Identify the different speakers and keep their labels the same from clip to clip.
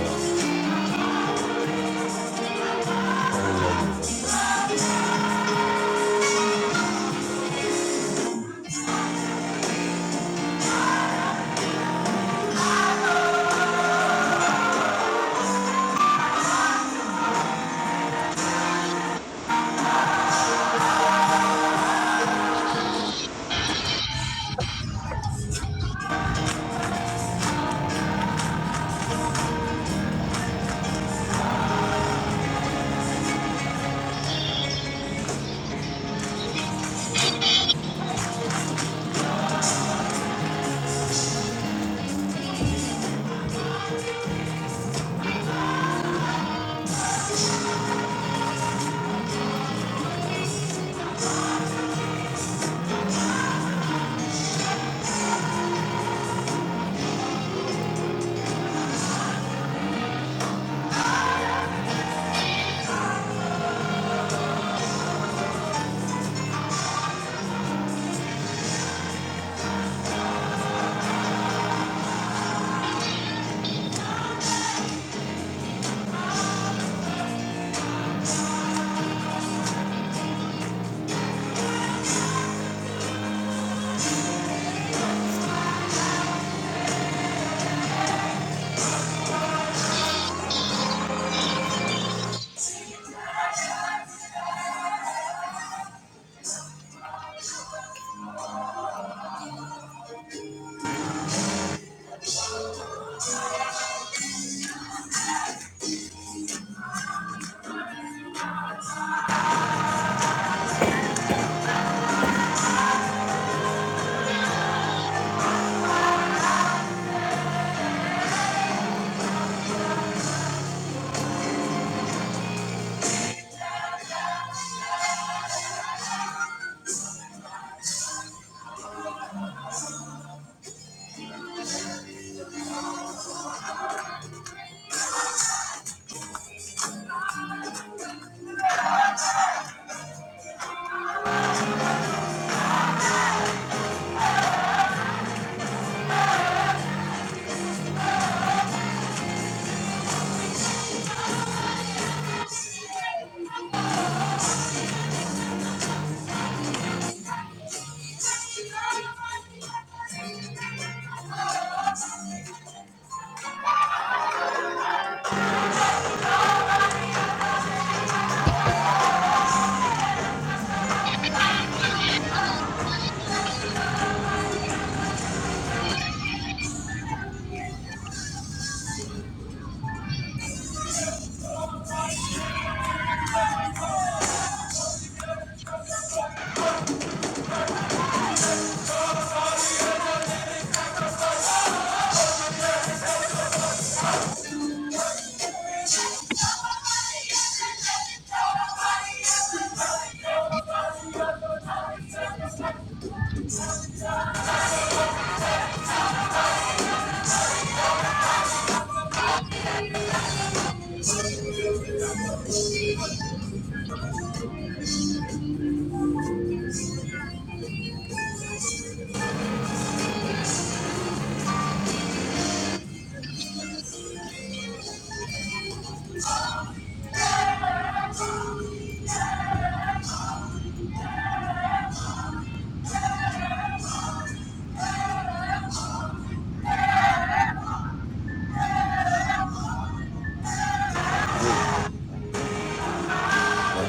Speaker 1: uh, like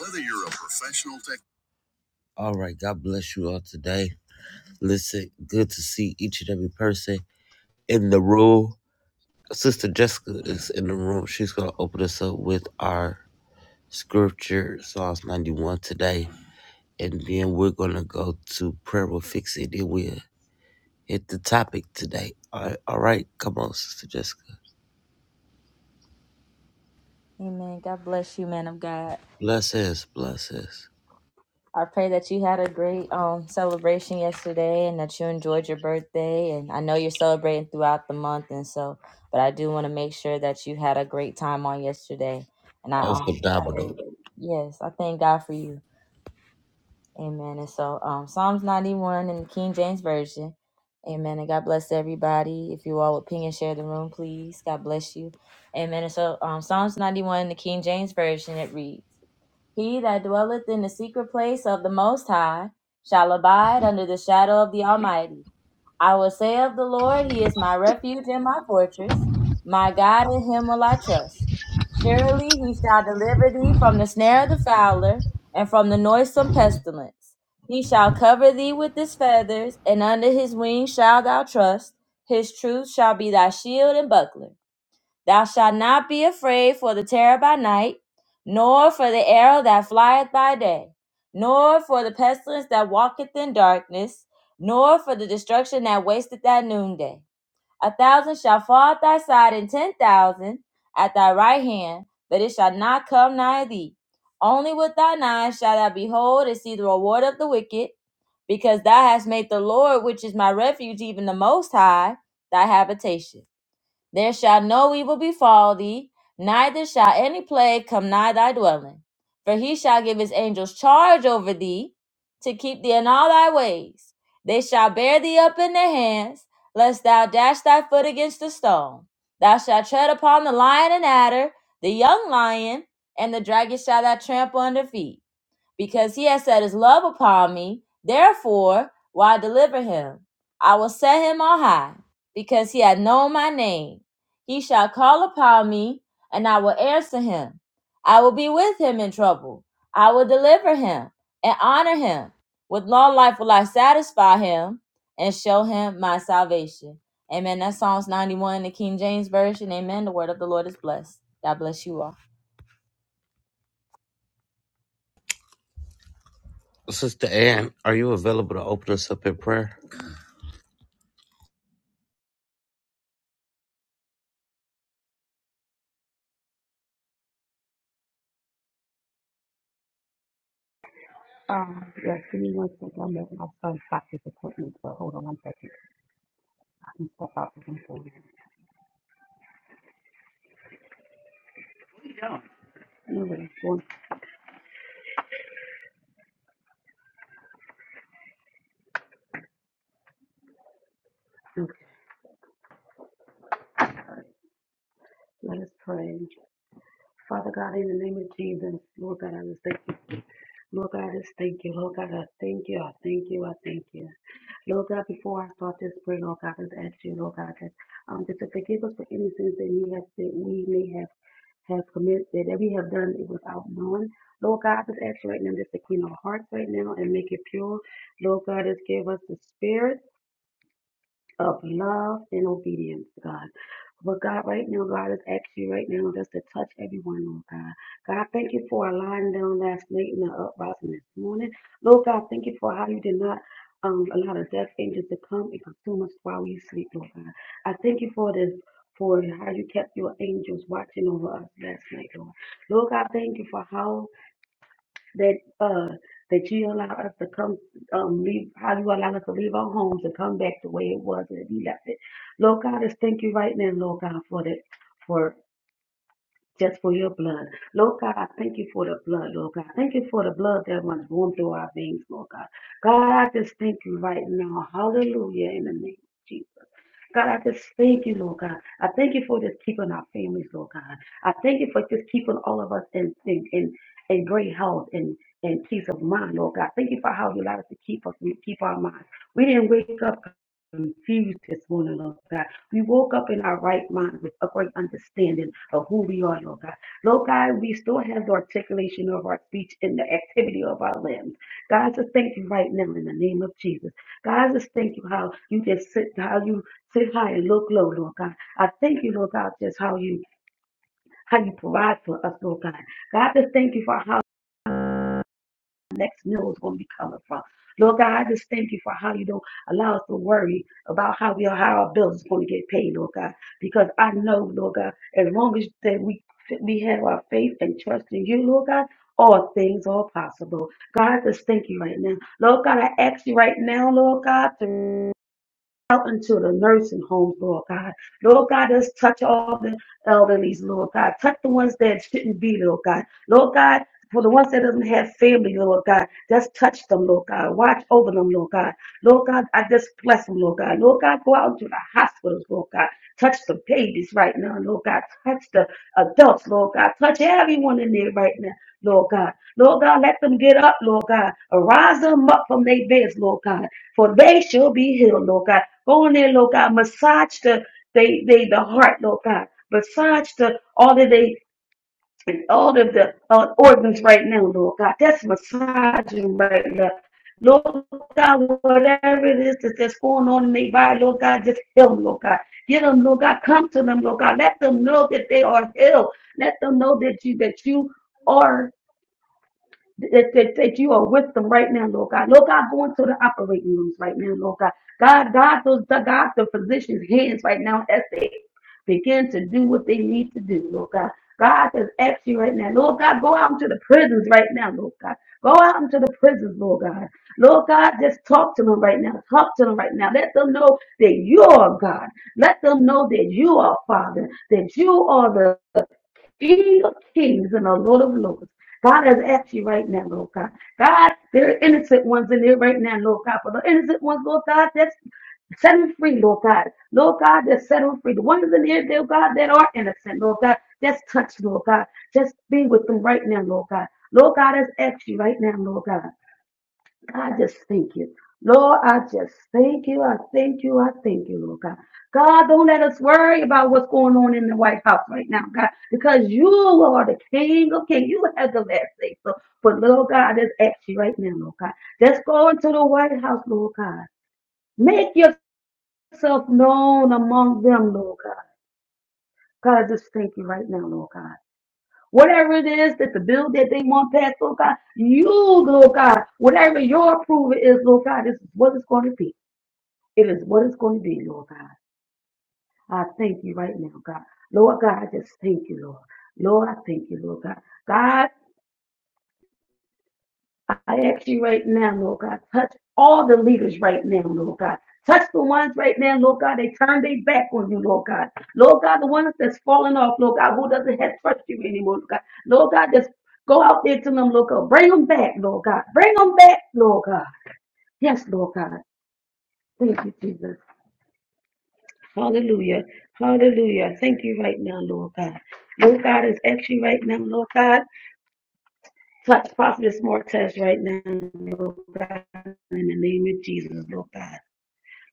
Speaker 1: Whether you're a professional tech. All right, God bless you all today. Listen, good to see each and every person in the room. Sister Jessica is in the room. She's going to open us up with our scripture, Psalms 91 today. And then we're going to go to prayer will fix it. Then we'll hit the topic today. All right, all right come on, Sister Jessica.
Speaker 2: Amen. God bless you, man of God.
Speaker 1: Bless us, bless us.
Speaker 2: I pray that you had a great um celebration yesterday and that you enjoyed your birthday. And I know you're celebrating throughout the month, and so, but I do want to make sure that you had a great time on yesterday. And I
Speaker 1: of
Speaker 2: um, I
Speaker 1: abdominal.
Speaker 2: thank, yes, I thank God for you. Amen. And so, um, Psalms 91 in the King James Version. Amen. And God bless everybody. If you all would ping and share the room, please. God bless you. Amen. And so, um, Psalms 91 in the King James Version, it reads. He that dwelleth in the secret place of the Most High shall abide under the shadow of the Almighty. I will say of the Lord, He is my refuge and my fortress. My God, in Him will I trust. Surely He shall deliver thee from the snare of the fowler and from the noisome pestilence. He shall cover thee with His feathers, and under His wings shalt thou trust. His truth shall be thy shield and buckler. Thou shalt not be afraid for the terror by night, nor for the arrow that flieth by day, nor for the pestilence that walketh in darkness, nor for the destruction that wasteth at noonday. A thousand shall fall at thy side, and ten thousand at thy right hand, but it shall not come nigh thee. Only with thine eyes shalt thou behold and see the reward of the wicked, because thou hast made the Lord, which is my refuge, even the Most High, thy habitation. There shall no evil befall thee, neither shall any plague come nigh thy dwelling. For he shall give his angels charge over thee to keep thee in all thy ways. They shall bear thee up in their hands, lest thou dash thy foot against a stone. Thou shalt tread upon the lion and adder, the young lion, and the dragon shall thou trample under feet because he has set his love upon me. Therefore, will I deliver him? I will set him on high, because he hath known my name. He shall call upon me, and I will answer him. I will be with him in trouble. I will deliver him and honor him. With long life will I satisfy him and show him my salvation. Amen. That's Psalms 91 in the King James Version. Amen. The word of the Lord is blessed. God bless you all.
Speaker 1: Sister Ann, are you available to open us up in prayer?
Speaker 3: Um, yes, give me one second. I'm at my son's doctor's appointment, but hold on one second. I can step out for one second. Anyway, one, okay. Let us pray. Father God, in the name of Jesus, Lord God, I just thank you. Lord God, I just thank you. Lord God, I thank you. I thank you. I thank you. Lord God, before I start this prayer, Lord God, I just ask you, Lord God, that, um, just to forgive us for any sins that we have that we may have have committed, that we have done it without knowing. Lord God, just ask you right now just to clean our hearts right now and make it pure. Lord God, just give us the spirit of love and obedience, God. But God, right now, God is asking you right now just to touch everyone, Lord God. God, thank you for allowing them last night and the uprising this morning. Lord God, thank you for how you did not um, allow the death angels to come and consume us while we sleep, Lord God. I thank you for this. For how you kept your angels watching over us last night, Lord. Lord God, thank you for how that uh that you allow us to come um leave how you allow us to leave our homes and come back the way it was when you left it. Lord God, I just thank you right now, Lord God, for that. for just for your blood. Lord God, I thank you for the blood, Lord God. Thank you for the blood that runs warm through our veins, Lord God. God, I just thank you right now. Hallelujah in the name of Jesus. God, I just thank you, Lord God. I thank you for just keeping our families, Lord God. I thank you for just keeping all of us in in in, in great health and and peace of mind, Lord God. Thank you for how you allowed us to keep us keep our minds. We didn't wake up confused this morning, Lord God. We woke up in our right mind with a great understanding of who we are, Lord God. Lord God, we still have the articulation of our speech and the activity of our limbs. God, just thank you right now in the name of Jesus. God, just thank you how you just sit, how you sit high and look low, Lord God. I thank you, Lord God, just how you how you provide for us, Lord God. God, just thank you for how next meal is going to be coming from. Lord God, I just thank you for how you don't allow us to worry about how we how our bills is going to get paid, Lord God. Because I know, Lord God, as long as that we we have our faith and trust in you, Lord God, all things are possible. God, I just thank you right now. Lord God, I ask you right now, Lord God, to out into the nursing homes, Lord God. Lord God, just touch all the elderlies, Lord God. Touch the ones that shouldn't be, Lord God. Lord God, for the ones that doesn't have family, Lord God, just touch them, Lord God. Watch over them, Lord God. Lord God, I just bless them, Lord God. Lord God, go out into the hospitals, Lord God. Touch the babies right now, Lord God. Touch the adults, Lord God. Touch everyone in there right now, Lord God. Lord God, let them get up, Lord God. Arise them up from their beds, Lord God. For they shall be healed, Lord God. Go in there, Lord God. Massage the they they the heart, Lord God. Massage the all of they and all of the uh, organs right now, Lord God. That's massaging right now. Lord God, whatever it is that- that's going on in their body, Lord God, just heal them, Lord God. Get them, Lord God. Come to them, Lord God. Let them know that they are healed. Let them know that you that you are that, that, that you are with them right now, Lord God. Lord God, go into the operating rooms right now, Lord God. God, God, those, God, the physicians' hands right now as they begin to do what they need to do, Lord God. God has asked you right now, Lord God, go out into the prisons right now, Lord God. Go out into the prisons, Lord God. Lord God, just talk to them right now. Talk to them right now. Let them know that you are God. Let them know that you are Father, that you are the King of kings and the Lord of lords. God has asked you right now, Lord God. God, there are innocent ones in here right now, Lord God. But the innocent ones, Lord God, that's Set them free, Lord God. Lord God, just set them free. The ones in here, dear God, that are innocent, Lord God, just touch, Lord God. Just be with them right now, Lord God. Lord God, has asked you right now, Lord God. I just thank you. Lord, I just thank you. I thank you. I thank you, Lord God. God, don't let us worry about what's going on in the White House right now, God, because you are the King of Kings. You have the last say. So, but Lord God, I just ask you right now, Lord God, just go into the White House, Lord God. Make yourself known among them, Lord God. God, I just thank you right now, Lord God. Whatever it is that the bill that they want passed, Lord God, you, Lord God, whatever your approval is, Lord God, this is what it's going to be. It is what it's going to be, Lord God. I thank you right now, God. Lord God, I just thank you, Lord. Lord, I thank you, Lord God. God, I ask you right now, Lord God, touch all the leaders right now, Lord God. Touch the ones right now, Lord God. They turn their back on you, Lord God. Lord God, the ones that's falling off, Lord God, who doesn't have trust you anymore, Lord God. Lord God, just go out there to them, Lord God. Bring them back, Lord God. Bring them back, Lord God. Yes, Lord God. Thank you, Jesus. Hallelujah. Hallelujah. I Thank you right now, Lord God. Lord God is actually right now, Lord God. Touch Prophetess Martez right now, Lord God, in the name of Jesus, Lord God.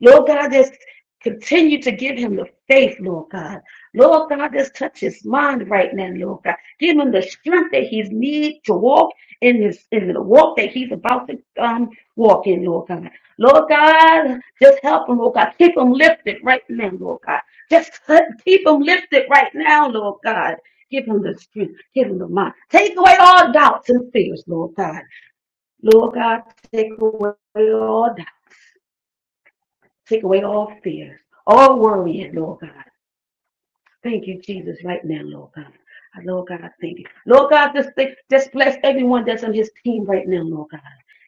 Speaker 3: Lord God, just continue to give him the faith, Lord God. Lord God, just touch his mind right now, Lord God. Give him the strength that he needs to walk in his in the walk that he's about to um walk in, Lord God. Lord God, just help him, Lord God. Keep him lifted right now, Lord God. Just keep him lifted right now, Lord God. Give him the strength. Give him the mind. Take away all doubts and fears, Lord God. Lord God, take away all doubts. Take away all fear, all worrying, Lord God. Thank you, Jesus, right now, Lord God. Uh, Lord God, I thank you. Lord God, just, just bless everyone that's on his team right now, Lord God.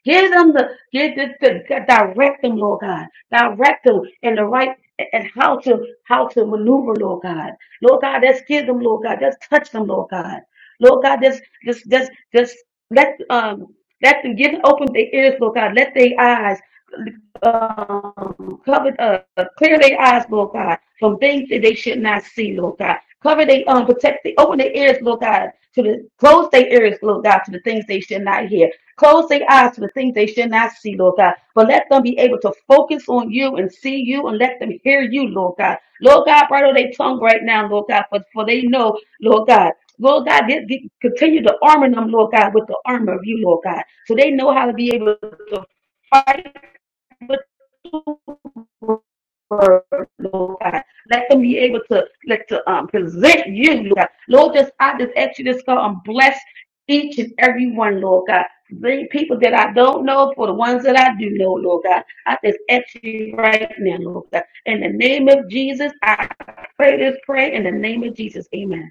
Speaker 3: Give them the, give the, the- direct them, Lord God. Direct them in the right, and how to, how to maneuver, Lord God. Lord God, just give them, Lord God. Just touch them, Lord God. Lord God, just, just, just, just let, um, let them give open their ears, Lord God. Let their eyes um, cover, uh, clear their eyes, Lord God, from things that they should not see, Lord God. Cover their, um, protect, the, open their ears, Lord God, to the, close their ears, Lord God, to the things they should not hear. Close their eyes to the things they should not see, Lord God. But let them be able to focus on you and see you and let them hear you, Lord God. Lord God, bridle their tongue right now, Lord God, for, for they know, Lord God, Lord God, get, get, continue to armor them, Lord God, with the armor of you, Lord God, so they know how to be able to fight Lord God. Let them be able to let to um present you, Lord God. Lord, just I just ask you this God and bless each and every one, Lord God. The people that I don't know for the ones that I do know, Lord God. I just ask you right now, Lord God. In the name of Jesus, I pray this prayer in the name of Jesus. Amen.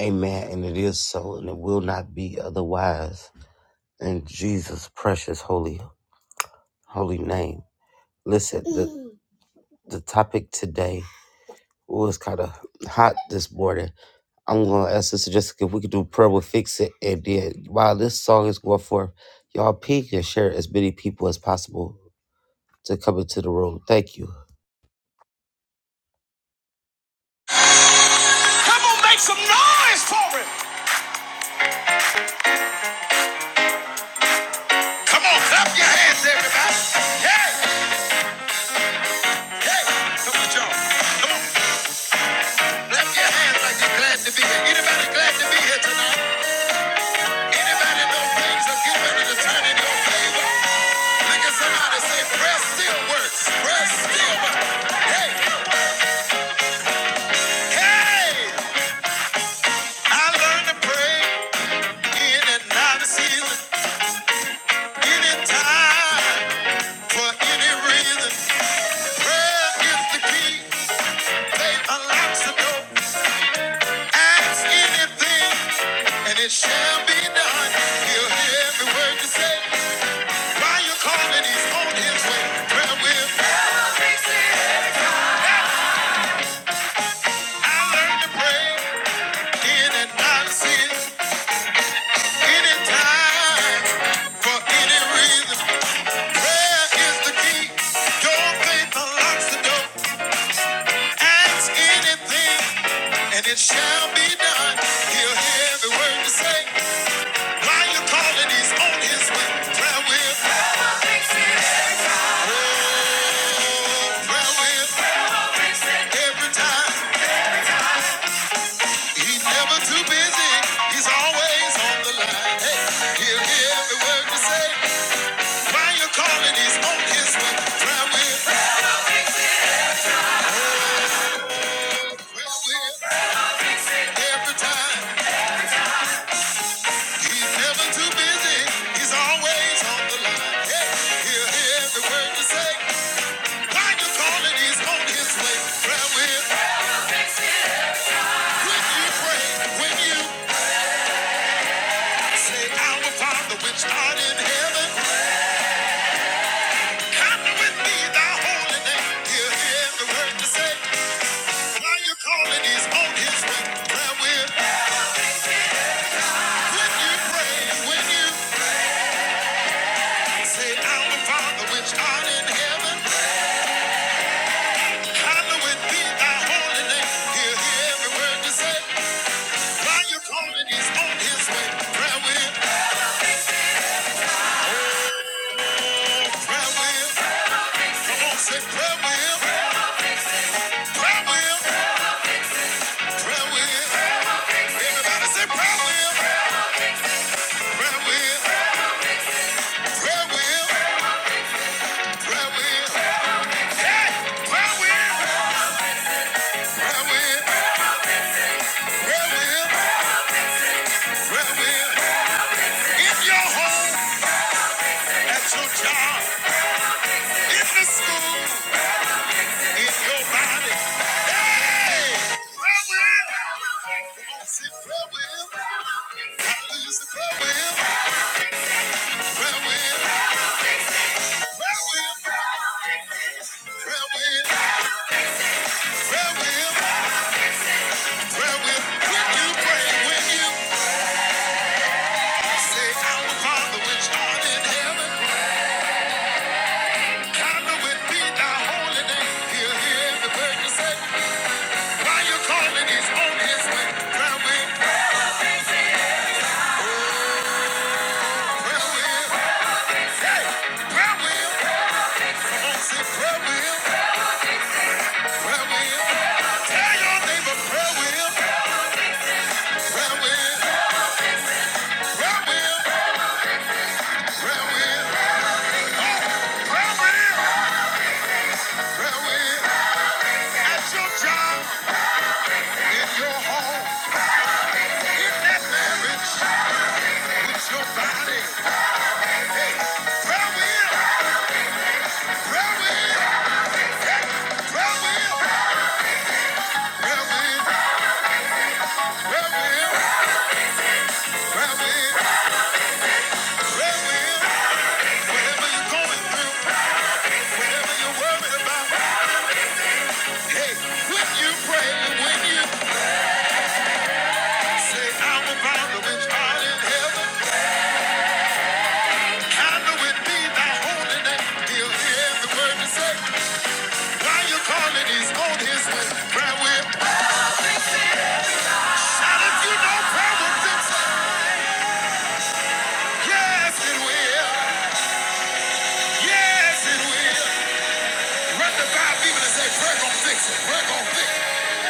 Speaker 1: Amen. And it is so, and it will not be otherwise. In Jesus' precious holy holy name. Listen, the, the topic today was kind of hot this morning. I'm gonna ask Sister Jessica if we could do prayer will fix it. And then while this song is going forth, y'all peek and share as many people as possible to come into the room. Thank you.
Speaker 2: Come on, make some noise for him. Come on, clap your hands, everybody. Hey, hey, come on, y'all. Come on, clap your hands like you're glad to be here. Anybody glad to be here tonight? Anybody know things are getting ready to turn in your favor? Look at somebody say, prayer still works. Prayer still works. Hey, hey, I learned to pray in and out of season, anytime, for any reason. Prayer is the key. They unlocks the door. Ask anything, and it shall be done. He'll hear every word you say. While you're calling, he's on his way. Prayer will. I learned to pray in and out of sin, anytime, for any reason. Prayer is the key. Don't think the lock's the door. Ask anything, and it shall be done. He'll hear every word you say. While you're calling, he's on his way. Prayer will, prayer will, every time. He's never too busy. He's always on the line. Hey, he'll hear every word you say. While you're calling, he's on his way. Prayer will, prayer will, every time. He's never too busy. He's always on the line. Hey, he'll hear every word you say. While you calling, he's on his way. Prayer will. When you pray, when you say, Our Father which art in heaven, hallowed with me thy holy name. He'll hear every word you say. While you calling, he's on his way. Prayer will. When you pray, when you say, Our Father which art in heaven. Hallowed be holy name. Hear, every word you say. While you're calling, he's on his way. Prayer will, prayer will. Come on, say prayer will. Prayer will, prayer will. Everybody say prayer will. Prayer will, prayer will, prayer will. Hey, prayer will, prayer will, prayer will, prayer will. In your home, at your job, in the school, in your body. Hey! Why you calling his on his way? Prayer wheel, prayer wheel, hey, prayer wheel. Come on, say prayer wheel, prayer wheel. Tell your neighbor prayer wheel, prayer wheel, prayer wheel. Say, Now you call it is on his way. Prayer will. Shout if you know prayer will fix it. Yes, it will. Yes, it will. Run the five people and say, prayer gonna fix it. Prayer gonna fix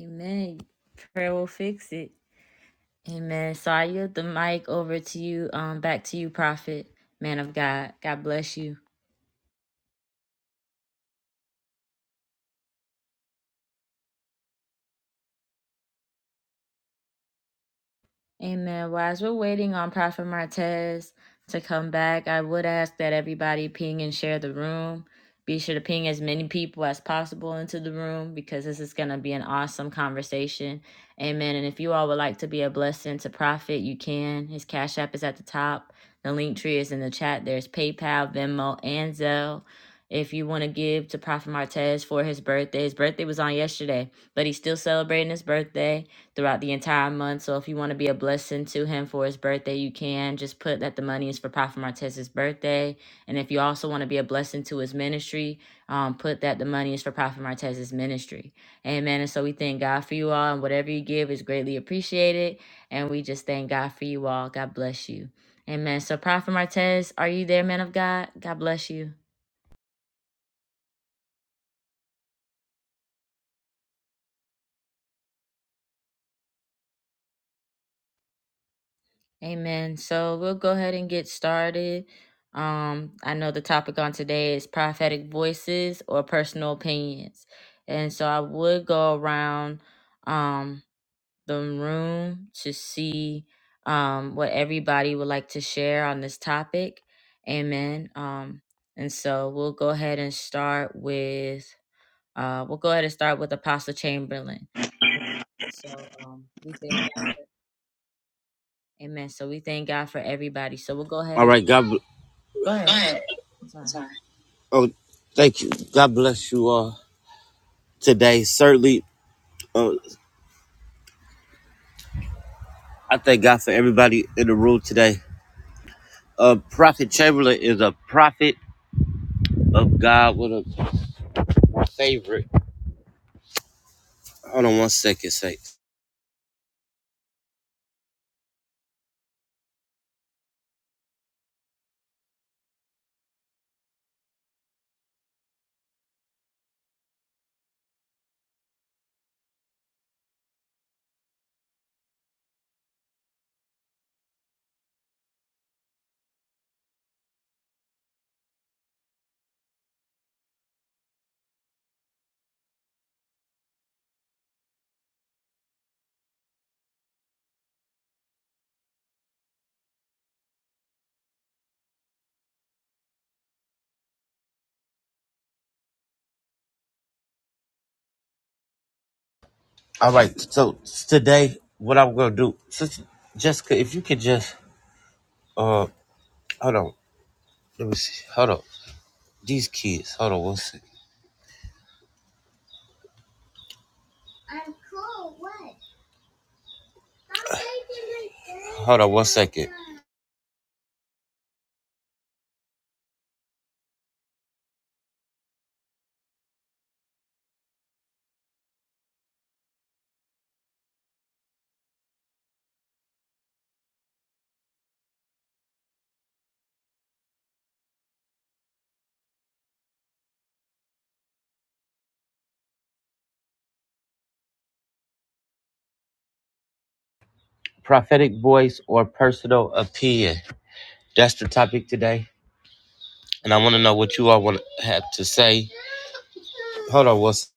Speaker 2: it. Amen. Prayer will fix it. Amen. So I yield the mic over to you, um, back to you, prophet, man of God. God bless you. Amen. Well, as we're waiting on Prophet Martez to come back, I would ask that everybody ping and share the room. Be sure to ping as many people as possible into the room because this is going to be an awesome conversation. Amen. And if you all would like to be a blessing to Prophet, you can. His Cash App is at the top. The link tree is in the chat. There's PayPal, Venmo, and Zelle. If you want to give to Prophet Martez for his birthday, his birthday was on yesterday, but he's still celebrating his birthday throughout the entire month. So if you want to be a blessing to him for his birthday, you can. Just put that the money is for Prophet Martez's birthday. And if you also want to be a blessing to his ministry, um, put that the money is for Prophet Martez's ministry. Amen. And so we thank God for you all. And whatever you give is greatly appreciated. And we just thank God for you all. God bless you. Amen. So Prophet Martez, are you there, man of God? God bless you. Amen. So we'll go ahead and get started. Um, I know the topic on today is prophetic voices or personal opinions. And so I would go around um, the room to see um, what everybody would like to share on this topic. Amen. Um, and so we'll go ahead and start with, uh, we'll go ahead and start with Apostle Chamberlain. So um, we thank Amen. So we thank God for everybody. So we'll go ahead
Speaker 1: All
Speaker 2: and
Speaker 1: right, God. bl-
Speaker 2: Go ahead. I'm sorry.
Speaker 1: Oh, thank you. God bless you all. today. Certainly, uh, I thank God for everybody in the room today. Uh, prophet Chamberlain is a prophet of God with a favorite. Hold on one second, say. All right, so today, what I'm gonna do, Sister Jessica, if you could just, uh, hold on, let me see, hold on, these kids, hold on one second, hold on one second. Prophetic voice or personal opinion. That's the topic today, and I want to know what you all want to have to say. Hold on one second.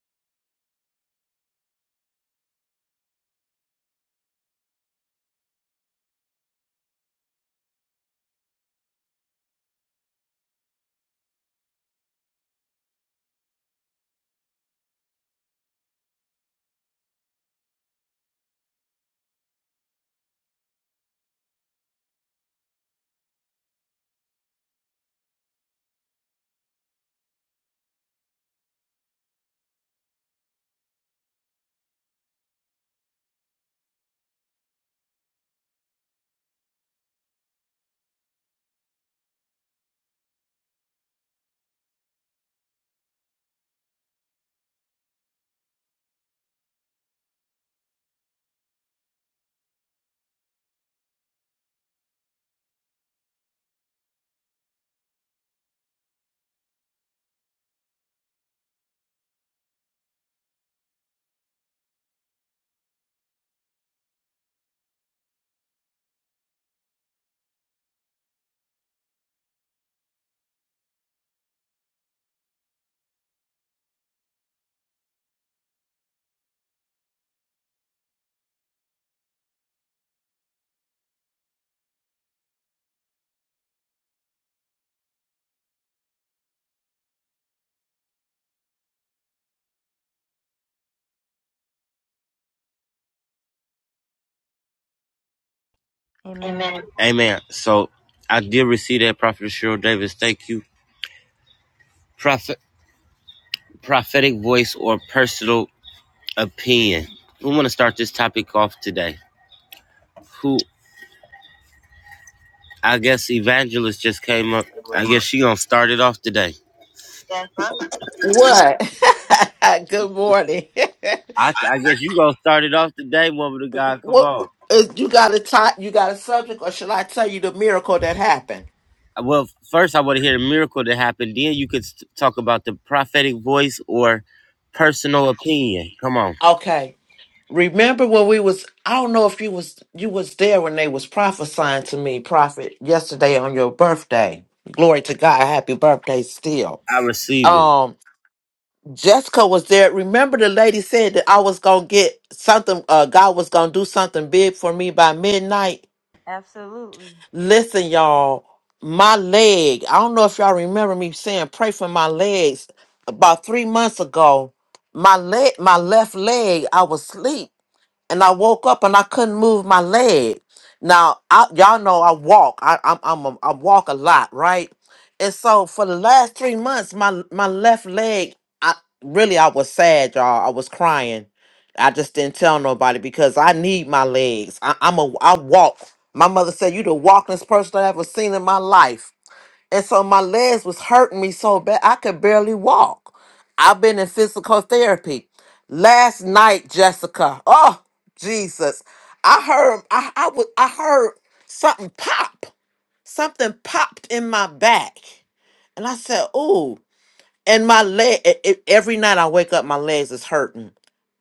Speaker 1: Amen. So I did receive that, Prophet Cheryl Davis. Thank you. Prophet, prophetic voice or personal opinion. We want to start this topic off today. Who I guess evangelist just came up. I guess she gonna start it off today.
Speaker 4: What? Good morning.
Speaker 1: I, I guess you gonna start it off today, woman of God. Come
Speaker 4: what
Speaker 1: on.
Speaker 4: uh, you got a ti you got a subject or should I tell you the miracle that happened?
Speaker 1: Well, first I want to hear the miracle that happened. Then you could st- talk about the prophetic voice or personal opinion. Come on.
Speaker 4: Okay. Remember when we was I don't know if you was you was there when they was prophesying to me, prophet, yesterday on your birthday. Glory to God, happy birthday still.
Speaker 1: I receive it.
Speaker 4: Um Jessica was there. Remember the lady said that I was gonna get something uh God was gonna do something big for me by midnight?
Speaker 2: Absolutely.
Speaker 4: Listen, y'all, my leg. I don't know if y'all remember me saying pray for my legs about three months ago. My leg, my left leg, I was asleep and I woke up and I couldn't move my leg. Now, I, y'all know I walk. I, I'm, I'm a, I walk a lot, right? And so for the last three months, my my left leg, I really I was sad, y'all. I was crying. I just didn't tell nobody because I need my legs. I, I'm a I walk. My mother said, "You the walkingest person I ever seen in my life." And so my legs was hurting me so bad I could barely walk. I've been in physical therapy. Last night, Jessica. Oh, Jesus. I heard I, I was I heard something pop. Something popped in my back. And I said, ooh. And my leg e- e- every night I wake up, my legs is hurting.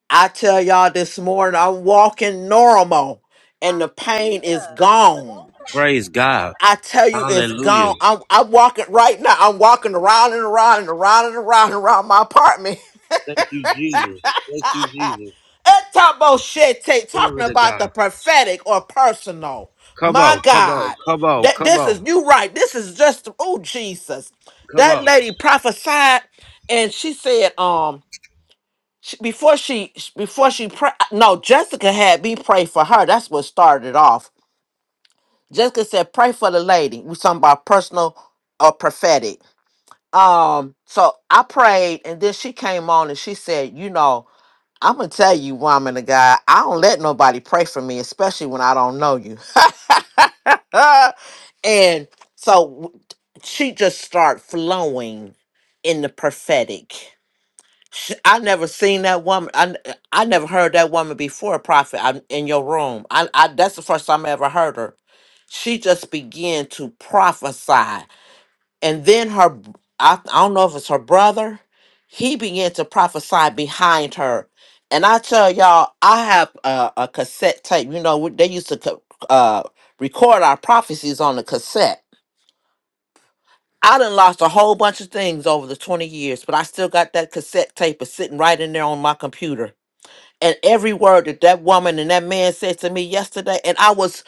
Speaker 4: I tell y'all this morning, I'm walking normal and the pain is gone.
Speaker 1: Praise God.
Speaker 4: I tell you, it's
Speaker 1: Hallelujah.
Speaker 4: gone. I'm, I'm walking right now. I'm walking around and around and around and around and around my apartment.
Speaker 1: Thank you, Jesus. Thank you, Jesus.
Speaker 4: That type of shit, take talking
Speaker 1: Glory to
Speaker 4: about the
Speaker 1: God.
Speaker 4: prophetic or personal.
Speaker 1: Come
Speaker 4: My
Speaker 1: on, come on,
Speaker 4: God,
Speaker 1: come on,
Speaker 4: that
Speaker 1: come
Speaker 4: this is
Speaker 1: on,
Speaker 4: you right. This is just oh Jesus.
Speaker 1: come
Speaker 4: That
Speaker 1: on.
Speaker 4: lady prophesied, and she said, um, she, before she before she pray, no, Jessica had me pray for her. That's what started it off. Jessica said, pray for the lady. We talking about personal or prophetic Um, so I prayed, and then she came on and she said, You know, I'm gonna tell you, woman of God, I don't let nobody pray for me, especially when I don't know you. and so w- she just started flowing in the prophetic. Sh I never seen that woman. I, n- I never heard that woman before, prophet, I, in your room. I, I that's the first time I ever heard her. She just began to prophesy and then her I I, I don't know if it's her brother he began to prophesy behind her and i tell y'all i have a, a cassette tape you know we- they used to co- uh, record our prophecies on the cassette i done lost a whole bunch of things over the 20 years but i still got that cassette tape is sitting right in there on my computer and every word that that woman and that man said to me yesterday and i was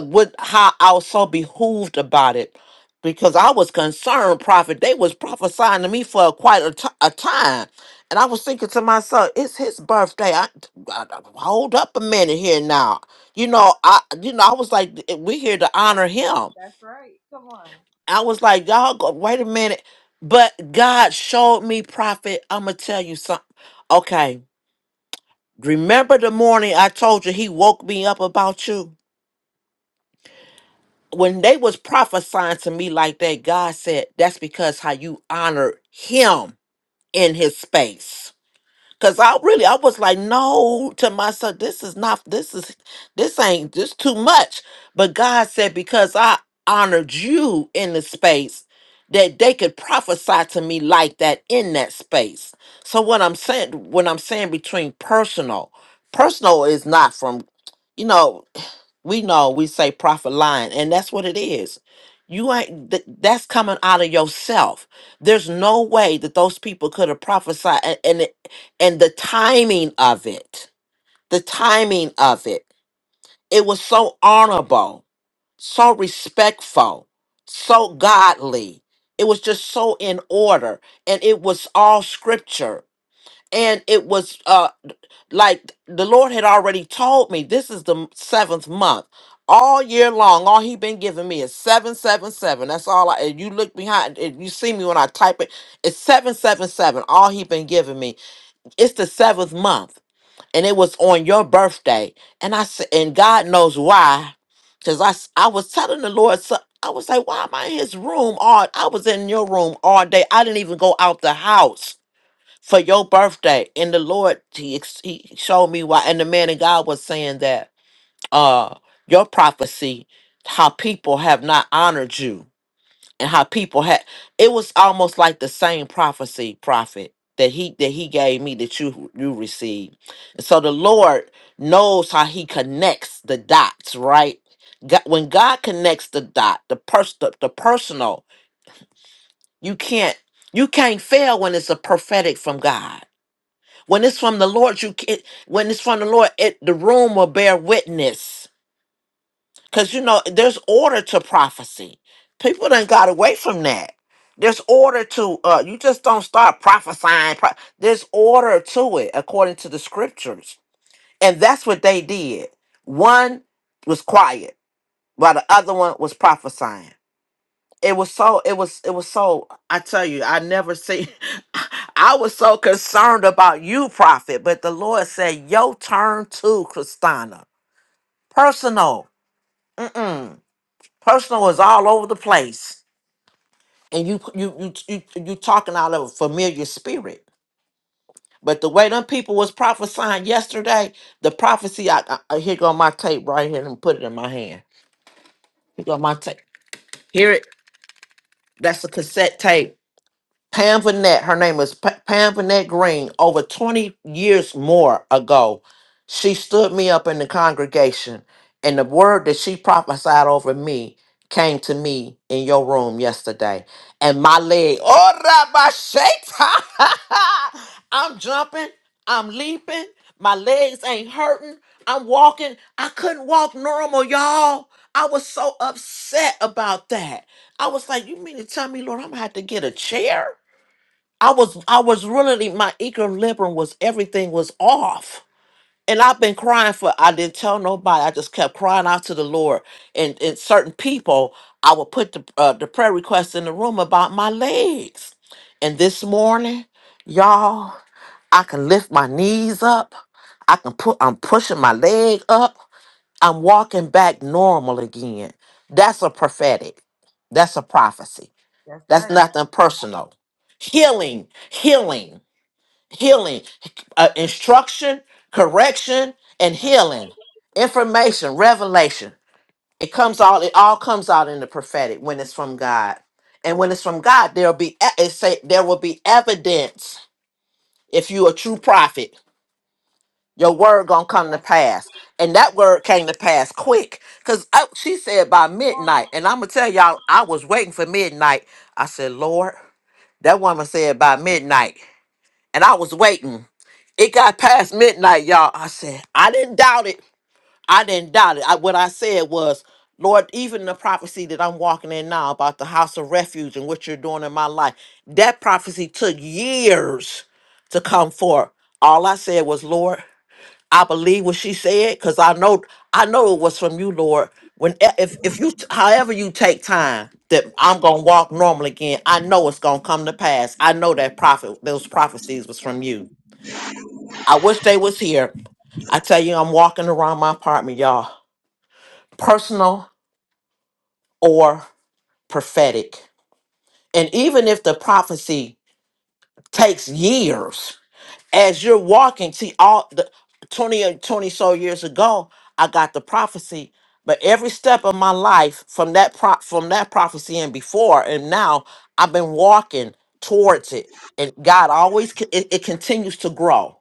Speaker 4: what how I was so behooved about it because I was concerned, prophet. They was prophesying to me for quite a t- a time, and I was thinking to myself, "It's his birthday. I, I- I- hold up a minute here now. You know, I you know I was like, "Eh, we here to honor him. I was like, y'all go wait a minute, but God showed me, prophet. I'm gonna tell you something. Okay, remember the morning I told you He woke me up about you when they was prophesying to me like that, God said, that's because how you honor him in his space. Cause I really I was like, no, to myself, this is not this is this ain't this too much. But God said, because I honored you in the space that they could prophesy to me like that in that space. So what I'm saying, when I'm saying between personal, personal is not from, you know. We know we say prophet lying, and that's what it is. You ain't th- that's coming out of yourself. There's no way that those people could have prophesied, and and, it, and the timing of it, the timing of it, it was so honorable, so respectful, so godly. It was just so in order, and it was all scripture and it was uh like the lord had already told me this is the m- seventh month all year long all he been giving me is 777 that's all i and you look behind if you see me when i type it it's 777 all he been giving me it's the seventh month and it was on your birthday and i said and god knows why because i s- i was telling the lord so i was like why am i in his room all i was in your room all day i didn't even go out the house for your birthday. And the Lord, he, ex- he showed me why. And the man of God was saying that uh, your prophecy, how people have not honored you, and how people had. It was almost like the same prophecy, prophet that he that he gave me that you you received. And So the Lord knows how He connects the dots, right? God, when God connects the dot, the person, the, the personal, you can't you can't fail when it's a prophetic from God when it's from the Lord, you can when it's from the Lord, it the room will bear witness. Cause you know, there's order to prophecy. People done got away from that. There's order to uh you just don't start prophesying. Pro- There's order to it according to the scriptures. And that's what they did. One was quiet, while the other one was prophesying it was so it was it was so i tell you i never see i was so concerned about you prophet but the lord said your turn too christina personal Mm-mm. personal is all over the place and you you you you, you talking out of a familiar spirit but the way them people was prophesying yesterday the prophecy i, I I- here go my tape right here and put it in my hand here go my tape here it that's a cassette tape Pam Vanette, her name is Pa- Pam Vanette Green. Over 20 years more ago, she stood me up in the congregation, and the word that she prophesied over me came to me in your room yesterday. And my leg, oh, Rabbi Shaitan, I'm jumping, I'm leaping, my legs ain't hurting, I'm walking. I couldn't walk normal, y'all. I was so upset about that. I was like, you mean to tell me, Lord, I'm gonna have to get a chair? I was I was really my equilibrium was everything was off. And I've been crying for I didn't tell nobody. I just kept crying out to the Lord. And and certain people, I would put the uh, the prayer request in the room about my legs. And this morning, y'all, I can lift my knees up. I can put I'm pushing my leg up. I'm walking back normal again. That's a prophetic. That's a prophecy.
Speaker 2: That's
Speaker 4: That's
Speaker 2: right.
Speaker 4: nothing personal. Healing, healing healing, uh, instruction, correction, and
Speaker 2: That's
Speaker 4: healing, information, revelation. It comes all. It all comes out in the prophetic when it's from God, and when it's from God, there'll be e- it say there will be evidence. If you a true prophet, your word gonna come to
Speaker 2: that's right.
Speaker 4: pass, and that word came to pass quick. Cause I, she said by midnight, and I'm gonna tell y'all, I was waiting for midnight. I said, Lord, that woman said by midnight, and I was waiting. It got past midnight, y'all. I said, I didn't doubt it. I didn't doubt it. I, what I said was, Lord, even the prophecy that I'm walking in now about the house of refuge and what you're doing in my life, that prophecy took years to come forth. All I said was, Lord, I believe what she said because I know I know it was from you, Lord. When eh, if if you however you take time that I'm gonna walk normal again, I know it's gonna come to pass. I know that prophet those prophecies was from you. I wish they was here I tell you, I'm walking around my apartment, y'all, personal or prophetic. And even if the prophecy takes years, as you're walking, see, all the 20 and 20 so years ago, I got the prophecy. But every step of my life from that pro- from that prophecy and before and now, I've been walking towards it. And God always, c- it, it continues to grow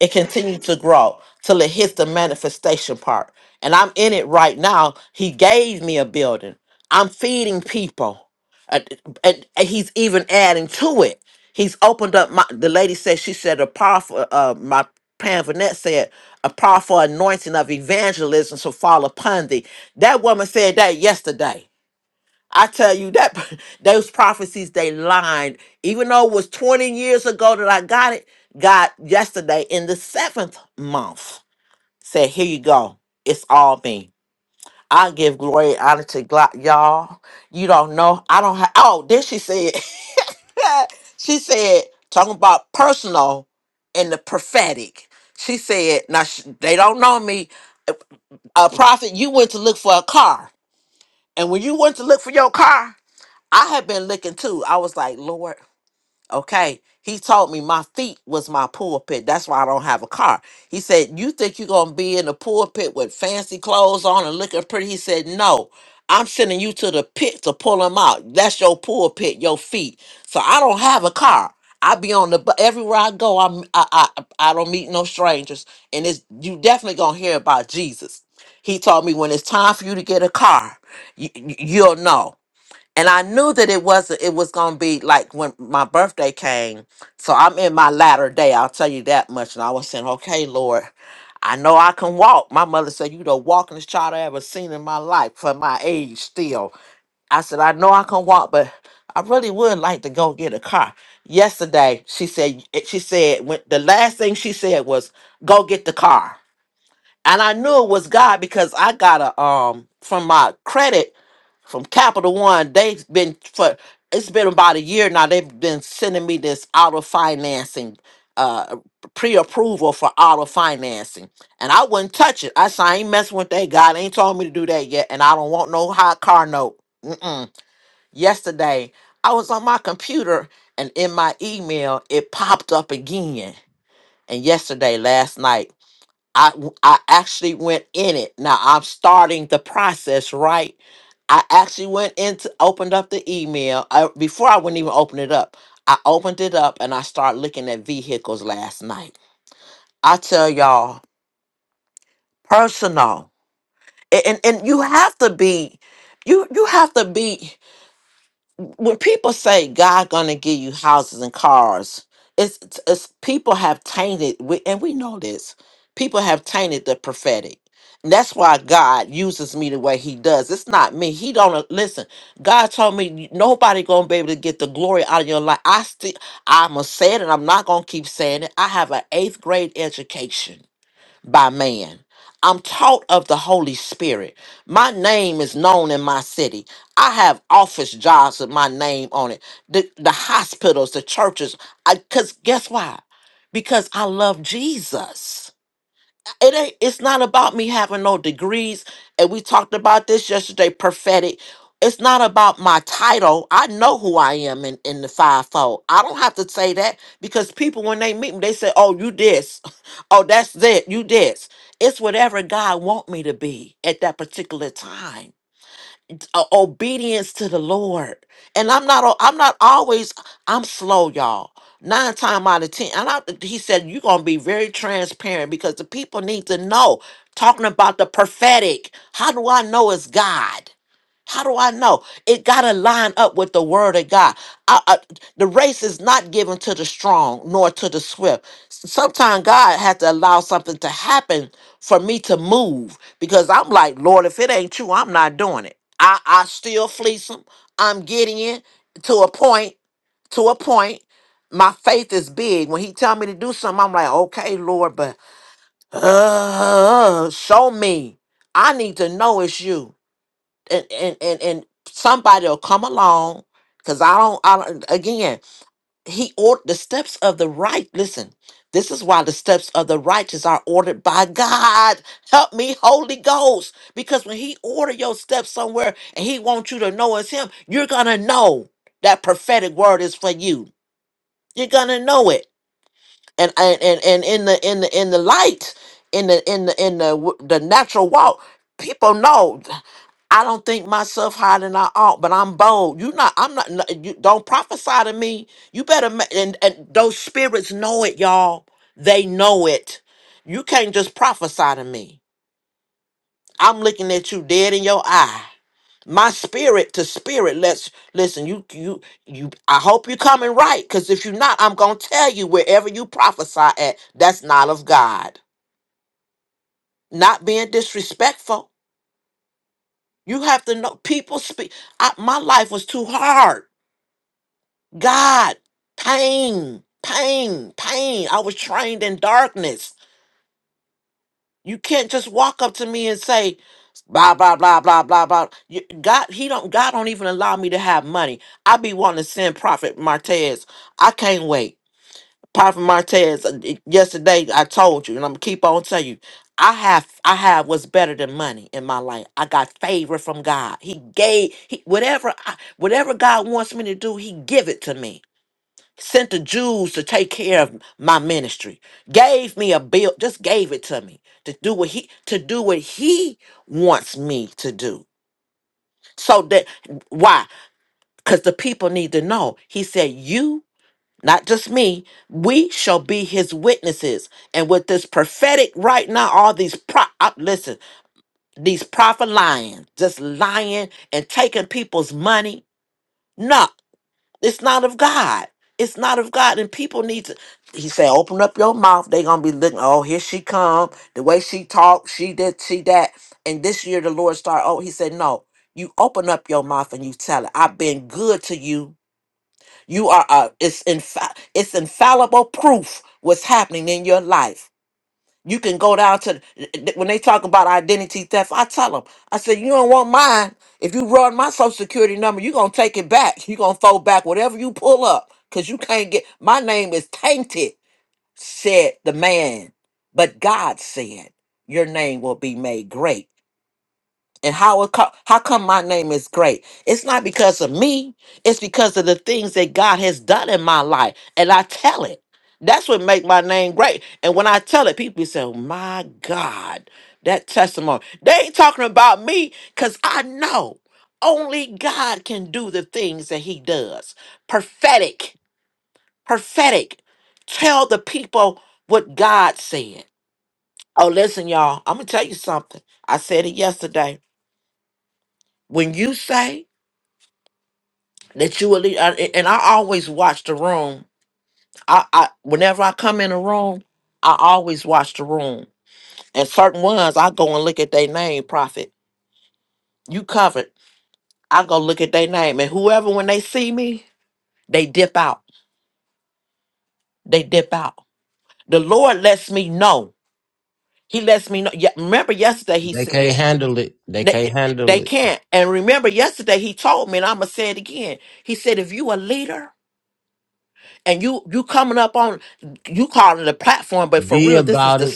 Speaker 4: It continued to grow till it hits the manifestation part. And I'm in it right now. He gave me a building. I'm feeding people. And, and- and he's even adding to it. He's opened up my the lady said she said a powerful uh my Pam Vanette said a powerful anointing of evangelism to fall upon thee. That woman said that yesterday. I tell you that those prophecies they lied. Even though it was 20 years ago that I got it, God yesterday in the seventh month said, Here you go. It's all me. I give glory and honor to God. Y'all, you don't know. I don't have oh, then she said, she said, talking about personal and the prophetic. She said, now sh- they don't know me. A prophet, you went to look for a car. And when you went to look for your car, I had been looking too. I was like, Lord, okay. He told me my feet was my pulpit. That's why I don't have a car. He said, You think you're going to be in the pulpit with fancy clothes on and looking pretty? He said, No. I'm sending you to the pit to pull them out. That's your pulpit, your feet. So I don't have a car. I be on the bu- everywhere I go. I'm I, I I don't meet no strangers, and it's you definitely gonna hear about Jesus. He told me when it's time for you to get a car, you, you'll know and I knew that it wasn't it was gonna be like when my birthday came. So I'm in my latter day, I'll tell you that much. And I was saying, Okay, Lord, I know I can walk. My mother said, You the walkingest child I ever seen in my life for my age still. I said, I know I can walk, but I really would like to go get a car. Yesterday, she said eh, she said when the last thing she said was, Go get the car. And I knew it was God because I got a um from my credit from Capital One. They've been for it's been about a year now. They've been sending me this auto financing, uh, pre-approval for auto financing, and I wouldn't touch it. I said I ain't messing with that. God ain't told me to do that yet, and I don't want no high car note. Mm-mm. Yesterday, I was on my computer, and in my email, it popped up again. And yesterday, last night. I I actually went in it. Now I'm starting the process, right? I actually went into opened up the email. I, before I wouldn't even open it up. I opened it up and I started looking at vehicles last night. I tell y'all, personal. A- And and you have to be you you have to be when people say God gonna give you houses and cars, it's, it's, it's people have tainted, we, and we know this. People have tainted the prophetic. And that's why God uses me the way He does. It's not me. He don't uh, listen. God told me "You- nobody gonna be able to get the glory out of your life. I still, I'm gonna say it, and I'm not gonna keep saying it. I have an eighth grade education by man. I'm taught of the Holy Spirit. My name is known in my city. I have office jobs with my name on it. The, the hospitals, the churches. Because guess why? Because I love Jesus it ain't it's not about me having no degrees and we talked about this yesterday prophetic it's not about my title i know who i am in, in the fivefold i don't have to say that because people when they meet me they say oh you this oh that's that you this it's whatever god want me to be at that particular time uh, obedience to the Lord. And I'm not al- I'm not always I'm slow, y'all. Nine time out of ten. And I, he said, you're gonna be very transparent because the people need to know. Talking about the prophetic. How do I know it's God? How do I know? It got to line up with the word of God. I, I, the race is not given to the strong nor to the swift. Sometimes God has to allow something to happen for me to move because I'm like, Lord, if it ain't true, I'm not doing it. I, I still fleece them. I'm getting it to a point, to a point. My faith is big. When he tell me to do something, I'm like, okay, Lord, but uh, show me. I need to know it's you and and and, and somebody will come along because I don't. I don't, again. He ordered the steps of the right. Listen, this is why the steps of the righteous are ordered by God. Help me, Holy Ghost, because when He order your steps somewhere and He wants you to know it's Him, you're gonna know that prophetic word is for you. You're gonna know it and and and, and in the in the in the light in the in the in the w- the natural walk people know i don't think myself higher than i ought but i'm bold you not i'm not n- you don't prophesy to me you better ma- and, and those spirits know it y'all they know it you can't just prophesy to me i'm looking at you dead in your eye my spirit to spirit let's listen you you you i hope you're coming right because if you're not i'm gonna tell you wherever you prophesy at that's not of god not being disrespectful you have to know people speak I, my life was too hard god pain pain pain i was trained in darkness You can't just walk up to me and say blah blah blah blah blah blah. You, God, he don't. God don't even allow me to have money. I be wanting to send Prophet Martez. I can't wait. Prophet Martez. uh, y- Yesterday I told you, and I'm gonna keep on telling you. I have I have what's better than money in my life. I got favor from God. He gave he, whatever I, whatever God wants me to do. He give it to me sent the Jews to take care of my ministry. Gave me a bill, just gave it to me to do what he to do what he wants me to do. So that why? Because the people need to know. He said, You, not just me, we shall be his witnesses. And with this prophetic right now, all these pro uh, listen, these prophet lying, just lying and taking people's money. No, It's not of God. It's not of God, and people need to. He said, "Open up your mouth." They gonna be looking. Oh, here she come. The way she talk, she did, she that. And this year, the Lord started. Oh, he said, "No, you open up your mouth and you tell it. I've been good to you. You are. Uh, it's infa- It's infallible proof what's happening in your life." You can go down to th- when they talk about identity theft. I tell them, I said, you don't want mine. If you run my social security number, you're gonna take it back. You're gonna fold back whatever you pull up because you can't get my name is tainted, said the man. But God said, Your name will be made great and how it co- how come my name is great it's not because of me it's because of the things that god has done in my life and i tell it that's what make my name great and when i tell it people say my god that testimony they ain't talking about me because i know only god can do the things that he does prophetic prophetic tell the people what god said oh listen y'all i'm gonna tell you something i said it yesterday when you say that you will leave. I, and I always watch the room. I, I whenever I come in a room, I always watch the room. And certain ones, I go and look at their name, prophet. You covered. I go look at their name, and whoever when they see me, they dip out. They dip out. The Lord lets me know. He lets me know. Yeah, remember yesterday he
Speaker 1: They
Speaker 4: said
Speaker 1: can't handle it. They
Speaker 4: that
Speaker 1: can't
Speaker 4: they they
Speaker 1: handle it.
Speaker 4: can't. And remember yesterday he told me, and I'ma say it again. He said, if you a leader. and you you coming up on you calling it a platform, but for
Speaker 1: Be
Speaker 4: real, this is
Speaker 1: about
Speaker 4: the
Speaker 1: it.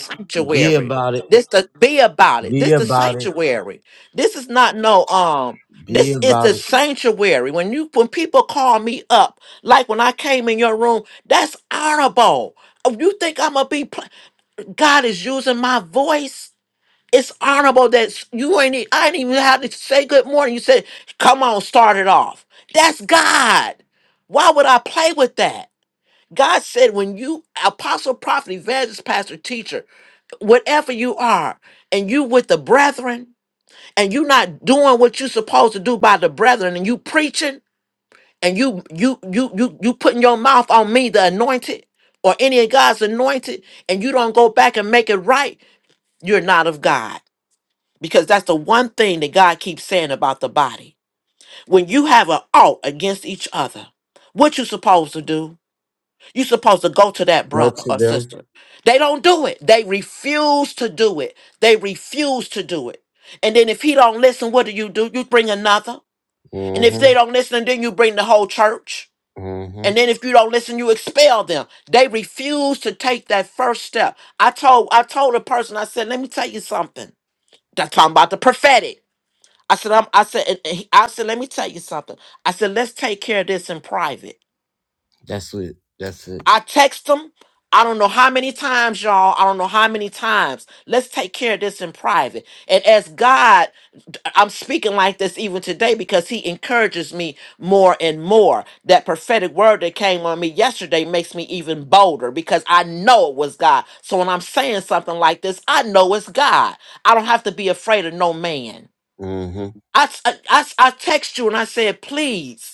Speaker 1: Be about it.
Speaker 4: This the be about it.
Speaker 1: Be
Speaker 4: This the
Speaker 1: about it.
Speaker 4: sanctuary. This is not no um.
Speaker 1: Be
Speaker 4: This is the
Speaker 1: about it.
Speaker 4: sanctuary. When you when people call me up, like when I came in your room, that's honorable. Oh, You think I'm gonna be? pla- God is using my voice. It's honorable that s- you ain't. e- I didn't even have to say good morning. You said, "Come on, start it off." That's God. Why would I play with that? God said, when you, apostle, prophet, evangelist, pastor, teacher, whatever you are, and you with the brethren, and you not doing what you supposed to do by the brethren, and you preaching, and you you you you you putting your mouth on me, the anointed, or any of God's anointed, and you don't go back and make it right, you're not of God. Because that's the one thing that God keeps saying about the body. When you have an out against each other, what you supposed to do? You're supposed to go to that
Speaker 1: Go
Speaker 4: brother
Speaker 1: to
Speaker 4: or
Speaker 1: them.
Speaker 4: sister. They don't do it. They refuse to do it. They refuse to do it. And then if he don't listen, what do you do? You bring another. And if they
Speaker 1: Mm-hmm.
Speaker 4: don't listen, then you bring the whole church.
Speaker 1: Mm-hmm.
Speaker 4: And then if you don't listen, you expel them. They refuse to take that first step. I told I told a person, I said, let me tell you something. That's talking about the prophetic. I said, I'm, I said, and- and he- I said, let me tell you something. I said, let's take care of this in private.
Speaker 1: That's it. That's it.
Speaker 4: I text him. I don't know how many times, y'all. I don't know how many times. Let's take care of this in private. And as God, I'm speaking like this even today because He encourages me more and more. That prophetic word that came on me yesterday makes me even bolder because I know it was God. So when I'm saying something like this, I know it's God. I don't have to be afraid of no man.
Speaker 1: Mm-hmm.
Speaker 4: I, I, I I text you and I said, please.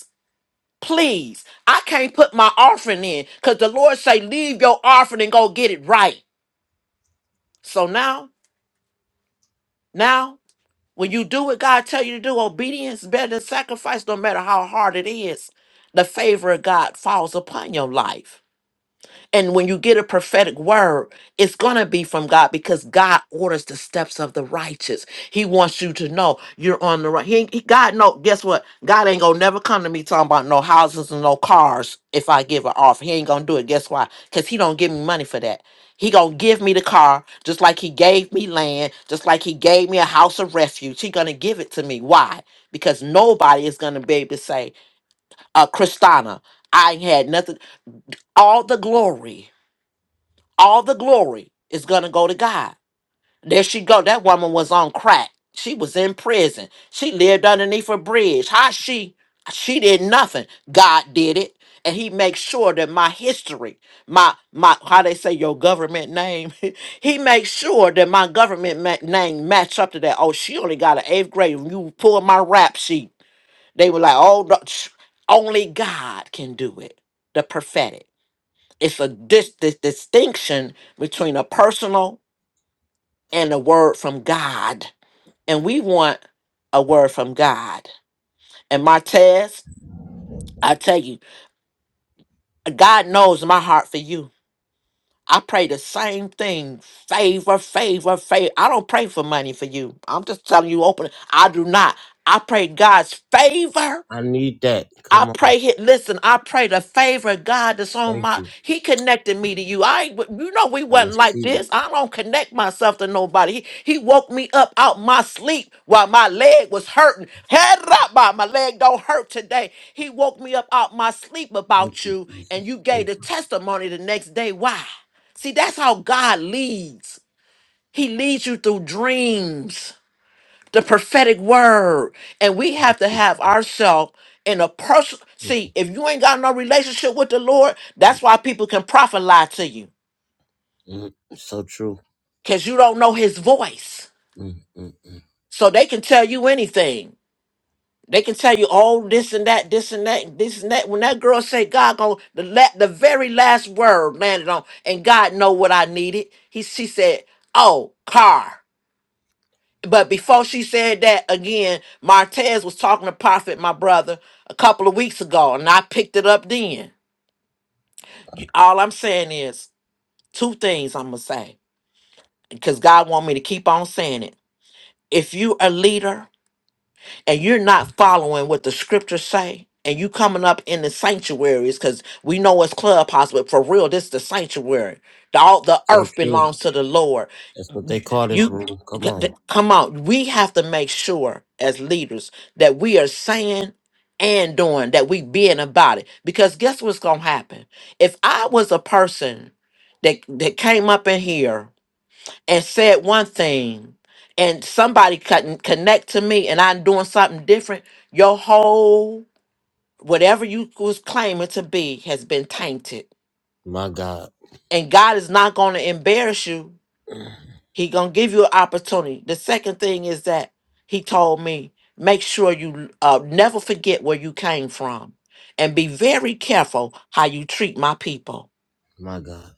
Speaker 4: Please, I can't put my offering in because the Lord say, leave your offering and go get it right. So now, now, when you do what God tell you to do, obedience better than sacrifice, no matter how hard it is. The favor of God falls upon your life. And when you get a prophetic word, it's going to be from God because God orders the steps of the righteous. He wants you to know you're on the right. He, ain't- he- God, no, guess what? God ain't going to never come to me talking about no houses and no cars if I give an offer. He ain't going to do it. Guess why? Because he don't give me money for that. He going to give me the car just like he gave me land, just like he gave me a house of refuge. He going to give it to me. Why? Because nobody is going to be able to say, uh, Christina, I ain't had nothing. All the glory all the glory is gonna go to God. There she go. That woman was on crack. She was in prison. She lived underneath a bridge. How she she did nothing. God did it. And he makes sure that my history, my my how they say your government name, he makes sure that my government ma- name match up to that. Oh, she only got an eighth grade. When You pull my rap sheet. They were like, oh, no, only God can do it. The prophetic. It's a dis- this distinction between a personal and a word from God. And we want a word from God. And Martez, I tell you, God knows my heart for you. I pray the same thing. Favor, favor, favor. I don't pray for money for you. I'm just telling you open. I do not. I pray God's favor
Speaker 1: I need that.
Speaker 4: I
Speaker 1: Come on.
Speaker 4: pray. He, listen, I pray the favor of God that's on
Speaker 1: Thank
Speaker 4: my.
Speaker 1: you.
Speaker 4: He connected me to you. I, ain't- you know, we
Speaker 1: I
Speaker 4: wasn't like
Speaker 1: receive it.
Speaker 4: this. I don't connect myself to nobody. He, he woke me up out my sleep while my leg was hurting. Head up, my my leg don't hurt today. He woke me up out my sleep
Speaker 1: Thank
Speaker 4: about
Speaker 1: you,
Speaker 4: you, and
Speaker 1: Jesus.
Speaker 4: you gave
Speaker 1: Thank
Speaker 4: the
Speaker 1: you.
Speaker 4: testimony the next day. Why? See, that's how God leads. He leads you through dreams the prophetic word. And we have
Speaker 1: Thank
Speaker 4: to
Speaker 1: you,
Speaker 4: have
Speaker 1: Jesus.
Speaker 4: ourselves in a personal.
Speaker 1: Thank you.
Speaker 4: See, if you ain't got no relationship with the Lord, that's why people can prophet lie to you
Speaker 1: Mm, so true.
Speaker 4: because you don't know his voice.
Speaker 1: Mm, mm, mm.
Speaker 4: So they can tell you anything. They can tell you, oh, this and that, this and that, this and that. When that girl said, God going the la- the very last word landed on, and God know what I needed. He she said, Oh, car. but before she said that again, Martez was talking to Prophet, my brother, a couple of weeks ago, and I picked it up then. You- All I'm saying is two things I'm gonna say because God want me to keep on saying it. If you a leader and you're not following what the scriptures say and you coming up in the sanctuaries because we know it's clubhouse but for real this is the sanctuary the, all the
Speaker 1: So
Speaker 4: earth
Speaker 1: true.
Speaker 4: belongs to the lord
Speaker 1: That's what
Speaker 4: you
Speaker 1: they call this
Speaker 4: you-
Speaker 1: room. Come on.
Speaker 4: come on we have to make sure as leaders that we are saying and doing that we being about it because guess what's gonna happen if i was a person that that came up in here and said one thing and somebody couldn't connect to me and I'm doing something different, your whole whatever you was claiming to be has been tainted.
Speaker 1: My God.
Speaker 4: And God is not going to embarrass you. He going to give you an opportunity. The second thing is that he told me, make sure you uh, never forget where you came from and be very careful how you treat my people
Speaker 1: My God.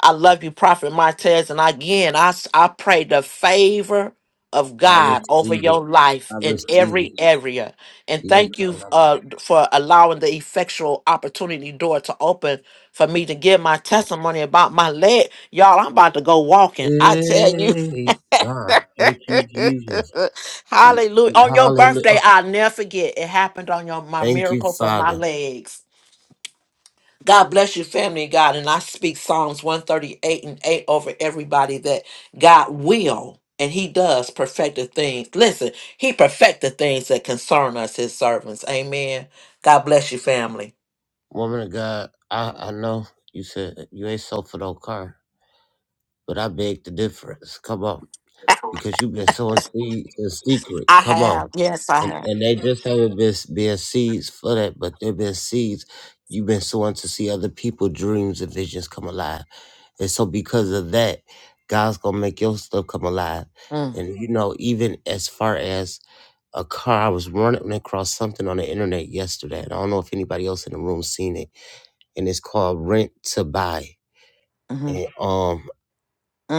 Speaker 4: I love you, Prophet Martez. And again, I, s- I pray the favor of
Speaker 1: I
Speaker 4: God over
Speaker 1: receive it.
Speaker 4: your
Speaker 1: I
Speaker 4: life in
Speaker 1: receive
Speaker 4: every
Speaker 1: it.
Speaker 4: area. And
Speaker 1: Yes,
Speaker 4: thank
Speaker 1: I
Speaker 4: you
Speaker 1: love
Speaker 4: uh, for allowing the effectual opportunity door to open for me to give my testimony about my leg. Y'all, I'm about to go
Speaker 1: it.
Speaker 4: walking. I tell you.
Speaker 1: Hey, God. Thank you, Jesus.
Speaker 4: Hallelujah. On your birthday,
Speaker 1: Hallelujah.
Speaker 4: I'll never forget. It happened on your my
Speaker 1: Thank you,
Speaker 4: miracle for my
Speaker 1: Father.
Speaker 4: legs. God bless your family, God. And I speak Psalms 138 and 8 over everybody that God will and He does perfect the things. Listen, He perfect the things that concern us, His servants. Amen. God bless your family.
Speaker 1: Woman of God, I, I know you said you ain't sold for no car, but I beg the difference. Come on. because you've been sowing seeds in secret.
Speaker 4: I
Speaker 1: Come on.
Speaker 4: have. Yes, I
Speaker 1: And,
Speaker 4: have.
Speaker 1: and they just haven't been being seeds for that, but they've been seeds you've been sowing to see other people's dreams and visions come alive. And so because of that, God's gonna make your stuff come alive.
Speaker 4: Mm,
Speaker 1: And you know, even as far as a car, I was running across something on the internet yesterday, and I don't know if anybody else in the room seen it. And it's called Rent to Buy.
Speaker 4: hmm
Speaker 1: And um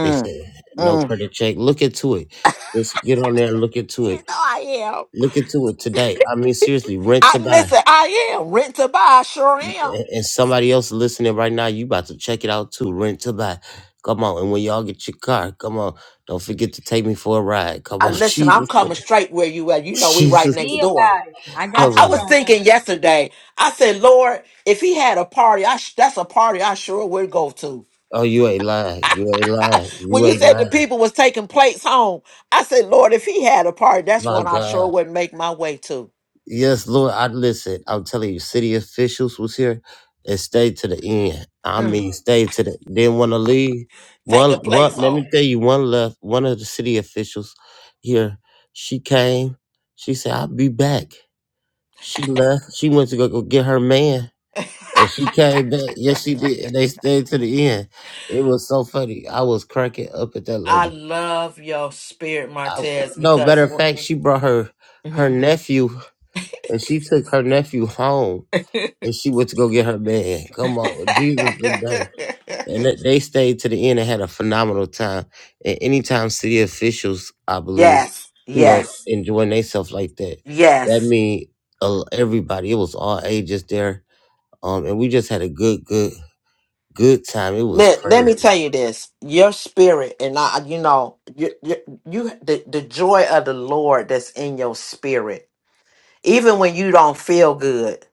Speaker 1: they said no
Speaker 4: mm.
Speaker 1: credit check. Look into it. Just get on there and look into
Speaker 4: You know
Speaker 1: it.
Speaker 4: I am.
Speaker 1: Look into it today. I mean, seriously, rent to
Speaker 4: I
Speaker 1: buy.
Speaker 4: listen, I am. Rent to buy, I sure am.
Speaker 1: A- And somebody else listening right now, you about to check it out too. Rent to buy. Come on. And when y'all get your car, come on. Don't forget to take me for a ride. Come
Speaker 4: I
Speaker 1: on,
Speaker 4: listen, I'm
Speaker 1: Jesus.
Speaker 4: coming straight where you at. You know we right
Speaker 1: Jesus.
Speaker 4: next
Speaker 2: Be
Speaker 4: door.
Speaker 2: about it. I
Speaker 4: I,
Speaker 2: got
Speaker 1: Come
Speaker 4: I
Speaker 2: you,
Speaker 1: on.
Speaker 4: was
Speaker 2: Prophet.
Speaker 4: thinking yesterday. I said, Lord, if he had a party, I sh- that's a party I sure would go to.
Speaker 1: Oh, you ain't lying. You ain't lying.
Speaker 4: When
Speaker 1: You
Speaker 4: you
Speaker 1: ain't
Speaker 4: said the
Speaker 1: lying.
Speaker 4: people was taking plates home, I said, Lord, if he had a party, that's
Speaker 1: My
Speaker 4: one I
Speaker 1: God.
Speaker 4: sure would make my way to.
Speaker 1: Yes, Lord, I listen. I'm telling you, city officials was here and stayed to the end. I
Speaker 4: Mm,
Speaker 1: mean, stayed to the didn't want to leave. One,
Speaker 4: taking plates
Speaker 1: one. Let
Speaker 4: home.
Speaker 1: me tell you, one left. One of the city officials here. She came. She said, "I'll be back." She left. She went to go, go get her man, and she came back. Yes, she did. And they stayed to the end. It was so funny. I was cracking up at that
Speaker 4: I
Speaker 1: lady.
Speaker 4: love your spirit,
Speaker 1: I,
Speaker 4: Martez,
Speaker 1: no, matter
Speaker 4: because
Speaker 1: of fact, she brought her her
Speaker 4: Mhm.
Speaker 1: nephew, and she took her nephew home and she went to go get her man. Come on, Jesus today. And they they stayed to the end and had a phenomenal time. And anytime city officials, I believe,
Speaker 4: yes,
Speaker 1: you know,
Speaker 4: yes,
Speaker 1: enjoying themselves like that,
Speaker 4: yes.
Speaker 1: that mean uh, everybody. It was all ages there, um, and we just had a good, good, good time. It was
Speaker 4: Let, let me
Speaker 1: crazy.
Speaker 4: tell you this. Your spirit and I, you know, you, you, you the, the joy of the Lord that's in your spirit. Even when you don't feel good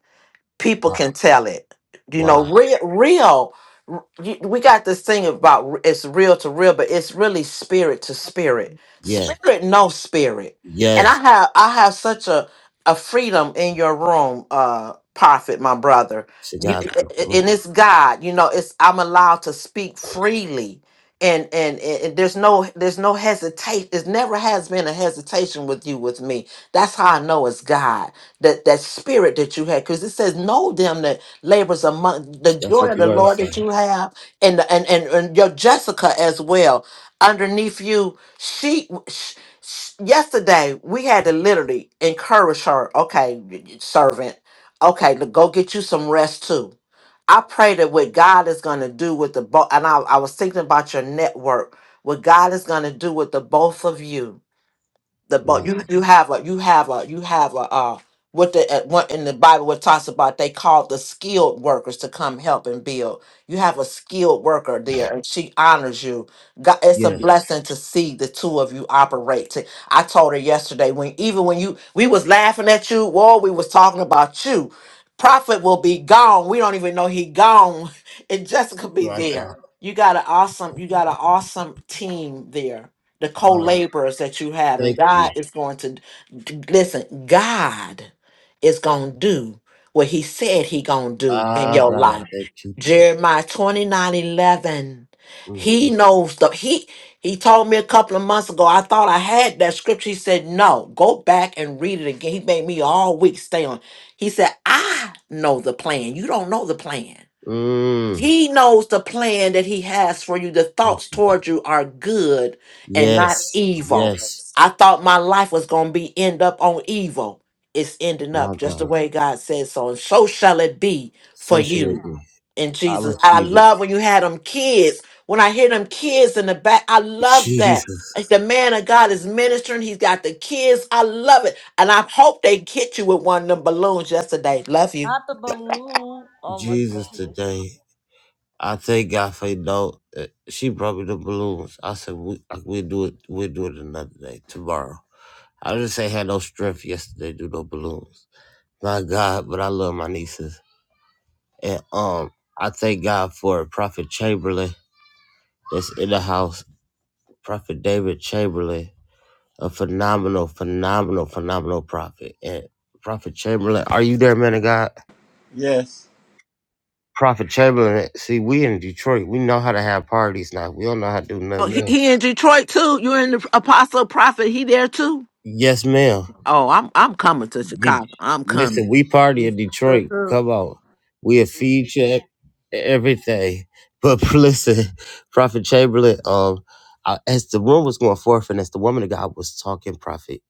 Speaker 4: people
Speaker 1: Wow,
Speaker 4: can tell it. You know,
Speaker 1: wow,
Speaker 4: real, real. r- you- We got this thing about r- it's real to real, but it's really spirit to spirit.
Speaker 1: yeah,
Speaker 4: Spirit, no spirit. And I
Speaker 1: yes.
Speaker 4: have, I have such a a freedom in your room, uh, prophet, my brother.
Speaker 1: To
Speaker 4: You,
Speaker 1: God, be the
Speaker 4: a- a-
Speaker 1: glory.
Speaker 4: and it's God. You know, it's I'm allowed to speak freely. And, and and and there's no there's no hesitation. There's never has been a hesitation with you with me. That's how I know it's God that that spirit that you had because it says know them that labors among the
Speaker 1: that's
Speaker 4: joy
Speaker 1: what
Speaker 4: of
Speaker 1: the
Speaker 4: the
Speaker 1: word
Speaker 4: lord
Speaker 1: say.
Speaker 4: that you have and the- and and, and your jessica as well underneath you she, sh sh- yesterday we had to literally encourage her okay servant okay to go get you some rest too i pray that what god is going to do with the both and I, I was thinking about your network what god is going to do with the both of you the but
Speaker 1: Wow.
Speaker 4: you you have a you have a you have a uh what the at what in the Bible what talks about they called the skilled workers to come help and build. You have a skilled worker there, and she honors you. God, it's a Yeah.
Speaker 1: Yes,
Speaker 4: blessing to see the two of you operate. To- I told her yesterday when even when you we was laughing at you, well we was talking about you. Prophet will be gone. We don't even know he gone, and Jessica be
Speaker 1: my
Speaker 4: there.
Speaker 1: God,
Speaker 4: You got an awesome, you got an awesome team there the
Speaker 1: wow.
Speaker 4: co-laborers that you have
Speaker 1: Thank
Speaker 4: and
Speaker 1: you,
Speaker 4: god is going to d- listen god is going to do what he said he going to do in
Speaker 1: ah,
Speaker 4: your
Speaker 1: God,
Speaker 4: life
Speaker 1: thank you. Jesus.
Speaker 4: jeremiah 29 11.
Speaker 1: Mm, mm.
Speaker 4: he knows the he he told me a couple of months ago i thought i had that scripture he said no go back and read it again he made me all week stay on he said i know the plan you don't know the plan
Speaker 1: Mm.
Speaker 4: he knows the plan that he has for you. The
Speaker 1: Thank
Speaker 4: thoughts
Speaker 1: you, God.
Speaker 4: toward you are good and not
Speaker 1: Yes.
Speaker 4: evil.
Speaker 1: Yes.
Speaker 4: I thought my life was going to be end up on evil. It's ending
Speaker 1: My
Speaker 4: up just the
Speaker 1: God.
Speaker 4: way God says so. And so shall it be for you
Speaker 1: Socialism.
Speaker 4: in
Speaker 1: I
Speaker 4: Jesus. I
Speaker 1: receive it.
Speaker 4: love when you had them kids. When I hear them kids in the back, I love that.
Speaker 1: Jesus.
Speaker 4: It's the man of God is ministering. He's got the kids. I love it. And I hope they hit you with one of them balloons yesterday. Love you.
Speaker 2: not the balloon. Oh my
Speaker 1: Jesus
Speaker 2: goodness.
Speaker 1: today. I thank God for you know, uh, she brought me the balloons. I said we uh, we do it we do it another day tomorrow. I just ain't had no strength yesterday to do no balloons. My God, but I love my nieces and um I thank God for Prophet Chamberlain that's in the house. Prophet David Chamberlain A phenomenal, phenomenal, phenomenal prophet. And Prophet Chamberlain, are you there, man of God?
Speaker 5: Yes.
Speaker 1: Prophet Chamberlain, see, we in Detroit, we know how to have parties now. We don't know how to do
Speaker 4: Oh,
Speaker 1: nothing
Speaker 4: he,
Speaker 1: else.
Speaker 4: he in Detroit too. You're in the Apostle Prophet. He there too.
Speaker 1: Yes, ma'am.
Speaker 4: Oh, I'm I'm coming to
Speaker 1: Did
Speaker 4: Chicago. I'm coming.
Speaker 1: listen, we party in Detroit.
Speaker 5: Who?
Speaker 1: Come on. We a feed check, everything. But listen, Prophet Chamberlain, um, I, as the room was going forth and as the woman of God was talking, Prophet,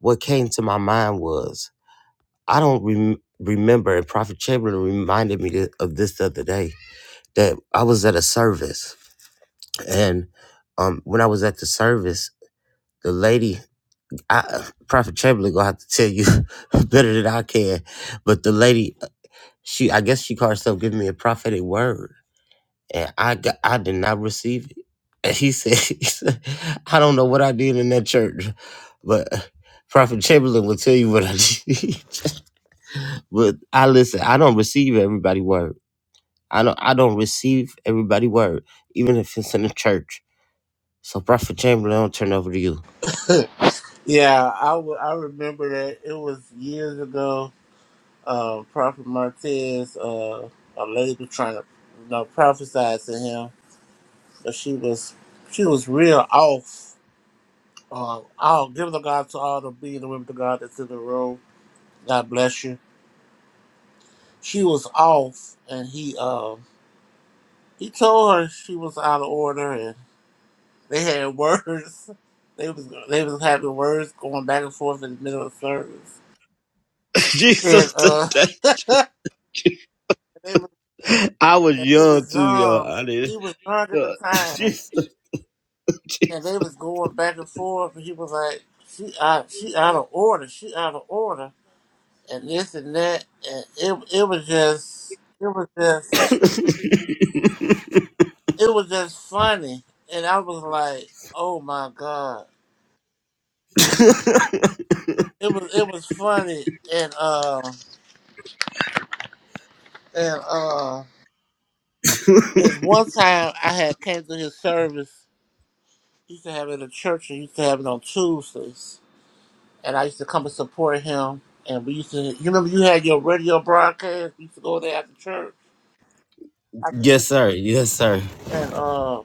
Speaker 1: what came to my mind was I don't rem- remember, and Prophet Chamberlain reminded me th- of this the other day that I was at a service, and um, when I was at the service, the lady, I, Prophet Chamberlain, gonna have to tell you better than I can, but the lady, she, I guess she called herself giving me a prophetic word, and I got, I did not receive it. And he said, he said, I don't know what I did in that church, but Prophet Chamberlain will tell you what I did. but I listen, I don't receive everybody word. I don't I don't receive everybody word, even if it's in the church. So Prophet Chamberlain, I'll turn it over to you.
Speaker 5: Yeah, I w- I remember that it was years ago. Uh, Prophet Martez, uh, a lady was trying to, you know, prophesy to him, but she was she was real off. Um, I'll give the God to all the being the women of God that's in the room. God bless you. She was off, and he um he told her she was out of order, and they had words. They was they was having words going back and forth in the middle of service, and
Speaker 1: Jesus
Speaker 5: uh.
Speaker 1: today. I was
Speaker 5: And he
Speaker 1: young
Speaker 5: was
Speaker 1: too, y'all.
Speaker 5: young.
Speaker 1: I did.
Speaker 5: He was young at the
Speaker 1: Uh,
Speaker 5: time,
Speaker 1: Jesus,
Speaker 5: and
Speaker 1: Jesus.
Speaker 5: they was going back and forth. And he was like, "She out, she out of order. She out of order," and this and that. And it, it was just, it was just, it was just funny. And I was like, "Oh my god!" It was, it was funny. And uh, and uh, it's one time I had came to his service. He used to have it at a church. and He used to have it on Tuesdays and I used to come and support him. And we used to, you remember, you had your radio broadcast. We used to go there after church. I just,
Speaker 1: Yes, sir. Yes, sir.
Speaker 5: and uh,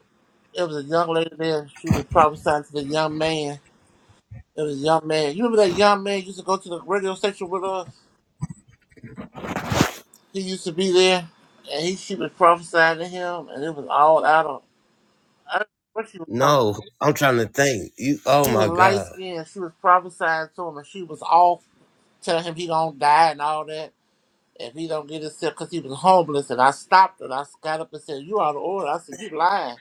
Speaker 5: it was a young lady there. She was prophesying to the young man. It was a young man. You remember that young man used to go to the radio station with us. He used to be there, and he she was prophesying to him, and it was all out of. I don't know what she was talking. About.
Speaker 1: No, I'm trying to think. You oh
Speaker 5: He was
Speaker 1: my
Speaker 5: light
Speaker 1: God.
Speaker 5: skinned. She was prophesying to him, and she was all telling him he don't die and all that. if he don't get himself because he was homeless and I stopped and I got up and said, You out of order. I said, You lying.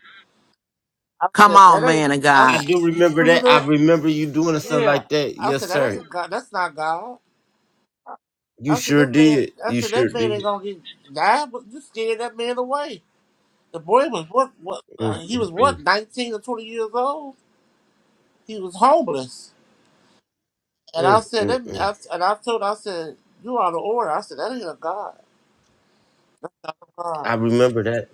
Speaker 5: I
Speaker 4: Come
Speaker 5: said, That
Speaker 4: on,
Speaker 5: ain't
Speaker 4: man of
Speaker 5: I said,
Speaker 1: I
Speaker 4: God.
Speaker 1: do remember
Speaker 5: remember
Speaker 1: that. I
Speaker 5: that?
Speaker 1: remember you doing something
Speaker 5: Yeah.
Speaker 1: like that.
Speaker 5: I
Speaker 1: Yes,
Speaker 5: said, That
Speaker 1: sir.
Speaker 5: ain't God that's not God.
Speaker 1: You
Speaker 5: I said,
Speaker 1: sure
Speaker 5: That man
Speaker 1: did.
Speaker 5: I
Speaker 1: You
Speaker 5: said
Speaker 1: sure
Speaker 5: that man
Speaker 1: did.
Speaker 5: ain't gonna get died, but you scared that man away. The boy was what what
Speaker 1: Mm, mm,
Speaker 5: uh, he was
Speaker 1: mm,
Speaker 5: what, nineteen or twenty years old? He was homeless. And I
Speaker 1: mm,
Speaker 5: said that
Speaker 1: mm, mm.
Speaker 5: I, and I told I said, You out of order. I said, That ain't a God. God.
Speaker 1: I remember that.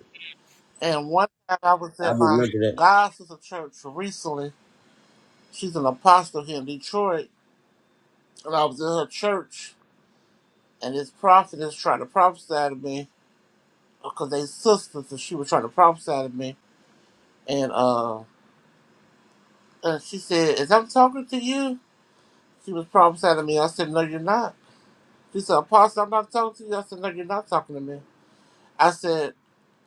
Speaker 5: And one time I was
Speaker 1: I
Speaker 5: at my
Speaker 1: remember that.
Speaker 5: God sister church recently She's an apostle here in Detroit, and I was in her church, and this prophet is trying to prophesy to me because they sisters, and she was trying to prophesy to me, and uh, and she said, "Is I'm talking to you?" She was prophesying to me. I said, "No, you're not." She said, "Apostle, I'm not talking to you." I said, "No, you're not talking to me." I said,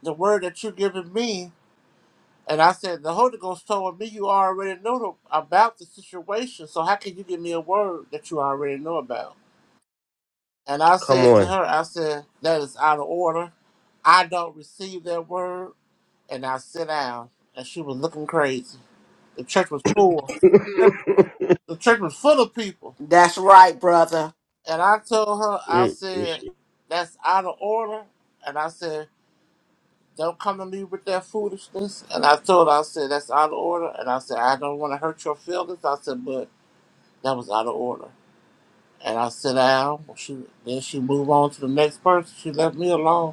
Speaker 5: "The word that you're giving me." And I said, the Holy Ghost told me you already know the- about the situation, so how can you give me a word that you already know about? And I
Speaker 1: Come
Speaker 5: said to
Speaker 1: on.
Speaker 5: her, I said, that is out of order. I don't receive that word. And I sit down. And she was looking crazy. The church was full.
Speaker 1: Mm.
Speaker 5: The church was full of people.
Speaker 4: That's right, brother.
Speaker 5: And I told her, I
Speaker 1: Mm.
Speaker 5: said, that's out of order. And I said, don't come to me with that foolishness. And I told her, I said, that's out of order. And I said, I don't want to hurt your feelings. I said, but that was out of order. And I sit down. She, then she moved on to the next person. She left me alone.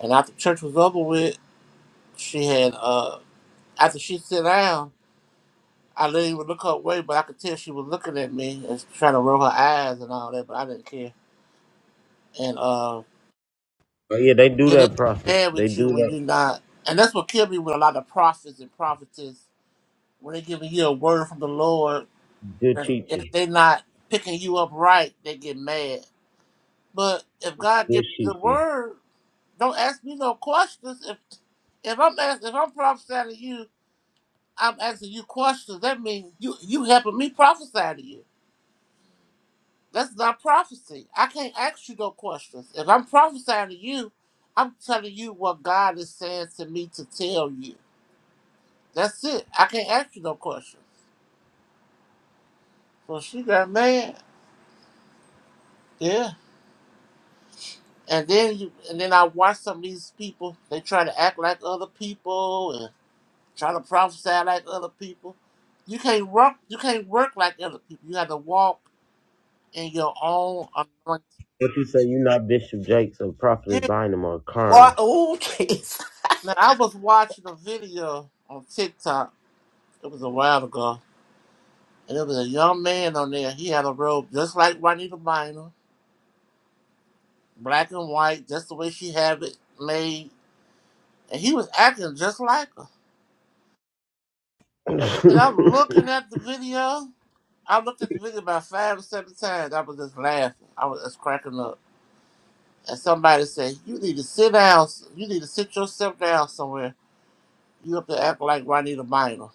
Speaker 5: And after church was over with, she had uh after she sat down, I didn't even look her way, but I could tell she was looking at me and trying to roll her eyes and all that, but I didn't care. And uh
Speaker 1: Oh yeah, they do
Speaker 5: you know, they
Speaker 1: that,
Speaker 5: get
Speaker 1: prophet.
Speaker 5: mad
Speaker 1: They
Speaker 5: with
Speaker 1: do
Speaker 5: you when
Speaker 1: that.
Speaker 5: you're not and that's what killed me with a lot of prophets and prophetess. When they giving you a word from the Lord
Speaker 1: Good
Speaker 5: and if
Speaker 1: teaching,
Speaker 5: they not picking you up right, they get mad. But if God
Speaker 1: good
Speaker 5: gives you the
Speaker 1: teaching.
Speaker 5: word, don't ask me no questions. If if I'm ask, if I'm prophesying to you I'm asking you questions. That means you you helping me prophesy to you. That's not prophecy. I can't ask you no questions. If I'm prophesying to you, I'm telling you what God is saying to me to tell you. That's it. I can't ask you no questions. Well, she got mad. Yeah. And then you and then I watch some of these people. They try to act like other people and try to prophesy like other people. You can't work. You can't work like other people. You have to walk in your own anointing.
Speaker 1: What you say? You not Bishop Jakes or prophet
Speaker 5: Yeah.
Speaker 1: is behind him or
Speaker 4: Boy,
Speaker 1: Kern.
Speaker 4: oh, jeez.
Speaker 5: Now I was watching a video on TikTok. It was a while ago, and it was a young man on there. He had a robe just like Juanita Minor, black and white, just the way she had it made, and he was acting just like her.
Speaker 1: a
Speaker 5: And I'm looking at the video. I looked at the video about five or seven times. I was just laughing. I was just cracking up. And somebody said, "You need to sit down. You need to sit yourself down somewhere. You have to act like Juanita Minor."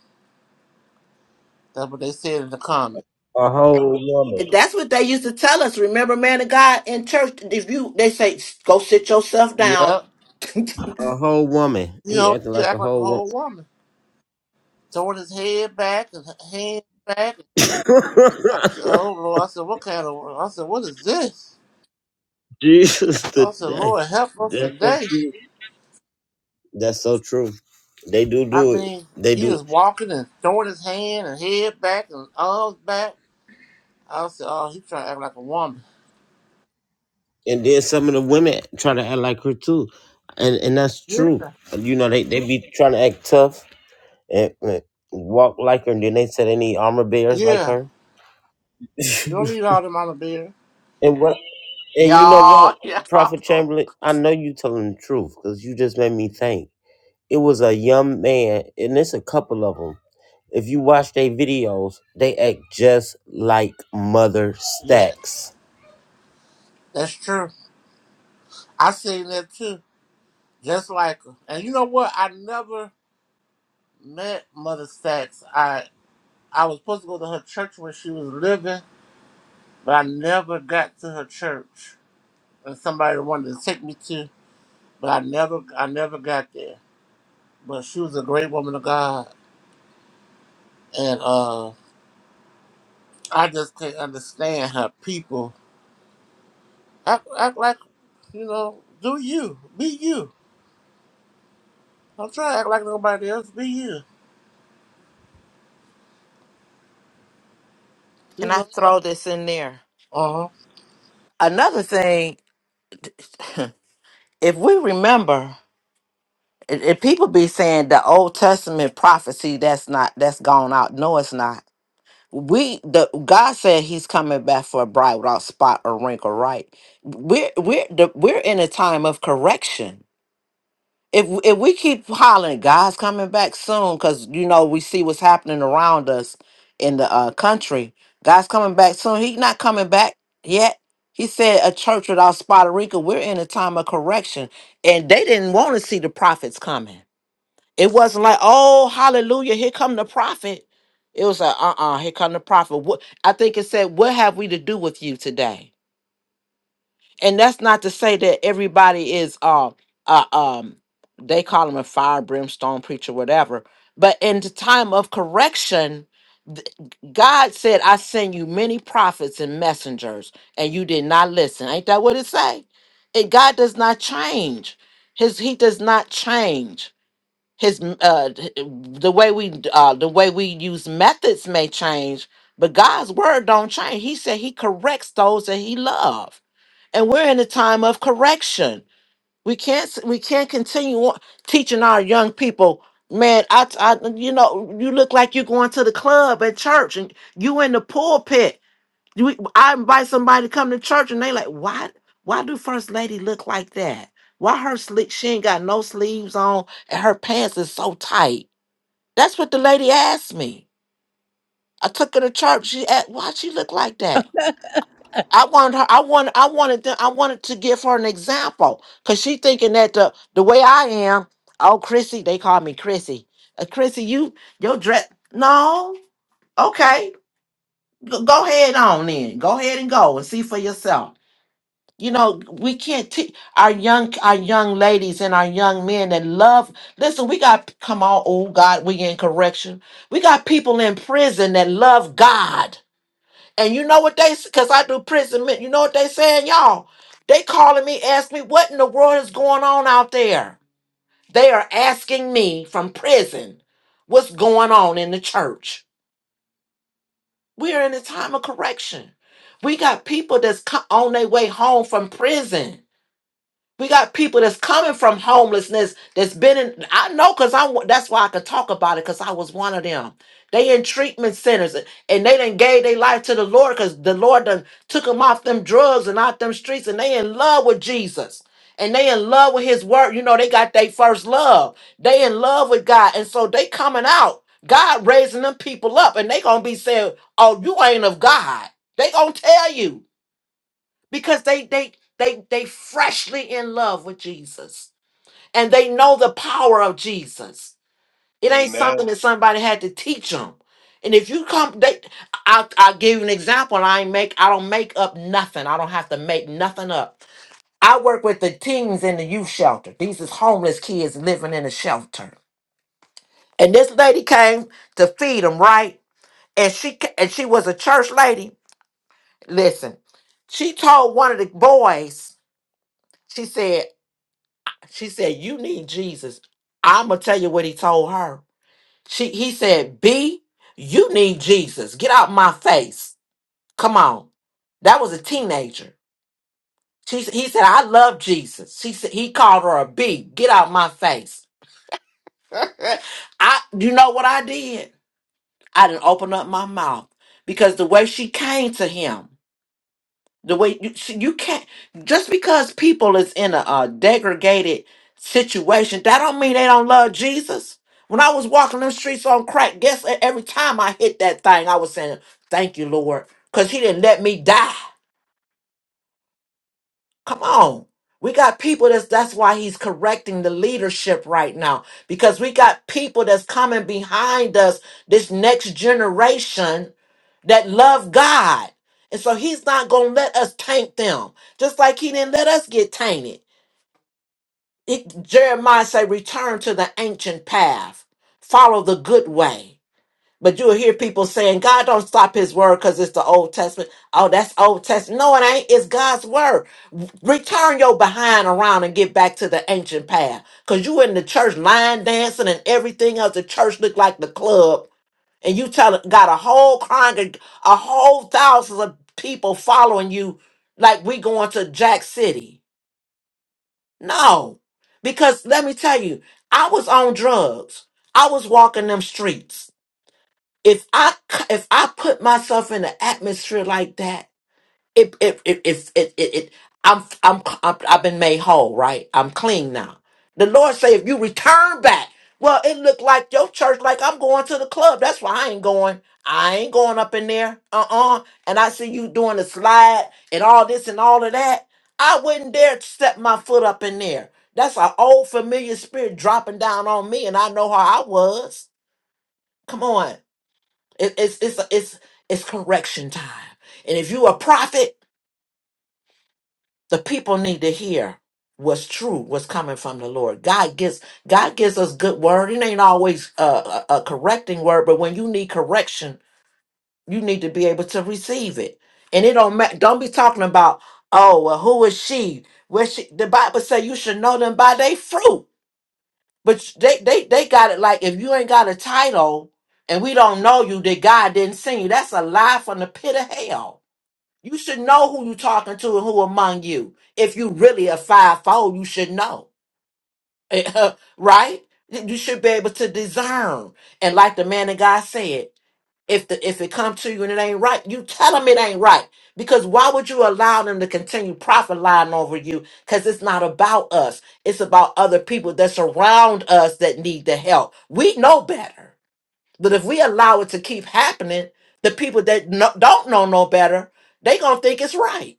Speaker 5: That's what they said in the comment.
Speaker 1: whole woman.
Speaker 4: That's what they used to tell us. Remember, man of God in church, if you they say, go sit yourself down.
Speaker 5: Yep.
Speaker 1: A whole woman.
Speaker 5: You
Speaker 1: He
Speaker 5: know,
Speaker 1: acting
Speaker 5: you
Speaker 1: like
Speaker 5: act
Speaker 1: a
Speaker 5: like a
Speaker 1: whole woman.
Speaker 5: whole woman. throwing his head back and hand back. I said, "Oh Lord!" I said, "What kind of?" I said, "What is this?"
Speaker 1: Jesus
Speaker 5: I said,
Speaker 1: today.
Speaker 5: "Lord, help us
Speaker 1: That's so
Speaker 5: today."
Speaker 1: true. That's so true. They do
Speaker 5: I
Speaker 1: do it.
Speaker 5: mean,
Speaker 1: They
Speaker 5: he
Speaker 1: do,
Speaker 5: was walking and throwing his hand and head back and arms back. I said, "Oh, he's trying to act like a woman."
Speaker 1: and then some of the women try to act like her too, and and that's
Speaker 5: Yeah,
Speaker 1: true. You know they they be trying to act tough and, and walked like her. And then they said any armor bears like
Speaker 5: yeah.
Speaker 1: her.
Speaker 5: You don't need all them on the beer.
Speaker 1: And what? And you know
Speaker 4: Y'all,
Speaker 1: what, Prophet
Speaker 4: y'all.
Speaker 1: Chamberlain? I know you telling the truth because you just made me think. It was a young man, and it's a couple of them. If you watch their videos, they act just like Mother
Speaker 5: Yes,
Speaker 1: Stacks.
Speaker 5: that's true. I seen that too, just like her. And you know what? I never met Mother Sachs. I I was supposed to go to her church when she was living. but I never got to her church. And somebody wanted to take me to, but I never, I never got there. But she was a great woman of God, and uh, I just can't understand how people act, act like you know, do you, be you. Don't try to act like nobody else. Be you. You
Speaker 4: Can I
Speaker 5: know.
Speaker 4: throw this in there?
Speaker 5: Uh-huh.
Speaker 4: Another thing, if we remember, if if people be saying the Old Testament prophecy, that's not that's gone out. No, it's not. we the God said He's coming back for a bride without spot or wrinkle. Right? We're we're the, we're in a time of correction. If if we keep hollering, God's coming back soon, because you know we see what's happening around us in the uh, country. God's coming back soon. He's not coming back yet. He said a church without spot or wrinkle. We're in a time of correction, and they didn't want to see the prophets coming. It wasn't like, oh, hallelujah, here come the prophet. It was like, uh-uh, here come the prophet. What I think it said, what have we to do with you today? And that's not to say that everybody is um uh, um they call him a fire brimstone preacher, whatever. But in the time of correction, th- God said, I send you many prophets and messengers, and you did not listen. Ain't that what it say? And God does not change. His he does not change his uh the way we uh the way we use methods may change but god's word don't change he said he corrects those that he loves, and we're in a time of correction we can't s- we can't continue on teaching our young people man I I you know you look like you're going to the club at church and you in the pulpit you, I invite somebody to come to church and they like, why? Why do First Lady look like that? Why her slick? She ain't got no sleeves on, and her pants is so tight. That's what the lady asked me. I took her to church. She asked, why she look like that? I wanted her. I wanted. I wanted. Them, I wanted to give her an example because she thinking that the the way I am. Oh, Chrissy, they call me Chrissy. Uh, Chrissy, you your dress? No. Okay. Go, go ahead on then. Go ahead and go and see for yourself. You know, we can't teach our young our young ladies and our young men that love. Listen, we got come on, oh God, we in correction. We got people in prison that love God, and you know what they? Because I do prison. men- You know what they saying, y'all? They calling me, ask me what in the world is going on out there. They are asking me from prison, what's going on in the church? We are in a time of correction. We got people that's co- on their way home from prison We got people that's coming from homelessness that's been in. I know because I that's why I could talk about it because I was one of them. They in treatment centers and they done gave their life to the Lord because the Lord done took them off them drugs and out them streets and they in love with Jesus and they in love with His word. You know they got their first love. They in love with God and so they coming out. God raising them people up and they gonna be saying, "Oh, you ain't of God." They gonna tell you because they they they they freshly in love with Jesus and they know the power of Jesus. It ain't
Speaker 6: Amen.
Speaker 4: something that somebody had to teach them. And if you come, they, I, I'll give you an example. I ain't make, I don't make up nothing. I don't have to make nothing up. I work with the teens in the youth shelter. These is homeless kids living in a shelter. And this lady came to feed them, right? And she ca- and she was a church lady. Listen, she told one of the boys. She said. She said, You need Jesus. I'ma tell you what he told her. She he said, B, you need Jesus. Get out my face. Come on. That was a teenager. She s- he said, I love Jesus. She said he called her a B. Get out my face. I you know what I did? I didn't open up my mouth because the way she came to him. the way you see, you can't just because people is in a, uh degraded situation that don't mean they don't love jesus when i was walking them streets on crack guess e- every time i hit that thing i was saying thank you lord because he didn't let me die come on we got people that's that's why he's correcting the leadership right now because we got people that's coming behind us this next generation that love God. And so he's not going to let us taint them, just like he didn't let us get tainted. It, Jeremiah said, return to the ancient path, follow the good way. But you'll hear people saying, God don't stop his word because it's the Old Testament. Oh, that's Old Testament. No, it ain't. It's God's word. Return your behind around and get back to the ancient path. Because you in the church line dancing and everything else. The church look like the club and you tell got a whole congreg a whole thousands of people following you like we going to Jack City. No. Because let me tell you, I was on drugs. I was walking them streets. If I c- if I put myself in an atmosphere like that, it it it it, it, it, it I'm, I'm I'm I've been made whole, right? I'm clean now. The Lord say, if you return back, well, it looked like your church, like I'm going to the club. That's why I ain't going. I ain't going up in there. Uh uh And I see you doing the slide and all this and all of that. I wouldn't dare step my foot up in there. That's an old familiar spirit dropping down on me, and I know how I was. Come on, it, it's it's it's it's correction time. And if you a prophet. the people need to hear what's true what's coming from the lord god gives god gives us good word it ain't always a, a, a correcting word but when you need correction you need to be able to receive it and it don't matter don't be talking about oh well who is she where she the bible say you should know them by their fruit but they they they got it like if you ain't got a title and we don't know you that god didn't send you that's a lie from the pit of hell you should know who you talking to and who among you. If you really a fivefold, you should know, right? You should be able to discern. And like the man of God said, if the if it come to you and it ain't right, you tell them it ain't right. Because why would you allow them to continue profit lying over you? Because it's not about us. It's about other people that surround us that need the help. We know better. But if we allow it to keep happening, the people that no, don't know no better, they gonna think it's right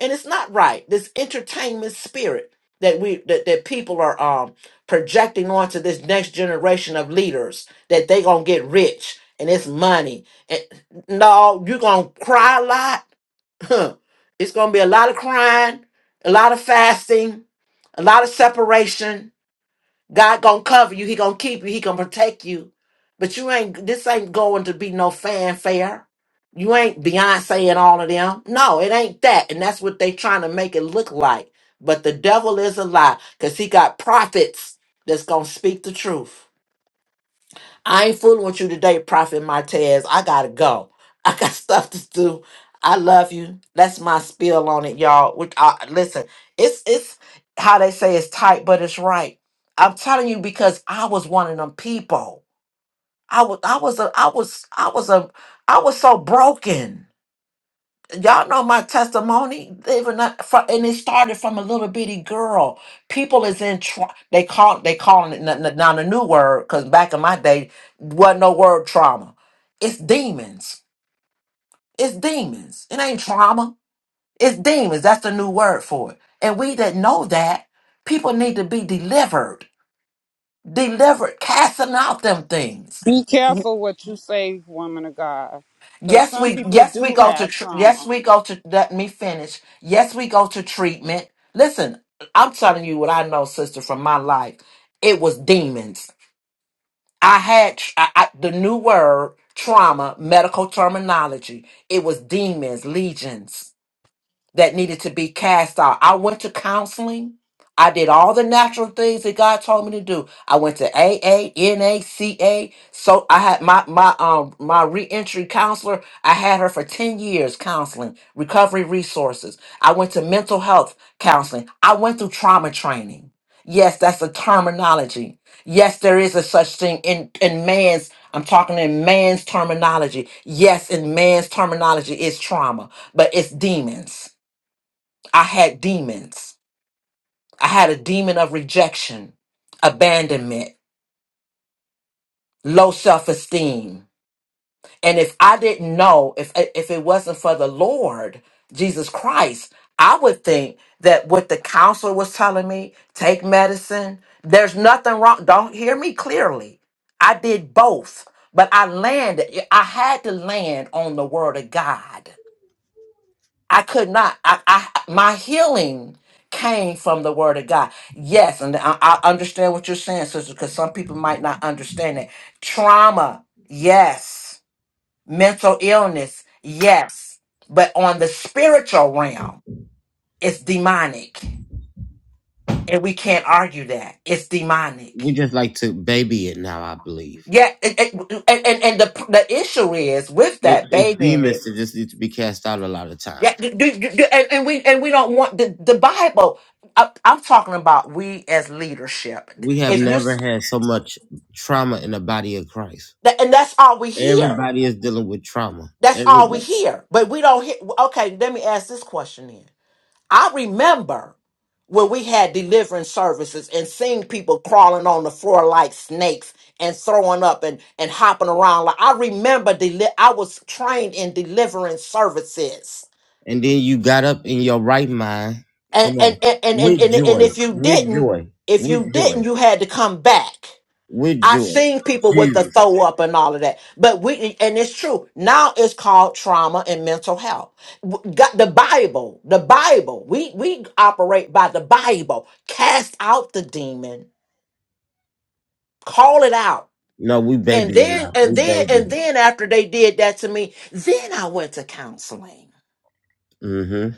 Speaker 4: and it's not right. This entertainment spirit that we that, that people are um projecting onto this next generation of leaders that they gonna get rich and it's money. And no, you're gonna cry a lot. Huh. It's gonna be a lot of crying, a lot of fasting, a lot of separation God gonna cover you. He gonna keep you. He gonna protect you. But you ain't. This ain't going to be no fanfare. You ain't Beyonce and all of them. No, it ain't that. And that's what they trying to make it look like. But the devil is a lie, cause he got prophets that's gonna speak the truth. I ain't fooling with you today, Prophet Martez. I gotta go. I got stuff to do. I love you. That's my spill on it, y'all. Which I, listen, it's it's how they say it's tight, but it's right. I'm telling you because I was one of them people. I was I was a I was I was a I was so broken y'all know my testimony even that- fro- and it started from a little bitty girl people is in tra- they call they calling it n- n- now the new word because back in my day wasn't no word trauma it's demons it's demons it ain't trauma it's demons that's the new word for it and we that know that people need to be delivered delivered casting out them things
Speaker 7: Be careful what you say, woman of God, because
Speaker 4: Yes,
Speaker 7: some
Speaker 4: we
Speaker 7: people
Speaker 4: yes we
Speaker 7: do
Speaker 4: go to
Speaker 7: have
Speaker 4: tr-
Speaker 7: trauma.
Speaker 4: yes we go to let me finish. Yes, we go to treatment. Listen, I'm telling you what I know, sister, from my life. It was demons. I had tr- I, I, the new word trauma, medical terminology. It was demons, legions that needed to be cast out. I went to counseling. I did all the natural things that God told me to do. I went to A A N A C A. So I had my my um my reentry counselor. I had her for 10 years counseling, recovery resources. I went to mental health counseling. I went through trauma training. Yes, that's a terminology. Yes, there is a such thing in in man's I'm talking in man's terminology. Yes, in man's terminology is trauma, but it's demons I had demons. I had a demon of rejection, abandonment, low self-esteem. And if I didn't know, if if it wasn't for the Lord Jesus Christ, I would think that what the counselor was telling me, take medicine, there's nothing wrong. Don't hear me clearly. I did both, but I landed I had to land on the word of God. I could not. I, I my healing came from the word of God. Yes, and I, I understand what you're saying, sister, because some people might not understand it. Trauma, yes. Mental illness, yes. But on the spiritual realm, it's demonic. And we can't argue that. It's
Speaker 1: We
Speaker 4: demonic.
Speaker 1: just like to baby it now, I believe.
Speaker 4: Yeah, and, and, and, and the, the issue is with
Speaker 1: They-
Speaker 4: that
Speaker 1: It's
Speaker 4: baby in it.
Speaker 1: demons that just need to be cast out a lot of time.
Speaker 4: Yeah, do, do, do- do- and, and we and we don't want the, the Bible. I, I'm talking about we as leadership.
Speaker 1: We have
Speaker 4: If you s-
Speaker 1: never had so much trauma in the body of Christ.
Speaker 4: that- and that's all we hear.
Speaker 1: Everybody is dealing with trauma.
Speaker 4: That's all we
Speaker 1: Everybody.
Speaker 4: hear. But we don't hear. Okay, let me ask this question then. I remember when we had deliverance services and seeing people crawling on the floor like snakes and throwing up and and hopping around. Like I remember, deli- I was trained in deliverance services
Speaker 1: And then you got up in your right mind.
Speaker 4: and
Speaker 1: Come on.
Speaker 4: and and and and,
Speaker 1: With
Speaker 4: and and
Speaker 1: joy.
Speaker 4: if you
Speaker 1: With
Speaker 4: didn't
Speaker 1: joy.
Speaker 4: if you
Speaker 1: With joy.
Speaker 4: didn't you had to come back
Speaker 1: With
Speaker 4: i've
Speaker 1: joy.
Speaker 4: seen people with the
Speaker 1: Jesus.
Speaker 4: throw up and all of that but we and it's true now it's called trauma and mental health W- got the bible the bible we we operate by the bible cast out the demon call it out
Speaker 1: No, we
Speaker 4: and
Speaker 1: baby
Speaker 4: then
Speaker 1: enough.
Speaker 4: and
Speaker 1: We
Speaker 4: then and
Speaker 1: baby.
Speaker 4: then after they did that to me then i went to counseling
Speaker 1: Mm-hmm.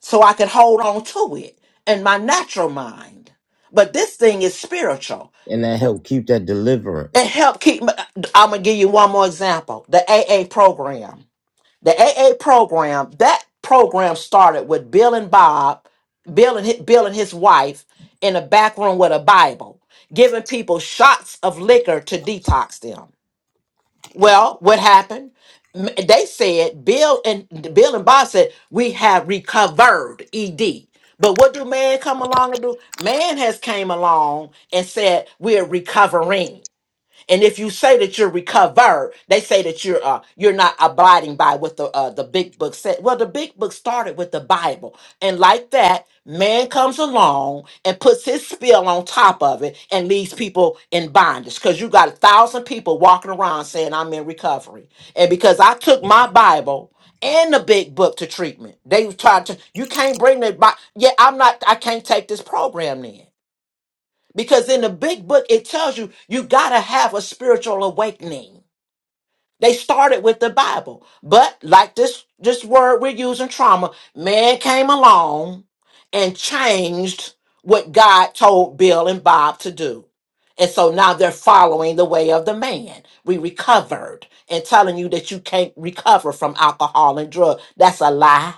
Speaker 4: so I could hold on to it in my natural mind. But this thing is spiritual.
Speaker 1: And that help keep that
Speaker 4: It
Speaker 1: deliverance.
Speaker 4: helped keep. My, I'm gonna give you one more example. The AA program. The AA program. That program started with Bill and Bob, Bill and hi- Bill and his wife in a back room with a Bible, giving people shots of liquor to detox them. Well, what happened? M- They said Bill and Bill and Bob said we have recovered ED. But what do man come along and do? Man has came along and said we're recovering. And if you say that you're recovered, they say that you're uh, you're not abiding by what the uh, the big book said. Well, the big book started with the Bible, and like that, man comes along and puts his spill on top of it and leaves people in bondage. Because you got a thousand people walking around saying I'm in recovery, and because I took my Bible and the big book to treatment, they tried to you can't bring that. Bi- yeah, I'm not. I can't take this program then. Because in the big book, it tells you you got to have a spiritual awakening. They started with the Bible, but like this this word we're using, trauma, man came along and changed what God told Bill and Bob to do. And so now they're following the way of the man. We recovered and telling you that you can't recover from alcohol and drug. That's a lie.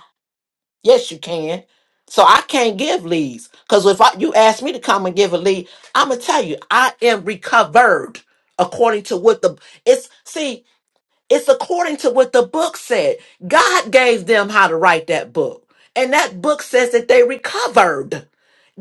Speaker 4: Yes, you can. So I can't give leads because if I, you ask me to come and give a lead, I'm gonna tell you I am recovered according to what the it's see it's according to what the book said. God gave them how to write that book, and that book says that they recovered.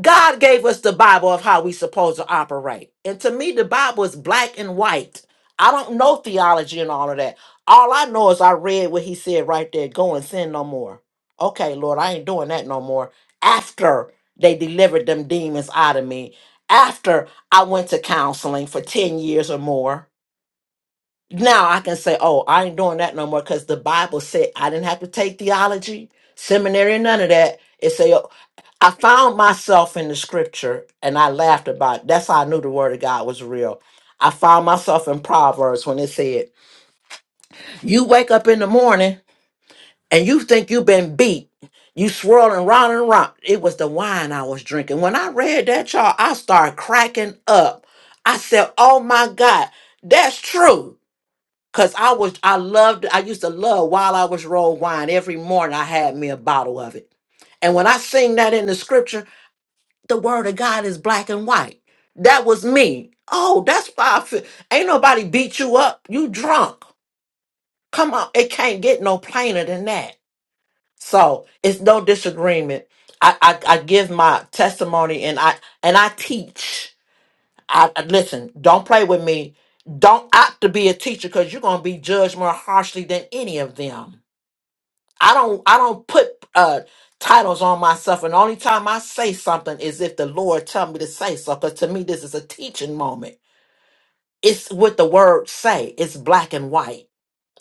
Speaker 4: God gave us the Bible of how we supposed to operate. And to me, the Bible is black and white. I don't know theology and all of that. All I know is I read what he said right there go and sin no more. Okay, Lord, I ain't doing that no more. After they delivered them demons out of me, after I went to counseling for 10 years or more now I can say, oh, I ain't doing that no more because the Bible said I didn't have to take theology, seminary, none of that. It said, I found myself in the scripture and I laughed about it. That's how I knew the word of God was real. I found myself in Proverbs when it said, You wake up in the morning and you think you've been beat. You swirling round and round. It was the wine I was drinking. When I read that, y'all, I started cracking up. I said, Oh my God, that's true. Cause I was, I loved, I used to love while I was rolled wine. Every morning I had me a bottle of it. And when I sing that in the scripture, the word of God is black and white. That was me. Oh, that's why I feel. Ain't nobody beat you up. You drunk. Come on. It can't get no plainer than that. So it's no disagreement. I, I, I give my testimony and I and I teach. I, I- listen, don't play with me. Don't opt to be a teacher because you're gonna be judged more harshly than any of them. I don't I don't put uh titles on myself and the only time I say something is if the Lord tell me to say so because to me this is a teaching moment. It's what the word say. It's black and white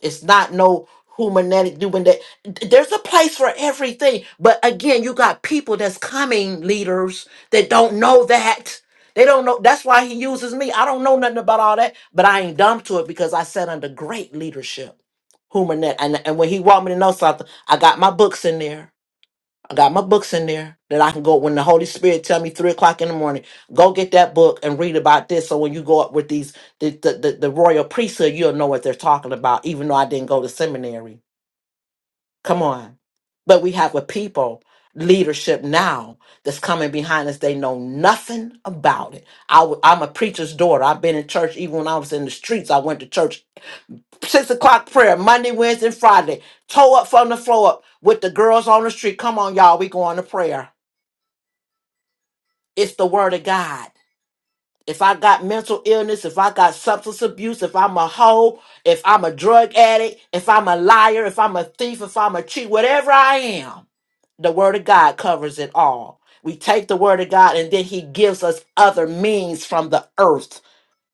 Speaker 4: it's not no humanetic doing that. There's a place for everything. But again, you got people that's coming, leaders, that don't know that. They don't know. That's why he uses me. I don't know nothing about all that, but I ain't dumb to it because I sat under great leadership. Humanet. And, and when he want me to know something, I got my books in there. I got my books in there that I can go when the Holy Spirit tell me three o'clock in the morning, go get that book and read about this. So when you go up with these the the, the, the royal priesthood, you'll know what they're talking about, even though I didn't go to seminary. Come on. But we have a people leadership now that's coming behind us. They know nothing about it. I w- I'm a preacher's daughter. I've been in church even when I was in the streets. I went to church six o'clock prayer, Monday, Wednesday, and Friday. Toe up from the floor up with the girls on the street. Come on, y'all, we going to prayer. It's the word of God. If I got mental illness, if I got substance abuse, if I'm a hoe, if I'm a drug addict, if I'm a liar, if I'm a thief, if I'm a cheat, whatever I am, the word of God covers it all. We take the word of God and then he gives us other means from the earth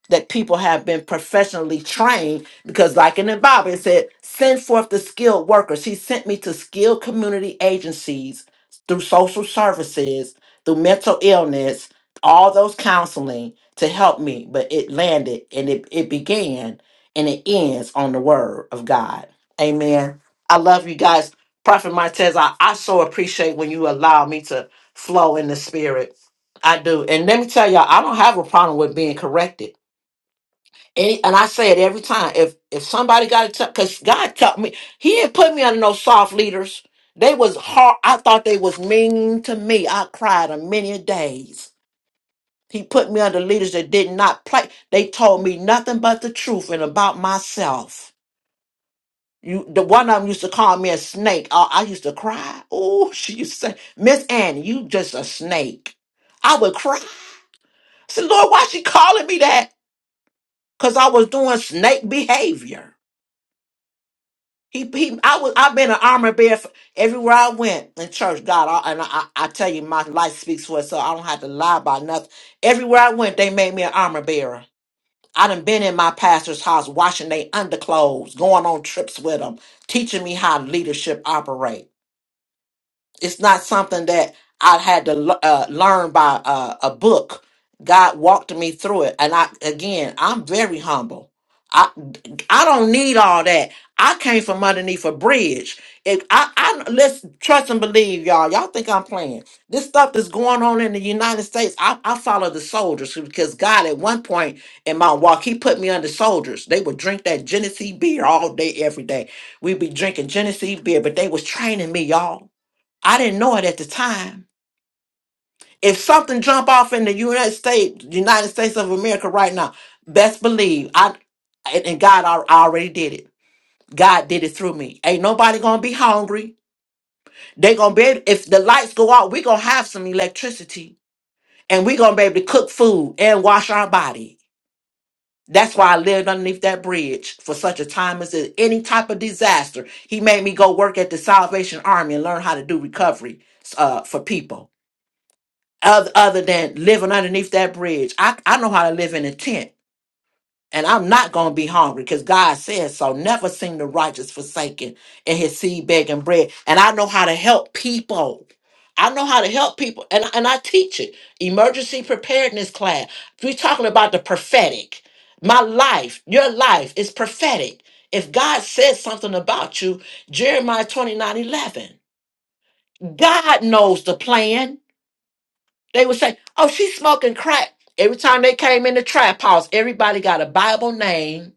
Speaker 4: that people have been professionally trained because like in the bible it said send forth the skilled workers he sent me to skilled community agencies through social services through mental illness all those counseling to help me but it landed and it, it began and it ends on the word of god amen i love you guys prophet martez i, I so appreciate when you allow me to flow in the spirit i do and let me tell y'all i don't have a problem with being corrected any, and I say it every time. If if somebody got to tell, because God taught me, He didn't put me under no soft leaders. They was hard. I thought they was mean to me. I cried a many days. He put me under leaders that did not play. They told me nothing but the truth and about myself. You, the one of them used to call me a snake. I, I used to cry. Oh, she used to say, Miss Annie, you just a snake. I would cry. I said, Lord, why she calling me that? Because I was doing snake behavior. He, he, I was, I've been an armor bearer for, everywhere I went in church. God, I, and I, I tell you, my life speaks for itself. I don't have to lie about nothing. Everywhere I went, they made me an armor bearer. I done been in my pastor's house washing their underclothes, going on trips with them, teaching me how leadership operate. It's not something that I had to le- uh, learn by uh, a book. God walked me through it, and I again, I'm very humble. I I don't need all that. I came from underneath a bridge. If I, I let's trust and believe, y'all. Y'all think I'm playing? This stuff that's going on in the United States. I, I follow the soldiers because God, at one point in my walk, He put me under soldiers. They would drink that Genesee beer all day, every day. We'd be drinking Genesee beer, but they was training me, y'all I didn't know it at the time. If something jump off in the United States, United States of America right now, best believe I and and God al- already did it. God did it through me. Ain't nobody gonna be hungry. They gonna be able- if the lights go out, we gonna have some electricity and we gonna be able to cook food and wash our body. That's why I lived underneath that bridge for such a time as this. any type of disaster. He made me go work at the Salvation Army and learn how to do recovery uh, for people other, other than living underneath that bridge. I, I know how to live in a tent, and I'm not going to be hungry because God says so. Never seen the righteous forsaken and his seed begging bread. And I know how to help people. I know how to help people, and, and I teach it. Emergency preparedness class. We're talking about the prophetic. My life, your life is prophetic. If God says something about you, Jeremiah 29:11. God knows the plan. They would say, "Oh, she's smoking crack." Every time they came in the trap house, everybody got a Bible name,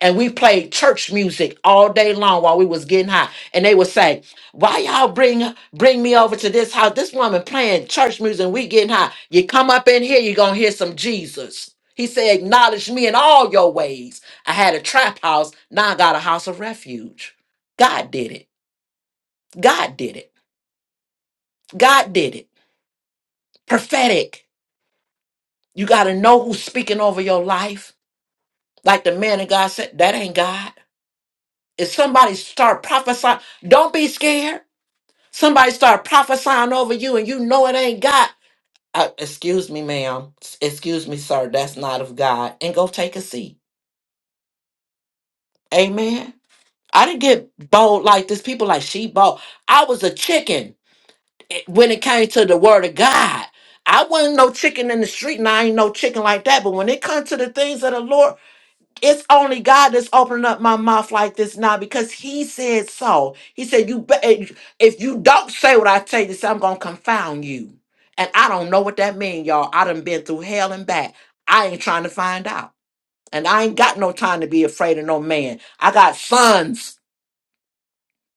Speaker 4: and we played church music all day long while we was getting high. And they would say, "Why y'all bring bring me over to this house? This woman playing church music, and we getting high. You come up in here, you gonna hear some Jesus." He said, "Acknowledge me in all your ways." I had a trap house. Now I got a house of refuge. God did it. God did it. God did it. Prophetic. You got to know who's speaking over your life. Like the man of God said, that ain't God. If somebody start prophesying, don't be scared. Somebody start prophesying over you and you know it ain't God. Uh, excuse me, ma'am. S- Excuse me, sir. That's not of God. And go take a seat. Amen. I didn't get bold like this. People like she bold. I was a chicken eh, when it came to the word of God. I wasn't no chicken in the street, and I ain't no chicken like that. But when it comes to the things of the Lord, It's only God that's opening up my mouth like this now because He said so. He said, "You, be- eh, if you don't say what I tell you, to say, I'm gonna confound you." And I don't know what that means, y'all. I done been through hell and back. I ain't trying to find out, and I ain't got no time to be afraid of no man. I got sons,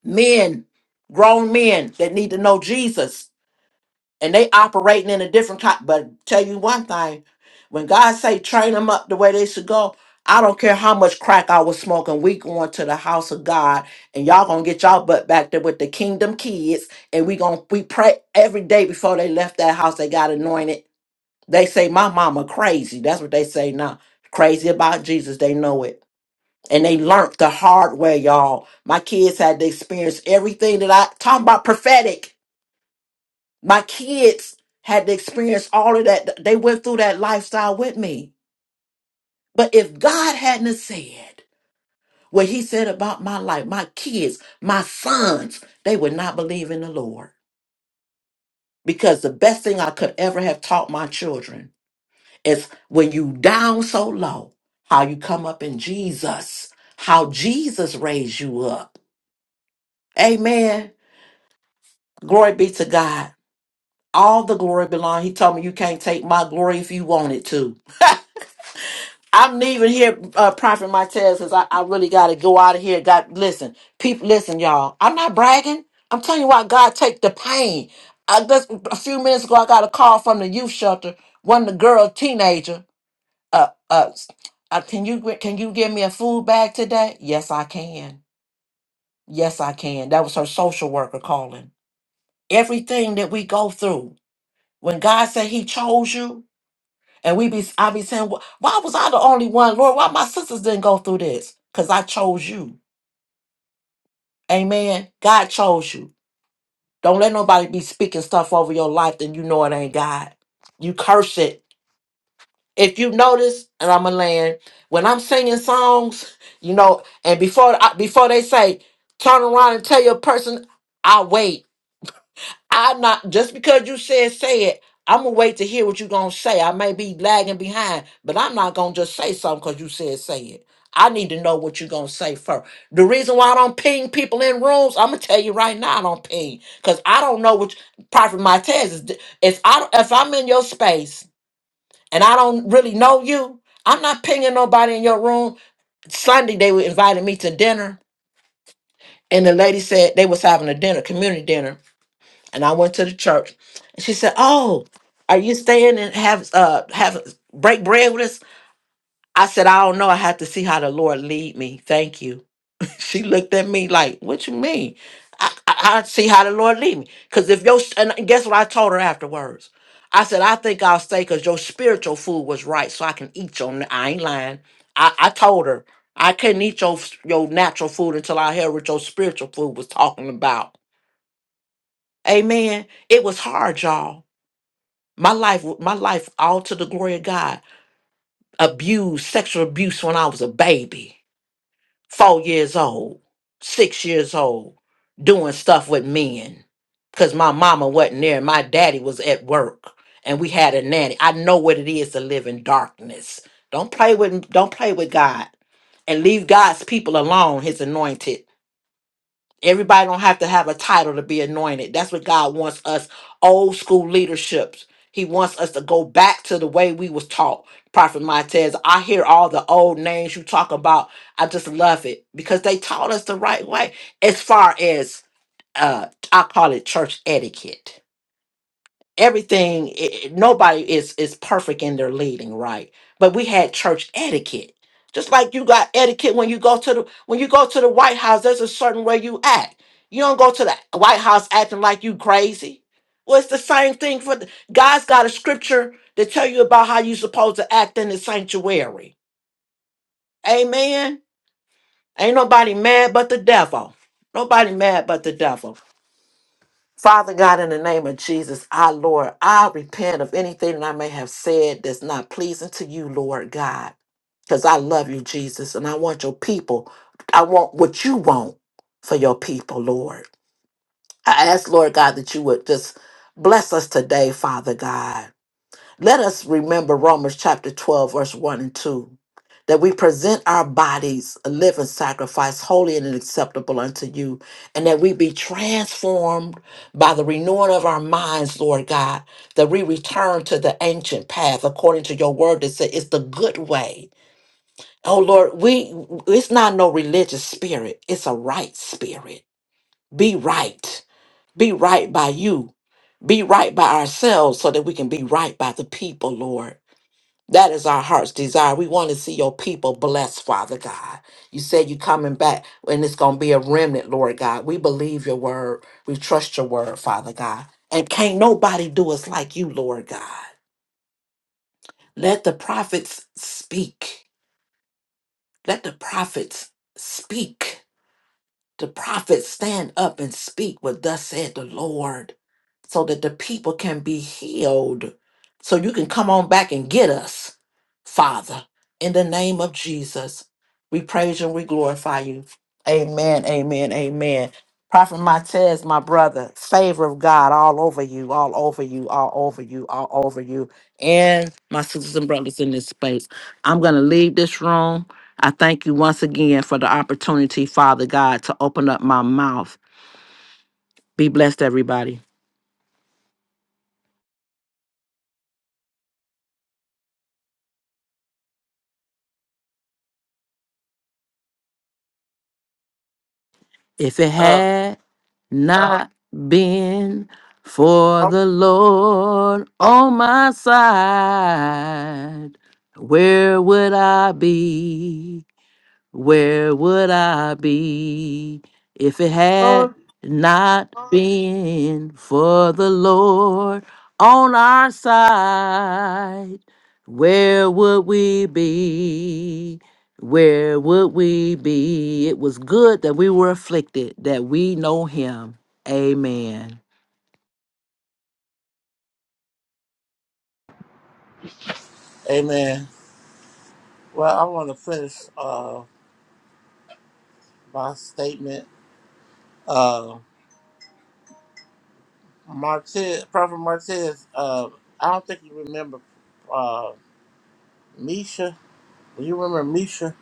Speaker 4: men, grown men that need to know Jesus and they operating in a different kind. But tell you one thing, when God say train them up the way they should go, I don't care how much crack I was smoking. We going to the house of God, and y'all gonna get y'all butt back there with the kingdom kids, and we gonna we pray every day before they left that house. They got anointed. They say my mama crazy. That's what they say now. Crazy about Jesus. They know it. And they learned the hard way, y'all. My kids had to experience everything that I talking about prophetic. My kids had to experience all of that. They went through that lifestyle with me. But if God hadn't have said what he said about my life, my kids, my sons, they would not believe in the Lord. Because the best thing I could ever have taught my children is when you down so low, how you come up in Jesus, how Jesus raised you up. Amen. Glory be to God. All the glory belong. He told me you can't take my glory if you wanted to. I'm leaving here, uh, Prophet Martez, because I, I really got to go out of here. Got listen, people, listen, y'all. I'm not bragging. I'm telling you why God take the pain. I just a few minutes ago, I got a call from the youth shelter. One of the girl, teenager. Uh, uh, uh, can you can you give me a food bag today? Yes, I can. Yes, I can. That was her social worker calling. Everything that we go through, when God said He chose you, and we be, I be saying, "Wh- why was I the only one, Lord? Why my sisters didn't go through this? Because I chose you. Amen. God chose you. Don't let nobody be speaking stuff over your life that you know it ain't God. You curse it. If you notice, and I'm a land, when I'm singing songs, you know, and before I, before they say, turn around and tell your person, I wait. I not just because you said say it, I'm gonna wait to hear what you gonna say. I may be lagging behind, but I'm not gonna just say something because you said say it. I need to know what you gonna say first. The reason why I don't ping people in rooms, I'm gonna tell you right now, I don't ping because I don't know which Prophet Martez is. d- If I if I'm in your space and I don't really know you, I'm not pinging nobody in your room. Sunday they were inviting me to dinner, and the lady said they was having a dinner, community dinner, and I went to the church. And she said, "Oh, are you staying and have uh have break bread with us?" I said, "I don't know. I have to see how the Lord lead me. Thank you." She looked at me like, "What you mean?" I, I, I see how the Lord lead me. Cause if your and guess what I told her afterwards. I said, I think I'll stay because your spiritual food was right, so I can eat your. n- I ain't lying. I, I told her I couldn't eat your your natural food until I heard what your spiritual food was talking about. Amen. It was hard, y'all My life, my life, all to the glory of God. Abuse, sexual abuse when I was a baby, four years old, six years old, doing stuff with men. Cause my mama wasn't there. My daddy was at work and we had a nanny. I know what it is to live in darkness. Don't play with don't play with God and leave God's people alone, his anointed. Everybody don't have to have a title to be anointed. That's what God wants us, old school leaderships. He wants us to go back to the way we was taught. Prophet Montez, I hear all the old names you talk about. I just love it because they taught us the right way as far as uh I call it church etiquette everything i- i- nobody is is perfect in their leading right but we had church etiquette just like you got etiquette when you go to the when you go to the white house there's a certain way you act you don't go to the white house acting like you crazy well it's the same thing for the, god's got a scripture to tell you about how you supposed to act in the sanctuary amen ain't nobody mad but the devil nobody mad but the devil Father God, in the name of Jesus, our Lord, I repent of anything that I may have said that's not pleasing to you, Lord God, because I love you, Jesus, and I want your people. I want what you want for your people, Lord. I ask, Lord God, that you would just bless us today, Father God. Let us remember Romans chapter 12, verse 1 and 2, that we present our bodies a living sacrifice, holy and acceptable unto you, and that we be transformed by the renewing of our minds, Lord God, that we return to the ancient path according to your word that said it's the good way. Oh Lord, we it's not no religious spirit, it's a right spirit. Be right. Be right by you. Be right by ourselves so that we can be right by the people, Lord. That is our heart's desire. We want to see your people blessed, Father God. You said you're coming back and it's going to be a remnant, Lord God. We believe your word. We trust your word, Father God. And can't nobody do us like you, Lord God. Let the prophets speak. Let the prophets speak. The prophets stand up and speak what thus said the Lord so that the people can be healed. So you can come on back and get us, Father, in the name of Jesus. We praise you and we glorify you. Amen, amen, amen. Prophet Matez, my brother, favor of God all over you, all over you, all over you, all over you, and my sisters and brothers in this space. I'm going to leave this room. I thank you once again for the opportunity, Father God, to open up my mouth. Be blessed, everybody. If it
Speaker 5: Uh
Speaker 4: had not been for the Lord on my side, where would I be? Where would I be if it
Speaker 5: huh.
Speaker 4: had not been for the Lord on our side? Where would we be? Where would we be? It was good that we were afflicted, that we know him. Amen.
Speaker 5: Amen. Well, I want to finish uh my statement. Uh, Martez, Prophet Martez. Uh, I don't think you remember. Uh, Misha. You remember Misha?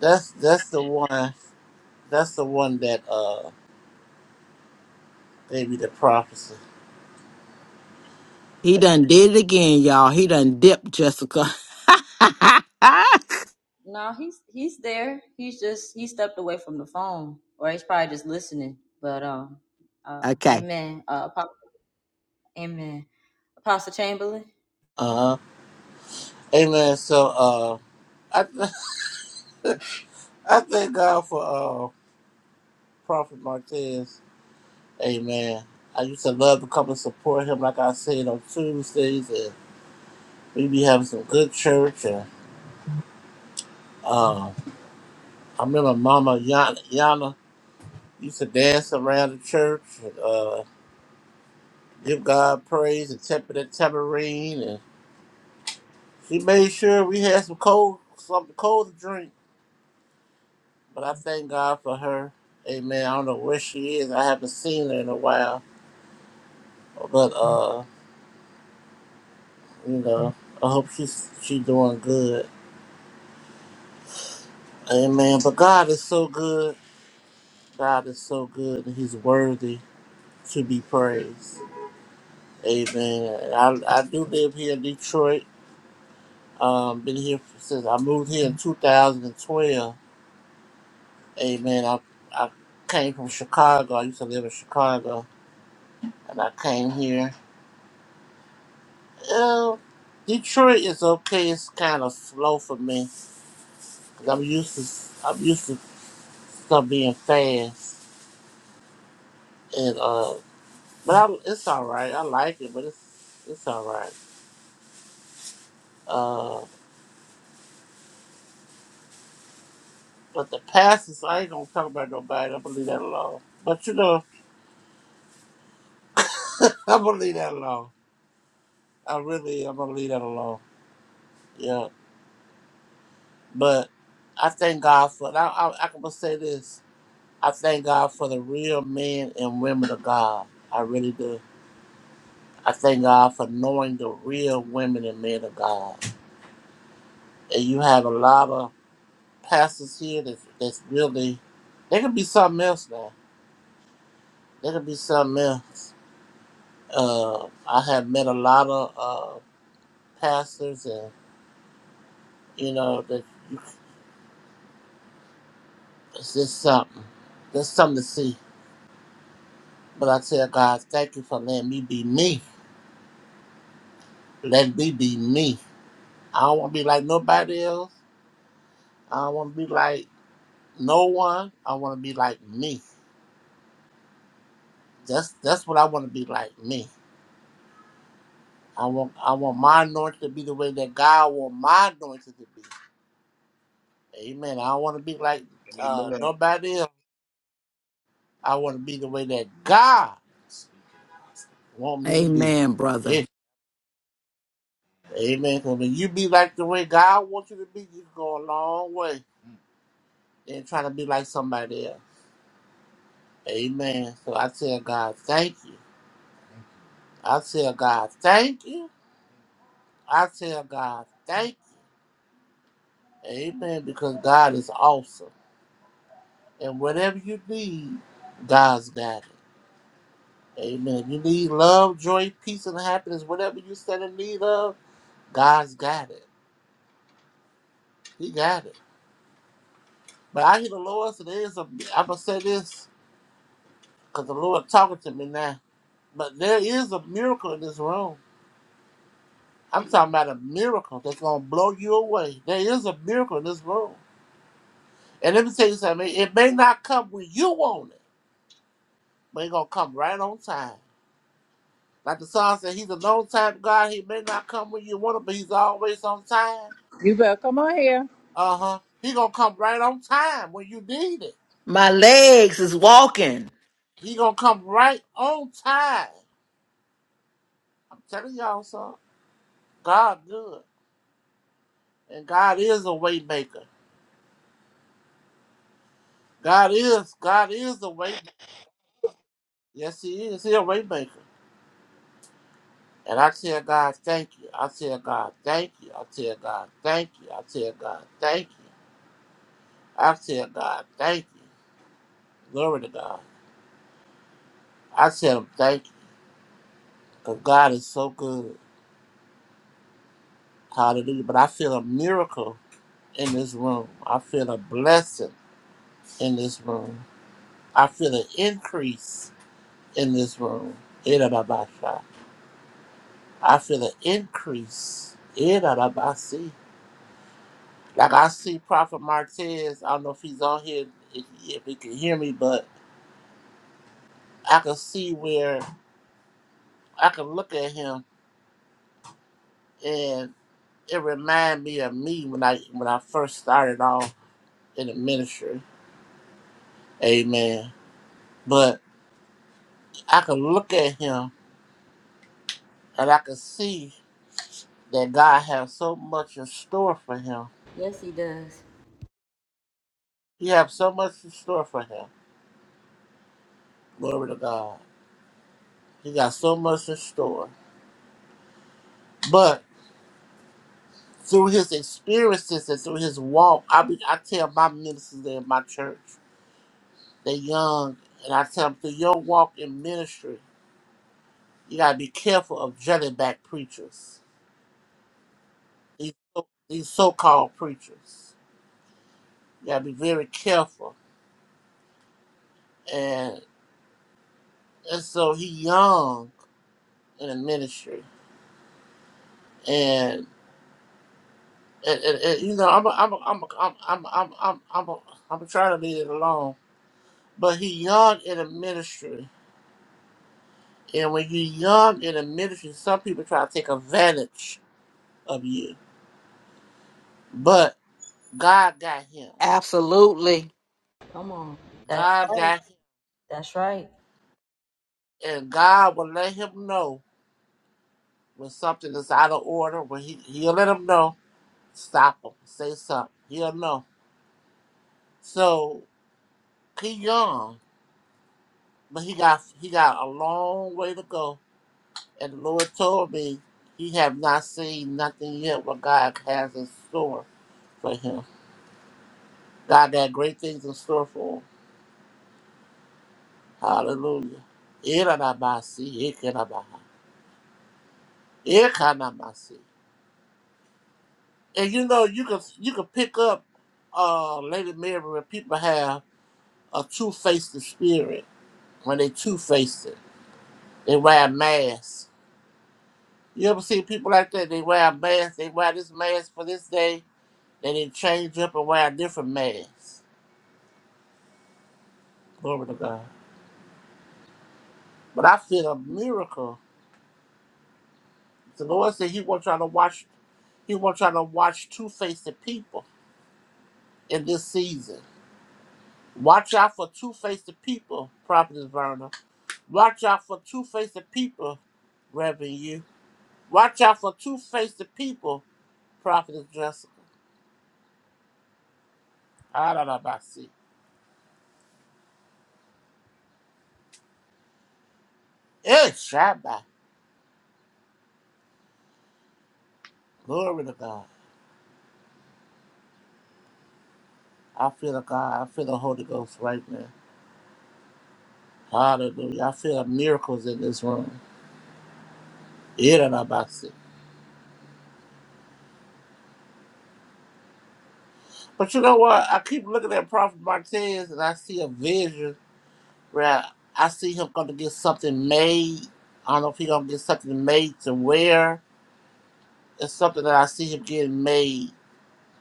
Speaker 5: That's that's the one. That's the one that uh gave me the prophecy.
Speaker 4: He done did it again, y'all. He done dipped Jessica.
Speaker 2: No, he's he's there. He's just he stepped away from the phone, or he's probably just listening. But um, uh,
Speaker 4: okay.
Speaker 2: Amen. Uh, Apo- Amen. Apostle Chamberlain.
Speaker 5: Uh huh. Amen. So uh, I I thank God for uh Prophet Martez. Amen. I used to love to come and support him, like I said on Tuesdays, and we be having some good church. And uh, I remember Mama Yana, Yana used to dance around the church and uh, give God praise and tap the tambourine She made sure we had some cold, something cold to drink. But I thank God for her. Amen. I don't know where she is. I haven't seen her in a while. But uh, you know, I hope she's she doing good. Amen. But God is so good. God is so good, and He's worthy to be praised. Amen. And I I do live here in Detroit. Um, been here since I moved here in 2012. Amen. I I came from Chicago. I used to live in Chicago and I came here. Uh, Detroit is okay. It's kind of slow for me 'cause I'm used to I'm used to stuff being fast. And uh, but i it's all right. I like it, but it's it's all right. Uh, but the passes, I ain't gonna talk about nobody. I'm gonna leave that alone. But you know, I'm gonna leave that alone. I really, I'm gonna leave that alone. Yeah, but I thank God for. And I, I, I can say this. I thank God for the real men and women of God. I really do I thank God for knowing the real women and men of God. And you have a lot of pastors here that's, that's really, they could be something else now. They could be something else. Uh, I have met a lot of uh, pastors and, you know, that it's just something. There's something to see. But I tell God, thank you for letting me be me. Let me be me. I don't want to be like nobody else. I don't want to be like no one. I want to be like me. That's that's what I want to be like me. I want I want my anointing to be the way that God want my anointing to be. Amen. I don't want to be like uh,
Speaker 6: Amen.
Speaker 5: nobody else. I want to be the way that God want me to be.
Speaker 4: Amen, brother.
Speaker 5: Yeah. Amen. 'Cause when you be like the way God wants you to be, you go a long way than trying to be like somebody else. Amen. So I tell God, thank you. I tell God, thank you. I tell God, thank you. Amen. Because God is awesome. And whatever you need, God's got it. Amen. You need love, joy, peace, and happiness. Whatever you stand in need of, God's got it. He got it. But I hear the Lord say there is a, I'm going to say this because the Lord talking to me now. But there is a miracle in this room. I'm talking about a miracle that's going to blow you away. There is a miracle in this room. And let me tell you something. It may not come when you want it, but it's going to come right on time. Like the song said, he's a long time God. He may not come when you want it, but he's always on time.
Speaker 8: You better come on here.
Speaker 5: Uh huh. He gonna come right on time when you need it.
Speaker 4: My legs is walking.
Speaker 5: He gonna come right on time. I'm telling y'all, son. God good, and God is a way maker. God is, God is a way maker. Yes, He is. He a way maker. And I tell God, thank you. I tell God, thank you. I tell God, thank you. I tell God, thank you. I tell God, thank you. Glory to God. I tell Him, thank you. 'Cause God is so good. Hallelujah. But I feel a miracle in this room. I feel a blessing in this room. I feel an increase in this room. Irababasha. I feel an increase. Irababasi. Like I see Prophet Martez. I don't know if he's on here, if if he can hear me, but I can see where I can look at him and it remind me of me when I when I first started off in the ministry. Amen. But I can look at him and I can see that God has so much in store for him.
Speaker 2: Yes, he does.
Speaker 5: He has so much in store for him. Glory to God. He got so much in store. But through his experiences and through his walk, I be, I tell my ministers there in my church, they're young, and I tell them through your walk in ministry, you gotta be careful of jelly back preachers. These so- these so-called preachers, you gotta be very careful. And and so he young in a ministry, and, and, and, and, you know, I'm a, I'm a, I'm a, I'm a, I'm a, I'm a, I'm, a, I'm trying to leave it alone. But he young in a ministry, and when you young in a ministry, some people try to take advantage of you. But God got him.
Speaker 4: Absolutely.
Speaker 2: That
Speaker 5: God got him,
Speaker 2: that's right.
Speaker 5: and God will let him know when something is out of order. When he he'll let him know. Stop him. Say something. He'll know. So he young, but he got he got a long way to go And the Lord told me, He have not seen nothing yet what God has in store for him. God had great things in store for him. Hallelujah. Iranabasi, ikanabaha, ikanamasi. And you know, you can you can pick up uh Lady Mary when people have a two faced spirit. When they two faced it. They wear a mask. You ever see people like that? They wear a mask, they wear this mask for this day, then they change up and wear a different mask. Glory to God. But I feel a miracle. The Lord said He won't try to watch. He won't try to watch two-faced people in this season. Watch out for two-faced people, Prophetess Verna. Watch out for two-faced people, Reverend You. Watch out for two-faced people, Prophetess Jessica. I don't know about see. It's Shabbat. Glory to God. I feel the God. I feel the Holy Ghost right now. Hallelujah. I feel miracles in this room. Yeah, I don't about see. But you know what? I keep looking at Prophet Martez and I see a vision where I see him going to get something made. I don't know if he's going to get something made to wear. It's something that I see him getting made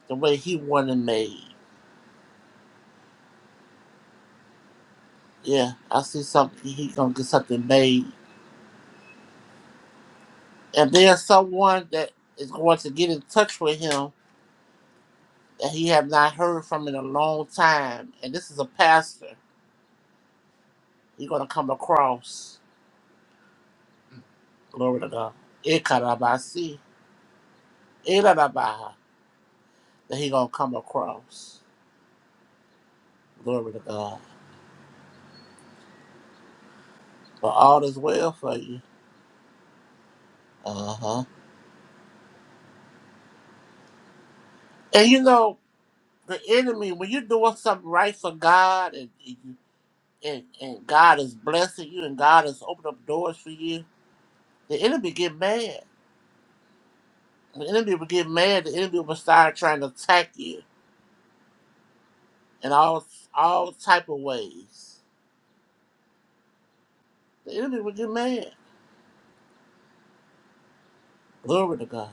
Speaker 5: the way he wanted made. Yeah, I see something. He's going to get something made. And there's someone that is going to get in touch with him that he have not heard from in a long time. And this is a pastor. He's going to come across. Glory to God. Ikarabasi. that he gonna come across. Glory to God. But all is well for you. Uh huh. And you know the enemy when you're doing something right for God and and, and and God is blessing you and God has opened up doors for you, the enemy get mad. The enemy will get mad. The enemy will start trying to attack you in all all type of ways. The enemy will get mad. Glory to God.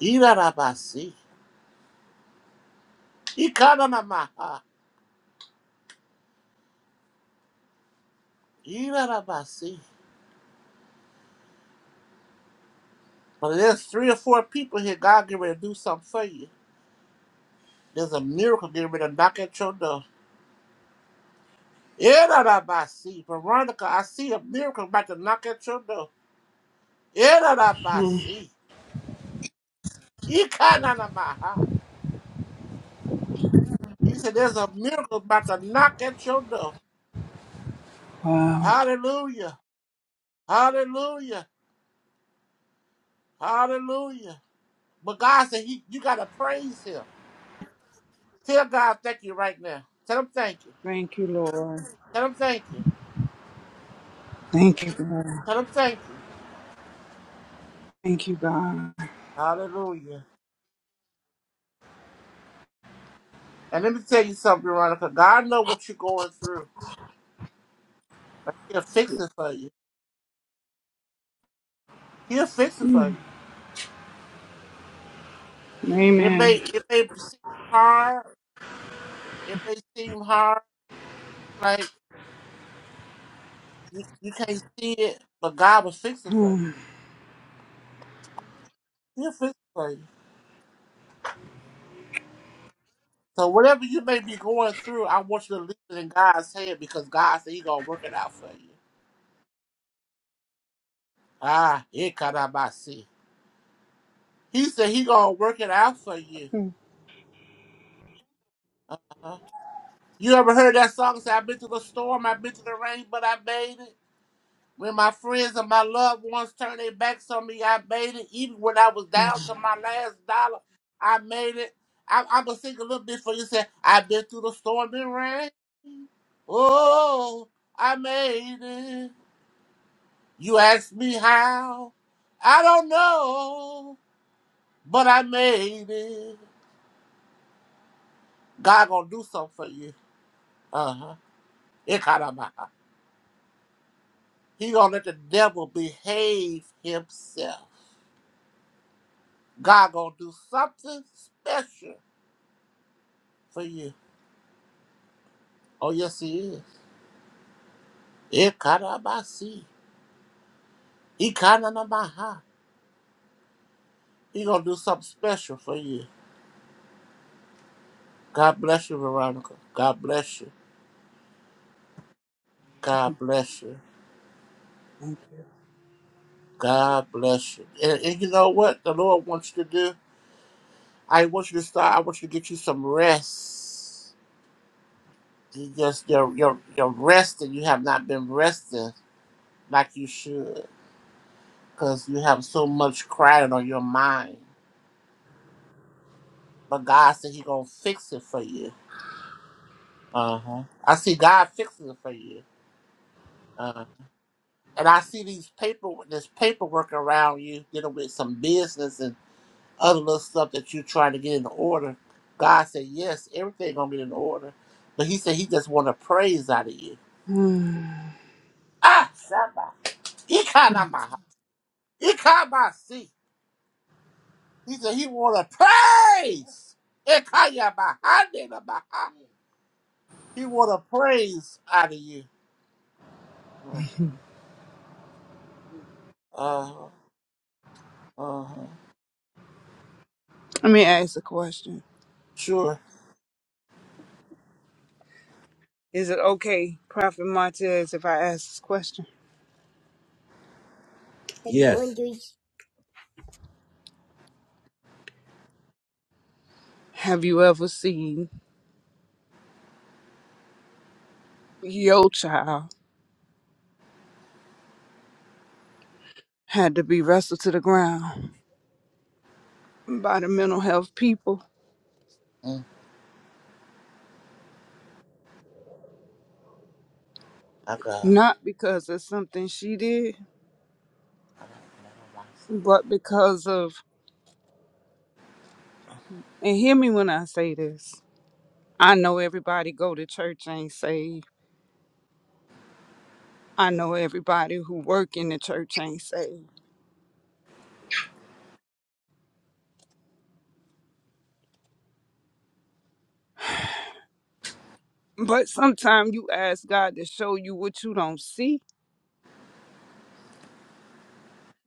Speaker 5: Irarabasi. Ikananamaha. Irarabasi. But if there's three or four people here, God get ready to do something for you. There's a miracle getting ready to knock at your door. Yeah, that I by see. Veronica, I see a miracle about to knock at your door. Yeah, that I by
Speaker 7: Hmm.
Speaker 5: see. He kind of my heart. He said, There's a miracle about to knock at your door.
Speaker 7: Wow.
Speaker 5: Hallelujah. Hallelujah. Hallelujah. But God said, he, You got to praise Him. Tell God thank you right now. Tell Him thank you.
Speaker 7: Thank you, Lord.
Speaker 5: Tell Him thank you.
Speaker 7: Thank you, God.
Speaker 5: Tell Him thank you.
Speaker 7: Thank you, God.
Speaker 5: Hallelujah. And let me tell you something, Veronica. God know what you're going through. But He'll fix it for you. He'll fix it for you. It may
Speaker 7: Amen.
Speaker 5: it may seem hard. It may seem hard, like you, you can't see it, but God will fix it for you.
Speaker 7: Hmm.
Speaker 5: He'll fix it for you. So whatever you may be going through, I want you to leave it in God's hand because God said He gonna work it out for you. Ah, it cannot see. He said He gonna work it out for you.
Speaker 7: Hmm.
Speaker 5: Uh-huh. You ever heard that song? Say, I've been through the storm, I've been through the rain, but I made it. When my friends and my loved ones turned their backs on me, I made it. Even when I was down to my last dollar, I made it. I, I'm gonna sing a little bit for you. Say, I've been through the storm and rain. Oh, I made it. You ask me how? I don't know, but I made it. God gonna do something for you. Uh huh. It kind of He gonna let the devil behave himself. God gonna do something special for you. Oh, yes, he is. Ikarabasi. Ikananamaha. He gonna do something special for you. God bless you, Veronica. God bless you. God bless you.
Speaker 7: Thank you.
Speaker 5: God bless you. And, and you know what the Lord wants you to do? I want you to start. I want you to get you some rest. You just you're you're you're resting. You have not been resting like you should, cause you have so much crying on your mind. But God said He gonna fix it for you. Uh huh. I see God fixing it for you. Uh, and I see these paper this paperwork around you dealing with some business and other little stuff that you're trying to get in order. God said, Yes, everything gonna get in order. But he said he just want a praise out of you.
Speaker 7: Hmm.
Speaker 5: Ah Shabba. He kind of my he kind of my seat. He said he want a praise. He kinda my hand in my hand. He want a praise out of you. Mm. Uh uh
Speaker 7: Let me ask a question.
Speaker 5: sure.
Speaker 7: Is it okay, Prophet Martez, if I ask this question?
Speaker 1: Yes.
Speaker 7: Have you ever seen your child had to be wrestled to the ground by the mental health people?
Speaker 5: Mm. I got-
Speaker 7: Not because of something she did,
Speaker 5: I got- I got my stuff.
Speaker 7: but because of And hear me when I say this. I know everybody go to church ain't saved. I know everybody who work in the church ain't saved. But sometimes you ask God to show you what you don't see.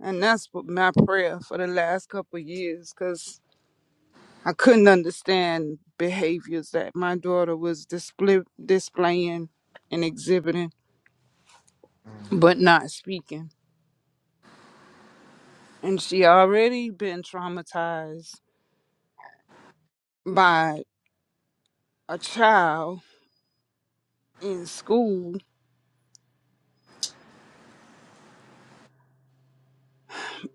Speaker 7: And that's what my prayer for the last couple of years, because I couldn't understand behaviors that my daughter was display- displaying and exhibiting, but not speaking. And she already been traumatized by a child in school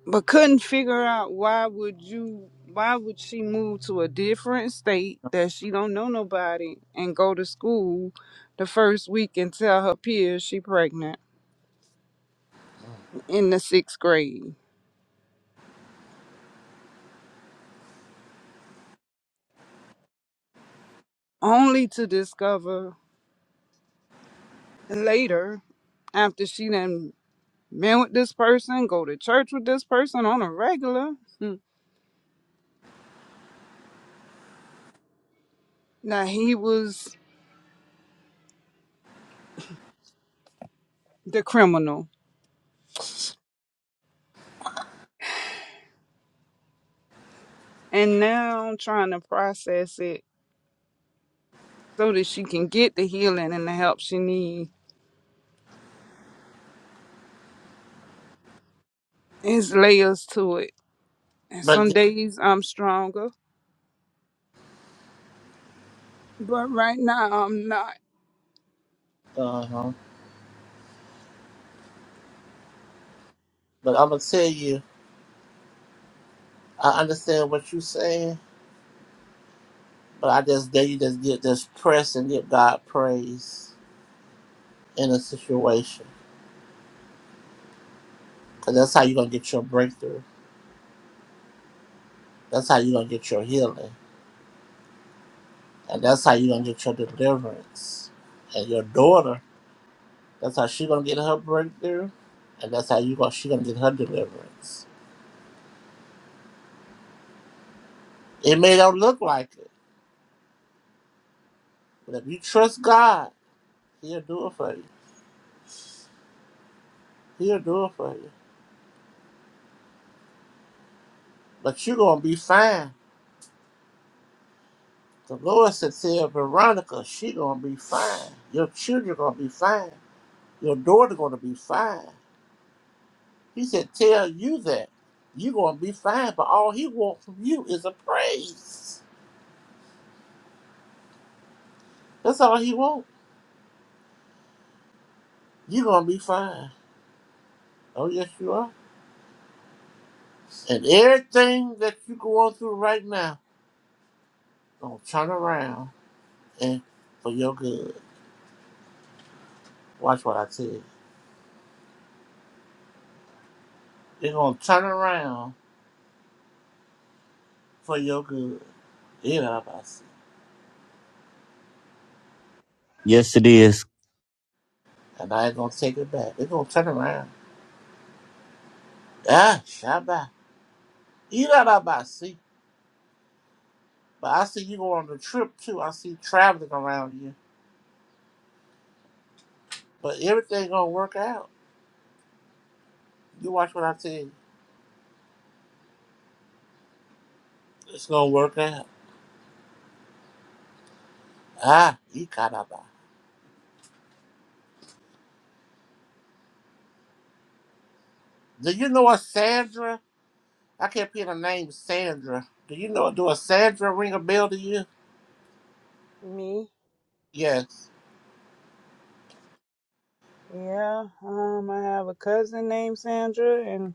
Speaker 7: but couldn't figure out why would you why would she move to a different state that she don't know nobody and go to school the first week and tell her peers she pregnant in the sixth grade only to discover later after she done been with this person go to church with this person on a regular hmm, that he was the criminal and now trying to process it so that she can get the healing and the help she needs It's layers to it. And some days I'm stronger, but right now I'm not.
Speaker 5: Uh-huh. But I'm gonna tell you, I understand what you're saying, but I just dare you just get just press and give God praise in a situation, because that's how you're gonna get your breakthrough. That's how you're gonna get your healing, and that's how you're gonna get your deliverance. And your daughter, that's how she's gonna get her breakthrough, and that's how you gonna she gonna get her deliverance. It may not look like it, but if you trust God, He'll do it for you. He'll do it for you. But you're gonna be fine. The Lord said, tell Veronica, she gonna be fine. Your children gonna be fine. Your daughter gonna be fine. He said, tell you that. You gonna be fine, but all he wants from you is a praise. That's all he wants. You gonna be fine. Oh yes you are. And everything that you going through right now gonna turn around and for your good. Watch what I tell you. It's gonna turn around for your good. You know what I said.
Speaker 1: Yes, it is.
Speaker 5: And I ain't gonna take it back. It's gonna turn around. Ah, Shabbat. Irarabasi. But I see you go on the trip too. I see traveling around you. But everything gonna work out. You watch what I tell you. It's gonna work out. Ah, Ikaraba. Do you know a Sandra? I can't pin the name Sandra. Do you know do a Sandra ring a bell to you?
Speaker 7: Me,
Speaker 5: Yes.
Speaker 7: yeah. Um, I have a cousin named Sandra, and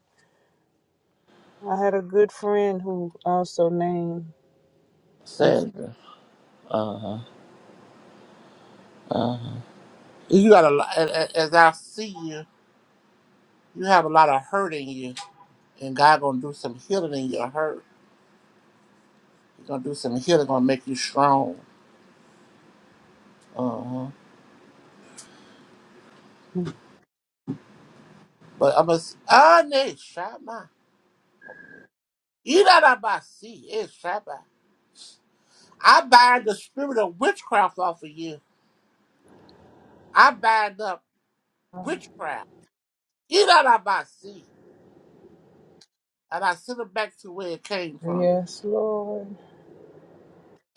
Speaker 7: I had a good friend who also named is
Speaker 5: Sandra. Uh-huh. Uh-huh. You got a lot a- a- as I see you, you have a lot of hurt in you. And God gonna do some healing in your hurt. He's gonna do some healing, gonna make you strong. Uh-huh. But I'm a Ane Shama. Irabasi is Shama. I bind the spirit of witchcraft off of you. I bind up witchcraft. Irabasi. And I send it back to where it came from.
Speaker 7: Yes, Lord,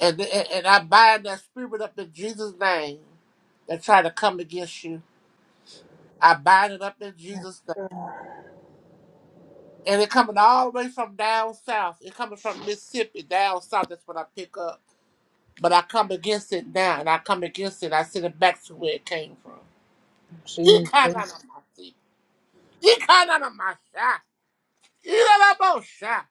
Speaker 5: And, and and I bind that spirit up in Jesus' name that try to come against you. I bind it up in Jesus' name. And it coming all the way from down south. It coming from Mississippi down south. That's what I pick up. But I come against it now, and I come against it. I send it back to where it came from.
Speaker 7: Jesus,
Speaker 5: Ikananamasi. Ikananamasha. Ikananamosha.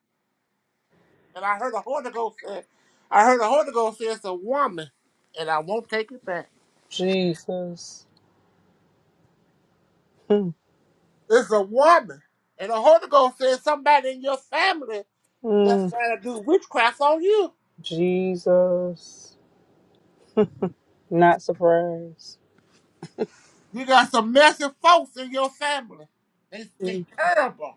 Speaker 5: And I heard the Holy Ghost say, I heard the Holy Ghost say it's a woman, and I won't take it back.
Speaker 7: Jesus, Mm,
Speaker 5: It's a woman. And the Holy Ghost says somebody in your family that's
Speaker 7: mm,
Speaker 5: trying to do witchcraft on you.
Speaker 7: Jesus. Not surprised.
Speaker 5: You got some messy folks in your family. They, they
Speaker 7: Mm,
Speaker 5: terrible.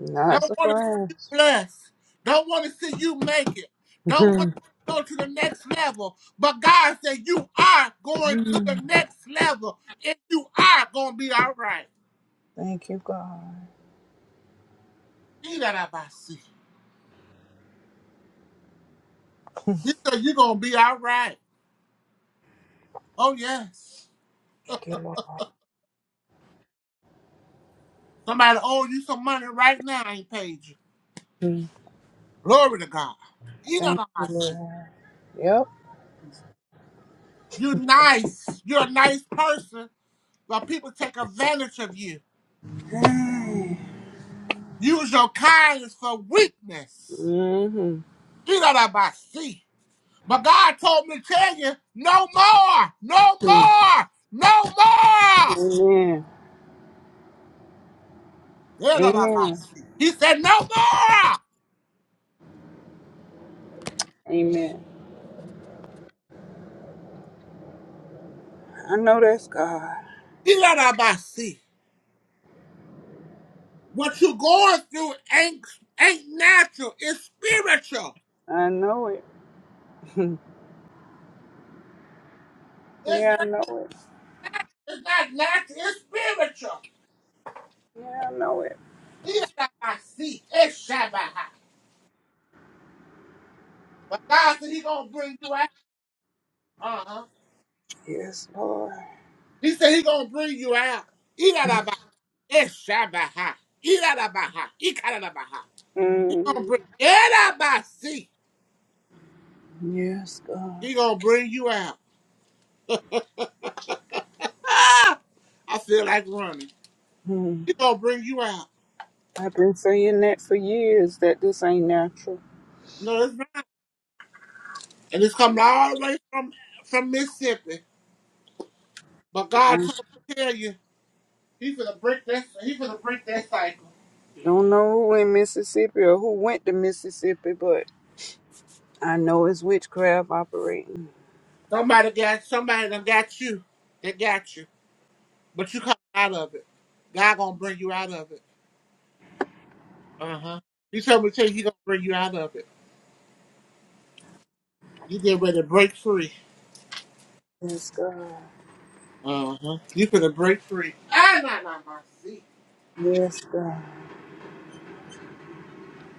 Speaker 7: Not
Speaker 5: Don't want to see you
Speaker 7: surprised.
Speaker 5: blessed. Don't want to see you make it. Don't want
Speaker 7: Mm,
Speaker 5: to go to the next level. But God said you are going to the
Speaker 7: mm.
Speaker 5: next level. And you are going to be all right.
Speaker 7: Thank you, God.
Speaker 5: See that I by see. He said you're going to be all right. Oh, yes.
Speaker 7: Thank you, Lord.
Speaker 5: Somebody owe you some money right now ain't paid you.
Speaker 7: Mm,
Speaker 5: Glory to God. You know
Speaker 7: Thank
Speaker 5: what I
Speaker 7: you, Lord.
Speaker 5: see.
Speaker 7: Yep.
Speaker 5: You nice. You're a nice person, but people take advantage of you.
Speaker 7: Mm-hmm.
Speaker 5: Use your kindness for weakness.
Speaker 7: Mm-hmm.
Speaker 5: He got a bossy. But God told me to tell you, no more, no more, no more.
Speaker 7: Amen.
Speaker 5: He
Speaker 7: Amen.
Speaker 5: He said, no more.
Speaker 7: Amen. I know that's God.
Speaker 5: He got a bossy. What you are going through ain't ain't natural. It's spiritual.
Speaker 7: I know it.
Speaker 5: It's
Speaker 7: yeah, I
Speaker 5: not,
Speaker 7: know it.
Speaker 5: it's not natural. It's spiritual.
Speaker 7: Yeah, I know it.
Speaker 5: He got a bossy. It's Shabbat. But God said He gonna bring you out. Uh huh.
Speaker 7: Yes, Lord.
Speaker 5: He said He gonna bring you out. Eshabaha. Iradabaha. Ikaradabaha. He gonna
Speaker 7: Mm.
Speaker 5: bring Edabasi.
Speaker 7: Yes, God.
Speaker 5: He gonna bring you out. Ah, I feel like running.
Speaker 7: Mm.
Speaker 5: He gonna bring you out.
Speaker 7: I've been saying that for years that this ain't natural.
Speaker 5: No, it's not. And it's coming all the way from from Mississippi. But God
Speaker 7: I
Speaker 5: told me to tell you, He's gonna break that. He's gonna break that cycle.
Speaker 7: don't know who in Mississippi or who went to Mississippi, but I know it's witchcraft operating.
Speaker 5: Somebody got somebody that got you. They got you, but you come out of it. God gonna bring you out of it. Uh huh. He told me to tell you, He gonna bring you out of it. You get ready to break free.
Speaker 7: Yes, God.
Speaker 5: Uh-huh. You finna break free. I not on my seat.
Speaker 7: Yes, God.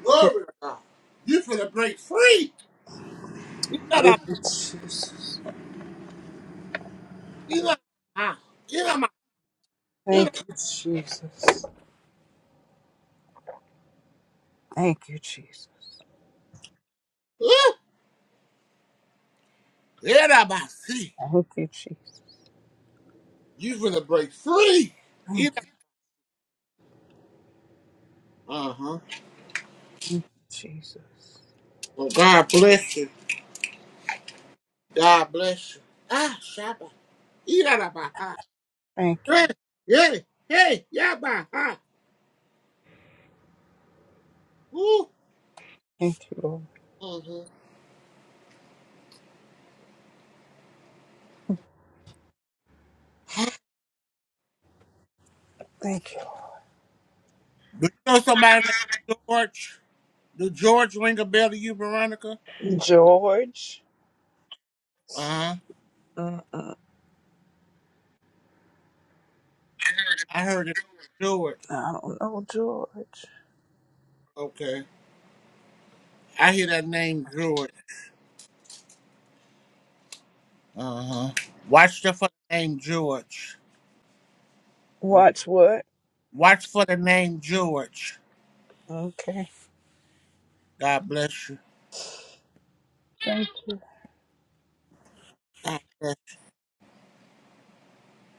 Speaker 5: Glory to God. You finna break free. You not on
Speaker 7: Thank you, Jesus.
Speaker 5: you not ah, you not my you not
Speaker 7: Thank you, Jesus. Thank you, Jesus.
Speaker 5: ooh, you not my seat.
Speaker 7: Thank you, Jesus.
Speaker 5: You finna break free.
Speaker 7: Thank
Speaker 5: You not uh-huh.
Speaker 7: you, Jesus.
Speaker 5: Well God bless you. God bless you. Ah Shabba. You not on my heart.
Speaker 7: Thank you.
Speaker 5: Hey, hey, hey, yeah my heart. Ooh.
Speaker 7: Thank you, Lord.
Speaker 5: Uh-huh.
Speaker 7: Thank you.
Speaker 5: Do you know somebody named George? Do George ring a bell to you, Veronica?
Speaker 7: George.
Speaker 5: Uh-huh.
Speaker 7: Mm-mm.
Speaker 5: I heard it, Jewett.
Speaker 7: I don't know, George.
Speaker 5: Okay. I hear that name, Jewett. Uh huh. Watch the for the name George. Okay.
Speaker 7: Watch what?
Speaker 5: Watch for the name George.
Speaker 7: Okay.
Speaker 5: God bless you.
Speaker 7: Thank you.
Speaker 5: God bless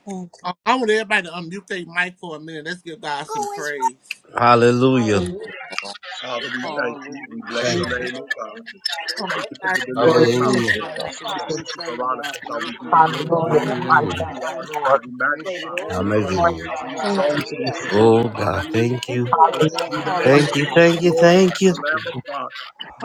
Speaker 7: Thank
Speaker 5: you.
Speaker 7: you.
Speaker 5: I I want everybody to unmute their mic for a minute. Let's give God some praise.
Speaker 1: Hallelujah.
Speaker 7: Thank you.
Speaker 6: Father, we thank you. We
Speaker 9: Hallelujah.
Speaker 6: bless
Speaker 1: Thank
Speaker 6: your
Speaker 7: Thank
Speaker 1: you.
Speaker 7: you.
Speaker 6: name, oh God.
Speaker 5: Oh, give
Speaker 6: Thank you for
Speaker 5: God some
Speaker 6: the
Speaker 5: praise.
Speaker 6: delivering
Speaker 7: Thank
Speaker 6: power.
Speaker 1: Hallelujah.
Speaker 7: you.
Speaker 9: Hallelujah.
Speaker 6: Father, Sister Veronica,
Speaker 9: Itanda
Speaker 6: God, we give you
Speaker 9: ileri da
Speaker 6: glory.
Speaker 9: baba
Speaker 6: We
Speaker 1: Hallelujah.
Speaker 6: give
Speaker 9: de.
Speaker 6: you honor, God. We magnify,
Speaker 9: Yeshi de
Speaker 6: we
Speaker 9: de da
Speaker 6: honor,
Speaker 1: Amazing.
Speaker 6: God.
Speaker 9: baba
Speaker 6: We exalt,
Speaker 9: handa
Speaker 6: we esteem
Speaker 9: ileri
Speaker 6: you.
Speaker 1: Oh
Speaker 9: da
Speaker 1: God,
Speaker 9: baba
Speaker 6: Hallelujah.
Speaker 1: thank you.
Speaker 6: Blessed be the name
Speaker 1: Thank
Speaker 6: of the
Speaker 1: you.
Speaker 6: Lord.
Speaker 1: Thank you.
Speaker 9: Hallelujah.
Speaker 6: Glory
Speaker 1: Thank
Speaker 6: to
Speaker 1: you.
Speaker 6: the Lamb of God.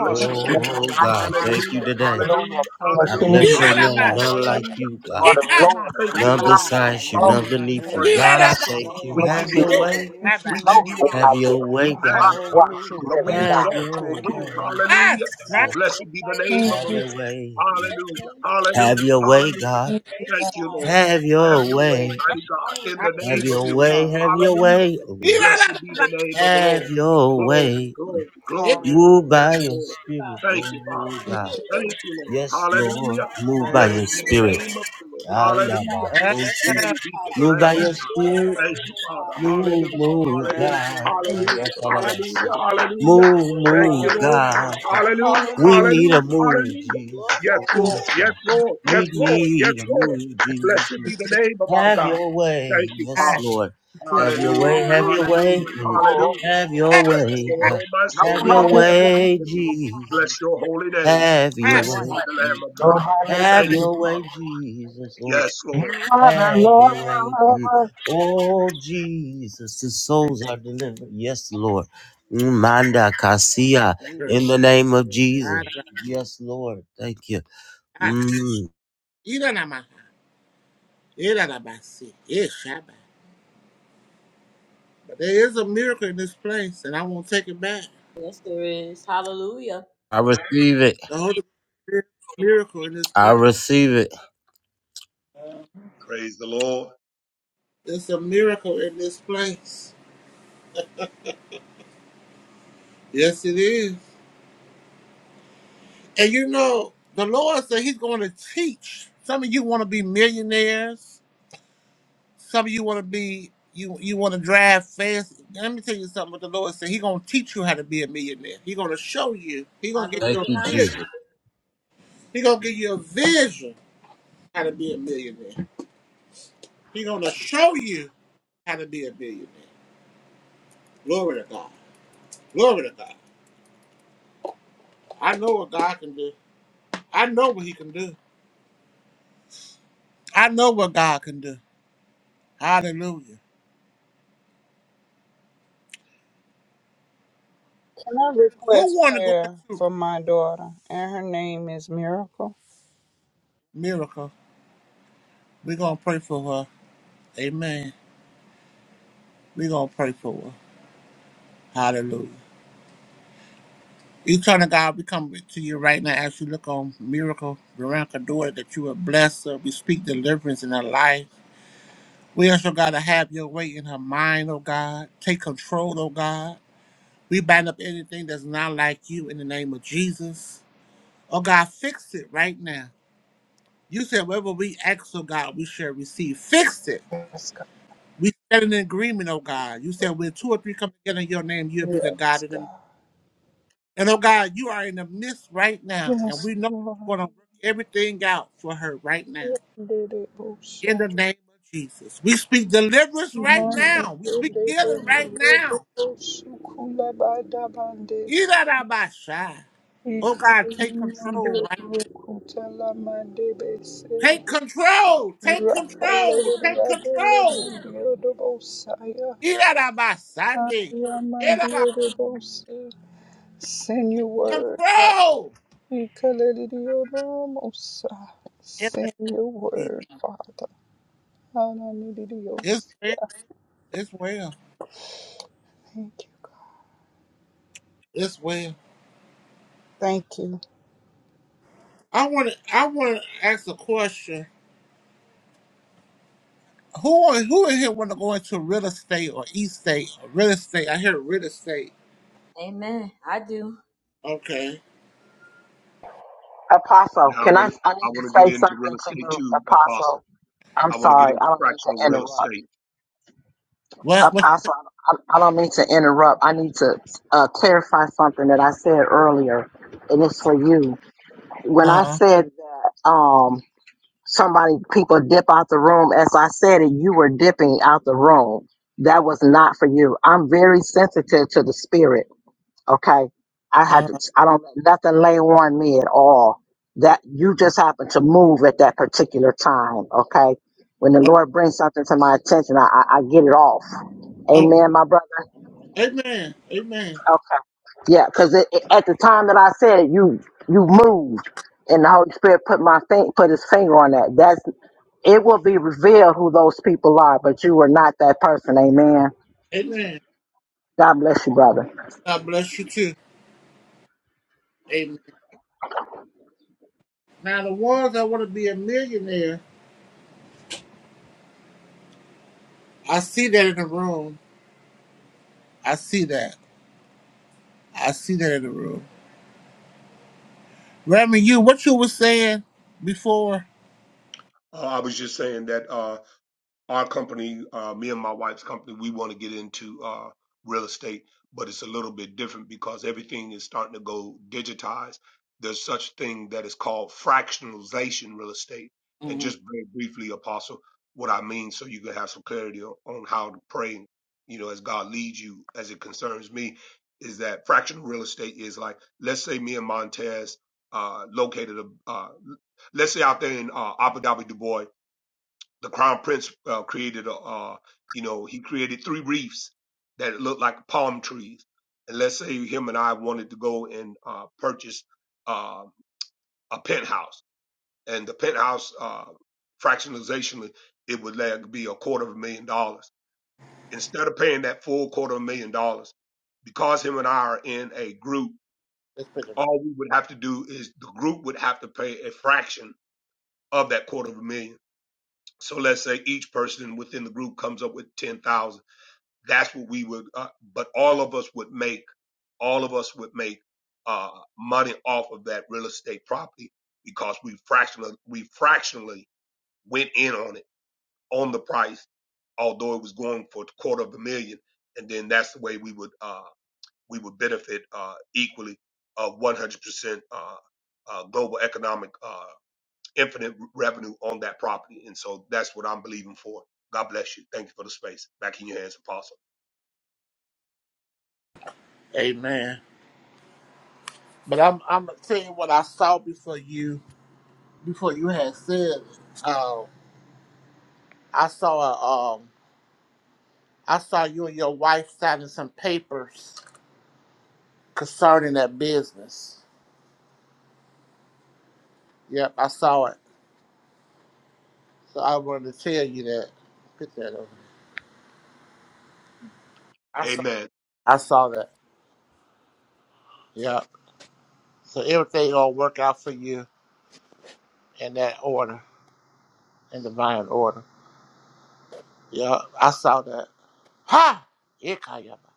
Speaker 6: Bless your holy
Speaker 1: Oh
Speaker 6: name.
Speaker 1: God, thank you
Speaker 6: Hallelujah.
Speaker 1: today.
Speaker 6: Hallelujah.
Speaker 1: I
Speaker 6: Hallelujah.
Speaker 9: Thank
Speaker 1: bless
Speaker 5: Eat
Speaker 9: you,
Speaker 1: your
Speaker 5: out of my
Speaker 9: Lord.
Speaker 1: name,
Speaker 6: Hallelujah.
Speaker 5: house.
Speaker 1: none like
Speaker 6: Hallelujah.
Speaker 1: you, God.
Speaker 6: Hallelujah.
Speaker 5: Eat out my
Speaker 6: Thank
Speaker 5: house.
Speaker 6: you,
Speaker 1: None
Speaker 6: Lord.
Speaker 9: Yekanda
Speaker 1: besides you,
Speaker 6: Father,
Speaker 1: none
Speaker 6: we
Speaker 9: shanda
Speaker 6: give you
Speaker 1: beneath you.
Speaker 9: ek
Speaker 6: praise.
Speaker 5: Eat
Speaker 9: ma
Speaker 1: God,
Speaker 9: ma
Speaker 5: out
Speaker 1: I
Speaker 5: of
Speaker 4: Bless
Speaker 5: my
Speaker 9: ma
Speaker 4: your
Speaker 1: thank
Speaker 9: ma
Speaker 4: name,
Speaker 9: ma
Speaker 1: you.
Speaker 6: We
Speaker 4: Lord
Speaker 6: give
Speaker 1: Have
Speaker 6: you
Speaker 1: your
Speaker 5: head.
Speaker 4: Jesus.
Speaker 9: ekanda
Speaker 6: glory.
Speaker 1: way.
Speaker 5: Ah, bah.
Speaker 6: We give
Speaker 9: eshinda
Speaker 6: you
Speaker 4: Nobody
Speaker 1: Have
Speaker 6: honor.
Speaker 4: like you,
Speaker 1: your
Speaker 4: Lord.
Speaker 1: way,
Speaker 6: We
Speaker 4: You are
Speaker 1: God.
Speaker 4: the
Speaker 6: magnify.
Speaker 4: one true
Speaker 6: Lord, we
Speaker 4: living
Speaker 9: Hallelujah.
Speaker 1: Have
Speaker 4: God.
Speaker 6: exalt
Speaker 1: your
Speaker 6: you, O
Speaker 9: Thank
Speaker 4: Hallelujah.
Speaker 6: King.
Speaker 9: you,
Speaker 1: way.
Speaker 9: Lord.
Speaker 5: Ah,
Speaker 6: Hallelujah.
Speaker 5: shut
Speaker 1: Have
Speaker 6: Blessed be the name of the Lord.
Speaker 1: your way.
Speaker 6: Hallelujah.
Speaker 1: Have
Speaker 6: Hallelujah.
Speaker 1: your way,
Speaker 6: Hallelujah.
Speaker 1: God.
Speaker 6: Thank you, Lord.
Speaker 1: Have
Speaker 6: Have
Speaker 1: your
Speaker 6: your way,
Speaker 1: way.
Speaker 5: up.
Speaker 6: mighty God, in
Speaker 5: Ah,
Speaker 6: the
Speaker 1: Have
Speaker 6: name of
Speaker 1: your
Speaker 6: you.
Speaker 1: way. Have your
Speaker 9: Hallelujah.
Speaker 6: Hallelujah.
Speaker 1: way.
Speaker 5: Eat
Speaker 6: Blessed
Speaker 5: out of
Speaker 6: be
Speaker 5: my
Speaker 6: the name of the
Speaker 1: Have
Speaker 6: Lord.
Speaker 1: your
Speaker 6: Glory,
Speaker 1: way.
Speaker 6: glory,
Speaker 5: head.
Speaker 6: glory.
Speaker 1: Move
Speaker 9: Hallelujah.
Speaker 1: by
Speaker 6: Yes,
Speaker 1: your
Speaker 6: Lord.
Speaker 1: spirit,
Speaker 6: Thank
Speaker 1: Lord
Speaker 6: you, Father.
Speaker 1: Lord God.
Speaker 6: Thank you, Lord.
Speaker 1: Yes, Lord.
Speaker 6: Hallelujah.
Speaker 1: Move by
Speaker 6: Blessed
Speaker 1: your
Speaker 9: Thank
Speaker 6: be
Speaker 9: you,
Speaker 6: the
Speaker 1: spirit.
Speaker 6: name of
Speaker 9: Lord.
Speaker 6: the Lord.
Speaker 1: Allah,
Speaker 6: Hallelujah.
Speaker 5: Ah,
Speaker 1: my
Speaker 6: Glory
Speaker 5: ah,
Speaker 6: be to the
Speaker 1: Move by
Speaker 6: Lamb of
Speaker 1: your
Speaker 6: God.
Speaker 1: spirit.
Speaker 6: Thank you, Father.
Speaker 1: Move,
Speaker 6: Hallelujah.
Speaker 1: move,
Speaker 6: Hallelujah.
Speaker 9: Thank you,
Speaker 1: God.
Speaker 9: Lord.
Speaker 1: Ah, yes,
Speaker 6: Hallelujah.
Speaker 1: I love that
Speaker 6: Hallelujah.
Speaker 1: song.
Speaker 6: Hallelujah.
Speaker 1: Move,
Speaker 6: Thank you,
Speaker 1: move,
Speaker 6: Lord
Speaker 1: God.
Speaker 9: Hallelujah.
Speaker 6: God. Hallelujah.
Speaker 1: We need
Speaker 9: Hallelujah.
Speaker 1: a
Speaker 6: Hallelujah.
Speaker 1: move,
Speaker 6: Hallelujah.
Speaker 1: Jesus.
Speaker 6: Yes,
Speaker 7: Thank you.
Speaker 6: Lord.
Speaker 1: Yes,
Speaker 6: Yes,
Speaker 1: God.
Speaker 6: Lord. Yes,
Speaker 1: We
Speaker 6: Lord. Yes,
Speaker 1: need a
Speaker 6: Lord.
Speaker 1: move, Jesus.
Speaker 6: Blessed be the name of our
Speaker 1: Have
Speaker 6: God.
Speaker 1: your way.
Speaker 6: Thank you,
Speaker 1: Yes,
Speaker 5: ah.
Speaker 6: Father.
Speaker 1: Lord.
Speaker 7: dear God.
Speaker 1: Have your
Speaker 6: Hallelujah.
Speaker 1: way, have
Speaker 5: Ooh,
Speaker 4: Nobody
Speaker 5: wee.
Speaker 1: your
Speaker 4: like
Speaker 1: way.
Speaker 4: you,
Speaker 6: Hallelujah.
Speaker 1: Mm.
Speaker 4: Lord.
Speaker 6: Hallelujah.
Speaker 1: Have
Speaker 5: ah,
Speaker 1: your
Speaker 6: Bless the
Speaker 1: way.
Speaker 6: Lord,
Speaker 1: Ah,
Speaker 6: O my soul,
Speaker 1: Have
Speaker 6: and
Speaker 1: your
Speaker 6: all
Speaker 4: Nobody
Speaker 6: that is
Speaker 4: like
Speaker 1: way,
Speaker 4: you,
Speaker 6: within me.
Speaker 4: Lord.
Speaker 1: Jesus.
Speaker 6: Bless your holy name.
Speaker 1: Have your
Speaker 5: ah,
Speaker 4: Good
Speaker 6: Blessed
Speaker 1: way.
Speaker 4: morning.
Speaker 6: be the Lamb of
Speaker 1: Mm.
Speaker 6: God.
Speaker 4: Nobody like
Speaker 1: Have
Speaker 6: Thank
Speaker 4: you,
Speaker 6: you,
Speaker 1: your way,
Speaker 6: Father.
Speaker 1: Jesus. Oh,
Speaker 6: Yes,
Speaker 4: Lord.
Speaker 6: Lord.
Speaker 4: You
Speaker 1: Hey,
Speaker 4: are
Speaker 1: mm.
Speaker 4: the-
Speaker 1: Oh, Jesus, the souls are delivered. Yes, Lord. Mm, Manda Kasia,
Speaker 5: ah.
Speaker 1: in the name of
Speaker 9: Yeah.
Speaker 1: Jesus.
Speaker 5: Ararabas,
Speaker 1: Yes, Lord. Thank you. Mm,
Speaker 5: Iranama, Irarabasi, Ishaba. But there is a miracle in this place, and I won't take it back.
Speaker 2: Yes, there is. Hallelujah.
Speaker 1: I receive it.
Speaker 5: The Holy Ghost is a miracle in this
Speaker 1: I
Speaker 5: place.
Speaker 1: receive it.
Speaker 6: Praise the Lord.
Speaker 5: It's a miracle in this place. Yes, it is. And you know, the Lord said He's going to teach. Some of you want to be millionaires. Some of you want to be you you want to drive fast. Let me tell you something. What the Lord said, He's going to teach you how to be a millionaire. He's going to show you. He's going to give
Speaker 1: Thank
Speaker 5: you
Speaker 1: you,
Speaker 5: a vision.
Speaker 1: Jesus.
Speaker 5: He's going to give you a vision how to be a millionaire. He gonna show you how to be a millionaire. Glory to God. Glory to God. I know what God can do. I know what He can do. I know what God can do. Hallelujah.
Speaker 7: Can I request
Speaker 5: Who wanna go
Speaker 7: prayer
Speaker 5: into
Speaker 7: for my daughter? And her name is Miracle.
Speaker 5: miracle? we gonna pray for her. Amen. we gonna pray for her. Hallelujah. Eternal God, we come to you right now as you look on miracle, Veronica daughter, that you will bless her. We speak deliverance in her life. We also got to have your way in her mind, oh God. Take control, oh God. We bind up anything that's not like you in the name of Jesus. Oh God, fix it right now. You said wherever we ask, oh God, we shall receive. Fix it.
Speaker 7: Yes, God.
Speaker 5: We stand in agreement, oh God. You said when two or three come together in your name, you'll be the God
Speaker 7: Yes,
Speaker 5: of them.
Speaker 7: God.
Speaker 5: And oh God, you are in the midst right now. And
Speaker 7: Yes,
Speaker 5: we know that
Speaker 7: Lord.
Speaker 5: you're going to work everything out for her right now. In the name of Jesus. We speak deliverance right
Speaker 7: Mando
Speaker 5: now. We
Speaker 7: de
Speaker 5: speak healing right
Speaker 7: bende de
Speaker 5: now.
Speaker 7: sukula bada bandes.
Speaker 5: Ida da ba Oh God, take
Speaker 7: Ikarino
Speaker 5: control right
Speaker 7: rukutala mande
Speaker 5: Take control. Take control.
Speaker 7: Rakalele
Speaker 5: Take
Speaker 7: yadele
Speaker 5: control.
Speaker 7: mandio de bosaya.
Speaker 5: Get out of my Sunday.
Speaker 7: Aya
Speaker 5: Get out
Speaker 7: mandio bose. Send your
Speaker 5: of
Speaker 7: word, God.
Speaker 5: control.
Speaker 7: Ikalele yodo mosa. Send your
Speaker 5: Empathy.
Speaker 7: word, Father. Ananidio.
Speaker 5: It's well. It's well.
Speaker 7: Thank you, God.
Speaker 5: It's well.
Speaker 7: Thank you.
Speaker 5: I want to. I want to ask a question. Who who in here want to go into real estate or estate or real estate? I hear real estate.
Speaker 2: Amen. I do.
Speaker 5: Okay.
Speaker 4: Apostle,
Speaker 6: Now I
Speaker 4: can I?
Speaker 6: want to
Speaker 4: I
Speaker 6: I
Speaker 4: need to
Speaker 6: want to
Speaker 4: say
Speaker 6: get into
Speaker 4: something
Speaker 6: real
Speaker 4: to
Speaker 6: estate
Speaker 4: you,
Speaker 6: too,
Speaker 4: Apostle.
Speaker 6: Apostle.
Speaker 4: I'm
Speaker 6: I want to get
Speaker 4: sorry,
Speaker 6: into
Speaker 4: I don't mean
Speaker 6: fractional
Speaker 4: to
Speaker 6: real
Speaker 4: interrupt.
Speaker 6: estate.
Speaker 5: What? What?
Speaker 4: Apostle. I don't mean to interrupt. I need to uh, clarify something that I said earlier, and it's for you. When I
Speaker 5: Uh.
Speaker 4: said um, somebody, people dip out the room, as I said it, you were dipping out the room. That was not for you. I'm very sensitive to the spirit. Okay, I had
Speaker 5: Uh.
Speaker 4: to. I don't let nothing lay on me at all. That you just happen to move at that particular time. Okay, when the
Speaker 5: Oh.
Speaker 4: Lord brings something to my attention, I, I, I get it off.
Speaker 5: oh.
Speaker 4: Amen, my brother.
Speaker 5: Amen. Amen.
Speaker 4: Okay. Yeah, because it, it- at the time that I said it, you you moved, and the Holy Spirit put my thing, put His finger on that. That's it will be revealed who those people are, but you were not that person. Amen.
Speaker 5: Amen.
Speaker 4: God bless you, brother.
Speaker 5: God bless you too. Amen. Now the ones that want to be a millionaire I see that in the room. I see that. I see that in the room. Remy, you what you were saying before?
Speaker 6: Uh, I was just saying that. uh, our company, uh, me and my wife's company, we want to get into uh, real estate, but it's a little bit different because everything is starting to go digitized. There's such thing that is called fractionalization real estate. And
Speaker 5: Mm,
Speaker 6: just very briefly, Apostle, what I mean, so you can have some clarity on, on how to pray, you know, as God leads you, as it concerns me, is that fractional real estate is like, let's say me and Montez uh, located a, uh, let's say out there in uh, Abu Dhabi, Dubai the crown prince uh, created a, uh, you know, he created three reefs that looked like palm trees. And let's say him and I wanted to go and uh, purchase uh, a penthouse, and the penthouse uh, fractionalization it would like be a quarter of a million dollars. Instead of paying that full quarter of a million dollars, because him and I are in a group,
Speaker 5: let's pick it up.
Speaker 6: all we would have to do is the group would have to pay a fraction of that quarter of a million. So let's say each person within the group comes up with 10,000 that's what we would uh, but all of us would make all of us would make uh money off of that real estate property because we fractionally we fractionally went in on it on the price although it was going for a quarter of a million and then that's the way we would uh we would benefit uh equally uh 100% uh uh, global economic uh, infinite revenue on that property, and so that's what I'm believing for. God bless you. Thank you for the space. Back in your hands, Apostle.
Speaker 5: Amen. But I'm I'm going tell you what I saw before you before you had said. Um, I saw a um I saw you and your wife signing some papers concerning that business. Yep, I saw it. So I wanted to tell you that. Put that over. I saw
Speaker 6: Amen.
Speaker 5: I saw that. Yep. So everything gonna work out for you in that order. in divine order. Yeah, I saw that. Ha! Ikayama.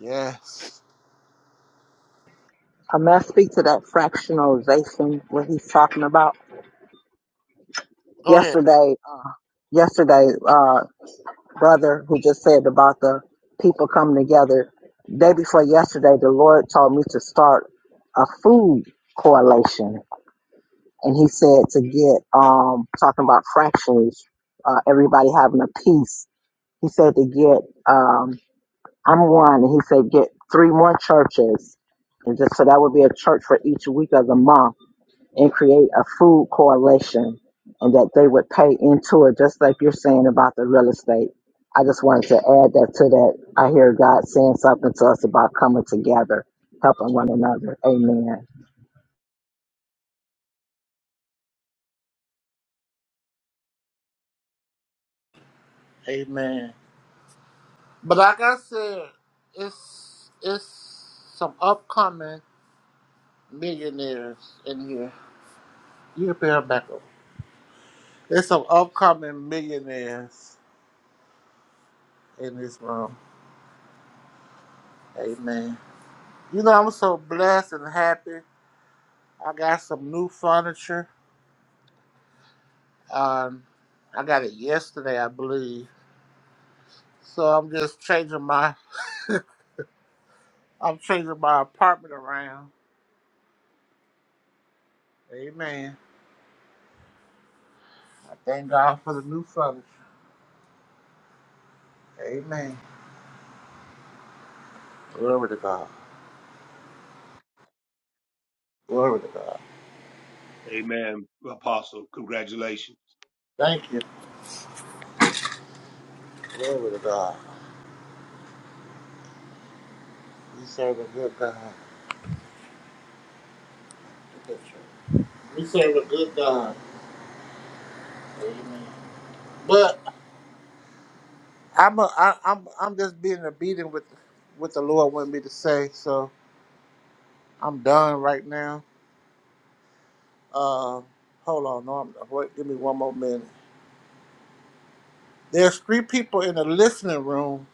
Speaker 5: Yes.
Speaker 4: I must speak to that fractionalization what he's talking about.
Speaker 5: Go ahead.
Speaker 4: Yesterday, yesterday, uh, brother who just said about the people coming together. Day before yesterday, the Lord told me to start a food correlation. and he said to get um talking about fractions, uh, everybody having a piece. He said to get um I'm one, and he said get three more churches, and just so that would be a church for each week of the month and create a food coalition and that they would pay into it, just like you're saying about the real estate. I just wanted to add that to that. I hear God saying something to us about coming together, helping one another. Amen.
Speaker 5: Amen. But like I said, it's it's some upcoming millionaires in here. You can pay her back up. There's some upcoming millionaires in this room. Amen. You know I'm so blessed and happy. I got some new furniture. Um, I got it yesterday, I believe. So I'm just changing my I'm changing my apartment around. Amen. I thank God for the new furniture. Amen. Glory to God. Glory to God.
Speaker 6: Amen, Apostle. Congratulations.
Speaker 5: Thank you. Glory to God. We serve a good God. We serve a good God. Amen. But I'm a, I, I'm I'm just being obedient with what the Lord wanted me to say. So I'm done right now. Uh, hold on. No, I'm, wait, give me one more minute. There's three people in the listening room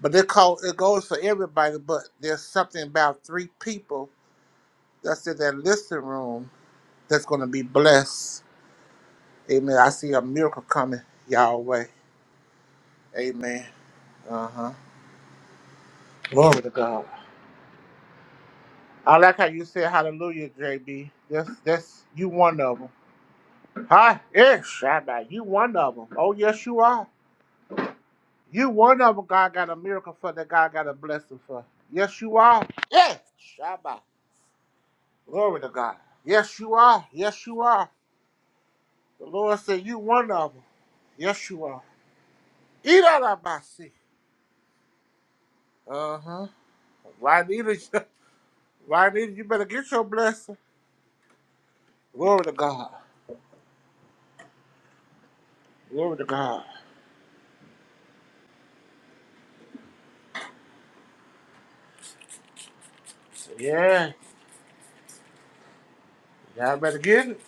Speaker 5: But it call it goes for everybody, but there's something about three people that's in that listening room that's gonna be blessed. Amen. I see a miracle coming y'all way. Amen. Uh-huh. Glory to God. I like how you said hallelujah, JB. That's that's you one of them. Hi, yes, Shabbat. You one of them. Oh yes, you are. You one of them. God got a miracle for that. God got a blessing for. Yes, you are. Yes, Shabbat. Glory to God. Yes, you are. Yes, you are. The Lord said, You one of them. Yes, you are. Eat out of my seat. Uh huh. Juanita, Juanita, you better get your blessing. Glory to God. Glory to God. So, yeah, y'all better get it.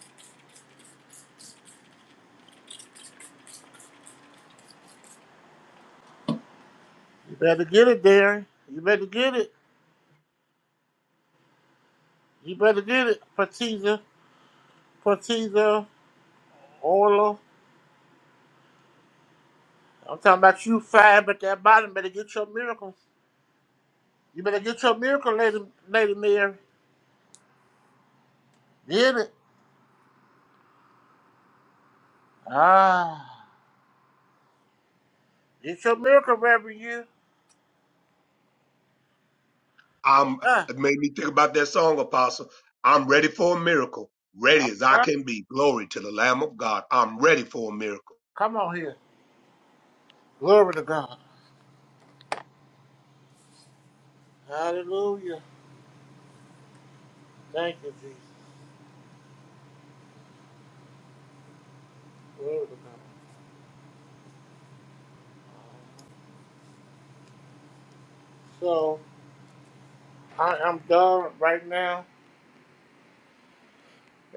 Speaker 5: You better get it, Darren. You better get it. You better get it. Patiza, Patiza, Orla. I'm talking about you five at that bottom. Better get your miracle. You better get your miracle, Lady, Lady Mary. Get it. Ah. Get your miracle, Reverend you.
Speaker 6: I'm
Speaker 5: Ah.
Speaker 6: it made me think about that song, Apostle. I'm ready for a miracle. Ready
Speaker 5: All
Speaker 6: as I
Speaker 5: right.
Speaker 6: can be. Glory to the Lamb of God. I'm ready for a miracle.
Speaker 5: Come on here. Glory to God. Hallelujah. Thank you, Jesus. Glory to God. So I, I'm done right now.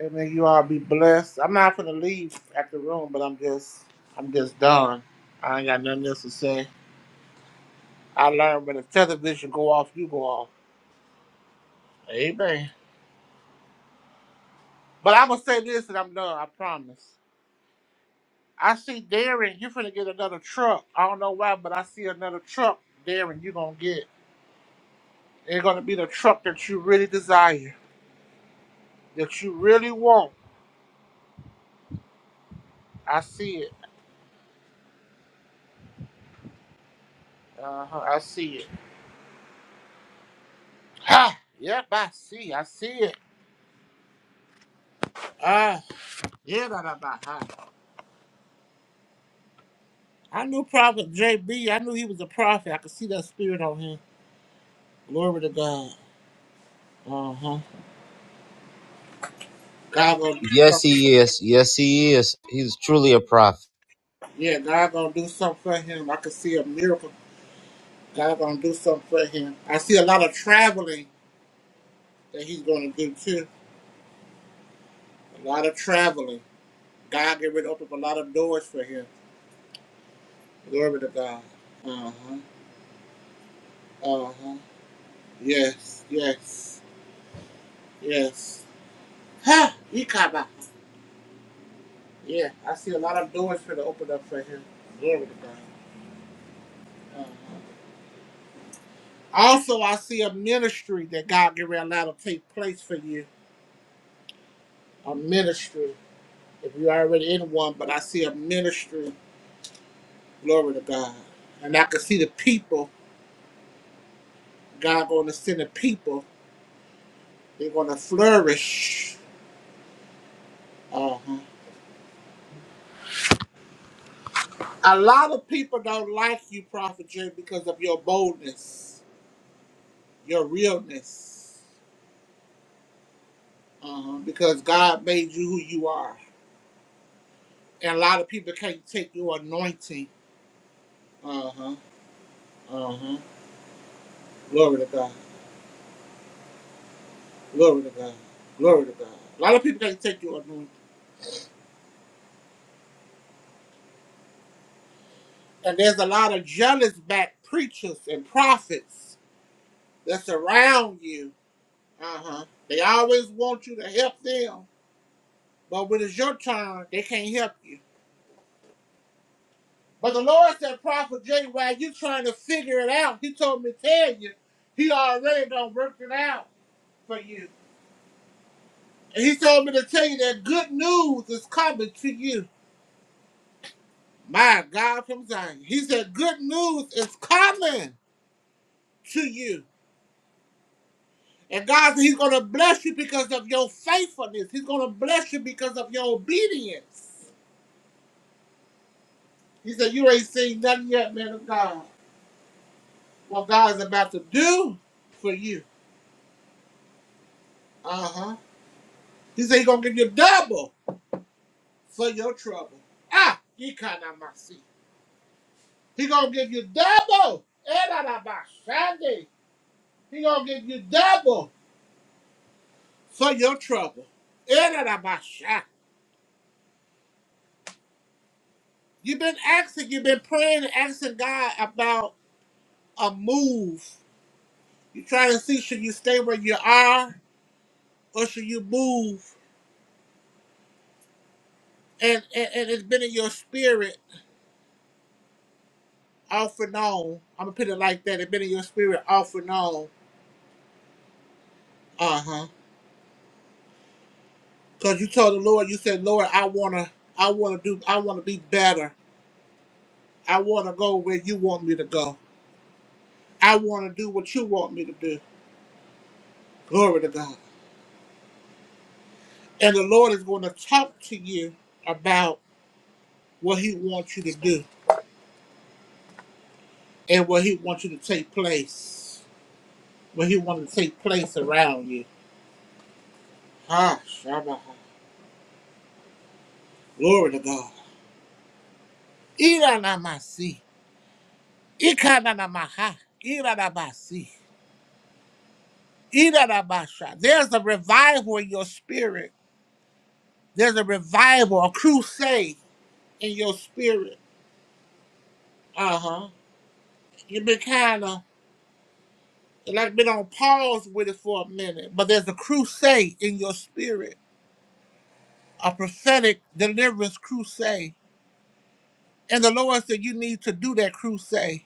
Speaker 5: And may you all be blessed. I'm not gonna leave at the room, but I'm just I'm just done. I ain't got nothing else to say. I learned when the television go off, you go off. Amen. But I'm gonna say this and I'm done, I promise. I see Darren, you're finna get another truck. I don't know why, but I see another truck, Darren, you're gonna get. It's gonna be the truck that you really desire. that you really want. I see it. Uh-huh. I see it. Ha! Yep, I see. I see it. Ah, yeah, da, da, da, ha. I knew Prophet JB. I knew he was a prophet. I could see that spirit on him. Glory to God. Uh huh. God gonna do
Speaker 1: Yes,
Speaker 5: something. for
Speaker 1: He
Speaker 5: him.
Speaker 1: is. Yes, He is. He's truly a prophet.
Speaker 5: Yeah, God gonna do something for him. I could see a miracle. God gonna do something for him. I see a lot of traveling that he's gonna do too. A lot of traveling. God get ready to open up a lot of doors for him. Glory to God. Uh huh. Uh huh. Yes, yes, yes. Ha! Ikaba. Yeah, I see a lot of doors for to open up for him. Glory to God. Uh-huh. Also, I see a ministry that God get ready to allow to take place for you. A ministry. If you're already in one, but I see a ministry. Glory to God. And I can see the people. God going to send the people. They're going to flourish. Uh-huh. A lot of people don't like you, Prophet Jay, because of your boldness, your realness. um, because God made you who you are. And a lot of people can't take your anointing. Uh huh. Uh huh. Glory to God. Glory to God. Glory to God. A lot of people can't take your anointing. And there's a lot of jealous back preachers and prophets that's around you. Uh huh. They always want you to help them, but when it's your turn, they can't help you. But the Lord said, Prophet J, while you trying to figure it out, He told me to tell you, He already done worked it out for you. And he told me to tell you that good news is coming to you. My God from Zion. He said, Good news is coming to you. And God said, He's going to bless you because of your faithfulness. He's going to bless you because of your obedience. He said, You ain't seen nothing yet, man of God. What God is about to do for you. Uh huh. He said, He's going to give you double for your trouble. Ah, he kind of my seat. He's going to give you double. Eh, da, da, ba, shandy. He gonna give you double for your trouble. Erarabasha. You've been asking, you've been praying and asking God about a move. you trying to see should you stay where you are or should you move? And, and, and it's been in your spirit off and on. I'm gonna put it like that. It's been in your spirit off and on. Uh huh. Cause you told the Lord, you said, Lord, I wanna, I wanna do, I wanna be better. I wanna go where you want me to go. I wanna do what you want me to do. Glory to God. And the Lord is going to talk to you about what He wants you to do and what He wants you to take place, what He wants to take place around you. Ah, Shabbat. Glory to God. Iranamasi. Ikananamaha. Iranamasi. Iranabasha. There's a revival in your spirit. There's a revival, a crusade in your spirit. Uh huh. You've been kind of like been on pause with it for a minute, but there's a crusade in your spirit a prophetic deliverance crusade. And the Lord said, You need to do that crusade.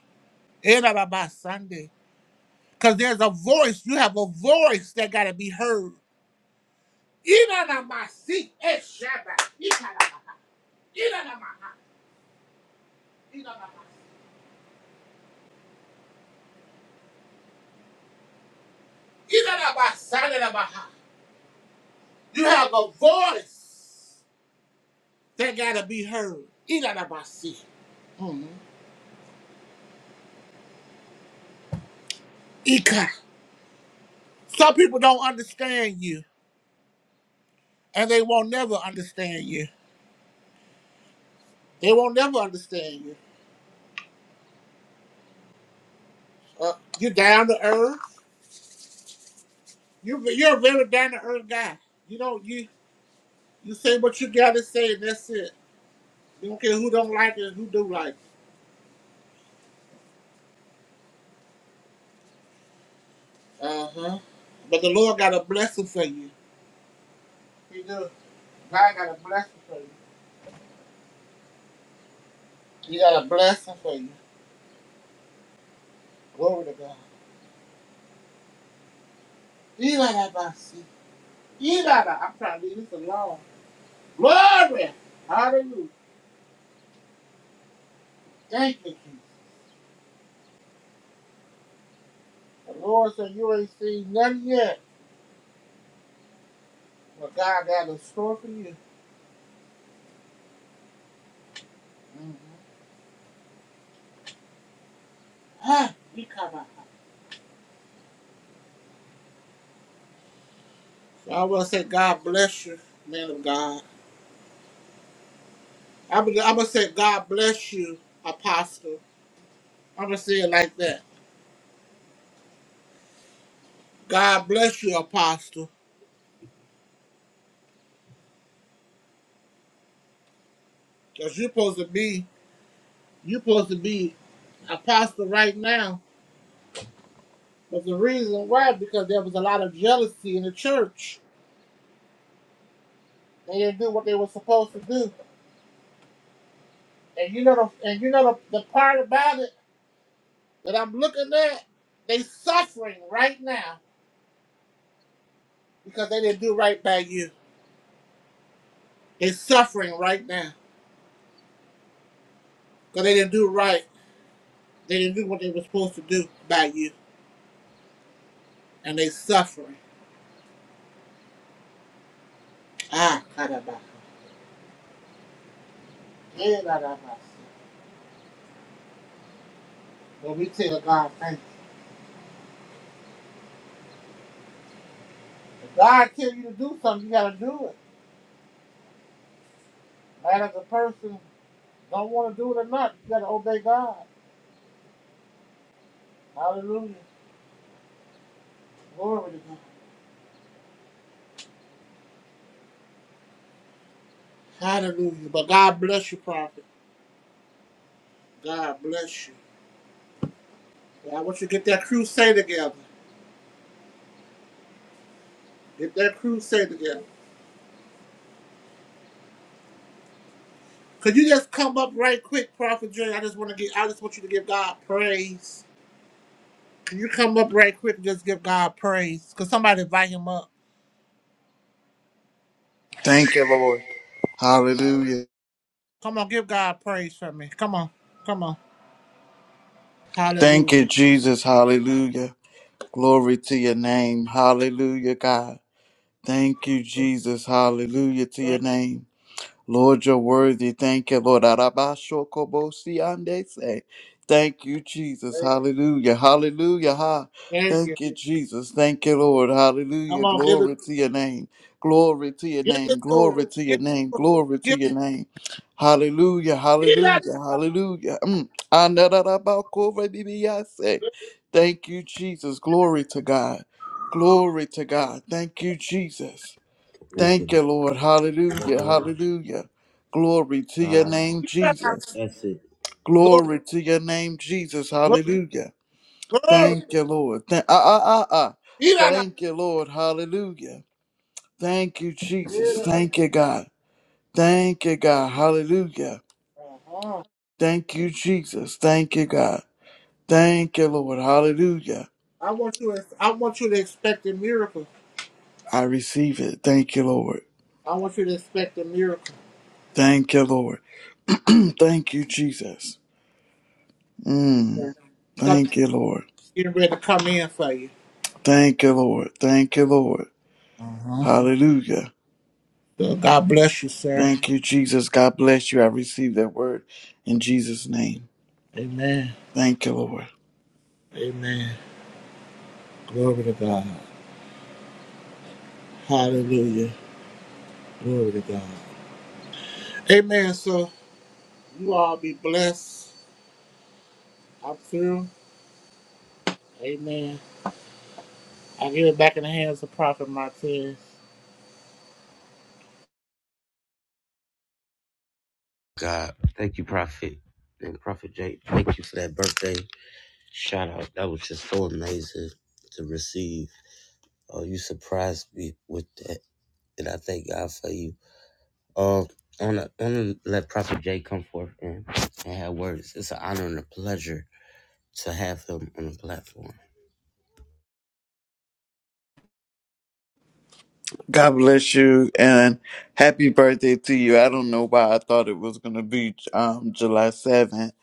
Speaker 5: Erababa Sunday. Because there's a voice, you have a voice that got to be heard. Inanamasi eshaba. Ikarabaha. Inanamaha. Inanamaha. Inanamasandarabaha. You have a voice that got to be heard. Inanamasi. Mhm. Ika. Some people don't understand you, and they won't never understand you. They won't never understand you Uh, you down to earth. You you're a very down to earth guy. You don't you you say what you gotta say and that's it. You don't care who don't like it and who do like it. Uh huh. But the Lord got a blessing for you. He do. God got a blessing for you. He got a blessing for you. Glory to God. You gotta buy seat. You gotta. I'm trying to leave this alone. Glory. Hallelujah. Thank you, Jesus. The Lord said you ain't seen nothing yet, but God got a store for you. Mm-hmm. Ah, you come out. I gonna say, God bless you, man of God. I'm gonna I'm gonna say, God bless you, apostle. I'm gonna say it like that. God bless you, apostle. Cause you're supposed to be, you're supposed to be apostle right now. But the reason why, because there was a lot of jealousy in the church. They didn't do what they were supposed to do. And you know, the, and you know the, the part about it that I'm looking at, they suffering right now because they didn't do right by you. They suffering right now because they didn't do right They didn't do what they were supposed to do by you, and they suffering. Ah, caramba. Eh, caramba. Well, we tell God, thank you. If God tell you to do something, you gotta do it. Matter if the person don't want to do it or not, you gotta obey God. Hallelujah. Glory to God. Hallelujah. But God bless you, prophet. God bless you. I want you to get that crusade together. Get that crusade together. Could you just come up right quick, Prophet Jay? I just want to get. I just want you to give God praise. You come up right quick just give God praise. Because somebody invite him up.
Speaker 10: Thank you, Lord. Hallelujah.
Speaker 5: Come on, give God praise for me. Come on. Come on.
Speaker 10: Thank you,
Speaker 5: Hallelujah.
Speaker 10: Jesus. Hallelujah. Glory to your name. Hallelujah, God. Thank you, Jesus. Hallelujah to your
Speaker 5: Thank
Speaker 10: name. Lord, you're worthy. Thank you, Lord. Arabashokobosi-andese. Thank you, Jesus.
Speaker 5: thank-
Speaker 10: Hallelujah. Hallelujah. Ha.
Speaker 5: thank you.
Speaker 10: Thank you, Jesus. Thank you, Lord.
Speaker 5: Come
Speaker 10: Hallelujah.
Speaker 5: on, give it.
Speaker 10: Glory to your name. Glory to your
Speaker 5: Give it
Speaker 10: name.
Speaker 5: to him.
Speaker 10: Glory to
Speaker 5: Give
Speaker 10: your name.
Speaker 5: it to
Speaker 10: Glory to
Speaker 5: him.
Speaker 10: your name. Hallelujah.
Speaker 5: Give
Speaker 10: Hallelujah. Hallelujah. Mm. Anararabakorebibiyase. Thank you, Jesus. Glory to God. Glory to God. Thank you, Jesus.
Speaker 1: Thank
Speaker 10: Thank
Speaker 1: you.
Speaker 10: you, Lord. Hallelujah. Hallelujah. Glory to your
Speaker 1: Lord.
Speaker 10: name,
Speaker 5: it to him.
Speaker 10: Jesus.
Speaker 1: That's it.
Speaker 5: Glory.
Speaker 10: Glory to your name, Jesus.
Speaker 5: Glory.
Speaker 10: Hallelujah.
Speaker 5: glory.
Speaker 10: Thank you, Lord. Thank, ah, ah, ah, ah.
Speaker 5: Give it up.
Speaker 10: Thank you, Lord. Hallelujah. Thank you,
Speaker 5: Give it
Speaker 10: Jesus. Thank you, God. Thank you, God. Hallelujah.
Speaker 5: Uh-huh.
Speaker 10: Thank you, Jesus. Thank you, God. Thank you, Lord. Hallelujah.
Speaker 5: I want you to I want you to expect a miracle.
Speaker 10: I receive it. Thank you, Lord.
Speaker 5: I want you to expect a miracle.
Speaker 10: Thank you, Lord. Thank you, Jesus. Mm.
Speaker 5: Yeah. Something
Speaker 10: Thank you, Lord.
Speaker 5: getting ready to come in for you.
Speaker 10: Thank you, Lord. Thank you, Lord.
Speaker 5: Uh-huh.
Speaker 10: Hallelujah.
Speaker 5: So God bless you, sir.
Speaker 10: Thank you, Jesus. God bless you. I receive that word in Jesus' name.
Speaker 5: Amen.
Speaker 10: Thank you, Lord.
Speaker 5: Amen. Glory to God. Hallelujah. Glory to God. Amen. So you all be blessed. I'm through. Amen. I give it back in the hands of Prophet Martinez.
Speaker 1: God, thank you, Prophet. And Prophet Jake, thank you for that birthday shout out. That was just so amazing to receive. Oh, you surprised me with that, and I thank God for you. Um, I wanna, wanna let Prophet Jay come forth and, and have words. It's an honor and a pleasure to have him on the platform.
Speaker 10: God bless you and happy birthday to you. I don't know why I thought it was gonna be um, July seventh,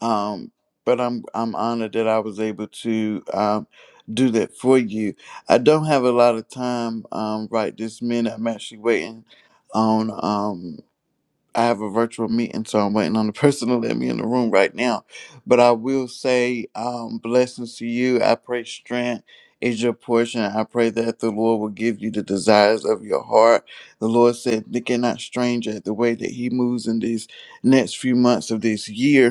Speaker 10: um, but I'm I'm honored that I was able to um, do that for you. I don't have a lot of time um, right this minute. I'm actually waiting on um. I have a virtual meeting, so I'm waiting on the person to let me in the room right now. But I will say, um, blessings to you. I pray strength is your portion. I pray that the Lord will give you the desires of your heart. The Lord said, "They not strange at the way that He moves in these next few months of this year."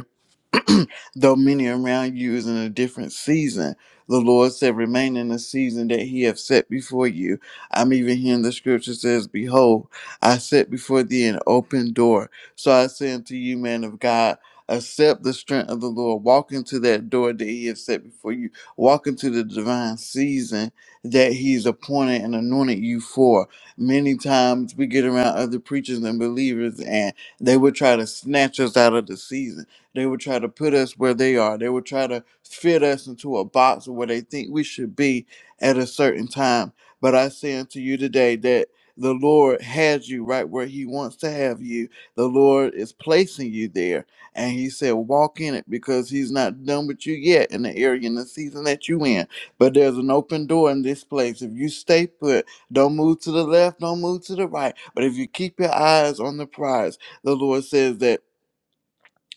Speaker 10: though many around you is in a different season. The Lord said, Remain in the season that He have set before you. I'm even hearing the scripture says, Behold, I set before thee an open door. So I say unto you, man of God, accept the strength of the Lord. Walk into that door that He has set before you. Walk into the divine season that He's appointed and anointed you for. Many times we get around other preachers and believers, and they would try to snatch us out of the season they would try to put us where they are. They would try to fit us into a box of where they think we should be at a certain time. But I say unto you today that the Lord has you right where He wants to have you. The Lord is placing you there. And He said, walk in it because He's not done with you yet in the area and the season that you in. But there's an open door in this place. If you stay put, don't move to the left, don't move to the right. But if you keep your eyes on the prize, the Lord says that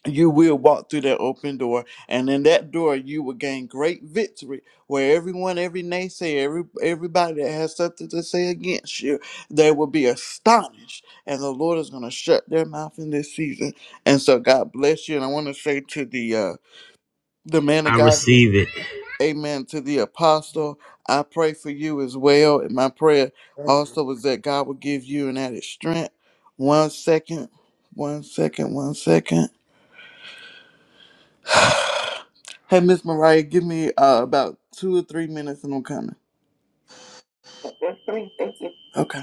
Speaker 10: you will walk through that open door and in that door you will gain great victory where everyone every naysayer every, everybody that has something to say against you they will be astonished and the lord is going to shut their mouth in this season and so god bless you and i want to say to the uh the man of
Speaker 1: I
Speaker 10: god yeah,
Speaker 1: receive it,
Speaker 10: amen to the apostle i pray for you as well and my prayer also is that god will give you an added strength one second one second one second Hey, Miss Mariah, give me uh, about two or three minutes and I'm coming. Okay.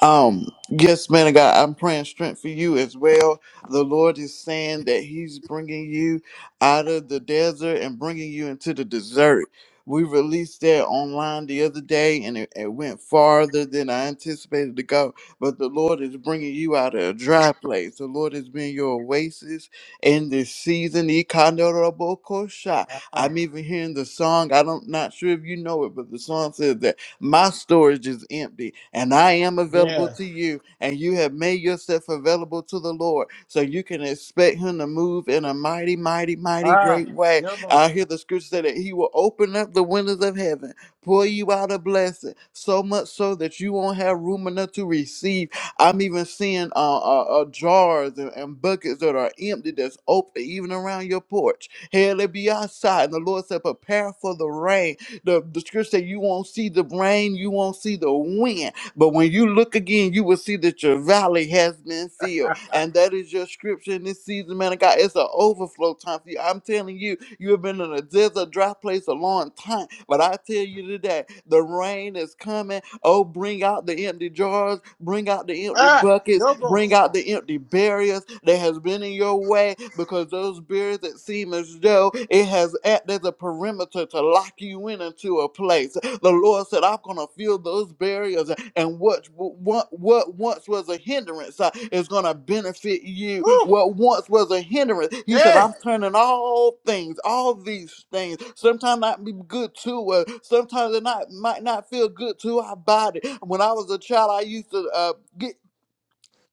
Speaker 10: Um, yes, man of God, I'm praying strength for you as well. The Lord is saying that He's bringing you out of the desert and bringing you into the desert. We released that online the other day and it, it went farther than I anticipated to go. But the Lord is bringing you out of a dry place. The Lord has been your oasis in this season. Ikandorobokosha.
Speaker 5: Ah,
Speaker 10: I'm even hearing the song. I don't not sure if you know it, but the song says that. My storage is empty, and I am available to
Speaker 5: yes.
Speaker 10: you. And you have made yourself available to the Lord. So you can expect Him to move in a mighty, mighty, mighty
Speaker 5: Ah,
Speaker 10: great way.
Speaker 5: yobo.
Speaker 10: I hear the scripture say that He will open up the windows of heaven, pour you out a blessing, so much so that you won't have room enough to receive. I'm even seeing uh, uh, uh, jars and, and buckets that are empty that's open, even around your porch. Hell, it be outside. And the Lord said, Prepare for the rain the, the scripture say you won't see the rain, you won't see the wind. But when you look again, you will see that your valley has been filled. And that is your scripture in this season, man of God. It's an overflow time for you. I'm telling you, you have been in a desert, dry place a long time. But I tell you today, the rain is coming Oh, bring out the empty jars, bring out the empty
Speaker 5: Ah,
Speaker 10: buckets,
Speaker 5: yobo.
Speaker 10: bring out the empty barriers that has been in your way because those barriers that seem as though it has acted as a perimeter to lock you in into a place. The Lord said, I'm going to fill those barriers, and what, what, what once was a hindrance uh, is going to benefit you.
Speaker 5: Woo!
Speaker 10: What once was a hindrance, He said,
Speaker 5: Hey!
Speaker 10: I'm turning all things, all these things, sometimes not be good to us, sometimes it not, might not feel good to our body. When I was a child, I used to uh, get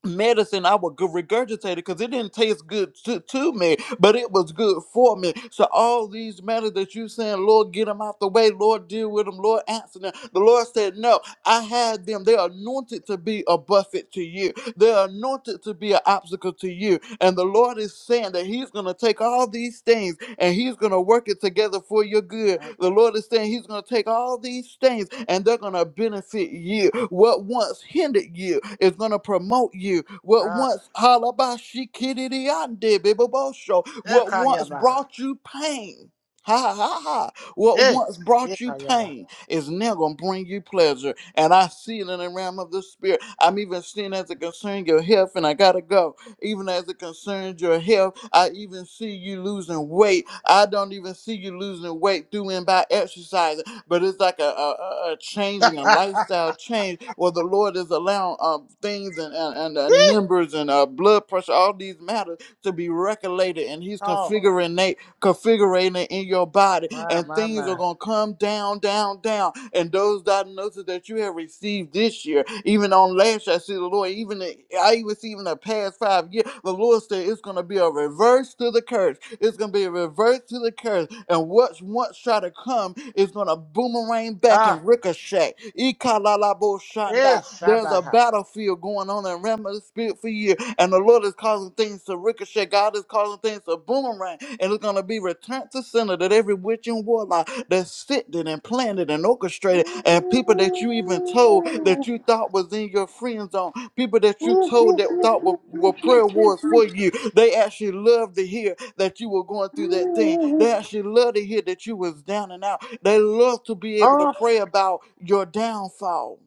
Speaker 10: medicine I would g- regurgitate it because it didn't taste good to, to me, but it was good for me. So all these matters that you saying, Lord, get them out the way, Lord, deal with them, Lord, answer them. The Lord said, No, I had them. They're anointed to be a buffet to you. They're anointed to be an obstacle to you. And the Lord is saying that He's gonna take all these things and he's going to work it together for your good. The Lord is saying he's going to take all these things and they're going to benefit you. What once hindered you is going to promote you. What
Speaker 5: Ah,
Speaker 10: once halabashikididiande, bebobosho, what once
Speaker 5: ekayabaha.
Speaker 10: brought you pain. Ha ha ha. What
Speaker 5: Hey!
Speaker 10: once brought you
Speaker 5: Ekayabaha.
Speaker 10: pain is now going to bring you pleasure. And I see it in the realm of the spirit. I'm even seeing as it concerns your health, and I got to go even as it concerns your health. I even see you losing weight. I don't even see you losing weight through and by exercising, but it's like a, a, a a changing, a lifestyle change where the Lord is allowing um, things and, and, and uh, numbers and uh, blood pressure, all these matters to be regulated, and He's
Speaker 5: Oh,
Speaker 10: configuring configuring it in your body,
Speaker 5: my,
Speaker 10: and
Speaker 5: my,
Speaker 10: things are
Speaker 5: my.
Speaker 10: going to come down, down, down. And those diagnoses that you have received this year, even on last year, I see the Lord, even I even see even the past five years, the Lord said it's going to be a reverse to the curse. It's going to be a reverse to the curse. And what's once try to come is going to boomerang back
Speaker 5: Ah,
Speaker 10: and ricochet. Ikalalabo
Speaker 5: eh,
Speaker 10: shanda. There's a
Speaker 5: shabaha.
Speaker 10: battlefield going on in realm of the spirit for you, and the Lord is causing things to ricochet. God is causing things to boomerang. And it's going to be returned to center that every witch and warlock that sent it and planted and orchestrated, and people that you even told that you thought was in your friend zone, people that you told that thought were, were prayer wars for you, they actually love to hear that you were going through that thing. They actually love to hear that you was down and out. They love to be able to
Speaker 5: Oh,
Speaker 10: pray about your downfall.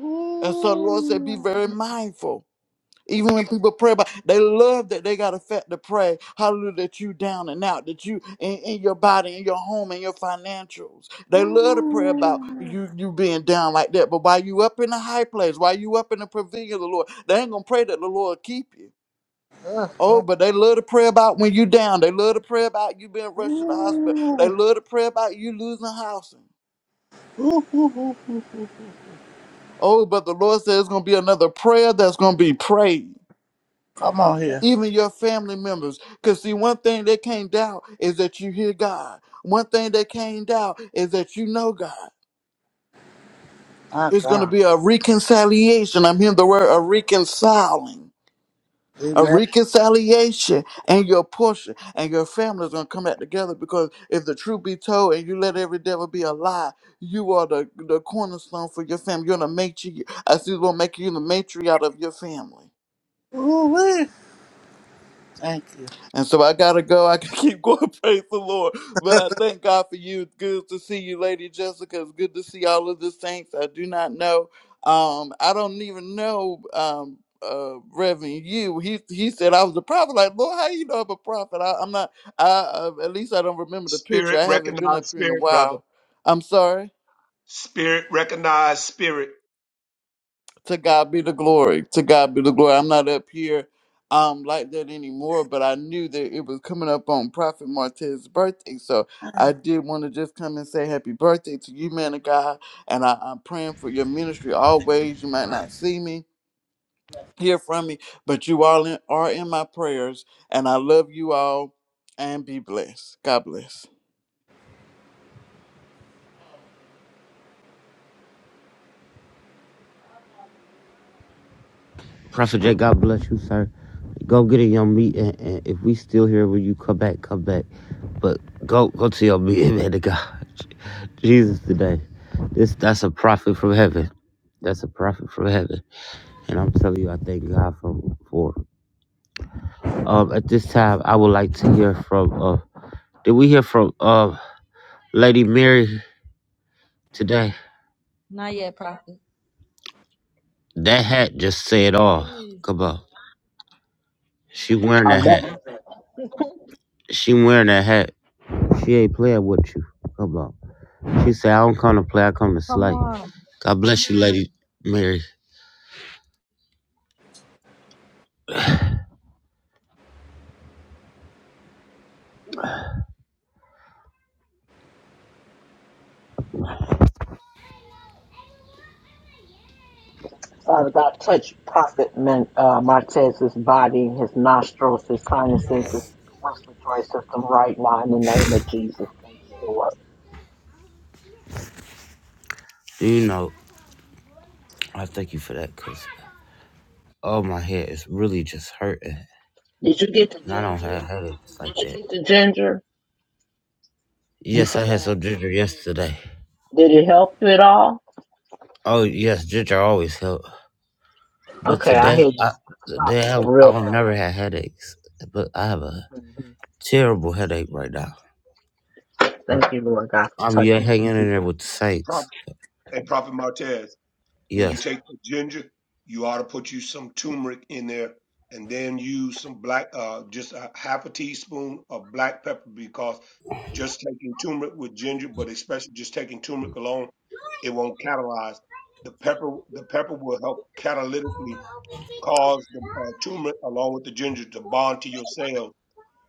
Speaker 5: ooh,
Speaker 10: And so the Lord said, be
Speaker 5: ooh,
Speaker 10: very mindful even when people pray about, they love that they got a fact to pray. Hallelujah, that you down and out, that you in, in your body, in your home, in your financials. They love to pray about
Speaker 5: ooh,
Speaker 10: you you being down like that. But while you up in the high place, while you up in the pavilion of the Lord, they ain't gonna pray that the Lord keep you. Oh, but they love to pray about when you down. They love to pray about you being rushed to the hospital. They love to pray about you losing housing.
Speaker 5: ooh, ooh, ooh, ooh.
Speaker 10: Oh, but the Lord says it's gonna be another prayer that's gonna be prayed.
Speaker 5: Come on here.
Speaker 10: even your family members. Because, see, one thing they can't doubt is that you hear God. One thing they can't doubt is that you know God.
Speaker 5: My
Speaker 10: It's going to
Speaker 5: God.
Speaker 10: be a reconciliation. I'm hearing the word a reconciling. A
Speaker 5: Amen.
Speaker 10: reconciliation and your portion and your family is gonna come back together because if the truth be told and you let every devil be a lie, you are the, the cornerstone for your family. You're the matri I see the Lord making you the matriarch of your family.
Speaker 5: Ooh, wee. Thank you.
Speaker 10: And so I gotta go. I can keep going. Praise the Lord. But I thank God for you. It's good to see you, Lady Jessica. It's good to see all of the saints. I do not know. Um, I don't even know um uh Reverend you. He he said I was a prophet. Like, Lord, how you know I'm a prophet? I, I'm not I uh, at least I don't remember the picture.
Speaker 6: Spirit
Speaker 10: I haven't been up
Speaker 6: recognize
Speaker 10: here in a
Speaker 6: spirit, brother.
Speaker 10: while. I'm sorry.
Speaker 6: Spirit recognize spirit.
Speaker 10: To God be the glory. To God be the glory. I'm not up here um like that anymore, but I knew that it was coming up on Prophet Martez's birthday. So I did want to just come and say happy birthday to you, man of God. And I, I'm praying for your ministry always. You might not see me, hear from me, but you all in, are in my prayers. And I love you all and be blessed. God bless.
Speaker 1: Prophet Jay. God bless you, sir. Go get in your meeting, and and if we still here when you come back, come back. But go, go to your meeting, man. To God, Jesus today. This that's a prophet from heaven. That's a prophet from heaven, and I'm telling you, I thank God for for. Um, at this time, I would like to hear from. Uh, did we hear from uh, Lady Mary today?
Speaker 2: Not yet, prophet.
Speaker 1: That hat just said all. Come on, she wearing
Speaker 4: I
Speaker 1: that
Speaker 4: love it.
Speaker 1: hat. She wearing that hat. She ain't playing with you. Come on. She said, "I don't come to play. I come to
Speaker 2: Come
Speaker 1: slay."
Speaker 2: on.
Speaker 1: God bless you, Lady Mary.
Speaker 4: Father God, touch Prophet Man- uh, Martez's body, his nostrils, his sinuses, his respiratory system right now in the name of Jesus. Thank you, Lord.
Speaker 1: you know? I thank you for that, cause oh my head is really just hurting,
Speaker 4: Did you get the
Speaker 1: and I don't
Speaker 4: ginger?
Speaker 1: have headaches
Speaker 4: Did
Speaker 1: like
Speaker 4: you
Speaker 1: that.
Speaker 4: get the ginger? You
Speaker 1: Yes, I had
Speaker 4: forgot.
Speaker 1: some ginger yesterday.
Speaker 4: Did it help you at all?
Speaker 1: Oh yes, ginger always help. But
Speaker 4: Okay, I
Speaker 1: today,
Speaker 4: hear you
Speaker 1: I
Speaker 4: stopped
Speaker 1: today
Speaker 4: up
Speaker 1: I, I
Speaker 4: real
Speaker 1: don't
Speaker 4: bad.
Speaker 1: never had headaches, but I have a
Speaker 4: Mhm.
Speaker 1: terrible headache right now. But
Speaker 4: Thank you, Lord God, for
Speaker 1: I'm yeah
Speaker 4: touching him
Speaker 1: hanging
Speaker 4: in
Speaker 1: in there
Speaker 4: Jesus'
Speaker 1: with the
Speaker 4: name.
Speaker 6: Pro-
Speaker 1: saints.
Speaker 6: Hey, Prophet Martez. When you
Speaker 1: Yes.
Speaker 6: take the ginger, you ought to put you some turmeric in there, and then use some black, uh, just a half a teaspoon of black pepper because just taking turmeric with ginger, but especially just taking turmeric alone, it won't catalyze. The pepper, the pepper will help catalytically cause the uh, turmeric along with the ginger to bond to your cells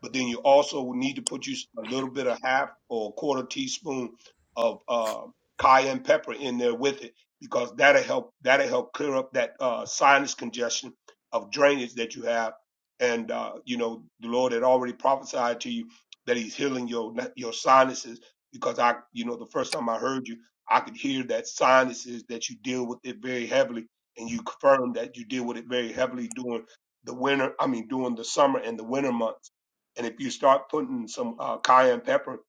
Speaker 6: but then you also need to put you a little bit of half or a quarter teaspoon of uh, cayenne pepper in there with it because that'll help that'll help clear up that uh, sinus congestion of drainage that you have and uh, you know the lord had already prophesied to you that he's healing your your sinuses because i you know the first time i heard you i could hear that sinuses that you deal with it very heavily and you confirmed that you deal with it very heavily during the winter i mean during the summer and the winter months and if you start putting some uh, cayenne pepper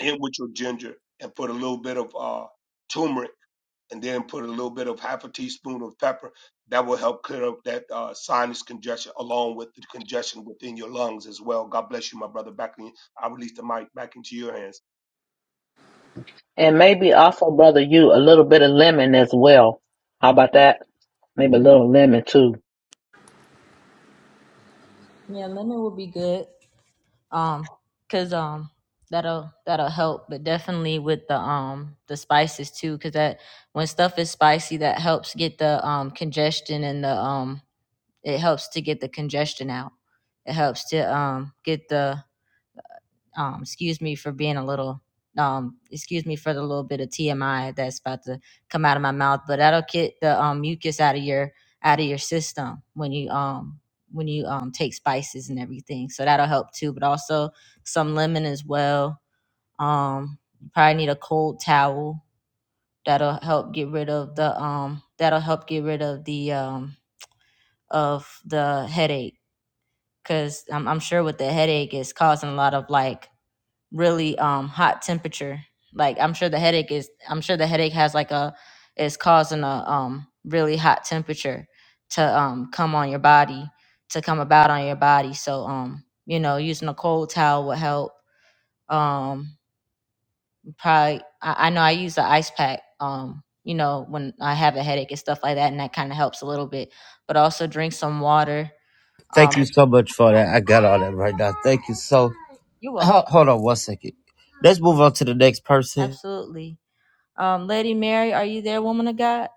Speaker 6: in with your ginger and put a little bit of uh, turmeric and then put a little bit of half a teaspoon of pepper, that will help clear up that uh, sinus congestion along with the congestion within your lungs as well. God bless you, my brother. Back in, I release the mic back into your hands.
Speaker 4: And maybe also, brother, you a little bit of lemon as well. How about that? Maybe a little lemon too.
Speaker 2: Yeah, lemon will be good. um because um that'll that'll help but definitely with the um the spices too because that when stuff is spicy that helps get the um congestion and the um it helps to get the congestion out it helps to um get the um, excuse me for being a little um excuse me for the little bit of TMI that's about to come out of my mouth, but that'll get the um mucus out of your out of your system when you um when you um take spices and everything. So that'll help too. But also some lemon as well. Um you probably need a cold towel. That'll help get rid of the um that'll help get rid of the um of the headache. Cause I'm I'm sure with the headache it's causing a lot of like really um hot temperature like i'm sure the headache is i'm sure the headache has like a is causing a um really hot temperature to um come on your body to come about on your body so um you know using a cold towel would help um probably i, I know i use the ice pack um you know when i have a headache and stuff like that and that kind of helps a little bit but also drink some water um
Speaker 1: Thank you so much for that. I got all that right now. Thank you so.
Speaker 2: you're welcome
Speaker 1: Hold, hold on one second. Let's move on to the next person.
Speaker 2: absolutely um lady mary are you there woman of god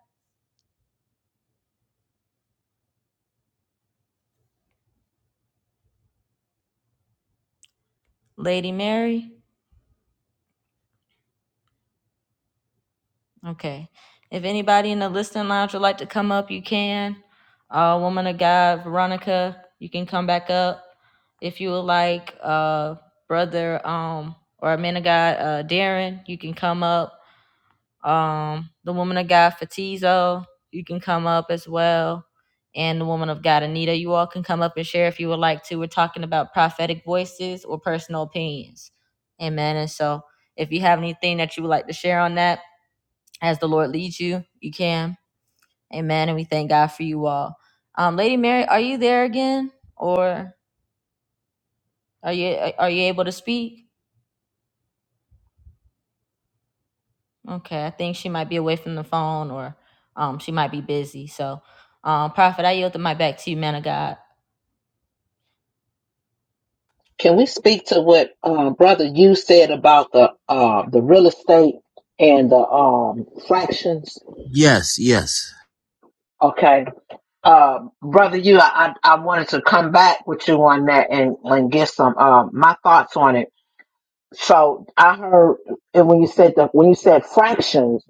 Speaker 2: lady mary Okay. If anybody in the listening lounge would like to come up, you can. Uh, woman of God, Veronica, you can come back up if you would like. Uh, brother, um, or man of God, uh, Darren, you can come up. Um, the woman of God, Fatizo, you can come up as well. And the woman of God, Anita, you all can come up and share if you would like to. We're talking about prophetic voices or personal opinions. Amen. And so if you have anything that you would like to share on that, as the Lord leads you, you can. Amen. And we thank God for you all. Um, Lady Mary, are you there again, or are you are you able to speak? Okay, I think she might be away from the phone, or um, she might be busy. So, um, Prophet, I yield the mic back to you, man of God.
Speaker 4: Can we speak to what uh, brother you said about the uh, the real estate and the um, fractions?
Speaker 1: Yes. Yes.
Speaker 4: Okay, uh, brother you, I, I I wanted to come back with you on that and and get some uh, my thoughts on it. So I heard and when you said the when you said fractions,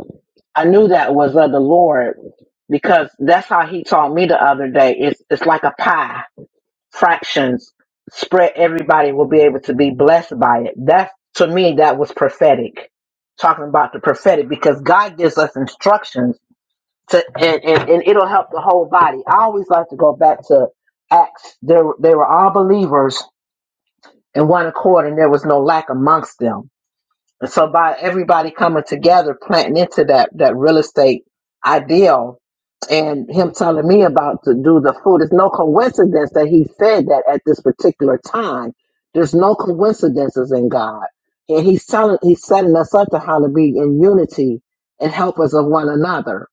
Speaker 4: I knew that was of the Lord because that's how He taught me the other day. It's it's like a pie fractions spread everybody will be able to be blessed by it that's to me that was prophetic talking about the prophetic because god gives us instructions to and, and, and it'll help the whole body i always like to go back to acts they, were- they were all believers in one accord and there was no lack amongst them and so by everybody coming together, planting into that that real estate ideal, and him telling me about to do the food, it's no coincidence that he said that at this particular time. There's no coincidences in God, and he's telling he's setting us up to how to be in unity and help us of one another.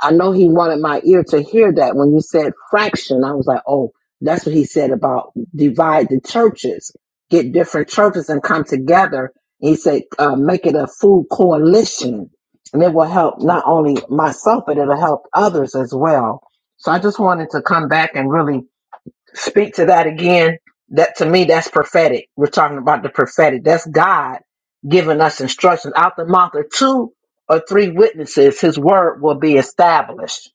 Speaker 4: I know he wanted my ear to hear that when you said fraction. I was like, oh, that's what he said about divide the churches, get different churches and come together. He said, uh, make it a food coalition. And it will help not only myself, but it'll help others as well. So I just wanted to come back and really Speak to that again. That to me, that's prophetic. We're talking about the prophetic. That's God giving us instructions out the mouth of two or three witnesses. His word will be established.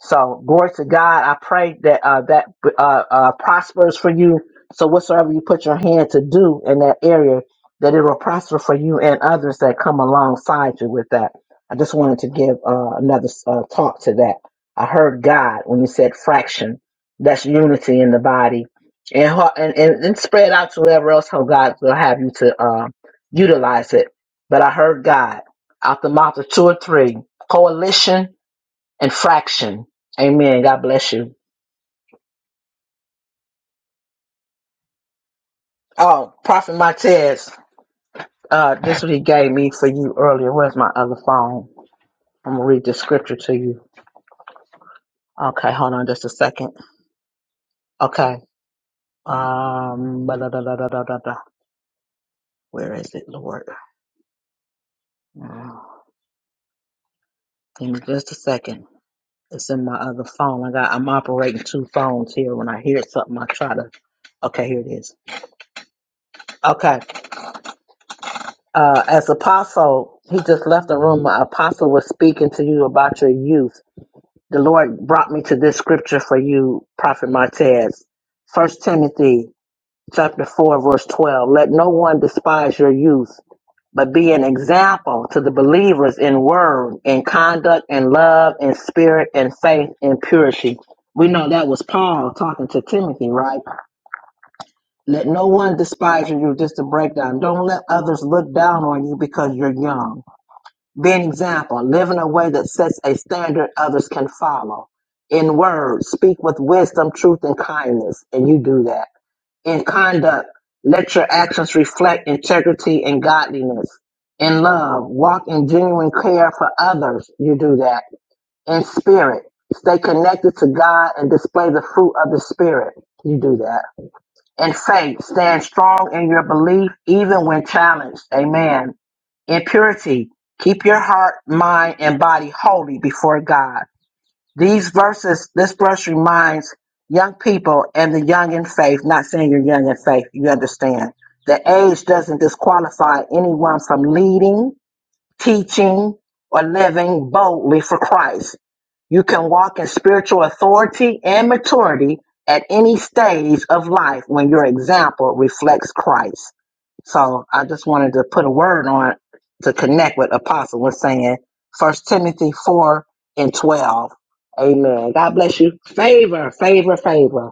Speaker 4: So glory to God. I pray that uh, that uh, uh, prospers for you. So whatsoever you put your hand to do in that area, that it will prosper for you and others that come alongside you with that. I just wanted to give uh, another uh, talk to that. I heard God when He said fraction. That's unity in the body, and ho- and and, and spread out to wherever else how God will have you to um, utilize it. But I heard God out the mouth of two or three coalition and fraction. Amen. God bless you. Oh, Prophet Martez, uh, this what he gave me for you earlier. Where's my other phone? I'm gonna read the scripture to you. Okay, hold on just a second. Okay. Um, ba-da-da-da-da-da-da. where is it, Lord? Mm, Give me just a second. It's in my other phone. I got I'm operating two phones here. When I hear something, I try to okay, here it is. Okay. Uh as apostle, he just left the room. Apostle was speaking to you about your youth. The Lord brought me to this scripture for you, Prophet Martez. First Timothy chapter four, verse twelve. Let no one despise your youth, but be an example to the believers in word, in conduct, in love, in spirit, in faith, in purity. We know that was Paul talking to Timothy, right? Let no one despise you, just to break down. Don't let others look down on you because you're young. Be an example. Live in a way that sets a standard others can follow. In words, speak with wisdom, truth, and kindness, and you do that in conduct, let your actions reflect integrity and godliness. In love, walk in genuine care for others. You do that. In spirit, stay connected to God and display the fruit of the spirit. You do that. In faith, stand strong in your belief even when challenged. Amen. In purity, keep your heart, mind, and body holy before God. These verses, this verse reminds young people and the young in faith, not saying you're young in faith, you understand. The age doesn't disqualify anyone from leading, teaching, or living boldly for Christ. You can walk in spiritual authority and maturity at any stage of life when your example reflects Christ. So I just wanted to put a word on to connect what Apostle was saying. First Timothy four and twelve. Amen. God bless you. Favor, favor, favor.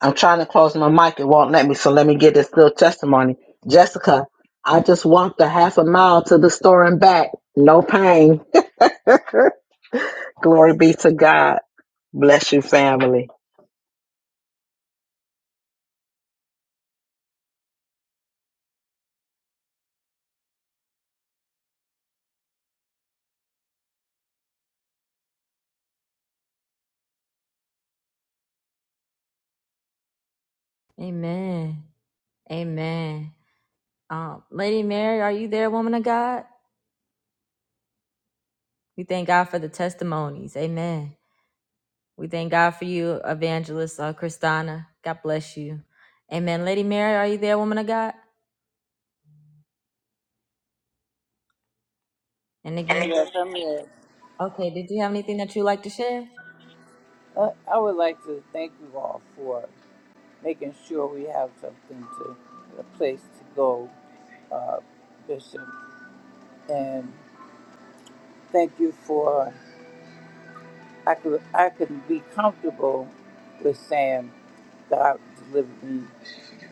Speaker 4: I'm trying to close my mic. It won't let me. So let me get this little testimony. Jessica, I just walked a half a mile to the store and back. No pain. Glory be to God. Bless you, family.
Speaker 2: Amen. Amen. Um, Lady Mary, are you there, woman of God? We thank God for the testimonies. Amen. We thank God for you, Evangelist uh, Christina. God bless you. Amen. Lady Mary, are you there, woman of God? And again,
Speaker 8: Yes, I'm here.
Speaker 2: okay, did you have anything that you'd like to share?
Speaker 8: Uh, I would like to thank you all for making sure we have something to, a place to go, uh, Bishop. And thank you for, I could, I could be comfortable with saying God delivered me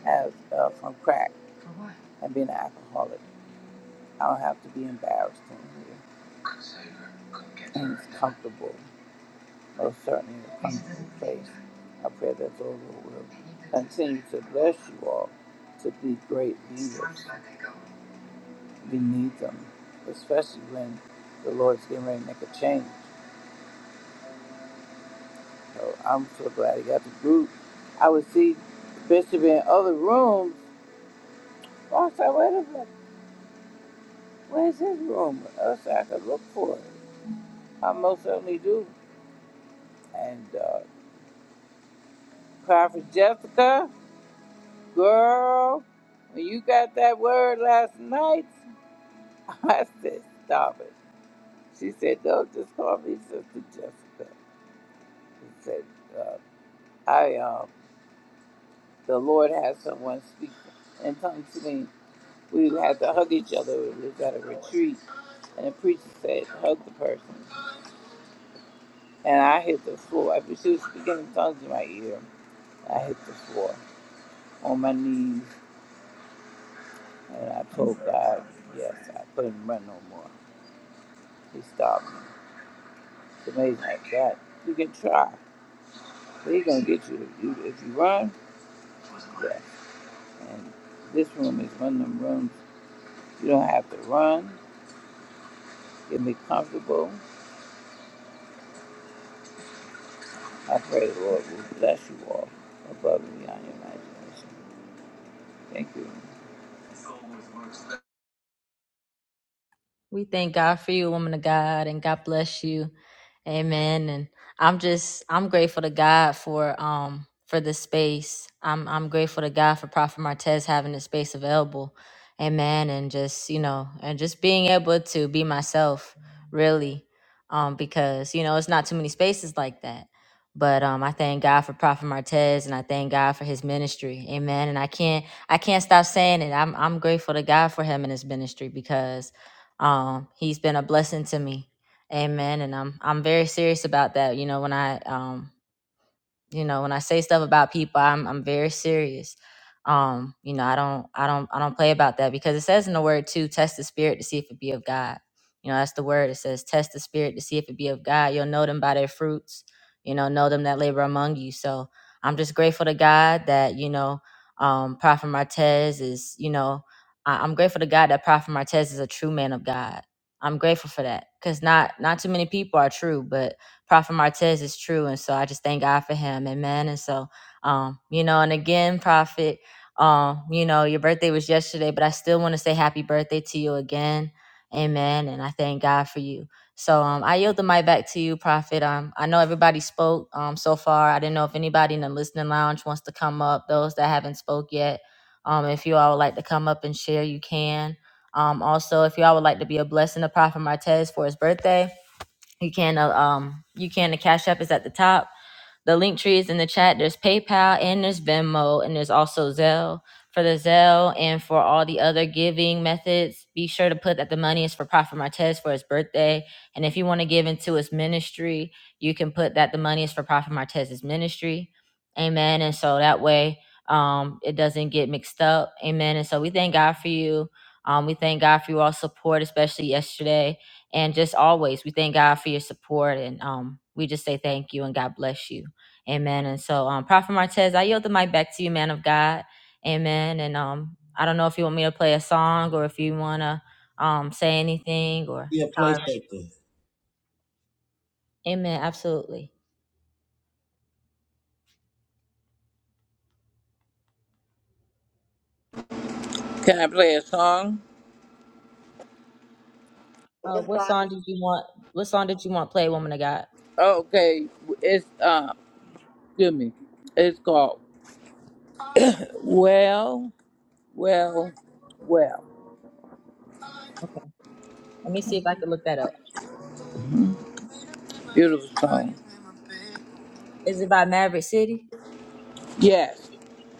Speaker 8: as, uh, from crack and being an alcoholic. I don't have to be embarrassed in here. And it's comfortable. most certainly in a comfortable place. I pray that the Lord will continue to bless you all to be great leaders. We need them, especially when the Lord's getting ready to make a change. So I'm so glad he got the group. I would see Bishop in other rooms. Oh, I said, wait a minute, where's his room? I said, I could look for it. I most certainly do. And uh, cry for Jessica, girl, when you got that word last night. I said, stop it. She said, no, just call me Sister Jessica. She said, uh, I, um, the Lord has someone speak in tongues to me. We had to hug each other. We was at a retreat, and the preacher said, hug the person. And I hit the floor. After she was speaking in tongues in my ear, I hit the floor on my knees, and I told God, yes, I couldn't run no more. He stopped me. It's amazing like that. You can try, but he's going to get you. If you, if you run, Yeah, And this room is one of them rooms you don't have to run. You'll be comfortable. I pray the Lord will bless you all above and beyond your imagination. Thank you.
Speaker 2: We thank God for you, woman of God, and God bless you. Amen. And I'm just I'm grateful to God for um for this space. I'm I'm grateful to God for Prophet Martez having this space available. Amen. And just, you know, and just being able to be myself, really. Um, because, you know, it's not too many spaces like that. But um I thank God for Prophet Martez and I thank God for his ministry. Amen. And I can't I can't stop saying it. I'm I'm grateful to God for him and his ministry because um, he's been a blessing to me. Amen. And I'm I'm very serious about that. You know, when I um you know when i say stuff about people i'm i'm very serious um you know i don't i don't i don't play about that because it says in the word too test the spirit to see if it be of god you know that's the word it says test the spirit to see if it be of god you'll know them by their fruits you know know them that labor among you so i'm just grateful to god that you know um prophet martez is you know I- i'm grateful to god that prophet martez is a true man of god i'm grateful for that because not not too many people are true but Prophet Martez is true. And so I just thank God for him. Amen. And so, um, you know, and again, Prophet, um, you know, your birthday was yesterday, but I still want to say happy birthday to you again. Amen. And I thank God for you. So um, I yield the mic back to you, Prophet. Um, I know everybody spoke um, so far. I didn't know if anybody in the listening lounge wants to come up. Those that haven't spoke yet, um, if you all would like to come up and share, you can. Um, also, if you all would like to be a blessing to Prophet Martez for his birthday, you can uh, um you can the cash app is at the top. The link tree is in the chat. There's PayPal and there's Venmo and there's also Zelle. For the Zelle and for all the other giving methods, be sure to put that the money is for Prophet Martez for his birthday. And if you want to give into his ministry, you can put that the money is for Prophet Martez's ministry. Amen. And so that way um, it doesn't get mixed up. Amen. And so we thank God for you. Um, we thank God for your all support, especially yesterday and just always we thank god for your support and um, we just say thank you and god bless you Amen. And so, um, Prophet Martez, I yield the mic back to you, man of God. Amen. And um, I don't know if you want me to play a song or if you want to um, say anything or.
Speaker 1: Yeah. Play something.
Speaker 2: Amen. Absolutely.
Speaker 8: Can I play a song?
Speaker 2: Uh, what song did you want? What song did you want play, woman of God?
Speaker 8: Okay. It's uh excuse me. It's called Well, Well, Well.
Speaker 2: Okay. Let me see if I can look that up.
Speaker 8: Beautiful song.
Speaker 2: Is it by Maverick City?
Speaker 8: Yes.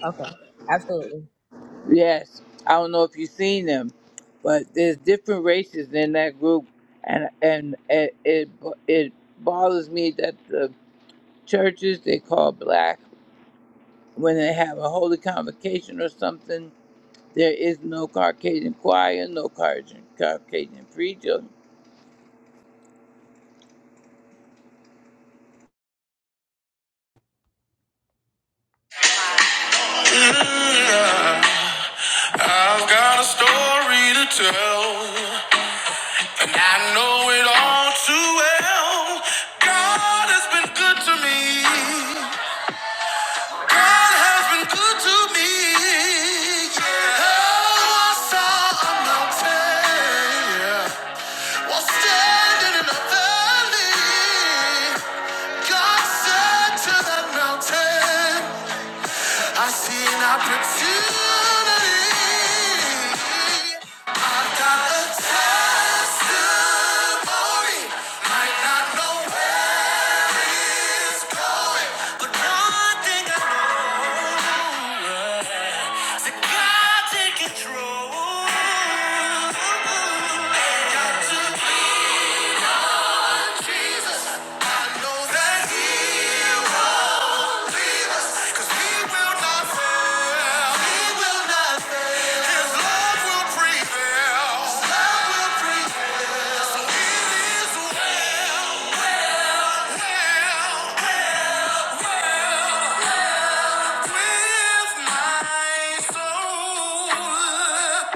Speaker 2: Okay. Absolutely.
Speaker 8: Yes, I don't know if you've seen them, but there's different races in that group, and and it it, it bothers me that the churches they call black when they have a holy convocation or something, there is no Caucasian choir, no Caucasian Caucasian preacher,
Speaker 2: I've got a story to tell, and I know it all too well. God has been good to me. God has been good to me. Yeah. Oh, I saw a mountain, yeah, while standing in a valley. God said to that mountain. I see an opportunity. I've got a testimony. Might not know where it's going, but one thing I know is that God take control. Got to Jesus, I know that He will lead us, 'cause He will not fail. He will not fail. His love will prevail. love will prevail. So it is well, well, well with my soul.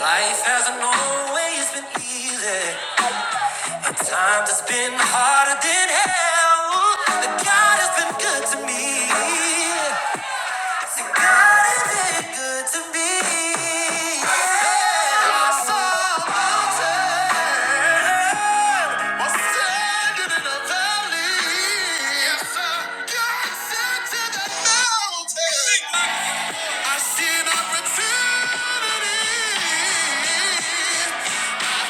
Speaker 2: Life hasn't always been easy. Times has been harder than hell, but God has been good to me. See, God has been good to me. Yeah, I saw a mountain while standing in a valley. Yes, sir. God said to the mountain, I see an opportunity. I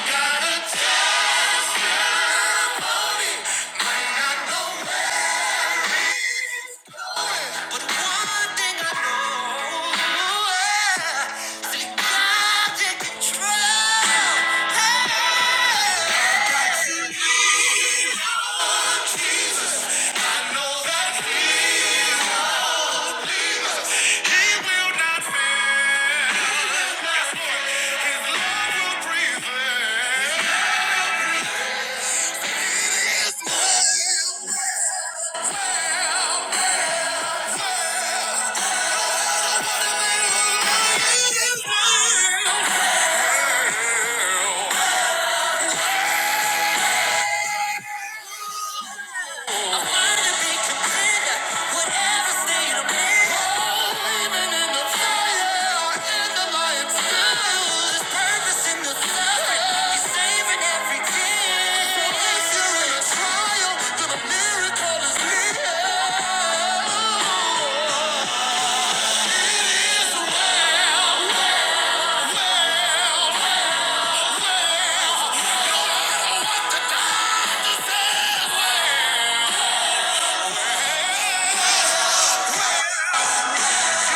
Speaker 2: know that feeling. He will not fail. Guess what? His love will prevail. It's well, well, well. It is well. Yeah. We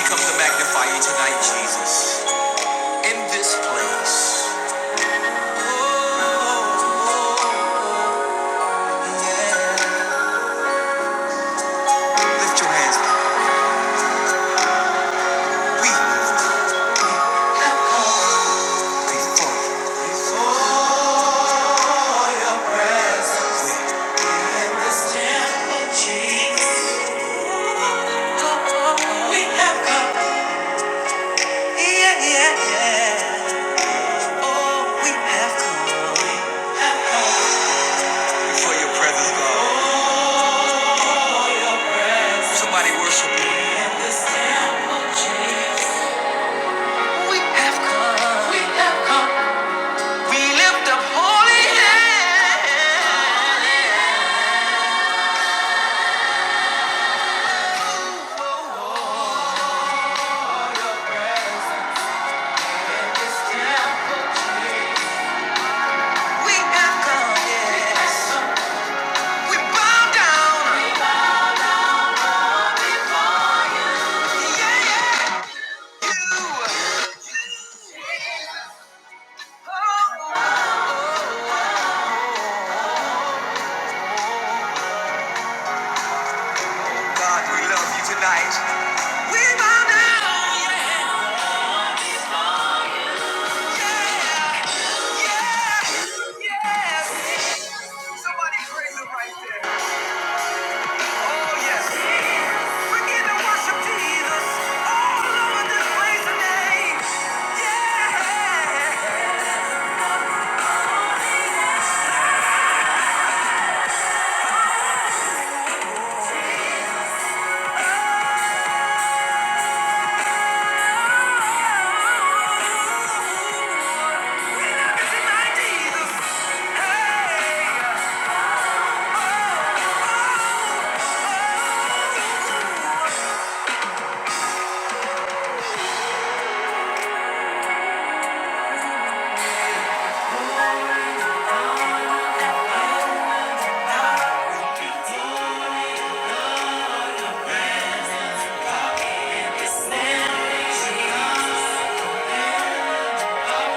Speaker 2: come to magnify you tonight, Jesus, in this place. Oh, oh, oh, yeah. Lift your hands. before your presence. In this temple, Jesus. Oh, we have come. Yeah, yeah, yeah. Oh, we have come. Before your presence, God. Somebody worship Him. We have come. We lift up holy hands. We have come, yes. We bow down to you. God, we love you tonight. We bow down. Yes. Yes. Somebody praise him right there. Oh, yes. Begin to worship Jesus. All over this place name. Yeah. Oh, tonight, Jesus.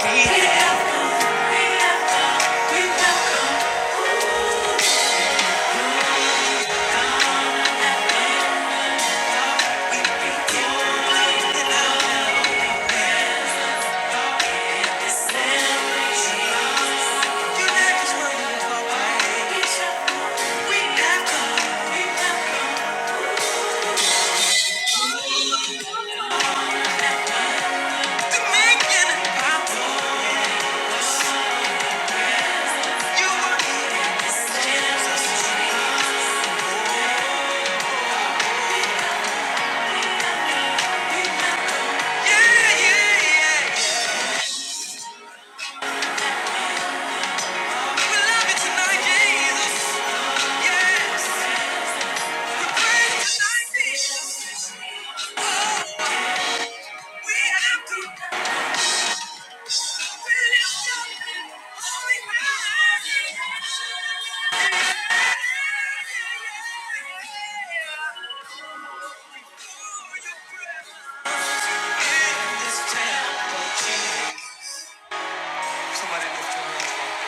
Speaker 2: Hey. We love you tonight, Jesus. Yeah, yeah, yeah. We pray tonight, Jesus. Yeah, yeah, yeah. Somebody lift your hands up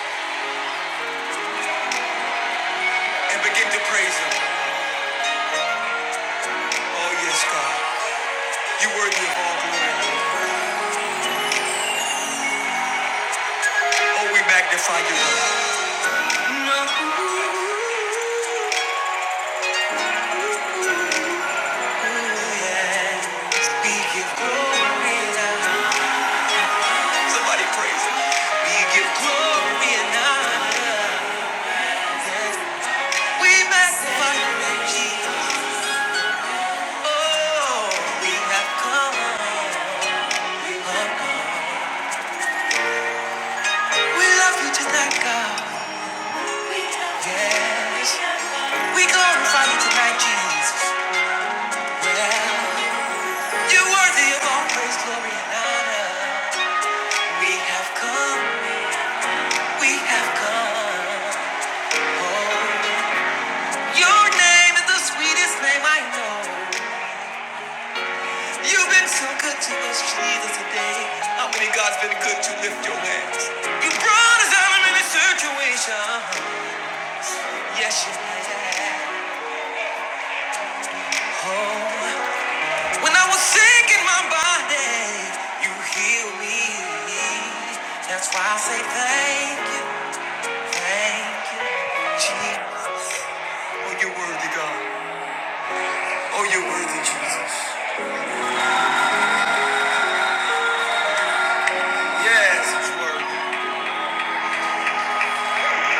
Speaker 2: and begin to praise Him. Oh, yes, God. you worthy of all glory. Oh, we magnify you, Lord. We give glory and honor. Somebody praise Him. We give glory and honor. We magnify your name, Jesus. Oh, we have come. We love you tonight, God. Yes. We glorify you tonight, Jesus. Well, you're worthy of all praise, glory, and honor. We have come, we have come. Oh, your name is the sweetest name I know. You've been so good to us, Jesus, today. How many God's been good to lift your hands? You brought us out of many situations. Yes, you have. Oh. When I was sick in my body, you healed me. That's why I say thank you, thank you, Jesus. Oh, you're worthy, God. Oh, you're worthy, Jesus. Yes, he's worthy.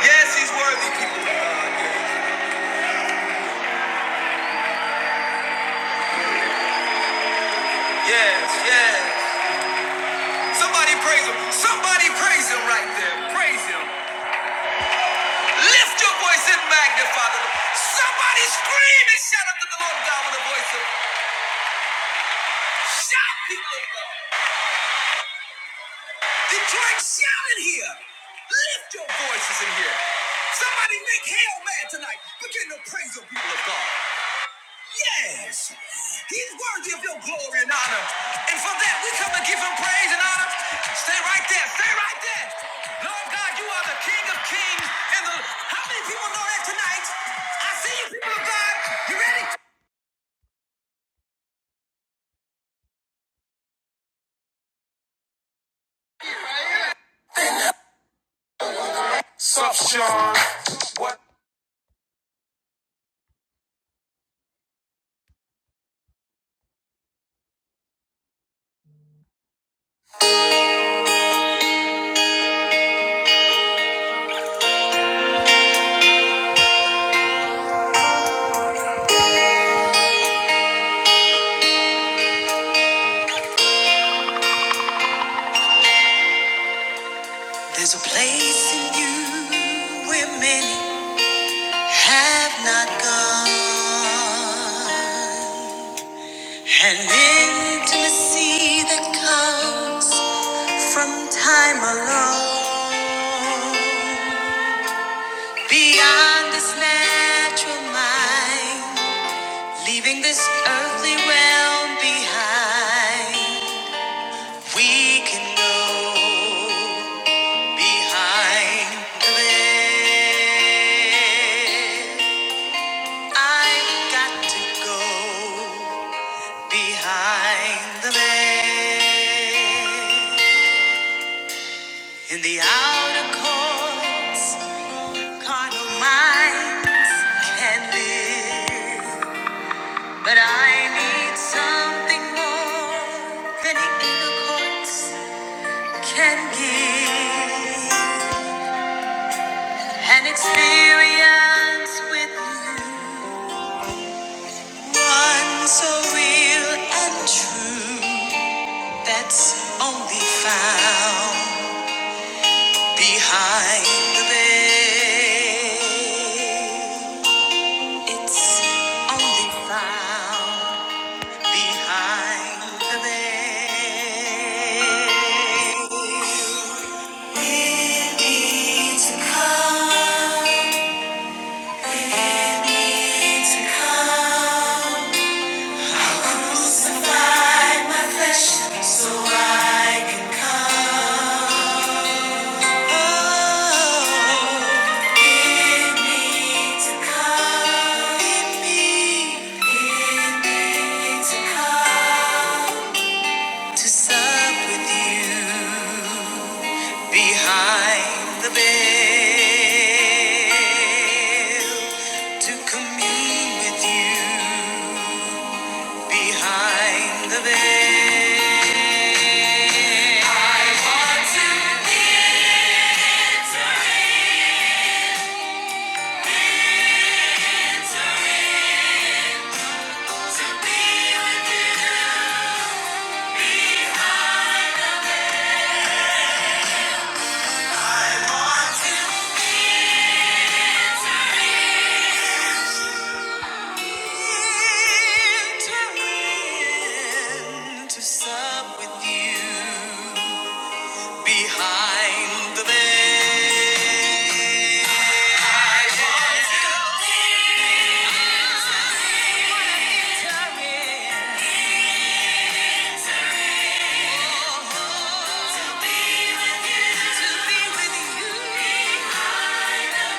Speaker 2: Yes, he's worthy, people of God. Yes, yes. Somebody praise him. Somebody praise him right there. Praise him. Lift your voice and magnify the Lord. Somebody scream and shout out to the Lord God with a voice of shout, people of God. Detroit, shout in here. Lift your voices in here. Somebody make hell mad tonight. Begin to praise the people of God. Yes, he's worthy of your glory and honor. And for that, we come to give him praise and honor. Stay right there. Stay right there. Lord God, you are the King of Kings. And the how many people know that tonight? I see you, people of God. You ready? What? you And intimacy that comes from Beyond this natural mind, leaving this earth can go behind the veil. I've got to go behind the veil. In the outer courts, carnal minds can live, but I need something more than in the courts. can give an experience with you. One so real and true that's only found behind the veil. It's only found behind the veil. It needs to come. To come, crucify my flesh so I can come. Oh, give me to come, give me, give me to come to sup with you behind the veil. To commune with you behind the veil. Or to enter, to be with you. Enter in, to sup with you behind the veil. I want to Enter in, to be with you. to be with you behind the veil.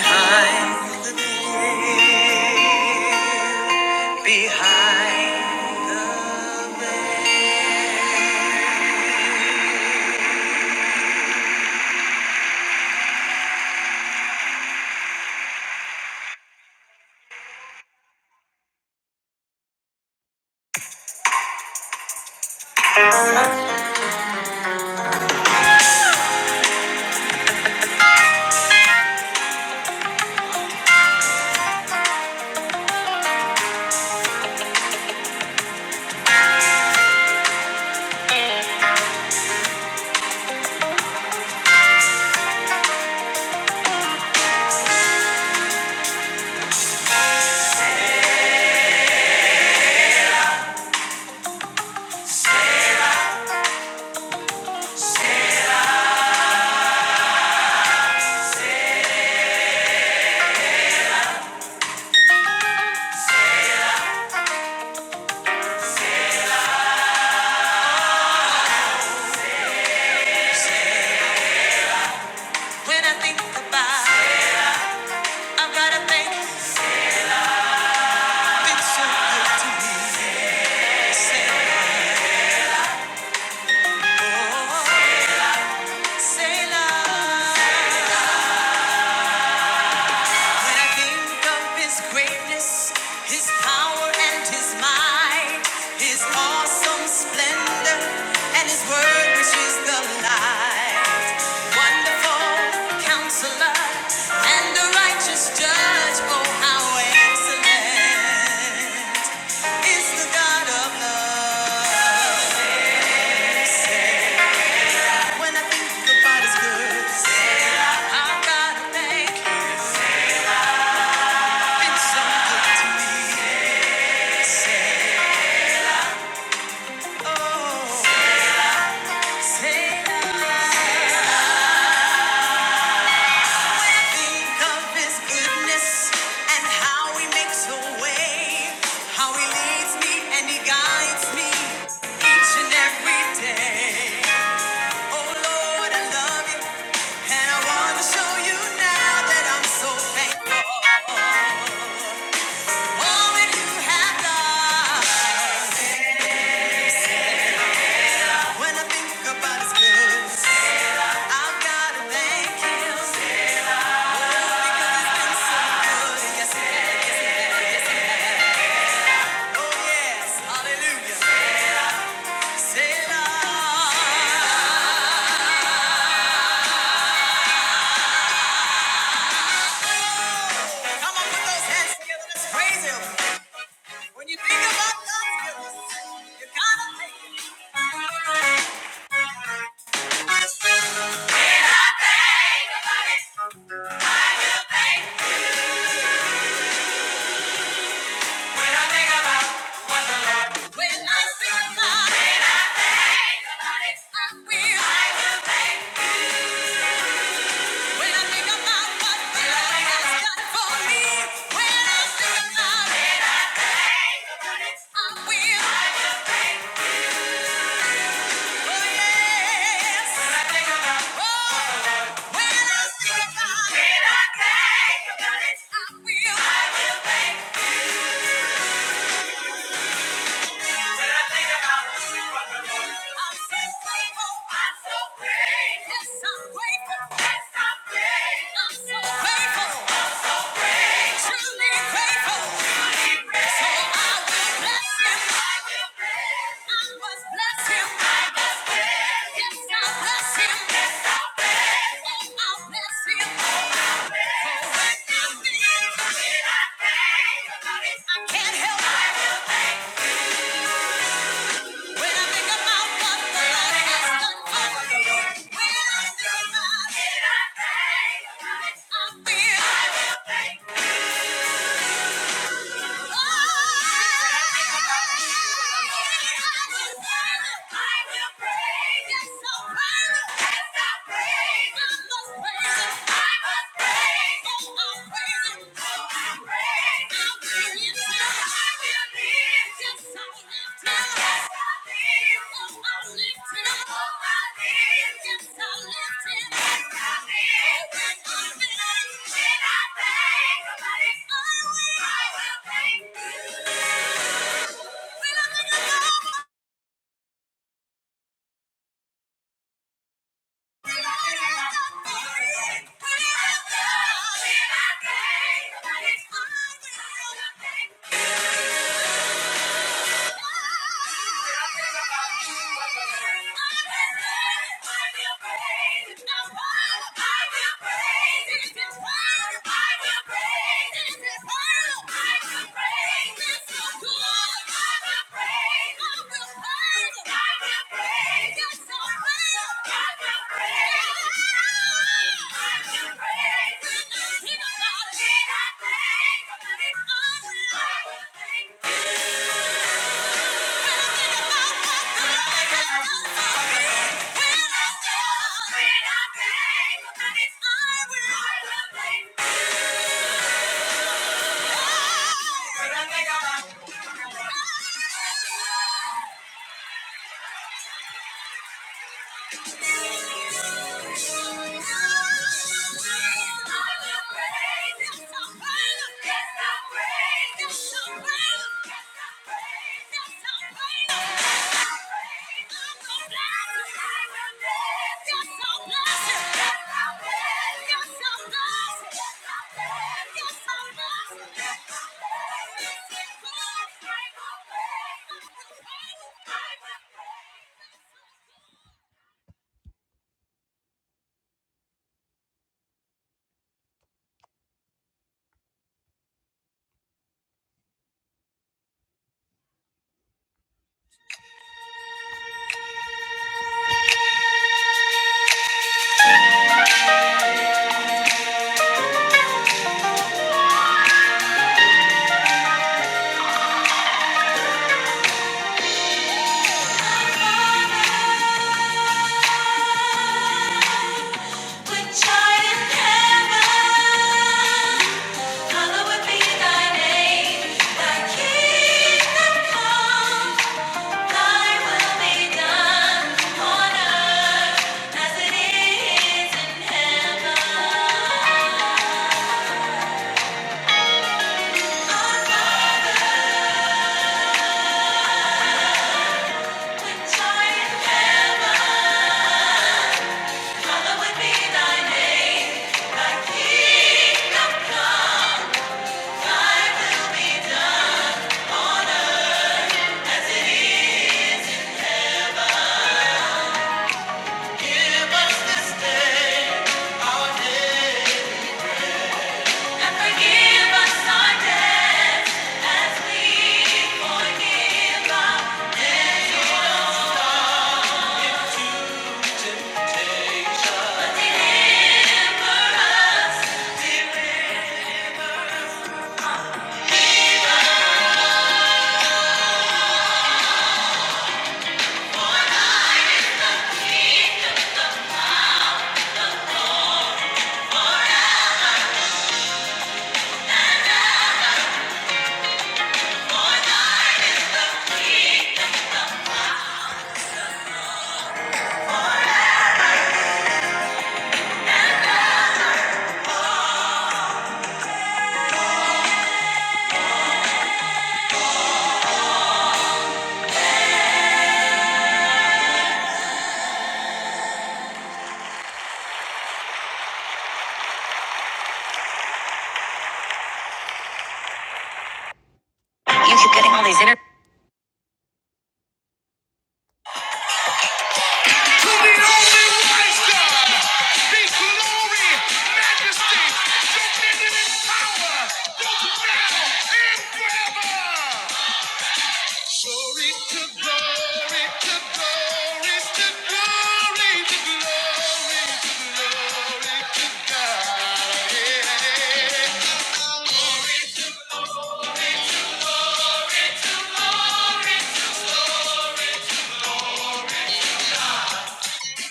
Speaker 2: Behind behind. so When I think of His greatness, His power and His might, His awesome splendor and His word, which is the light. Wonderful Counselor and the righteous Judge. Oh, how excellent is the God of love. When I think the body's good, say, I gotta thank you. You've been so good to me. Say, say think of his goodness and how he makes a way, how he leads me and he guides me each and every day. Oh Lord, I love you and I wanna show you now that I'm so thankful. All that you have done. When I think about his goodness, I've gotta thank him. Let's, let's praise him. I'm so grateful, truly grateful. When I think about Thank you. You keep getting all these inner.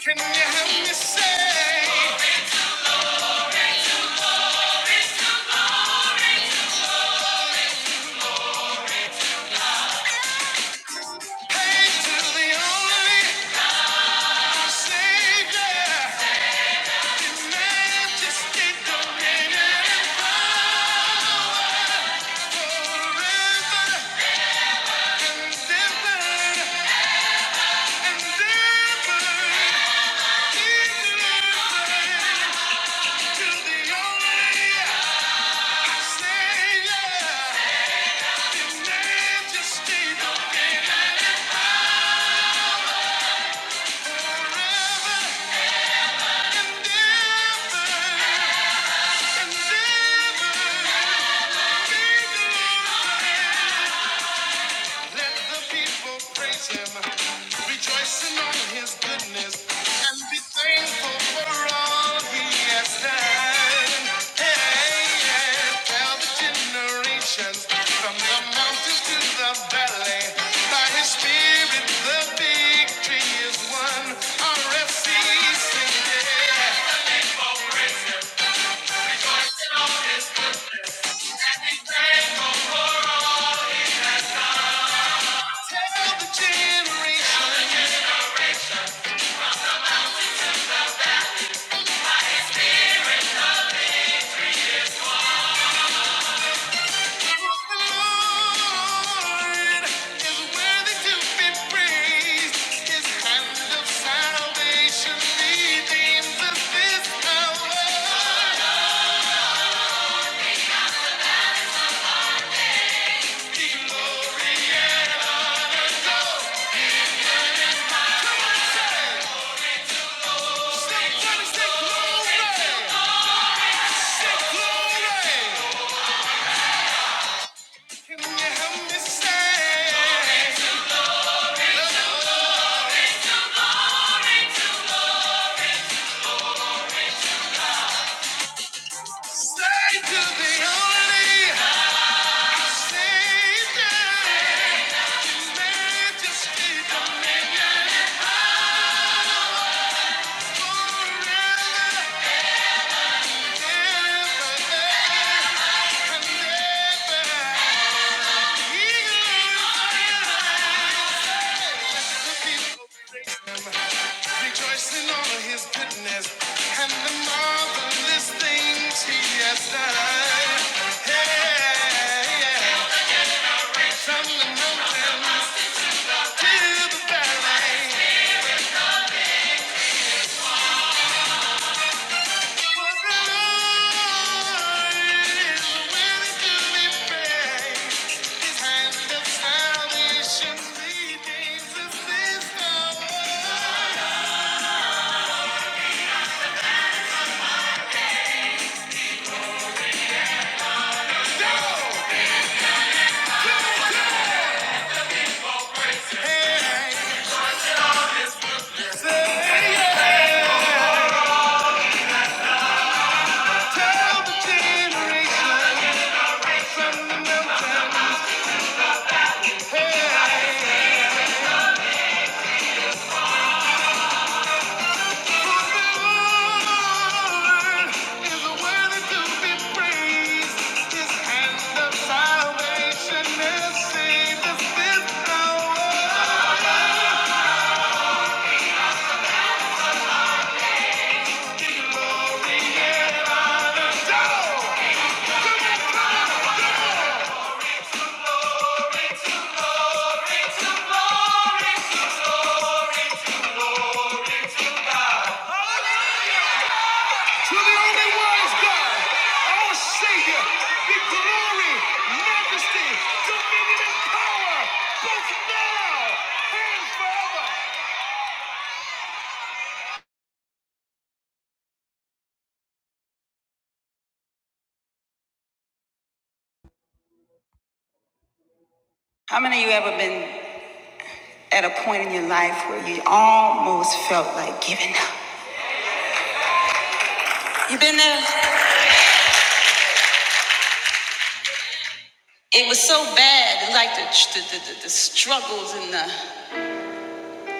Speaker 2: Can you help me say? Hey to the only Savior, the majesty, dominion, and power, forever and ever and ever. He the only Savior, the majesty, dominion, forever Let the people praise him, rejoicing on his goodness, and be thankful for all he has done. Hey, yeah, tell the generations from the mountains to the valley, by his spirit the victory is won. RFC, sing it. Tell the generations. Just keep on making it. Rejoicing over his goodness and the marvelous things he has done. Hey, yeah. yeah. From the mountains to the valley, Salvation is seen as this power. To the only wise God, our Savior, be glory, majesty, dominion, power, both now and forever. How many of you ever been at a point in your life where you almost felt like giving up? You been there? It was so bad, like the the, the, the, struggles and the,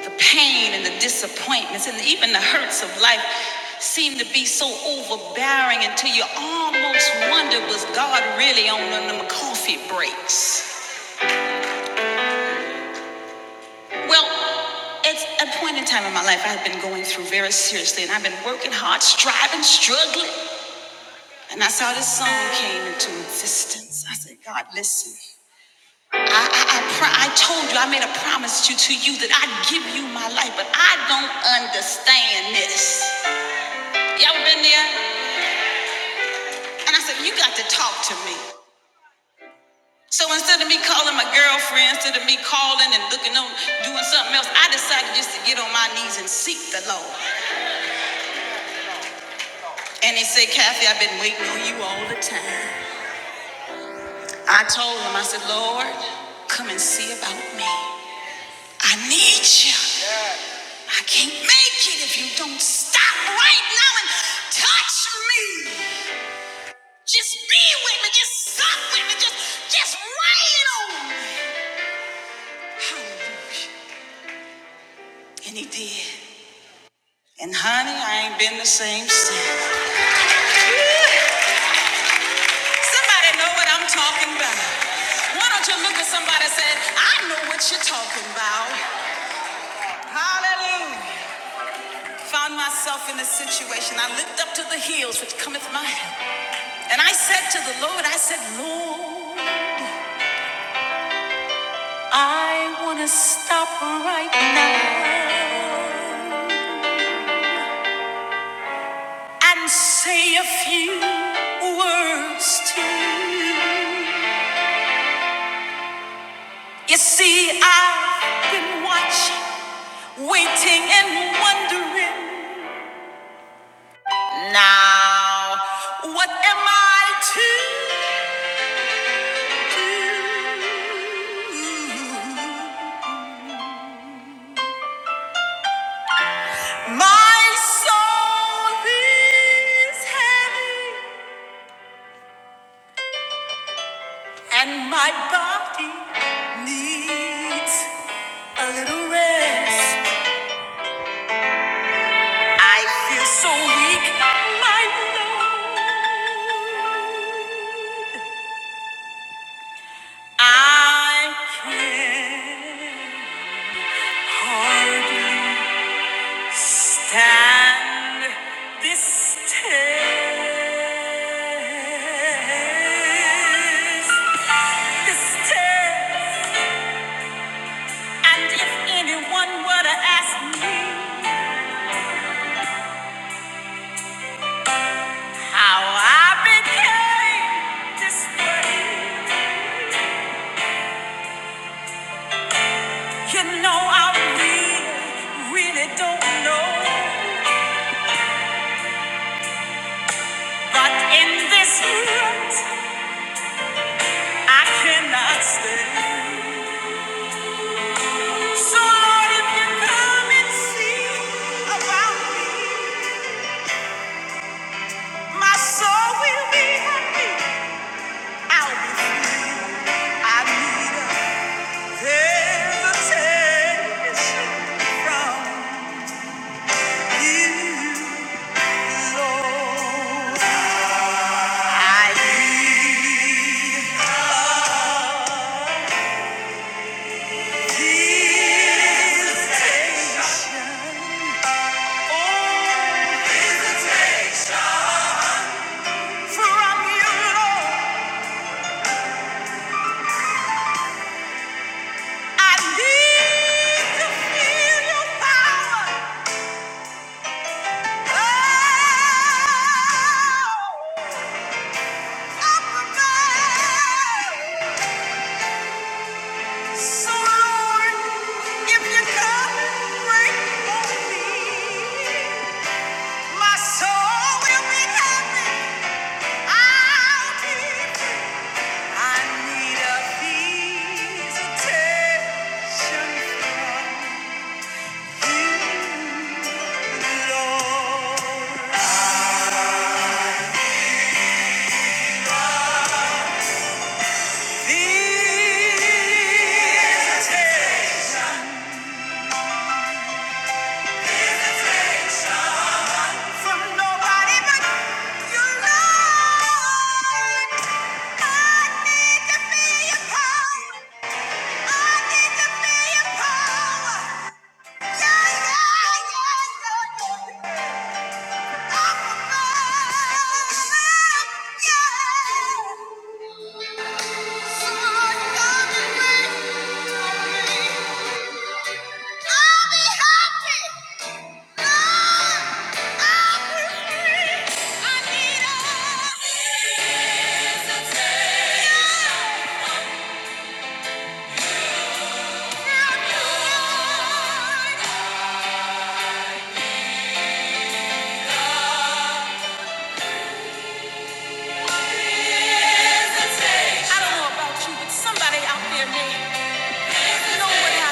Speaker 2: the pain and the disappointments and even the hurts of life seemed to be so overbearing until you almost wonder was God really on them coffee breaks? Well, at a point in time in my life, I had been going through very seriously, and I've been working hard, striving, struggling. And that's how this song came into existence. I said, God, listen. I, I, I, pro- I told you, I made a promise to, to you that I'd give you my life, but I don't understand this. Y'all been there? And I said, you got to talk to me. So instead of me calling my girlfriend, instead of me calling and looking on, doing something else, I decided just to get on my knees and seek the Lord. And he said, Kathy, I've been waiting on you all the time. I told him, I said, Lord, come and see about me. I need you. I can't make it if you don't stop right now and touch me. Just be with me. Just suck with me. Just, just rain on me. Yeah. And honey, I ain't been the same since. Somebody know what I'm talking about. Why don't you look at somebody and say, I know what you're talking about. Hallelujah. Found myself in a situation. I looked up to the hills which cometh my help. Oh, I want and see. You see, I watching and wondering now what am I to do? My soul is heavy and my body needs a little rest. I feel so weak, my Lord. I can not Hardly stand this test. This test. And if anyone were to ask me how I became this way, you know I really, really don't know. But in this world, I cannot stay. So Lord, if you come and see about me, my soul will be happy. I'll be free. I need a visitation from you, Lord. I know up above. So Lord, if you come and break for me. My soul will be happy. I'll keep it. I need a visitation from you. Your love, I need to feel your power. I need to feel your power. Yeah, yeah, yeah, yeah, yeah. Yeah. I don't know about you, but somebody out there may know what i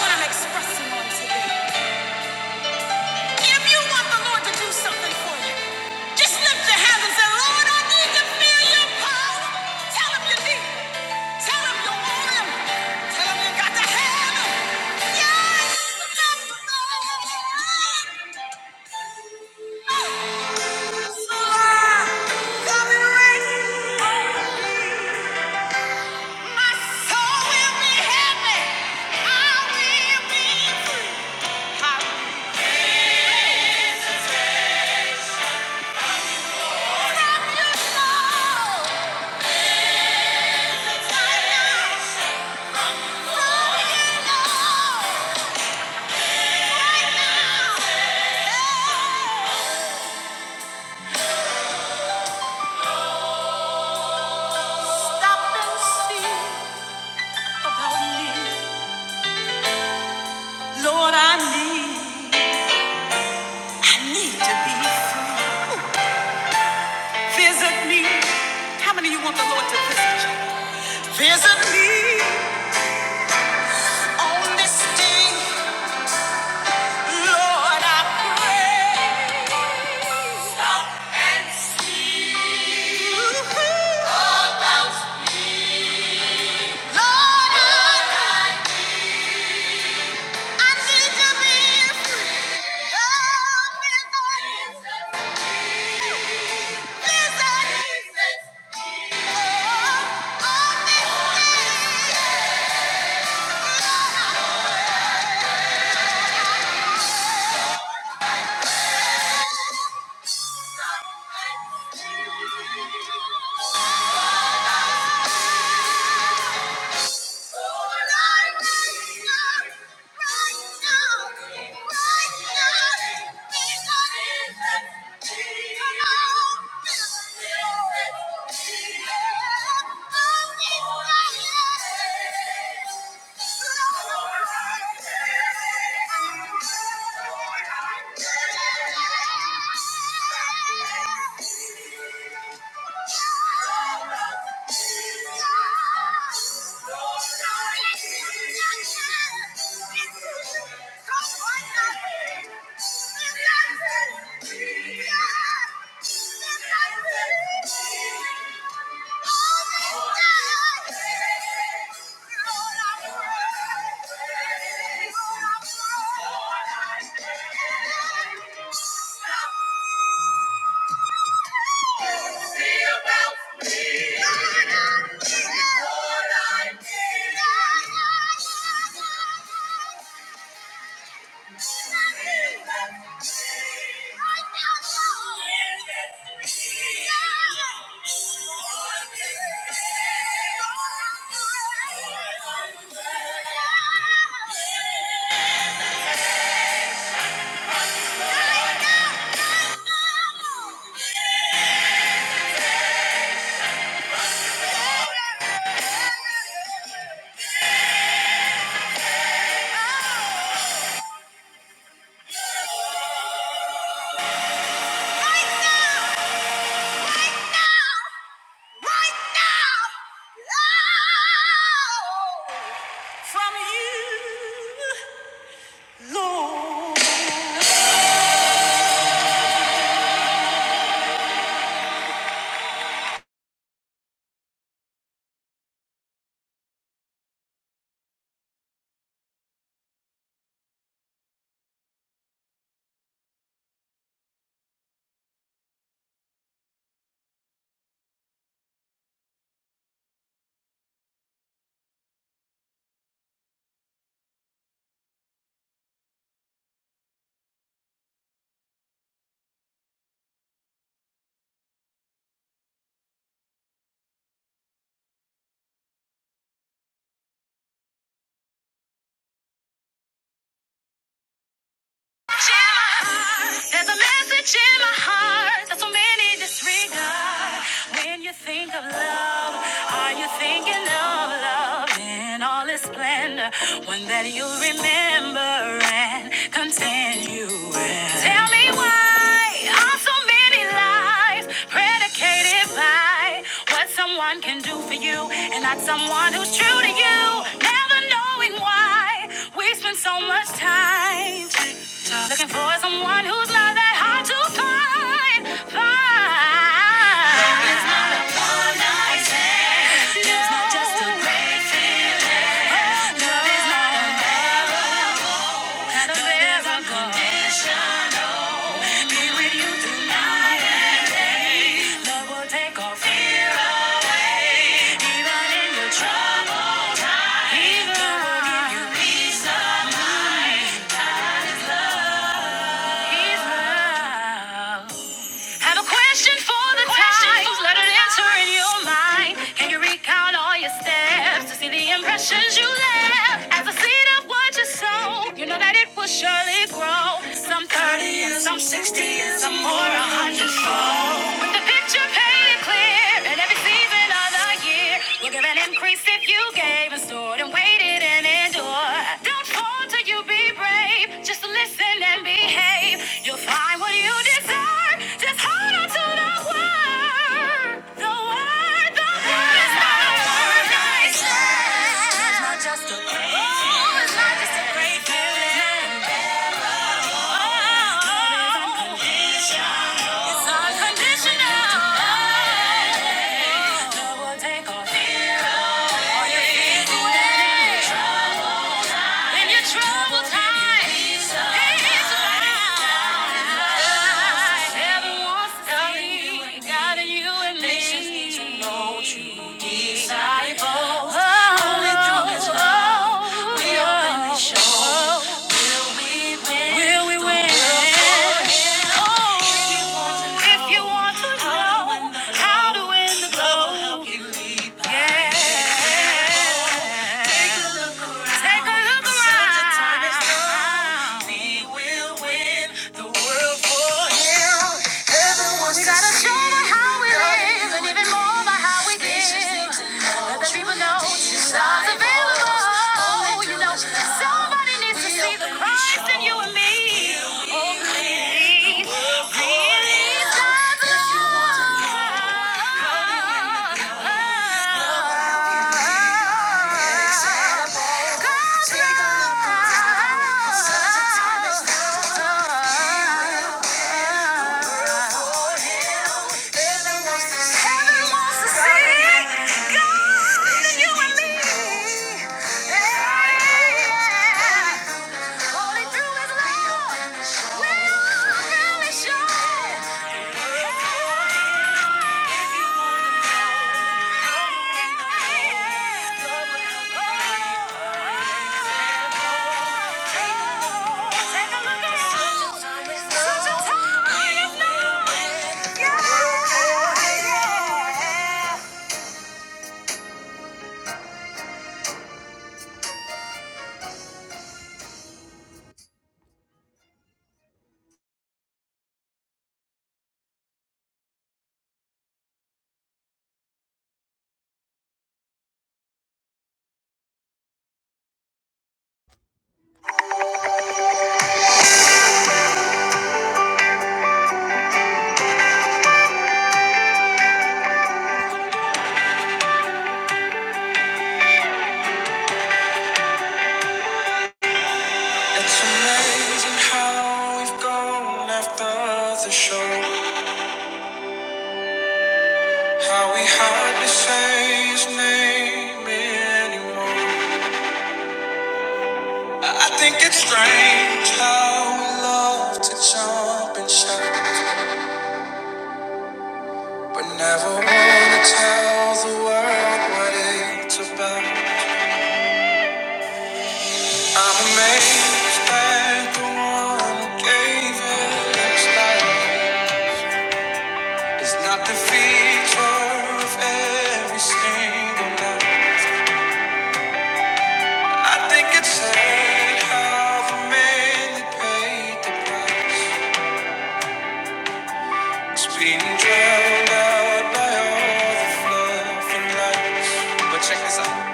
Speaker 2: what I'm expressing on today. If you want the Lord to do something for you, just lift your hands and say, Lord, I need to feel your power. Tell him you need it. Tell him you want him. Tell him you got to have him. Yes, Lord. So I come and raise Lord, I need, I need to be free. Visit me on this day, Lord, I pray. Stop and see Lord, I Thank you. Thank you. Thank you. Yeah. There's a message in my heart that so many disregard. When you think of love, are you thinking of love in all its splendor? One that you'll remember and continue with. Tell me why are so many lives predicated by what someone can do for you and not someone who's true to you? Never knowing why we spend so much time. So Looking for someone who's not that hard to find. Find. Love is not a one night stand. It's not just a grand. Love is not a kind of miracle. Love will take all fear, even in your trouble. Even Love will give you peace. Love. Peace. Love. Have a question for the question times. Let it answer in your mind. Can you recount all your steps to see the impressions you left? As a seed of what you sow, you know that it will surely grow. Some 30 and some 60 and some more, a hundredfold. With the picture painted clear in every season of the year, you'll give an increase if you gave and stored and waited and endured. Don't falter, you be brave. Just listen and behave. You'll find what you deserve. Just hold on to the word. The word, the word is not a word I said. It's not just, oh, it's not just a great feeling. Oh, it's unconditional. Love will take all fear away. all your fears away. In your troubled time, peace abounds. Oh, if you want to know how to win the gold, yeah. Take a look around. We gotta show them how we live and even more by how we give. Let the people know Jesus is available. You know, somebody needs to see the Christ in you. He's God's love. It's amazing how we've gone after the show. How we hardly say his name anymore. I think it's strange how we love to jump and shout, but never wanna tell the world what it's about. I'm amazed that the one who gave it. his life It's not the feature of every single night. I think it's sad how the man that paid the price is being drowned out by all the fluff and lights. But check this out.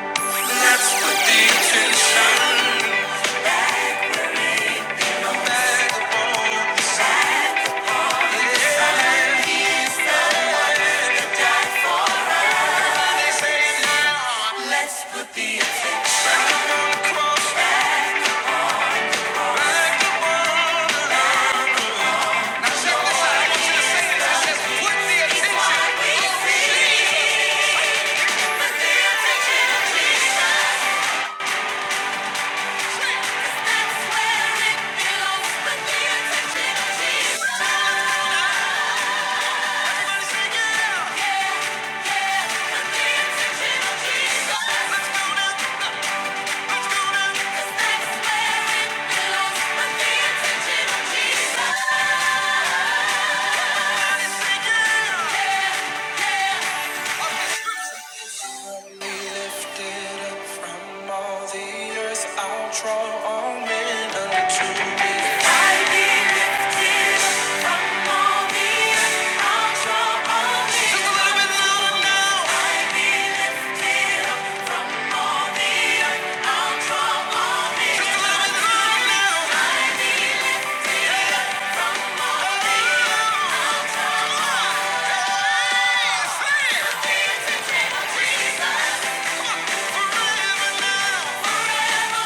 Speaker 2: Let's go now. I the from all the earth. Just a little bit louder now. Yeah.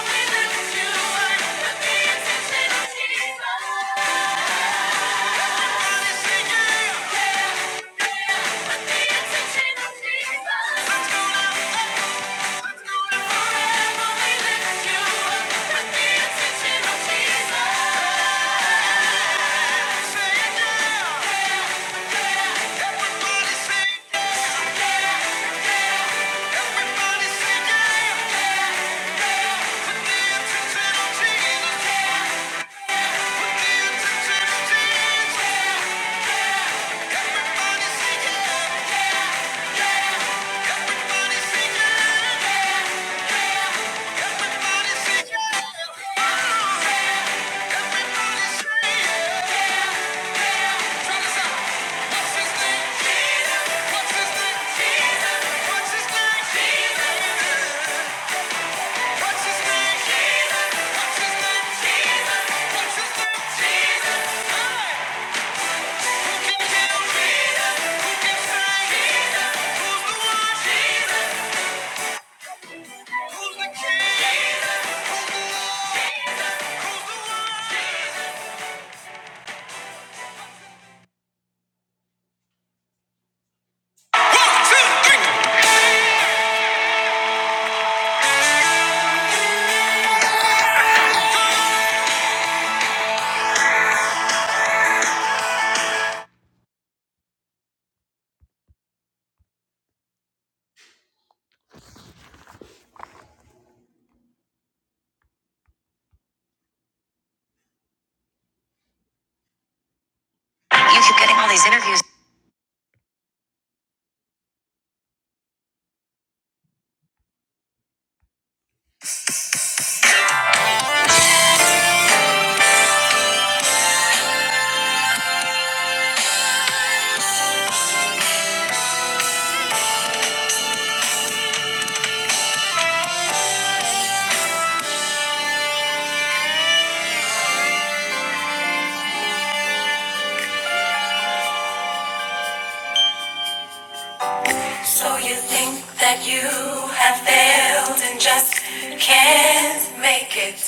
Speaker 2: So you think that you have failed and just can't make it.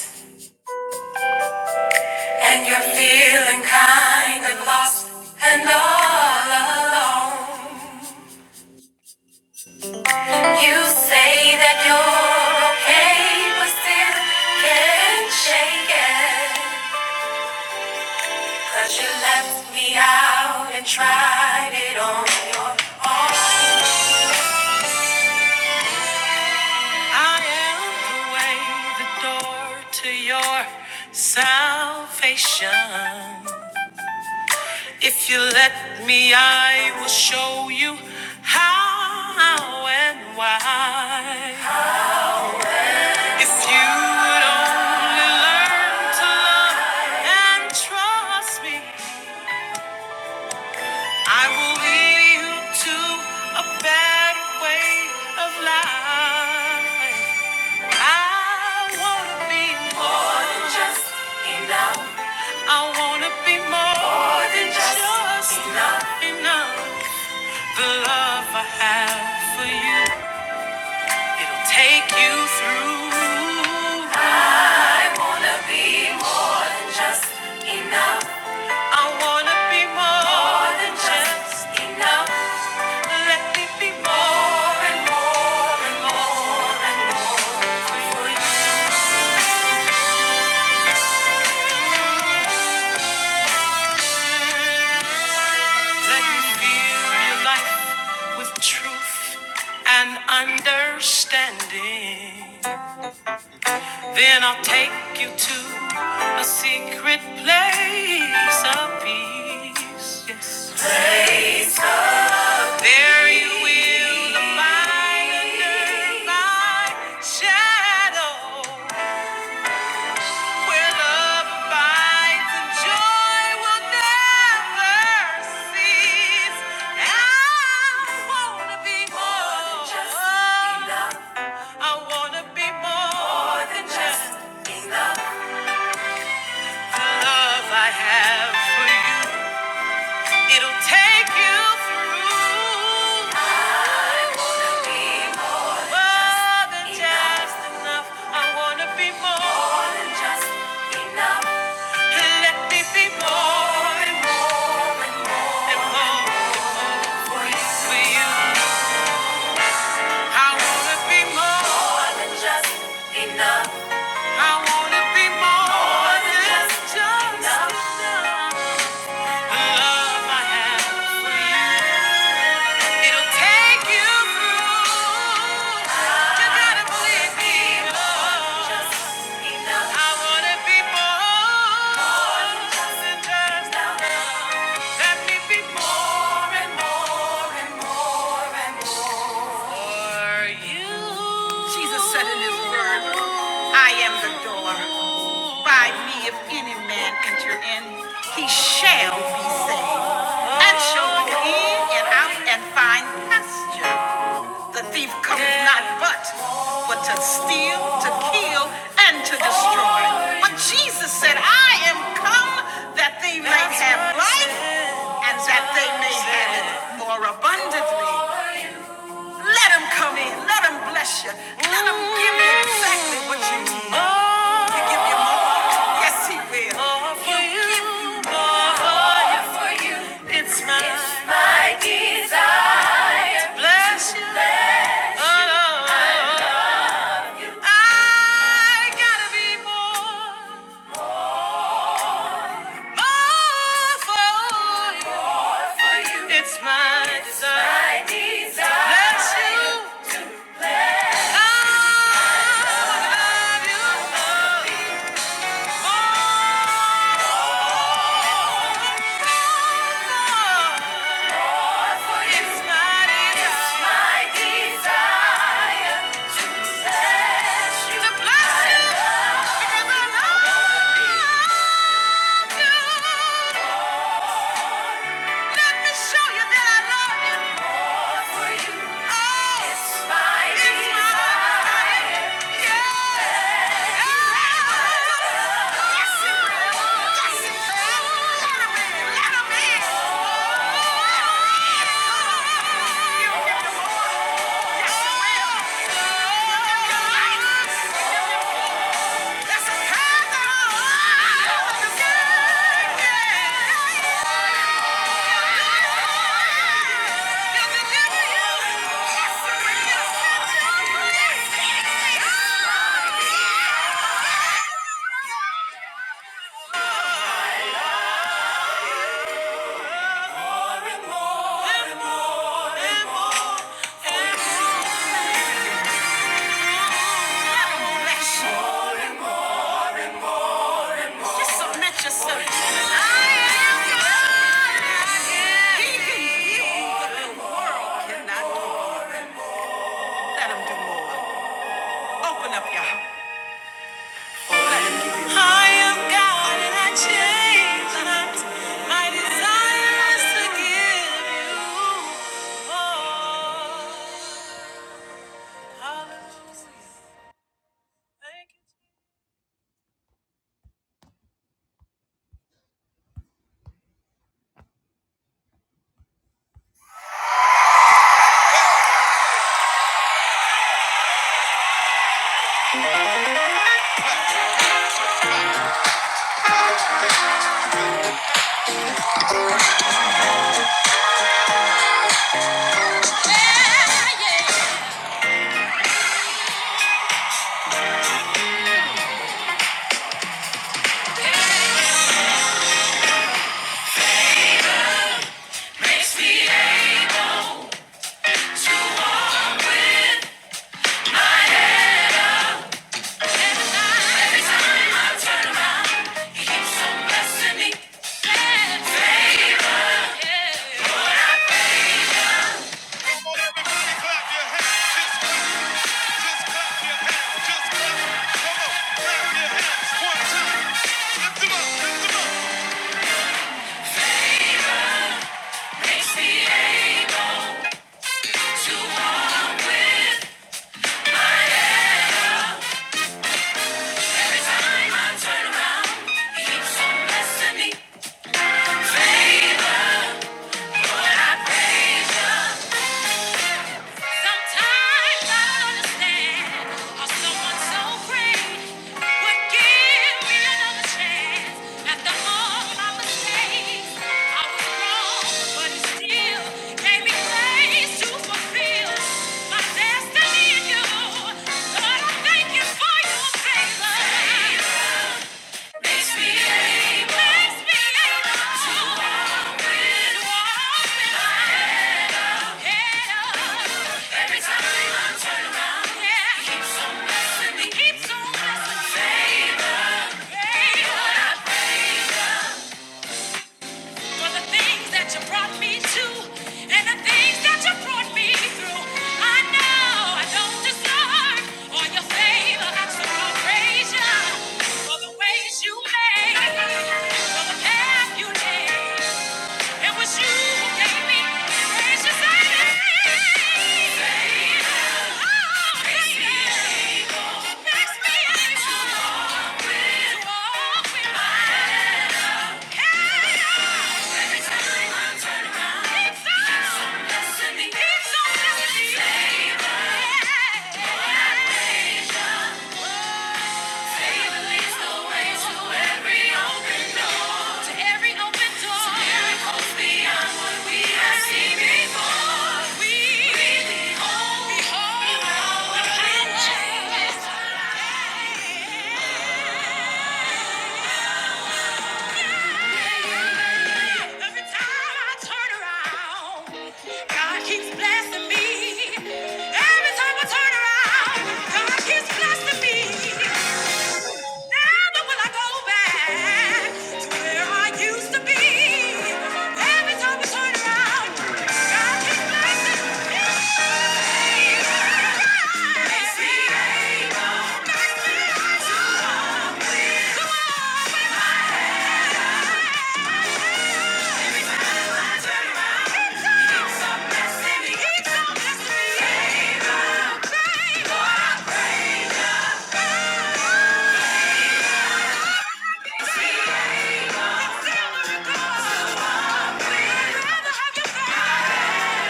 Speaker 2: And you're feeling kind of lost and all alone. You say that you're okay, but still can't shake it. 'Cause you left me out and tried it on your own. I am the way, the door to your salvation. If you let me, I will show you how and why. If you would only learn to love and trust me, I will lead you to a better way of life. I wanna be more than just enough. I wanna be more, than just enough. enough. The love I have for you, it'll take you through. I wanna be. just enough. I wanna be more, more than just enough. Let me be more and more and more and more for you. Let me feel your life with truth and understanding. Then I'll take you to a secret place of peace. Yes. Place There you will abide under my shadow, where love abides and joy will never cease. I wanna be more than just enough. I wanna be more, than just enough. The love I have take you through. I wanna be. More than just enough. I wanna be more. Let me be more for you. I wanna be more. than just enough. I want to believe more than just enough. More and more and more. Jesus said in his word, I am the door. by me, if any man enter in, he shall be saved, and shall go in and out and find pasture. The thief cometh not but but to steal, to kill, and to destroy. But Jesus said, I am come that they may have life, and that they may have it more abundantly. Let him come in. Let him bless you. Let him give you exactly what you need. He'll give you more. Yes, he will. More for He'll you. give you more. for you. It's my, it's my desire. to Bless you. Oh, oh, oh. I gotta be more. More for you. It's my desire. My desire. Bless you. It's my desire. To bless you. Open up, y'all. Let him give you. I am God and I change My desire is to give you. Favor, Lord, I praise you. Sometimes I don't understand how someone so great would give me another chance after all my mistakes. I was wrong, but he still gave me grace to fulfill my destiny in you. Lord, I thank you for your favor. Makes me able, to open, open my Every time I turn around, yeah, he keeps on blessing me, keeps on blessing me. Favor, favor for the things that you brought me to and the things that you brought me through. I know I don't deserve all your favor. I just will praise you for the ways you made, for the path you laid. It was you who gave me gracious Oh, makes me able to walk with yeah. Every time I turn around, God keeps blessing me. Every time I turn around, God keeps blessing me. Never will I go back to where I I used to be. Every time I turn around, God keeps blessing me. Makes me able, makes me able to always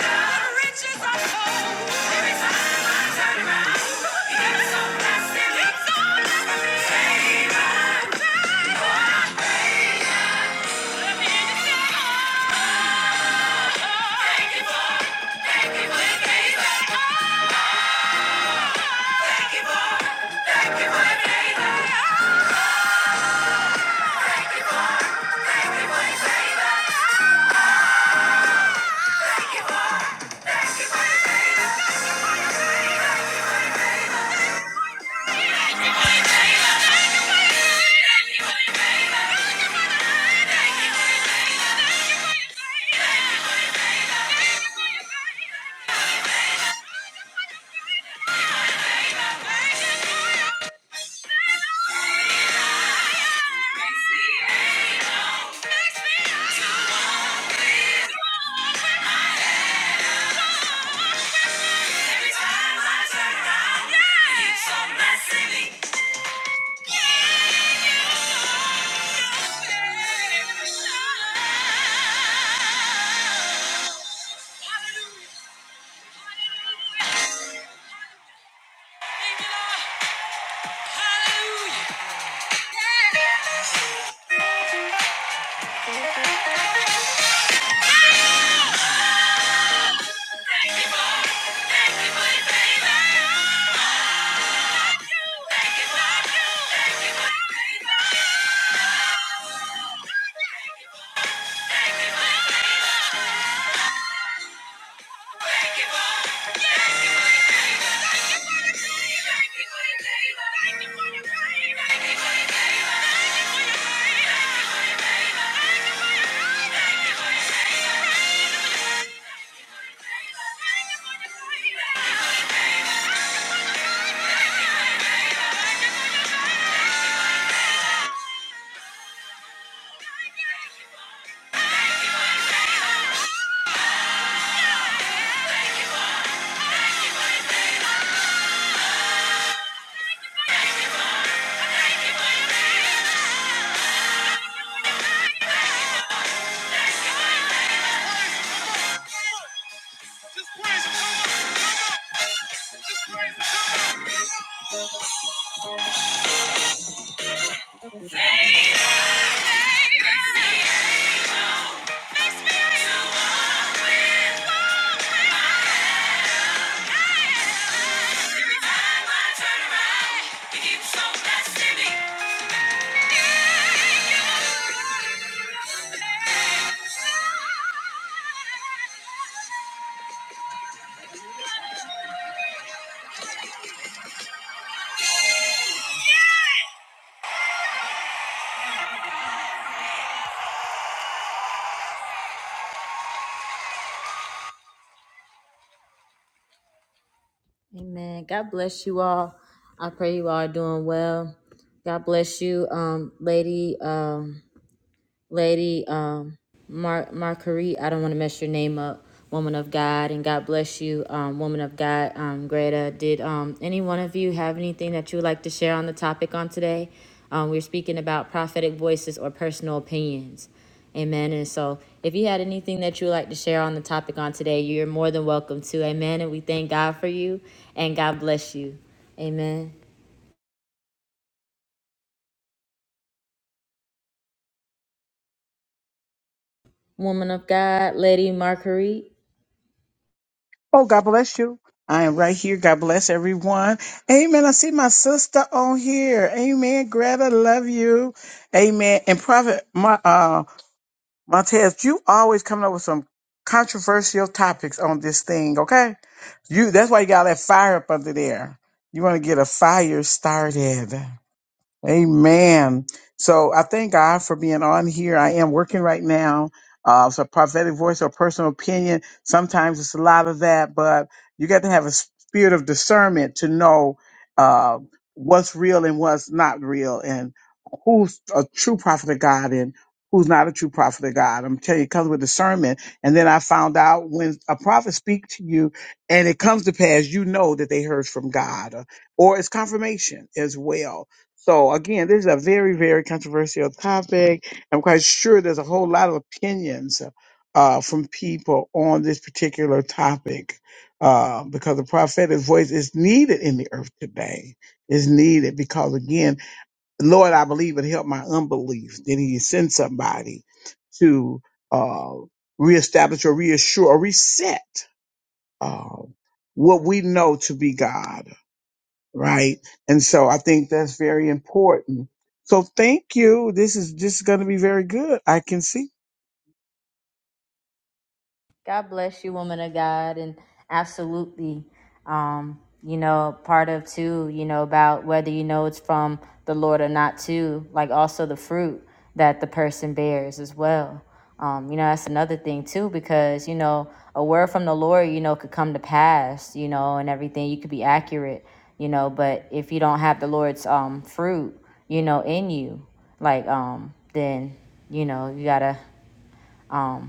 Speaker 2: Thank you. Thank you. Hallelujah. Thank you. Just praise him. Come on. Come on. Just praise him. Amen. God bless you all. I pray you all are doing well. God bless you, um, lady. Um, Lady um Mar- Marguerite, I don't want to mess your name up. Woman of God, and God bless you, um, woman of God. Um, Greta, did um, any one of you have anything that you would like to share on the topic on today? Um, we're speaking about prophetic voices or personal opinions. Amen. And so, if you had anything that you would like to share on the topic on today, you're more than welcome to. Amen. And we thank God for you and God bless you. Amen. Woman of God, Lady Marguerite.
Speaker 11: Oh, God bless you. I am right here. God bless everyone. Amen. I see my sister on here. Amen. Greta, love you. Amen. And Prophet my, uh, Montez, you always coming up with some controversial topics on this thing, okay? You That's why you got that fire up under there. You want to get a fire started. Amen. So I thank God for being on here. I am working right now. Uh, it's a prophetic voice or personal opinion. Sometimes it's a lot of that, but you got to have a spirit of discernment to know uh, what's real and what's not real, and who's a true prophet of God and who's not a true prophet of God. I'm telling you, it comes with discernment. And then I found out when a prophet speaks to you and it comes to pass, you know that they heard from God, uh, or it's confirmation as well so again, this is a very, very controversial topic. I'm quite sure there's a whole lot of opinions uh, from people on this particular topic uh, because the prophetic voice is needed in the earth today. Is needed because again, Lord, I believe it helped my unbelief. Did He send somebody to uh, reestablish or reassure or reset uh, what we know to be God? right? And so I think that's very important. So thank you. This is just going to be very good. I can see.
Speaker 2: God bless you, woman of God, and absolutely. Um, you know, part of too, you know, about whether you know it's from the Lord or not too, like also the fruit that the person bears as well. Um, you know, that's another thing too, because, you know, a word from the Lord, you know, could come to pass, you know, and everything. You could be accurate, you know, but if you don't have the Lord's um fruit, you know, in you, like um, then, you know, you gotta um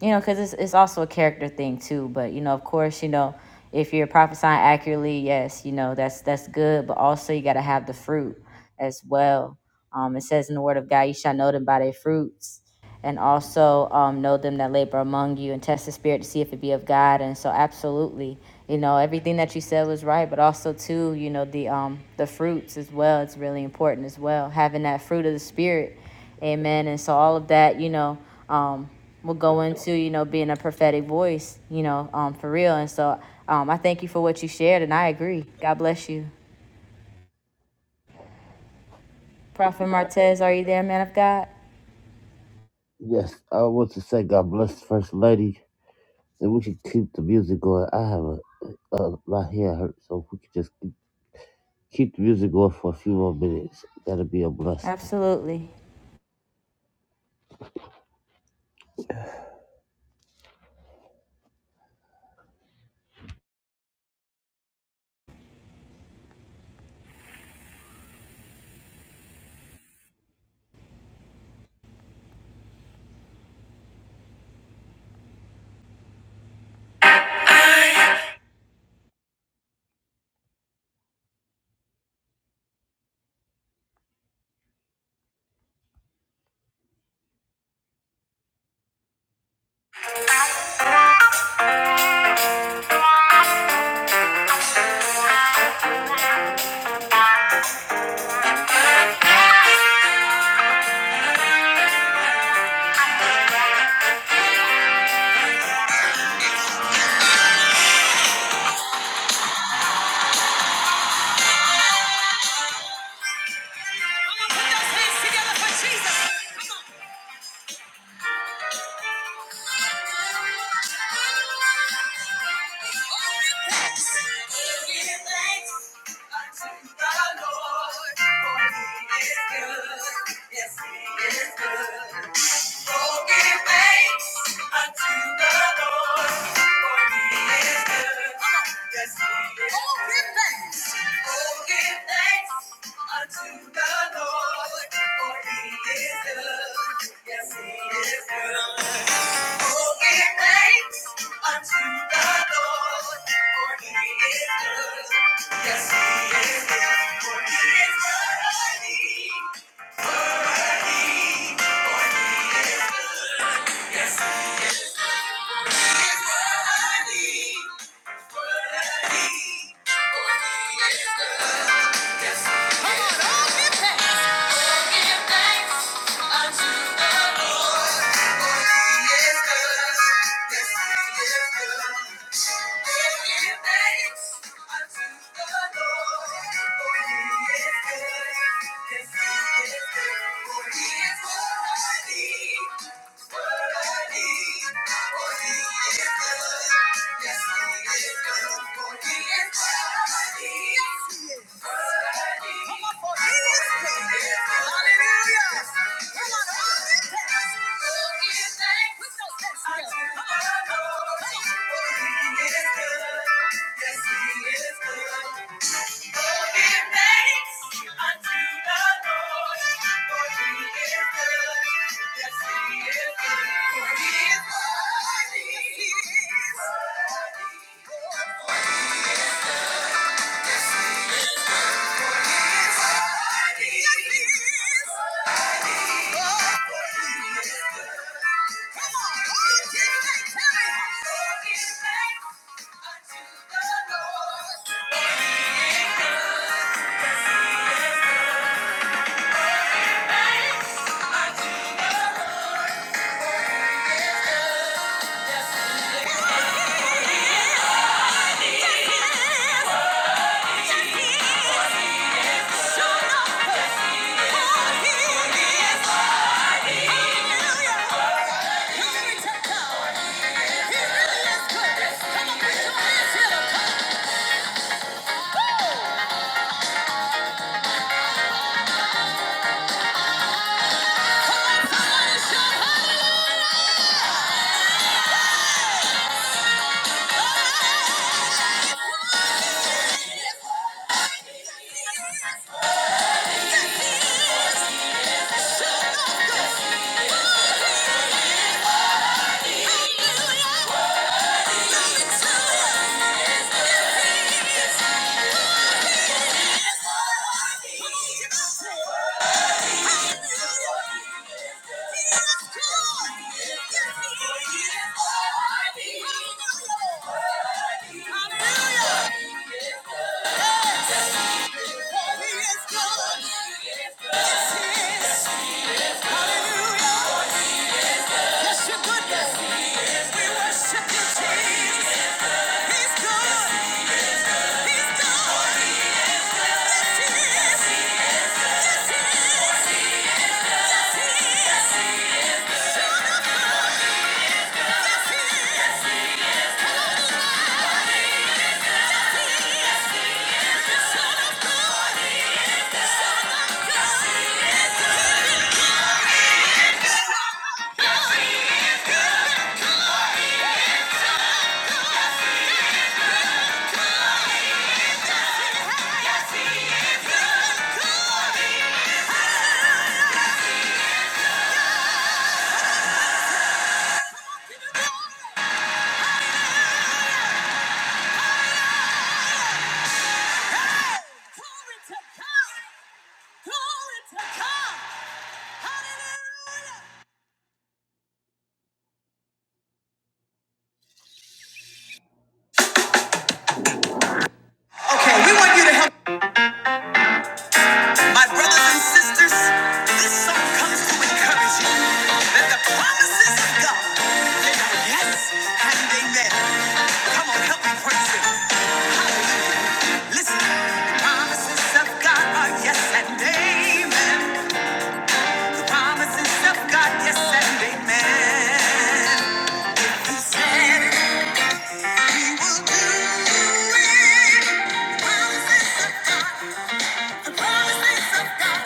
Speaker 2: you know, because it's, it's also a character thing too. But you know, of course, you know, if you're prophesying accurately, yes, you know that's that's good. But also, you got to have the fruit as well. Um, it says in the Word of God, you shall know them by their fruits and also um, know them that labor among you and test the spirit to see if it be of God. And so, absolutely, you know, everything that you said was right, but also too, you know, the um, the fruits as well. It's really important as well having that fruit of the spirit, Amen. And so, all of that, you know, um, will go into you know being a prophetic voice, you know, um, for real. And so, um, I thank you for what you shared, and I agree. God bless you, Prophet Martez. Are you there, man of God?
Speaker 1: Yes. I want to say God bless the first lady, and we should keep the music going. I have a, a my head hurts, so if we could just Keep the music going for a few more minutes. That'll be a blessing.
Speaker 2: Absolutely. Yes, he is. Oh, give thanks. Oh, give thanks unto the Lord, for he is good. Yes, he is good. Oh, give thanks unto the Lord, for he is good. Yes, he is good, for he is worthy. Worthy, for he is good. Yes, he is good, for he is worthy. Worthy, for he is good. Yes. Yes, he is. Yes, Thank you. Okay, we want you to help. My brothers and sisters, this song comes to encourage you that the promises of God, they are yes and amen. Come on, help me praise Him. Listen, the promises of God are yes and amen. The promises of God, yes, amen. He said he will do it. The promises of God, the promises of God,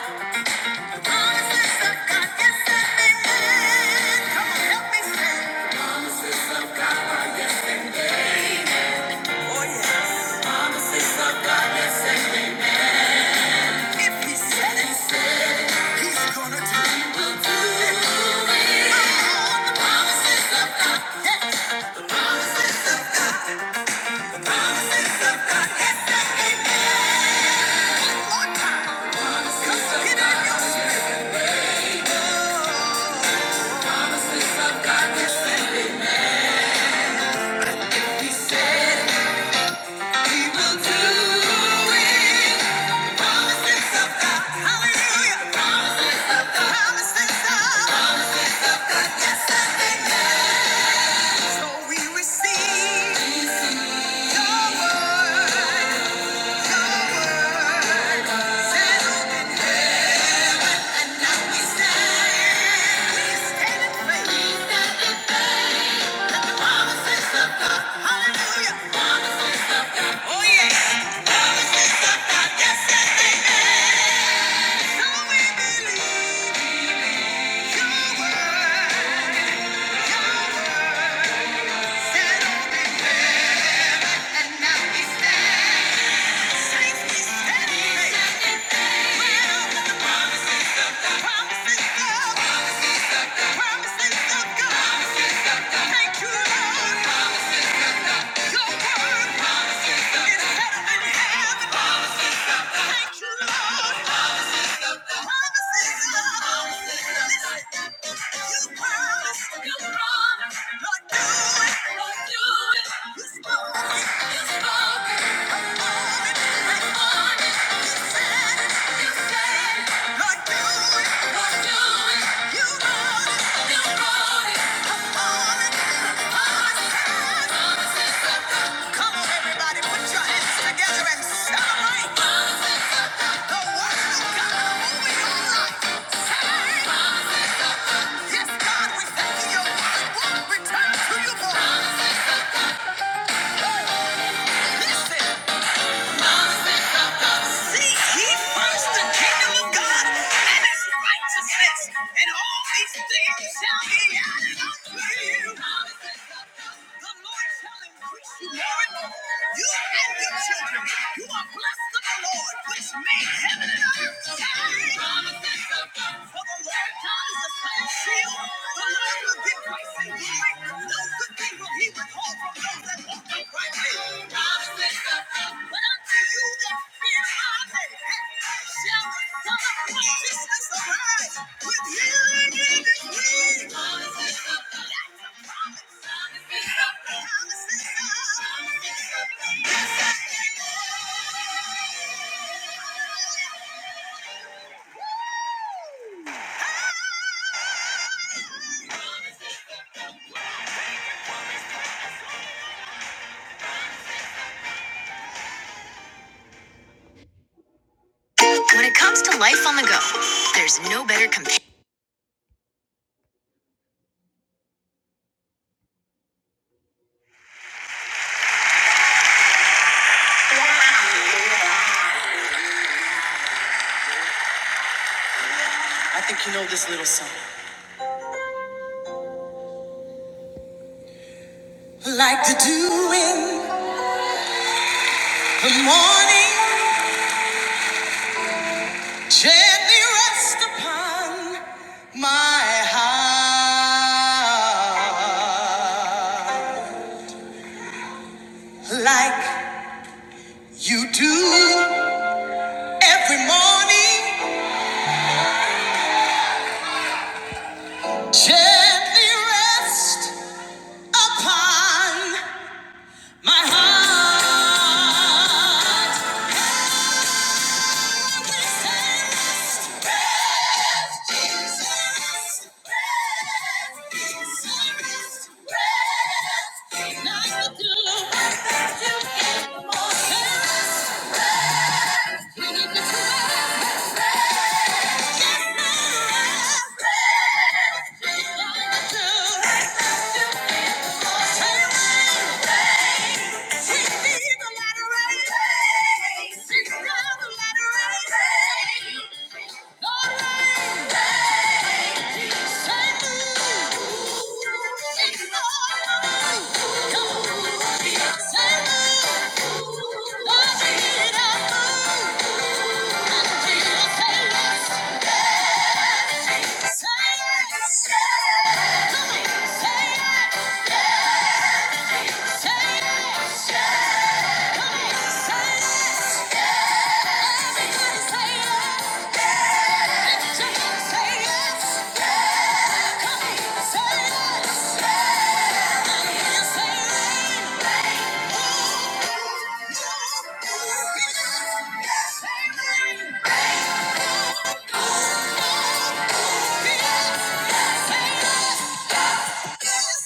Speaker 2: the promises of God, yes and amen. Come on, help me say. The promises of God are yes and amen. Oh, yes. The promises of God, yes and amen. If he said it, he's gonna do it. He will do it. Oh, one more time. 'Cause it ain't your promises of God that said He said he will do it. Promises of God. Hallelujah. Promises of God. Promises of God. Promises of God. Yes, and amen. So we receive your word. Your word. Promises of God. You said, Lord, do it. Lord, do it. You want it. You want it. Yes, God, we thank you. Your word won't return to you, boy. Listen. Seek ye first the kingdom of God and his righteousness, and all these things shall be added unto you. The Lord shall increase you more and more. You and your children, you are blessed of the Lord, which made heaven and earth. For the Lord God is a sun and shield. The Lord will give grace and glory. When it comes to life on the go, there's no better comparison. Like to do in the morning, gently rest upon my heart. Like you do every morning, gently rest upon my heart. Not the She's got the Thank you. Say it! say it, say it, say it, say it. Yes, Yes,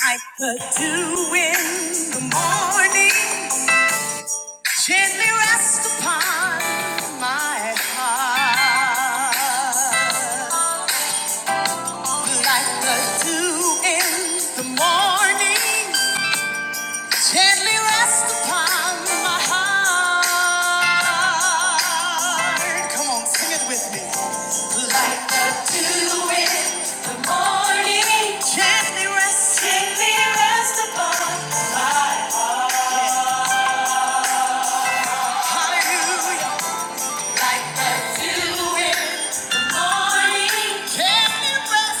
Speaker 2: I put you in the morning, gently rest upon my heart. Like the dew in the morning, gently rest upon my heart. Come on, sing it with me. Like the dew in the morning, gently rest, gently rest upon my heart. Hallelujah. Like the dew in the morning. Gently rest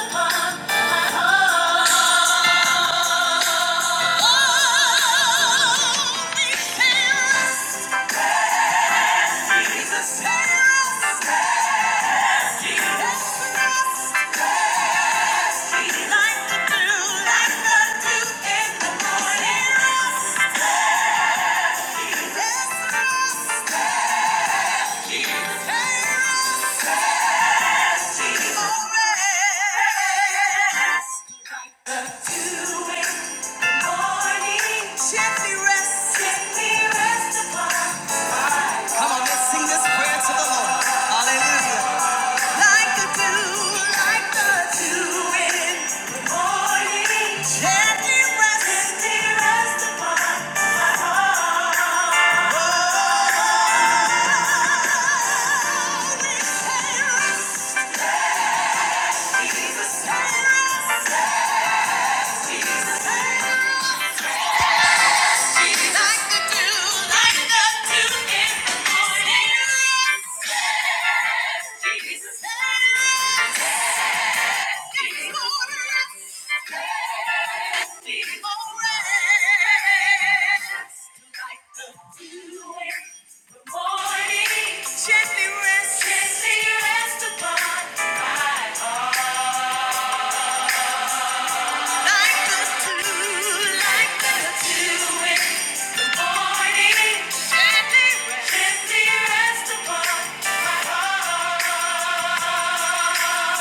Speaker 2: upon my heart. Oh, Jesus, Jesus, Jesus. Like the dew, like the dew in the morning. Rest, rest, rest. Gently rest, gently rest upon my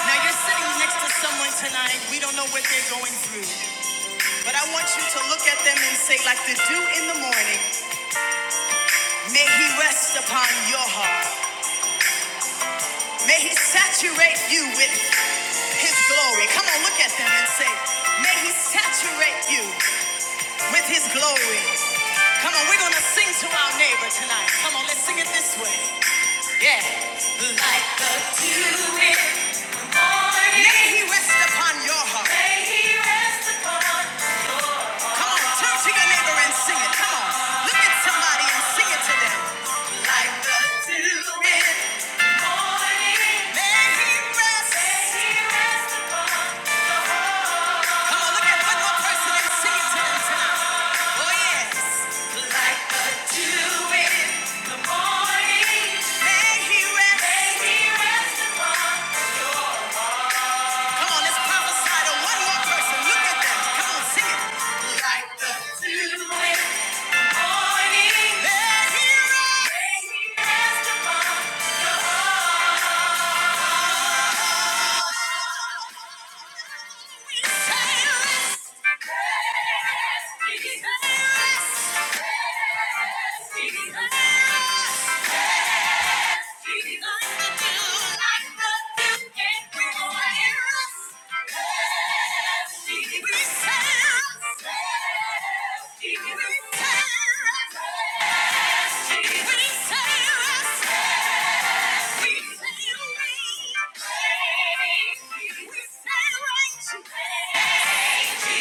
Speaker 2: Now you're sitting next to someone tonight. We don't know what they're going through, but I want you to look at them and say, like the dew in the morning, may he rest upon your heart. May he saturate you with his glory. Come on, look at them and say, may he saturate you with his glory. Come on, we're gonna sing to our neighbor tonight. Come on, let's sing it this way. We Jesus.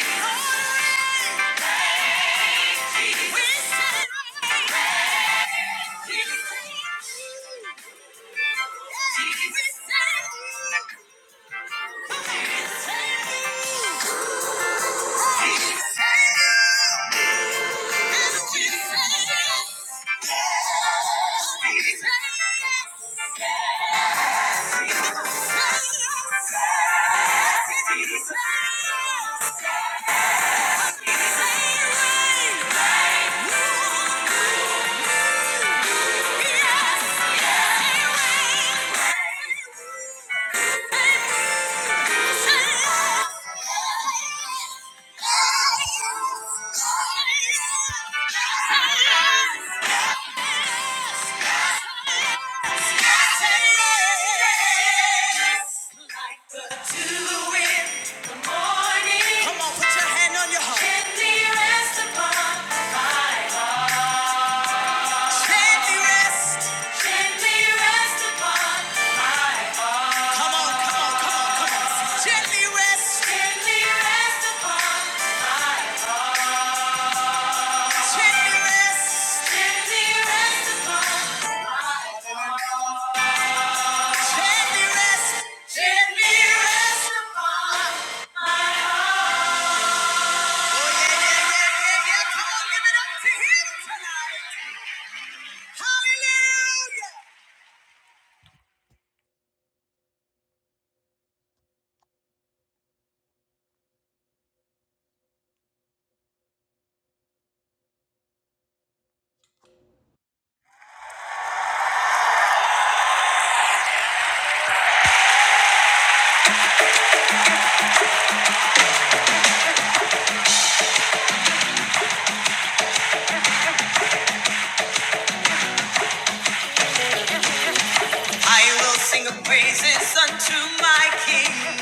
Speaker 2: I will sing of praises unto my King.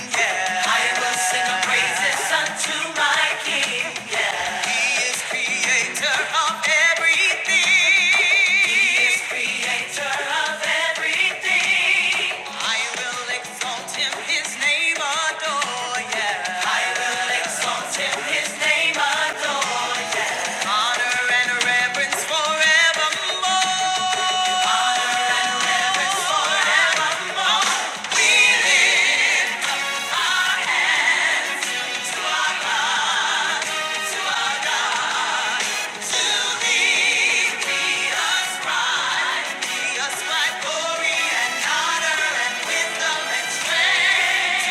Speaker 2: I will sing praises unto my King. He is creator of everything. He is creator of everything. I will exalt him, his name adore, yeah. I will exalt him, his name adore. Honor and reverence forevermore.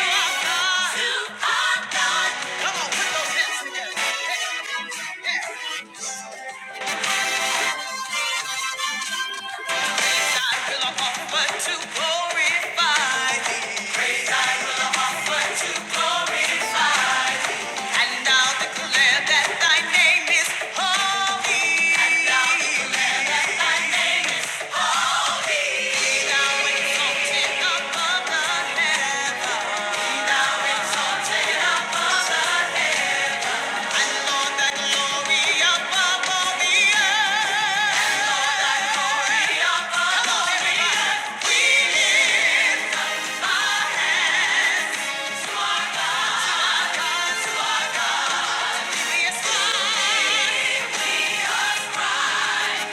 Speaker 2: To our God. To our God. Come on, put those hands together. Yeah. I will offer to glorify thee. Praise I will offer to glorify And i declare that thy name is holy. And i declare that thy name is Above all the others.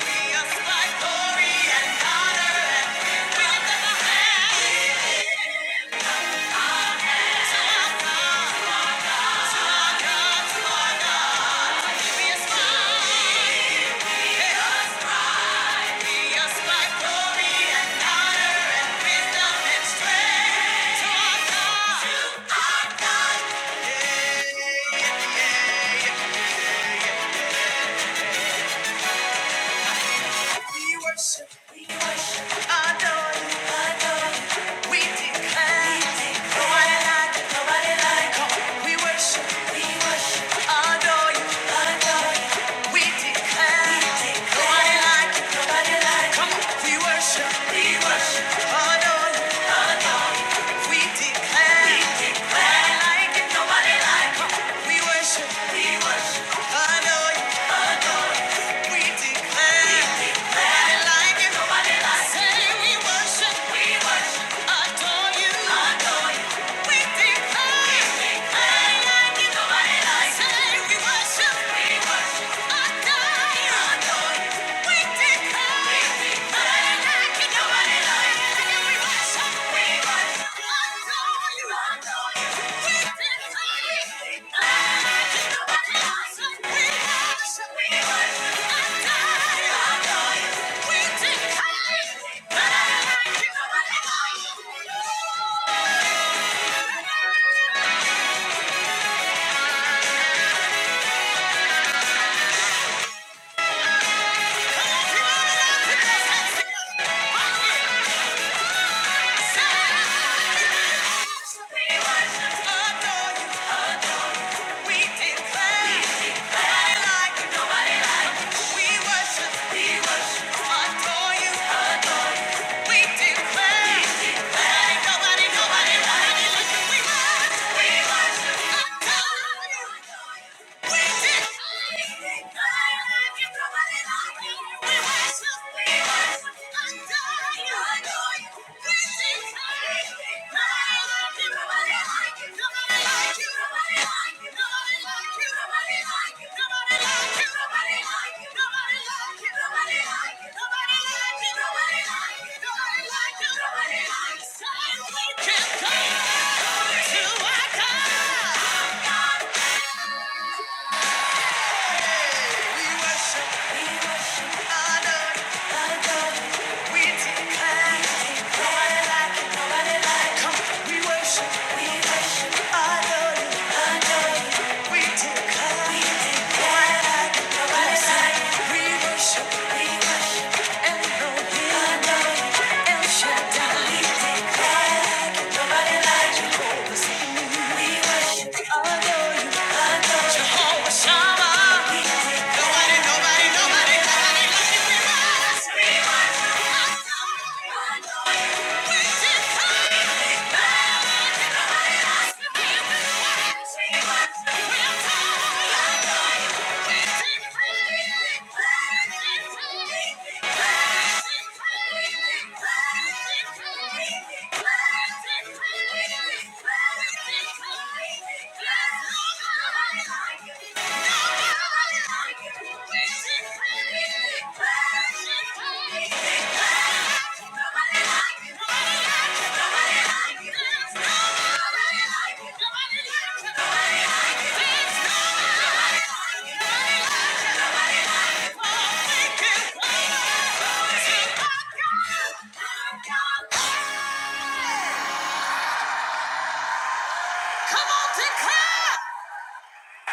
Speaker 2: Thank you We worship, we worship, adore you, adore you. We declare, we declare. nobody like you, nobody like you. We worship, we worship, adore you, adore you. We declare, we declare. nobody like you, nobody like you. We worship, we worship, adore you, adore you. We declare, we declare like nobody like it. We worship, we worship, adore adore We declare, we declare, like nobody like it. we worship, we worship, adore you, adore you. We declare, we declare, like nobody like it. we worship, we worship, adore you, adore you. We declare. Thank you. We did. Can't come to a God. We worship, we worship, honor, adore, we declare, nobody like nobody like We worship, we worship, honor, adore, we declare, we declare, nobody like nobody like We worship, we worship, Elohim, adore, El Shaddai, we declare, like nobody like you. Jehovah Zikri, we worship, nobody like you. Thank you. Come on, declare!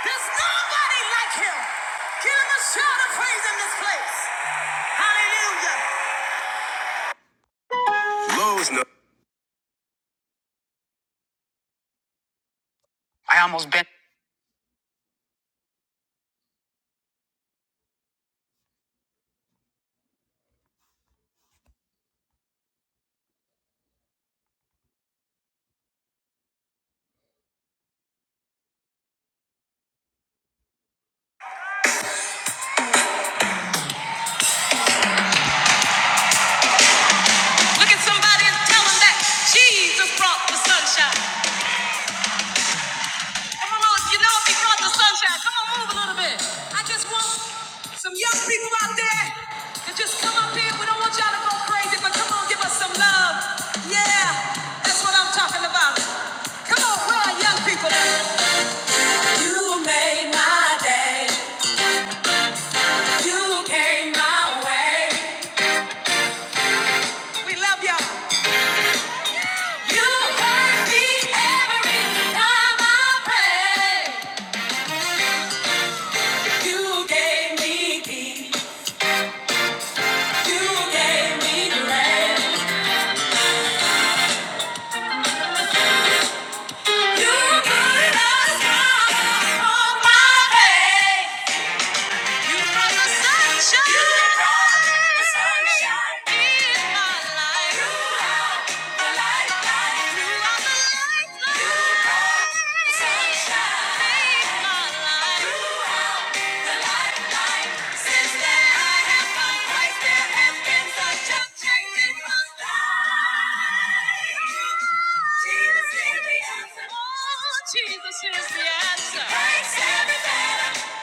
Speaker 2: There's nobody like him. Give him a shout of praise in this place. Hallelujah. Look at somebody and tell him that. sunshine. Come on, you know he brought the sunshine. Come on, move a little. Some young people out there that just come up here. We don't want y'all to go crazy, but come on, give us some love. Yeah, that's what I'm talking about. Come on, where are young people at? You made my day. You came my way. We love y'all. You heard me every time I prayed. You gave me peace. You gave me grace. Change in my life. Jesus is the answer. Oh, Jesus is the answer.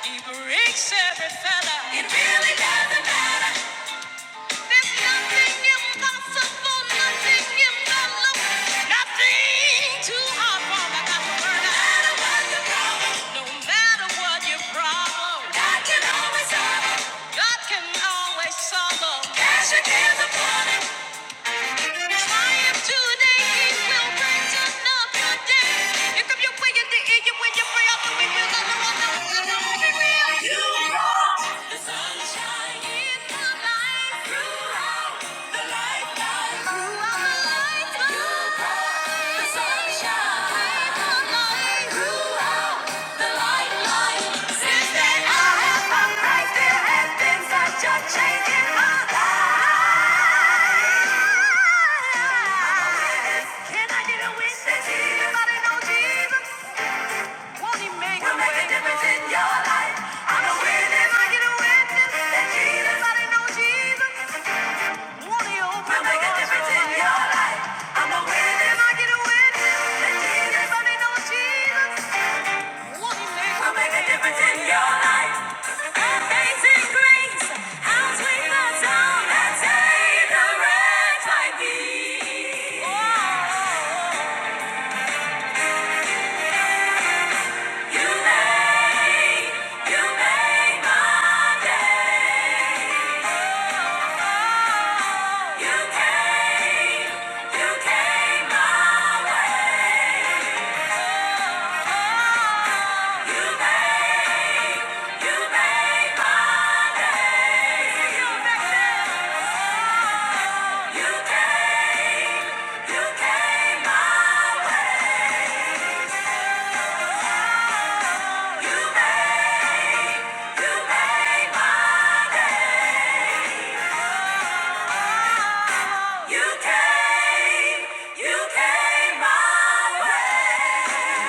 Speaker 2: He Breaks every fetter. He breaks every fetter. It really doesn't matter. There's nothing impossible, nothing impossible, nothing too hard for the government. No matter what your problem, no matter what your problem, God can always solve it. God can always solve it. Cash it the morning. Triumph today, it will bring to another day. Lift up your way in the air, you win your prayer, the weak will not run. Change in my life. Can I get a witness? Does Anybody know Jesus? You came, you came my way.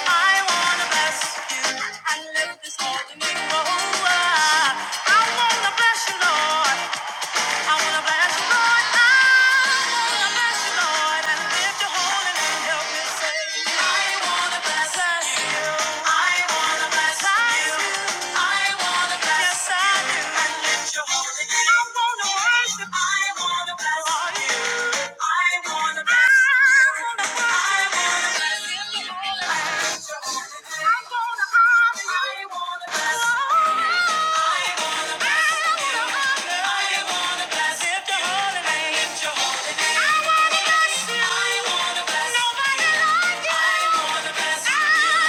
Speaker 2: I wanna bless you, Lord. I wanna bless you, I wanna bless you, and lift your holy name. Help me say, I wanna bless you. I wanna bless you. I wanna bless Yes, I do. And lift your holy name. I wanna worship. I wanna bless you. I wanna bless you. I wanna bless you. I wanna bless you. I wanna bless you. I wanna bless you. I wanna bless like you. I wanna bless you.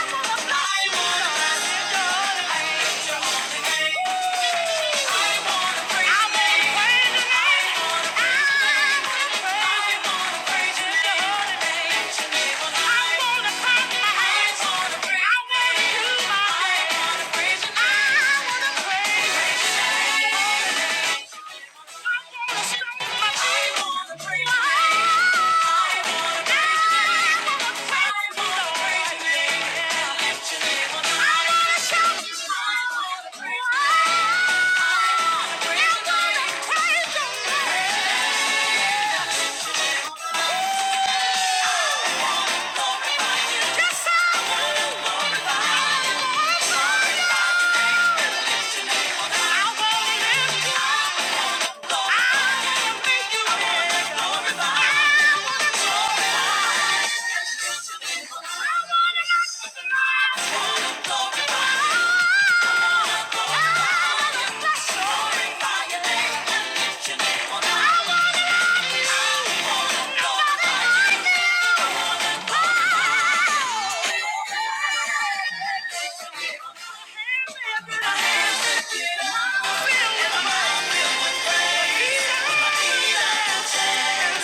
Speaker 2: Yeah.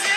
Speaker 2: You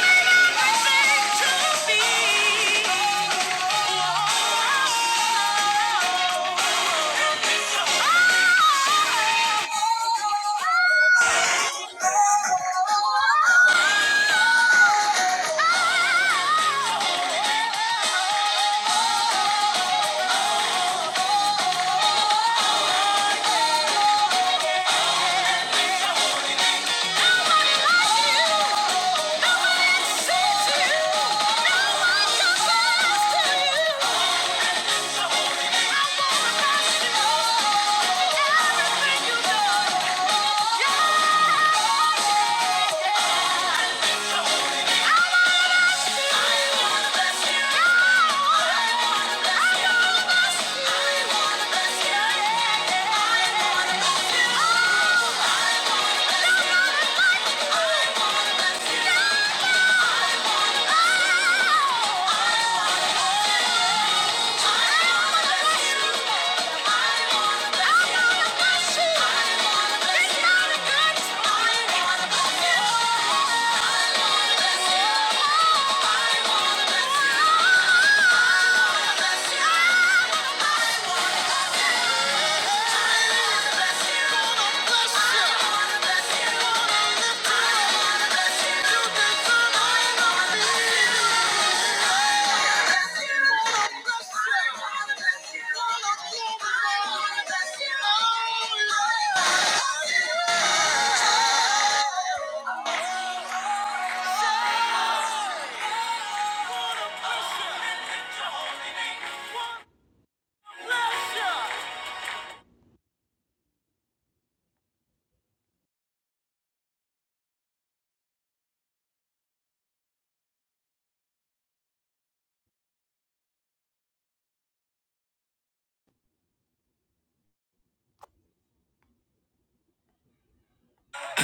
Speaker 2: may not be to me. Thank you.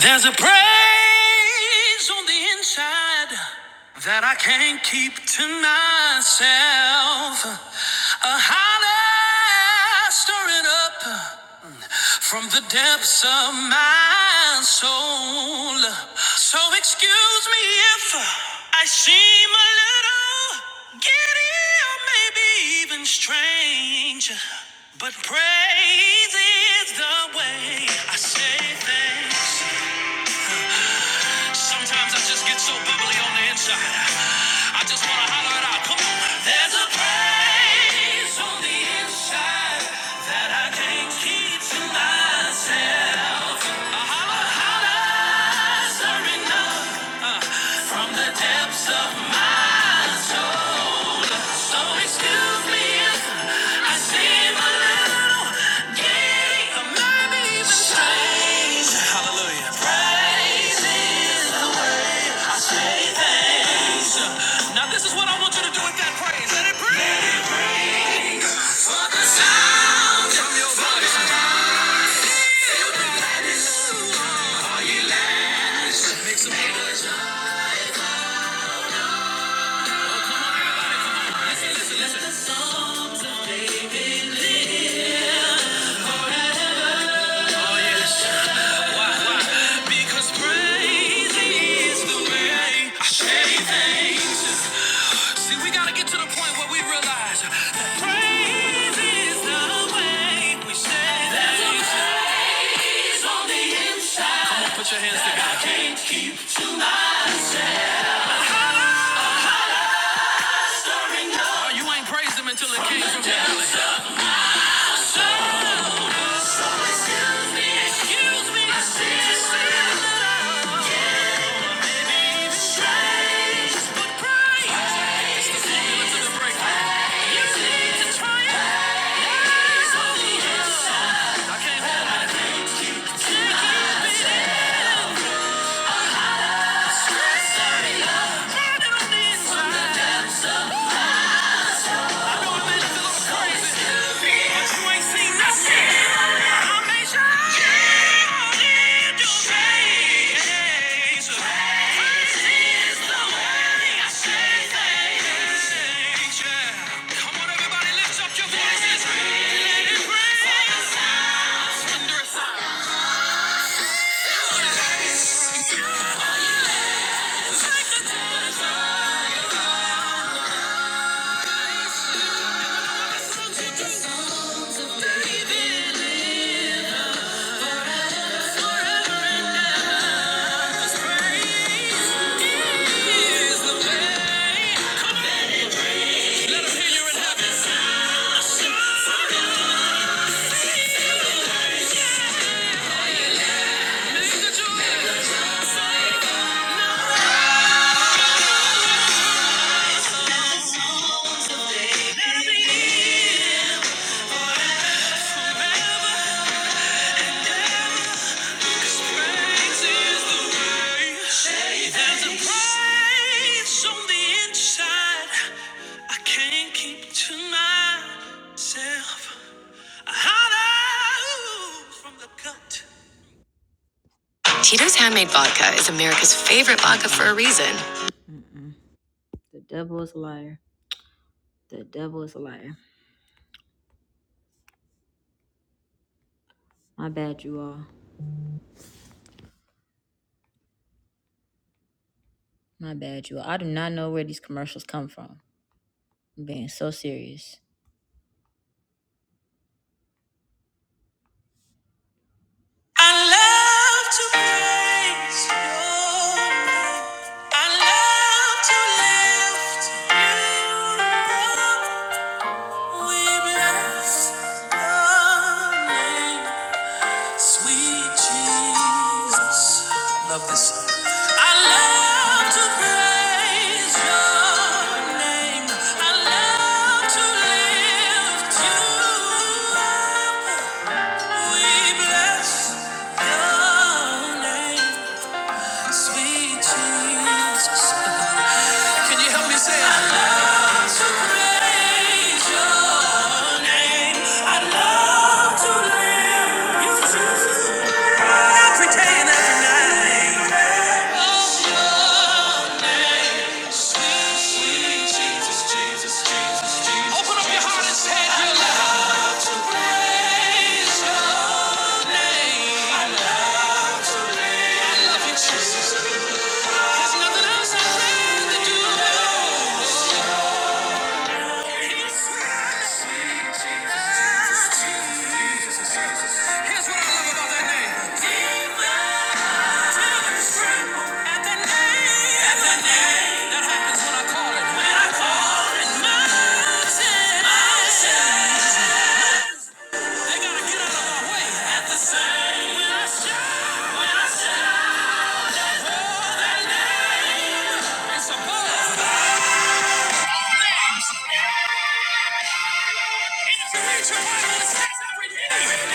Speaker 2: There's a praise on the inside that I can't keep to myself. A holler stirring up from the depths of my soul. So excuse me if I seem a little giddy or maybe even strange. But praise is the way I say thanks. Sometimes I just get so bubbly on the inside. I just wanna holler it out. Come on. There's a place on the inside that I can't keep to myself. Uh-huh. A holler, a hollers are enough uh, from the depths of my soul. So excuse me if I seem a little giddy or maybe even strange. Hallelujah. Crazy. Now this is what I want you to do with that praise. Let it praise. For the sound from your voice. Why? Why? Because praise is the way. I say that. See, we gotta get to the point where we realize that praise we say that. There's a praise on the inside. Come on, put your hands that together. I can't keep to myself. Oh, you ain't praised him until it from came the from your belly. Burning on the inside. I can't keep to myself. I holler from the gut. Tito's handmade vodka is America's favorite vodka for a reason. The devil is a liar. The devil is a liar. My bad, you all. My bad, you all. I do not know where these commercials come from. I'm being so serious. I love to praise your name. I love to lift you up. We bless your name, sweet Jesus. Love this song. I love to praise your name. I love to lift you up. Nothing else I plan to do. Here's what I love about that name. At the They gotta get out of my way. At the same. When I shout. When I shout. That name. It's a buzz. If you read your Bible, it says every knee. Every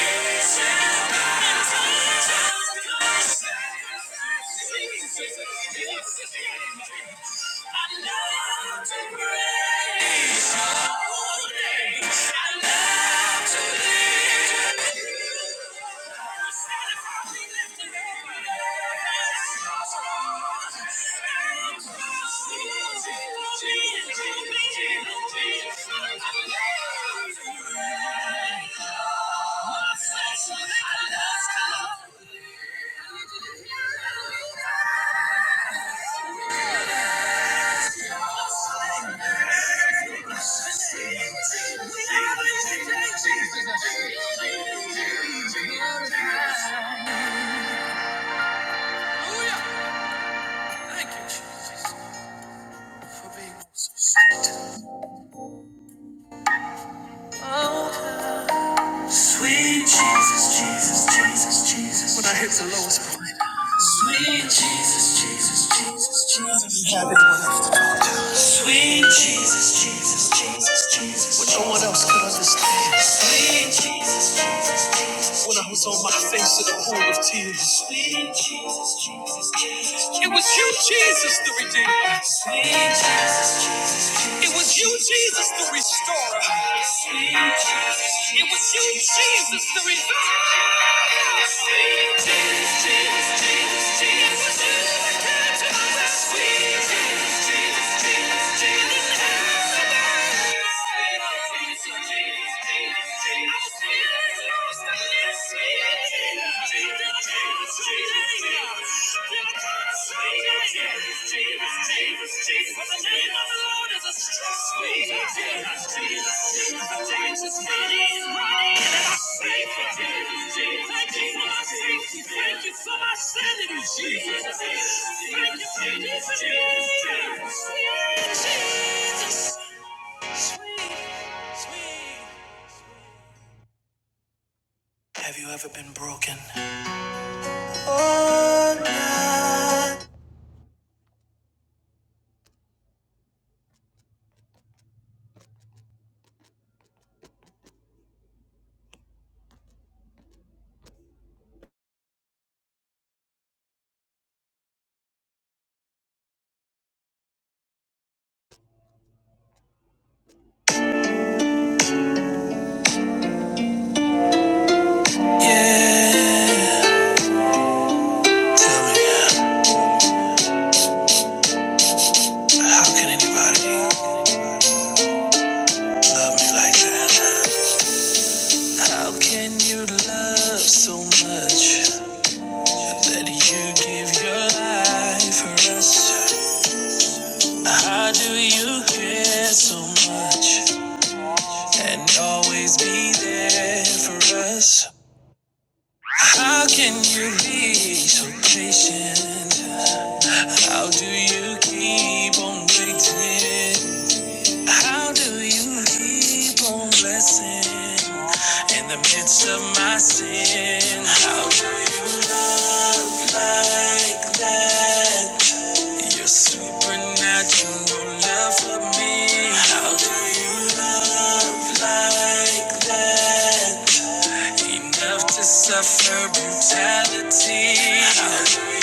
Speaker 2: shall bow. And tongue shall confess. Jesus is King. I love to pray. I love you. Thank you, Jesus, for being so sweet. Sweet Jesus, Jesus, Jesus, Jesus. When I hit the lowest point. Sweet Jesus, Jesus, Jesus, Jesus. You have everyone else to talk. Sweet Jesus, Jesus, Jesus, Jesus. What no one else could understand. Sweet Jesus, Jesus. When I was on my face in a pool of tears, Sweet Jesus, Jesus, Jesus, it was you, Jesus, the Redeemer. Sweet Jesus, Jesus, it was you, Jesus, the Restorer. Sweet Jesus, Jesus, it was you, Jesus, the Reviver. Sweet Jesus, Jesus, Jesus, Jesus, it was you that came to my rescue. Sweet Jesus, Jesus, Jesus, Jesus, have mercy. Sweet Jesus, Jesus, Jesus, Jesus, I was feeling lost and Have you ever been broken? Oh, not yeah. Tell me, now, how can anybody love me like that? How can you love so much that you give your life for us? How do you care so much and always be there for us? How can you be so patient? How do you keep on waiting? How do you keep on blessing in the midst of my sin? How do you love like that? Your supernatural love for me. How do you love like that? Enough to suffer brutality. Hallelujah.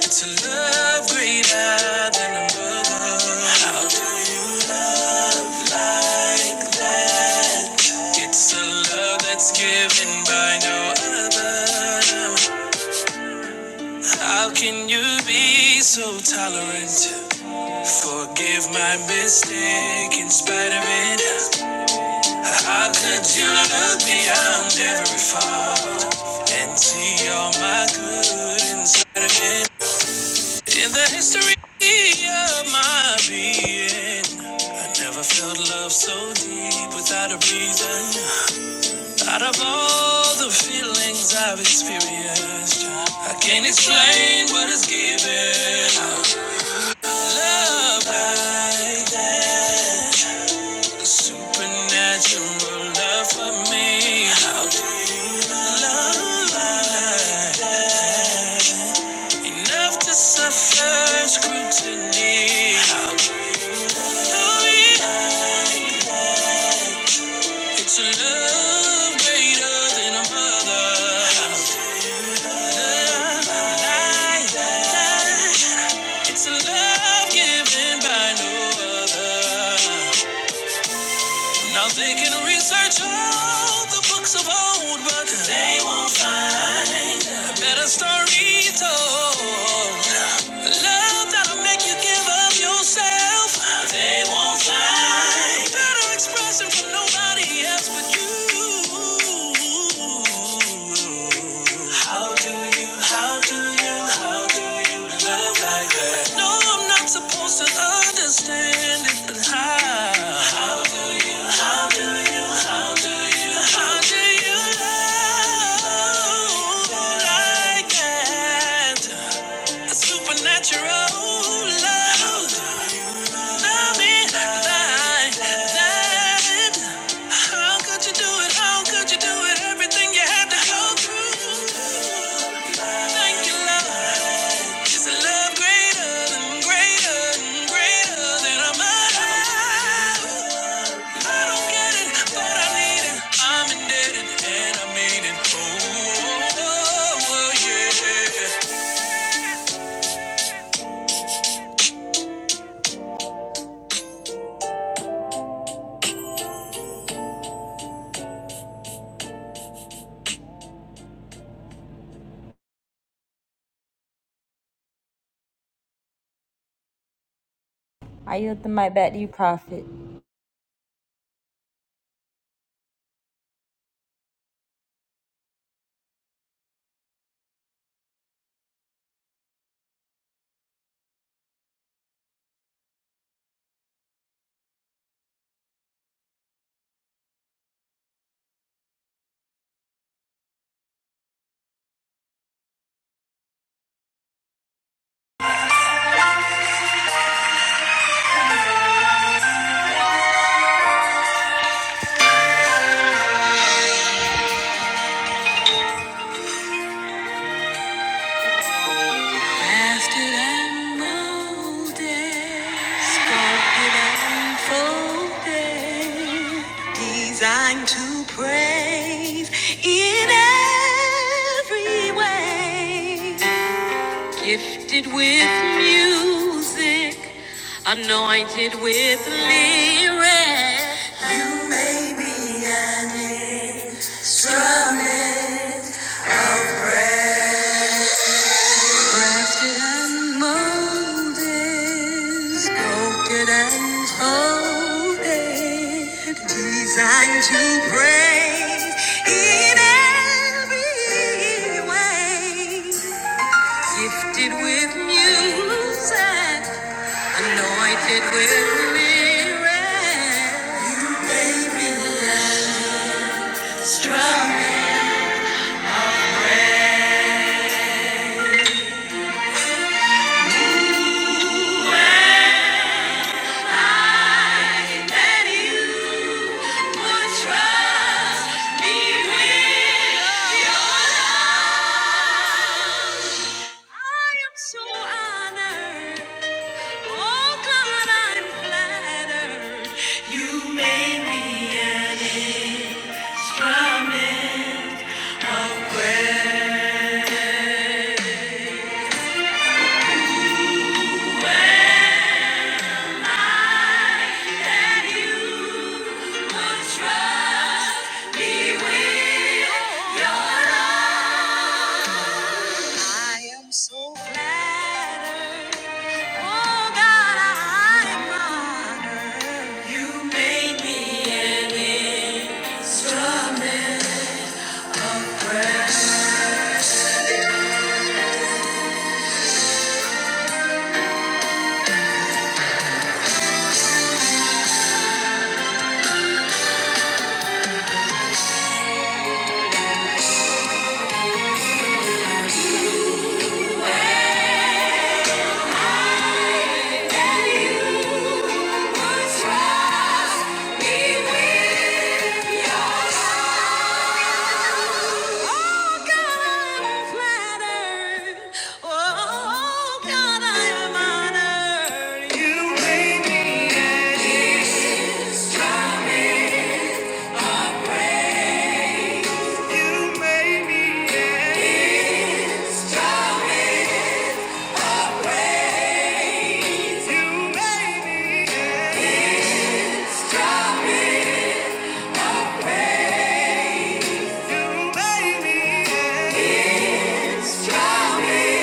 Speaker 2: To love greater than a mother. How do you love like that? It's a love that's given by no other. How can you be so tolerant? Forgive my mistake in spite of it. How could you look beyond every fault and see all my good inside of it? In the history of my being, I never felt love so deep without a reason. Out of all the feelings I've experienced, I can't explain what it's given. Love like that. Supernatural love for me. How do you love like enough to suffer scrutiny? How do you love can it's a love greater than a mother. How do you love like that? It's a love given by no other. Now they can research all the books of old, but they won't find a better story told. Love that'll make you give of yourself. They won't find better expression from nobody else but you. How do you, how do you, how do you love like that? No, I'm not supposed to understand it, but how? How do you, how do you, how do you, how do you love like that? A supernatural love. Love me like that. How could you do it? How could you do it? Everything you had to go through. Thank you, love. It's a love greater than greater than greater than I'm alive. I don't get it, but I need it. I'm indebted and I mean it. Oh, oh, oh, yeah. I yield the mic back to you, Prophet. Mastered and molded, sculpted and folded, designed to praise in every way. Gifted with music, anointed with lyrics. You may be an instrument. Crafted and molded, sculpted and folded, designed to praise in every way. Gifted with music, anointed with miracles. You made me strong. I let you. So flattered. Oh God, I am honored. You made me an instrument. Strawberry.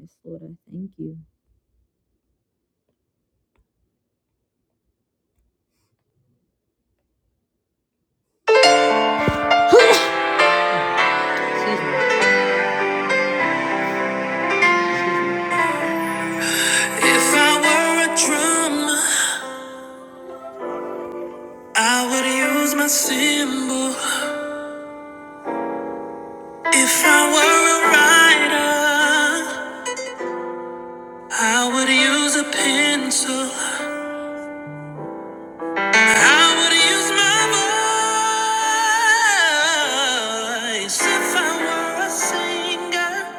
Speaker 2: Yes, Lord, I thank you. If I were a drummer, I would use my cymbal. If I were a writer, I would use a pencil. I would use my voice. If I were a singer,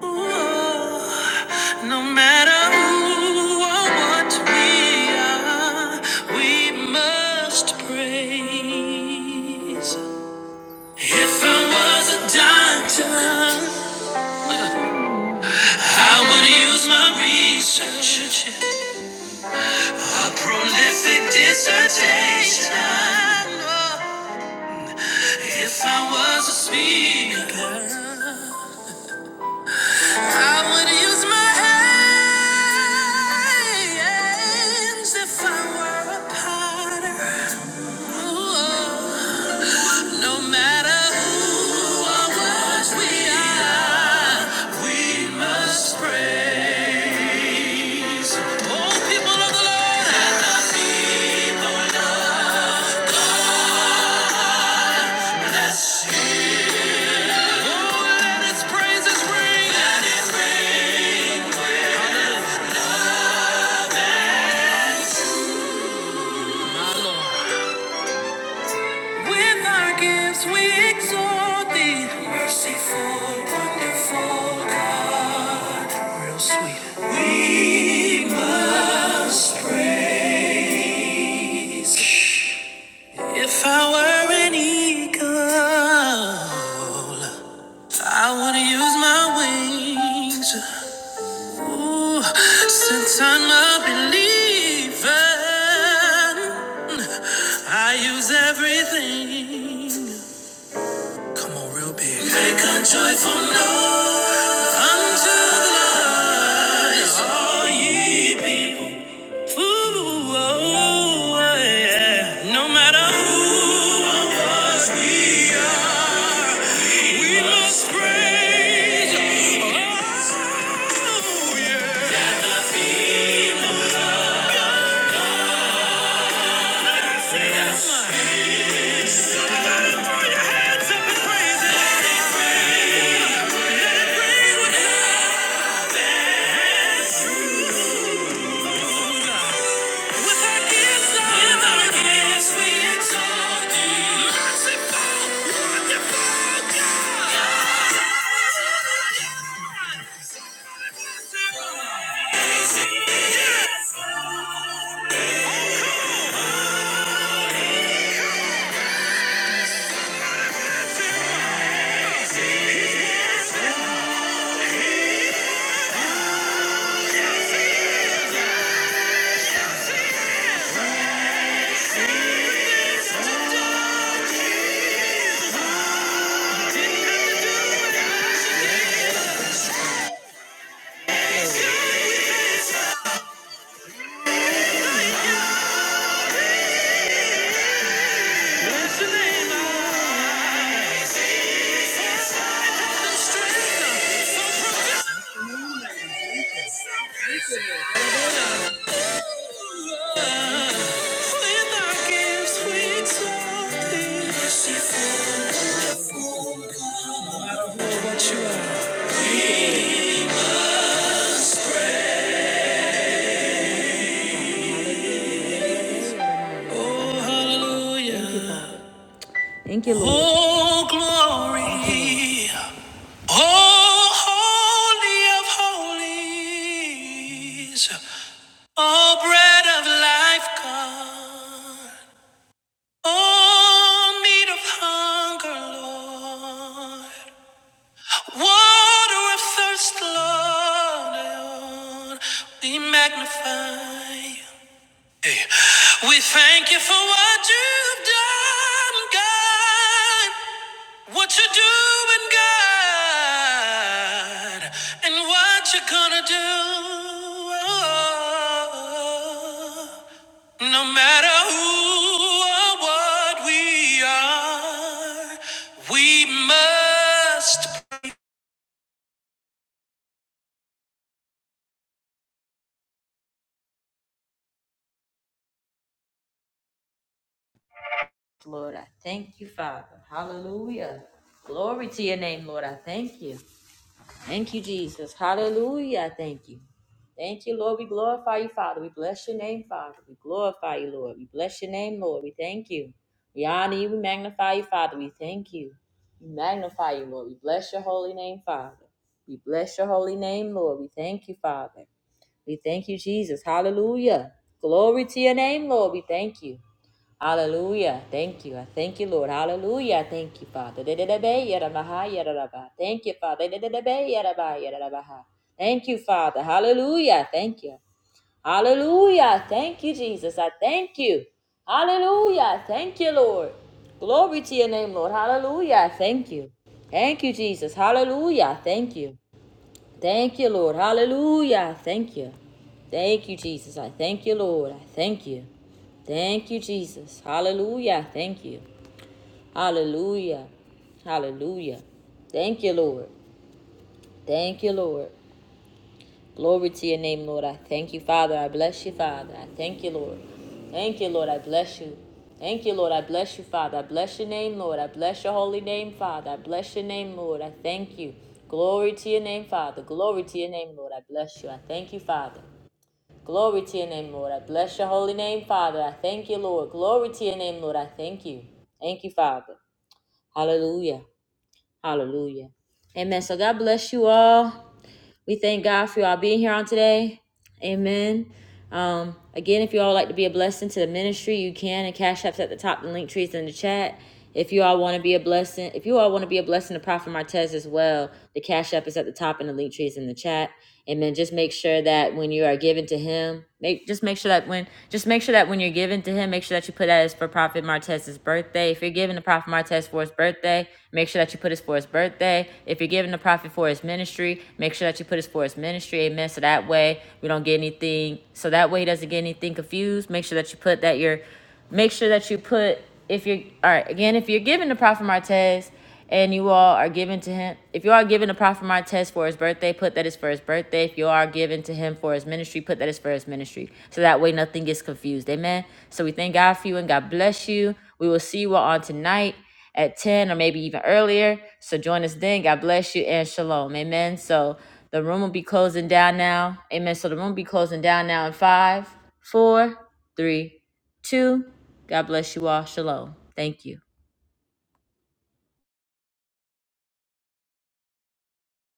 Speaker 2: No matter who or what we are, we must praise. If I was a doctor, I would use my research, a prolific dissertation. If I was a speaker. I would use my hands if I were a potter. no matter who or what we are, we must pray. Oh, people of the Lord, oh, let His praises ring. With our gifts we exalt thee. Merciful, wonderful God. Real sweet. We must praise. If I were an eagle, I would use my wings. Ooh, since I'm a believer, I use everything. Come on, real big. Take a joyful noise unto the Lord. It's all ye. Ooh, oh, oh, yeah. No matter who or what we are, we must praise. Oh, yeah. With our gifts, we exalt thee. Merciful, wonderful God. Bless With our gifts, we exalt thee. Merciful, wonderful God. Oh, Oh, hallelujah. Oh, glory. Oh, holy of holies, oh, bread of life, God, oh, meat of hunger, Lord, water of thirst, Lord, we magnify. you. Hey. We thank you for what you've done, God. What you're doing, God. And what you're gonna do. No matter who or what we are, we must. Lord, I thank you, Father. Hallelujah. Glory to your name, Lord. I thank you. Thank you, Jesus. Hallelujah. Thank you. Thank you, Lord. We glorify you, Father. We bless your name, Father. We glorify you, Lord. We bless your name, Lord. We thank you. We honor you. We magnify you, Father. We thank you. We magnify you, Lord. We bless your holy name, Father. We bless your holy name, Lord. We thank you, Father. We thank you, Jesus. Hallelujah. Glory to your name, Lord. We thank you. Hallelujah. Thank you. I thank you, Lord. Hallelujah. I thank you, Father. da da da Thank you, Father. da da da Thank you, Father. Hallelujah. Thank you. Hallelujah. Thank you, Jesus. I thank you. Hallelujah. Thank you, Lord. Glory to your name, Lord. Hallelujah. I Thank you. Thank you, Jesus. Hallelujah. I Thank you. Thank you, Lord. Hallelujah. I Thank you. Thank you, Jesus. I thank you, Lord. I thank you. Thank you, Jesus. Hallelujah. I Thank you. Hallelujah. Hallelujah. Thank you, Lord. Thank you, Lord. Glory to your name, Lord. I thank you, Father. I bless you, Father. I thank you, Lord. Thank you, Lord. I bless you. Thank you, Lord. I bless you, Father. I bless your name, Lord. I bless your holy name, Father. I bless your name, Lord. I thank you. Glory to your name, Father. Glory to your name, Lord. I bless you. I thank you, Father. Glory to your name, Lord. I bless your holy name, Father. I thank you, Lord. Glory to your name, Lord. I thank you. Thank you, Father. Hallelujah. Hallelujah. Amen. So God bless you all. We thank God for y'all being here on today. Amen. Um, again, if you all would like to be a blessing to the ministry, you can. And Cash App's at the top. The link trees in the chat. If you all want to be a blessing, if you all want to be a blessing to Prophet Martez as well, the Cash App is at the top and the link trees in the chat. Amen. Just make sure that when you are giving to him, make just make sure that when just make sure that when you're giving to him, make sure that you put that as for Prophet Martez's birthday. If you're giving to Prophet Martez for his birthday, make sure that you put it for his birthday. If you're giving the prophet for his ministry, make sure that you put it for his ministry. Amen. So that way we don't get anything. So that way he doesn't get anything confused. Make sure that you put that your. Make sure that you put if you're all right again. If you're giving the prophet Martez and you all are given to him. If you are given to Prophet Martez for his birthday, put that is for his birthday. If you are given to him for his ministry, put that is for his ministry. So that way nothing gets confused. Amen. So we thank God for you and God bless you. We will see you all on tonight at 10 or maybe even earlier. So join us then. God bless you and shalom. Amen. So the room will be closing down now. Amen. So the room will be closing down now in five, four, three, two. God bless you all. Shalom. Thank you.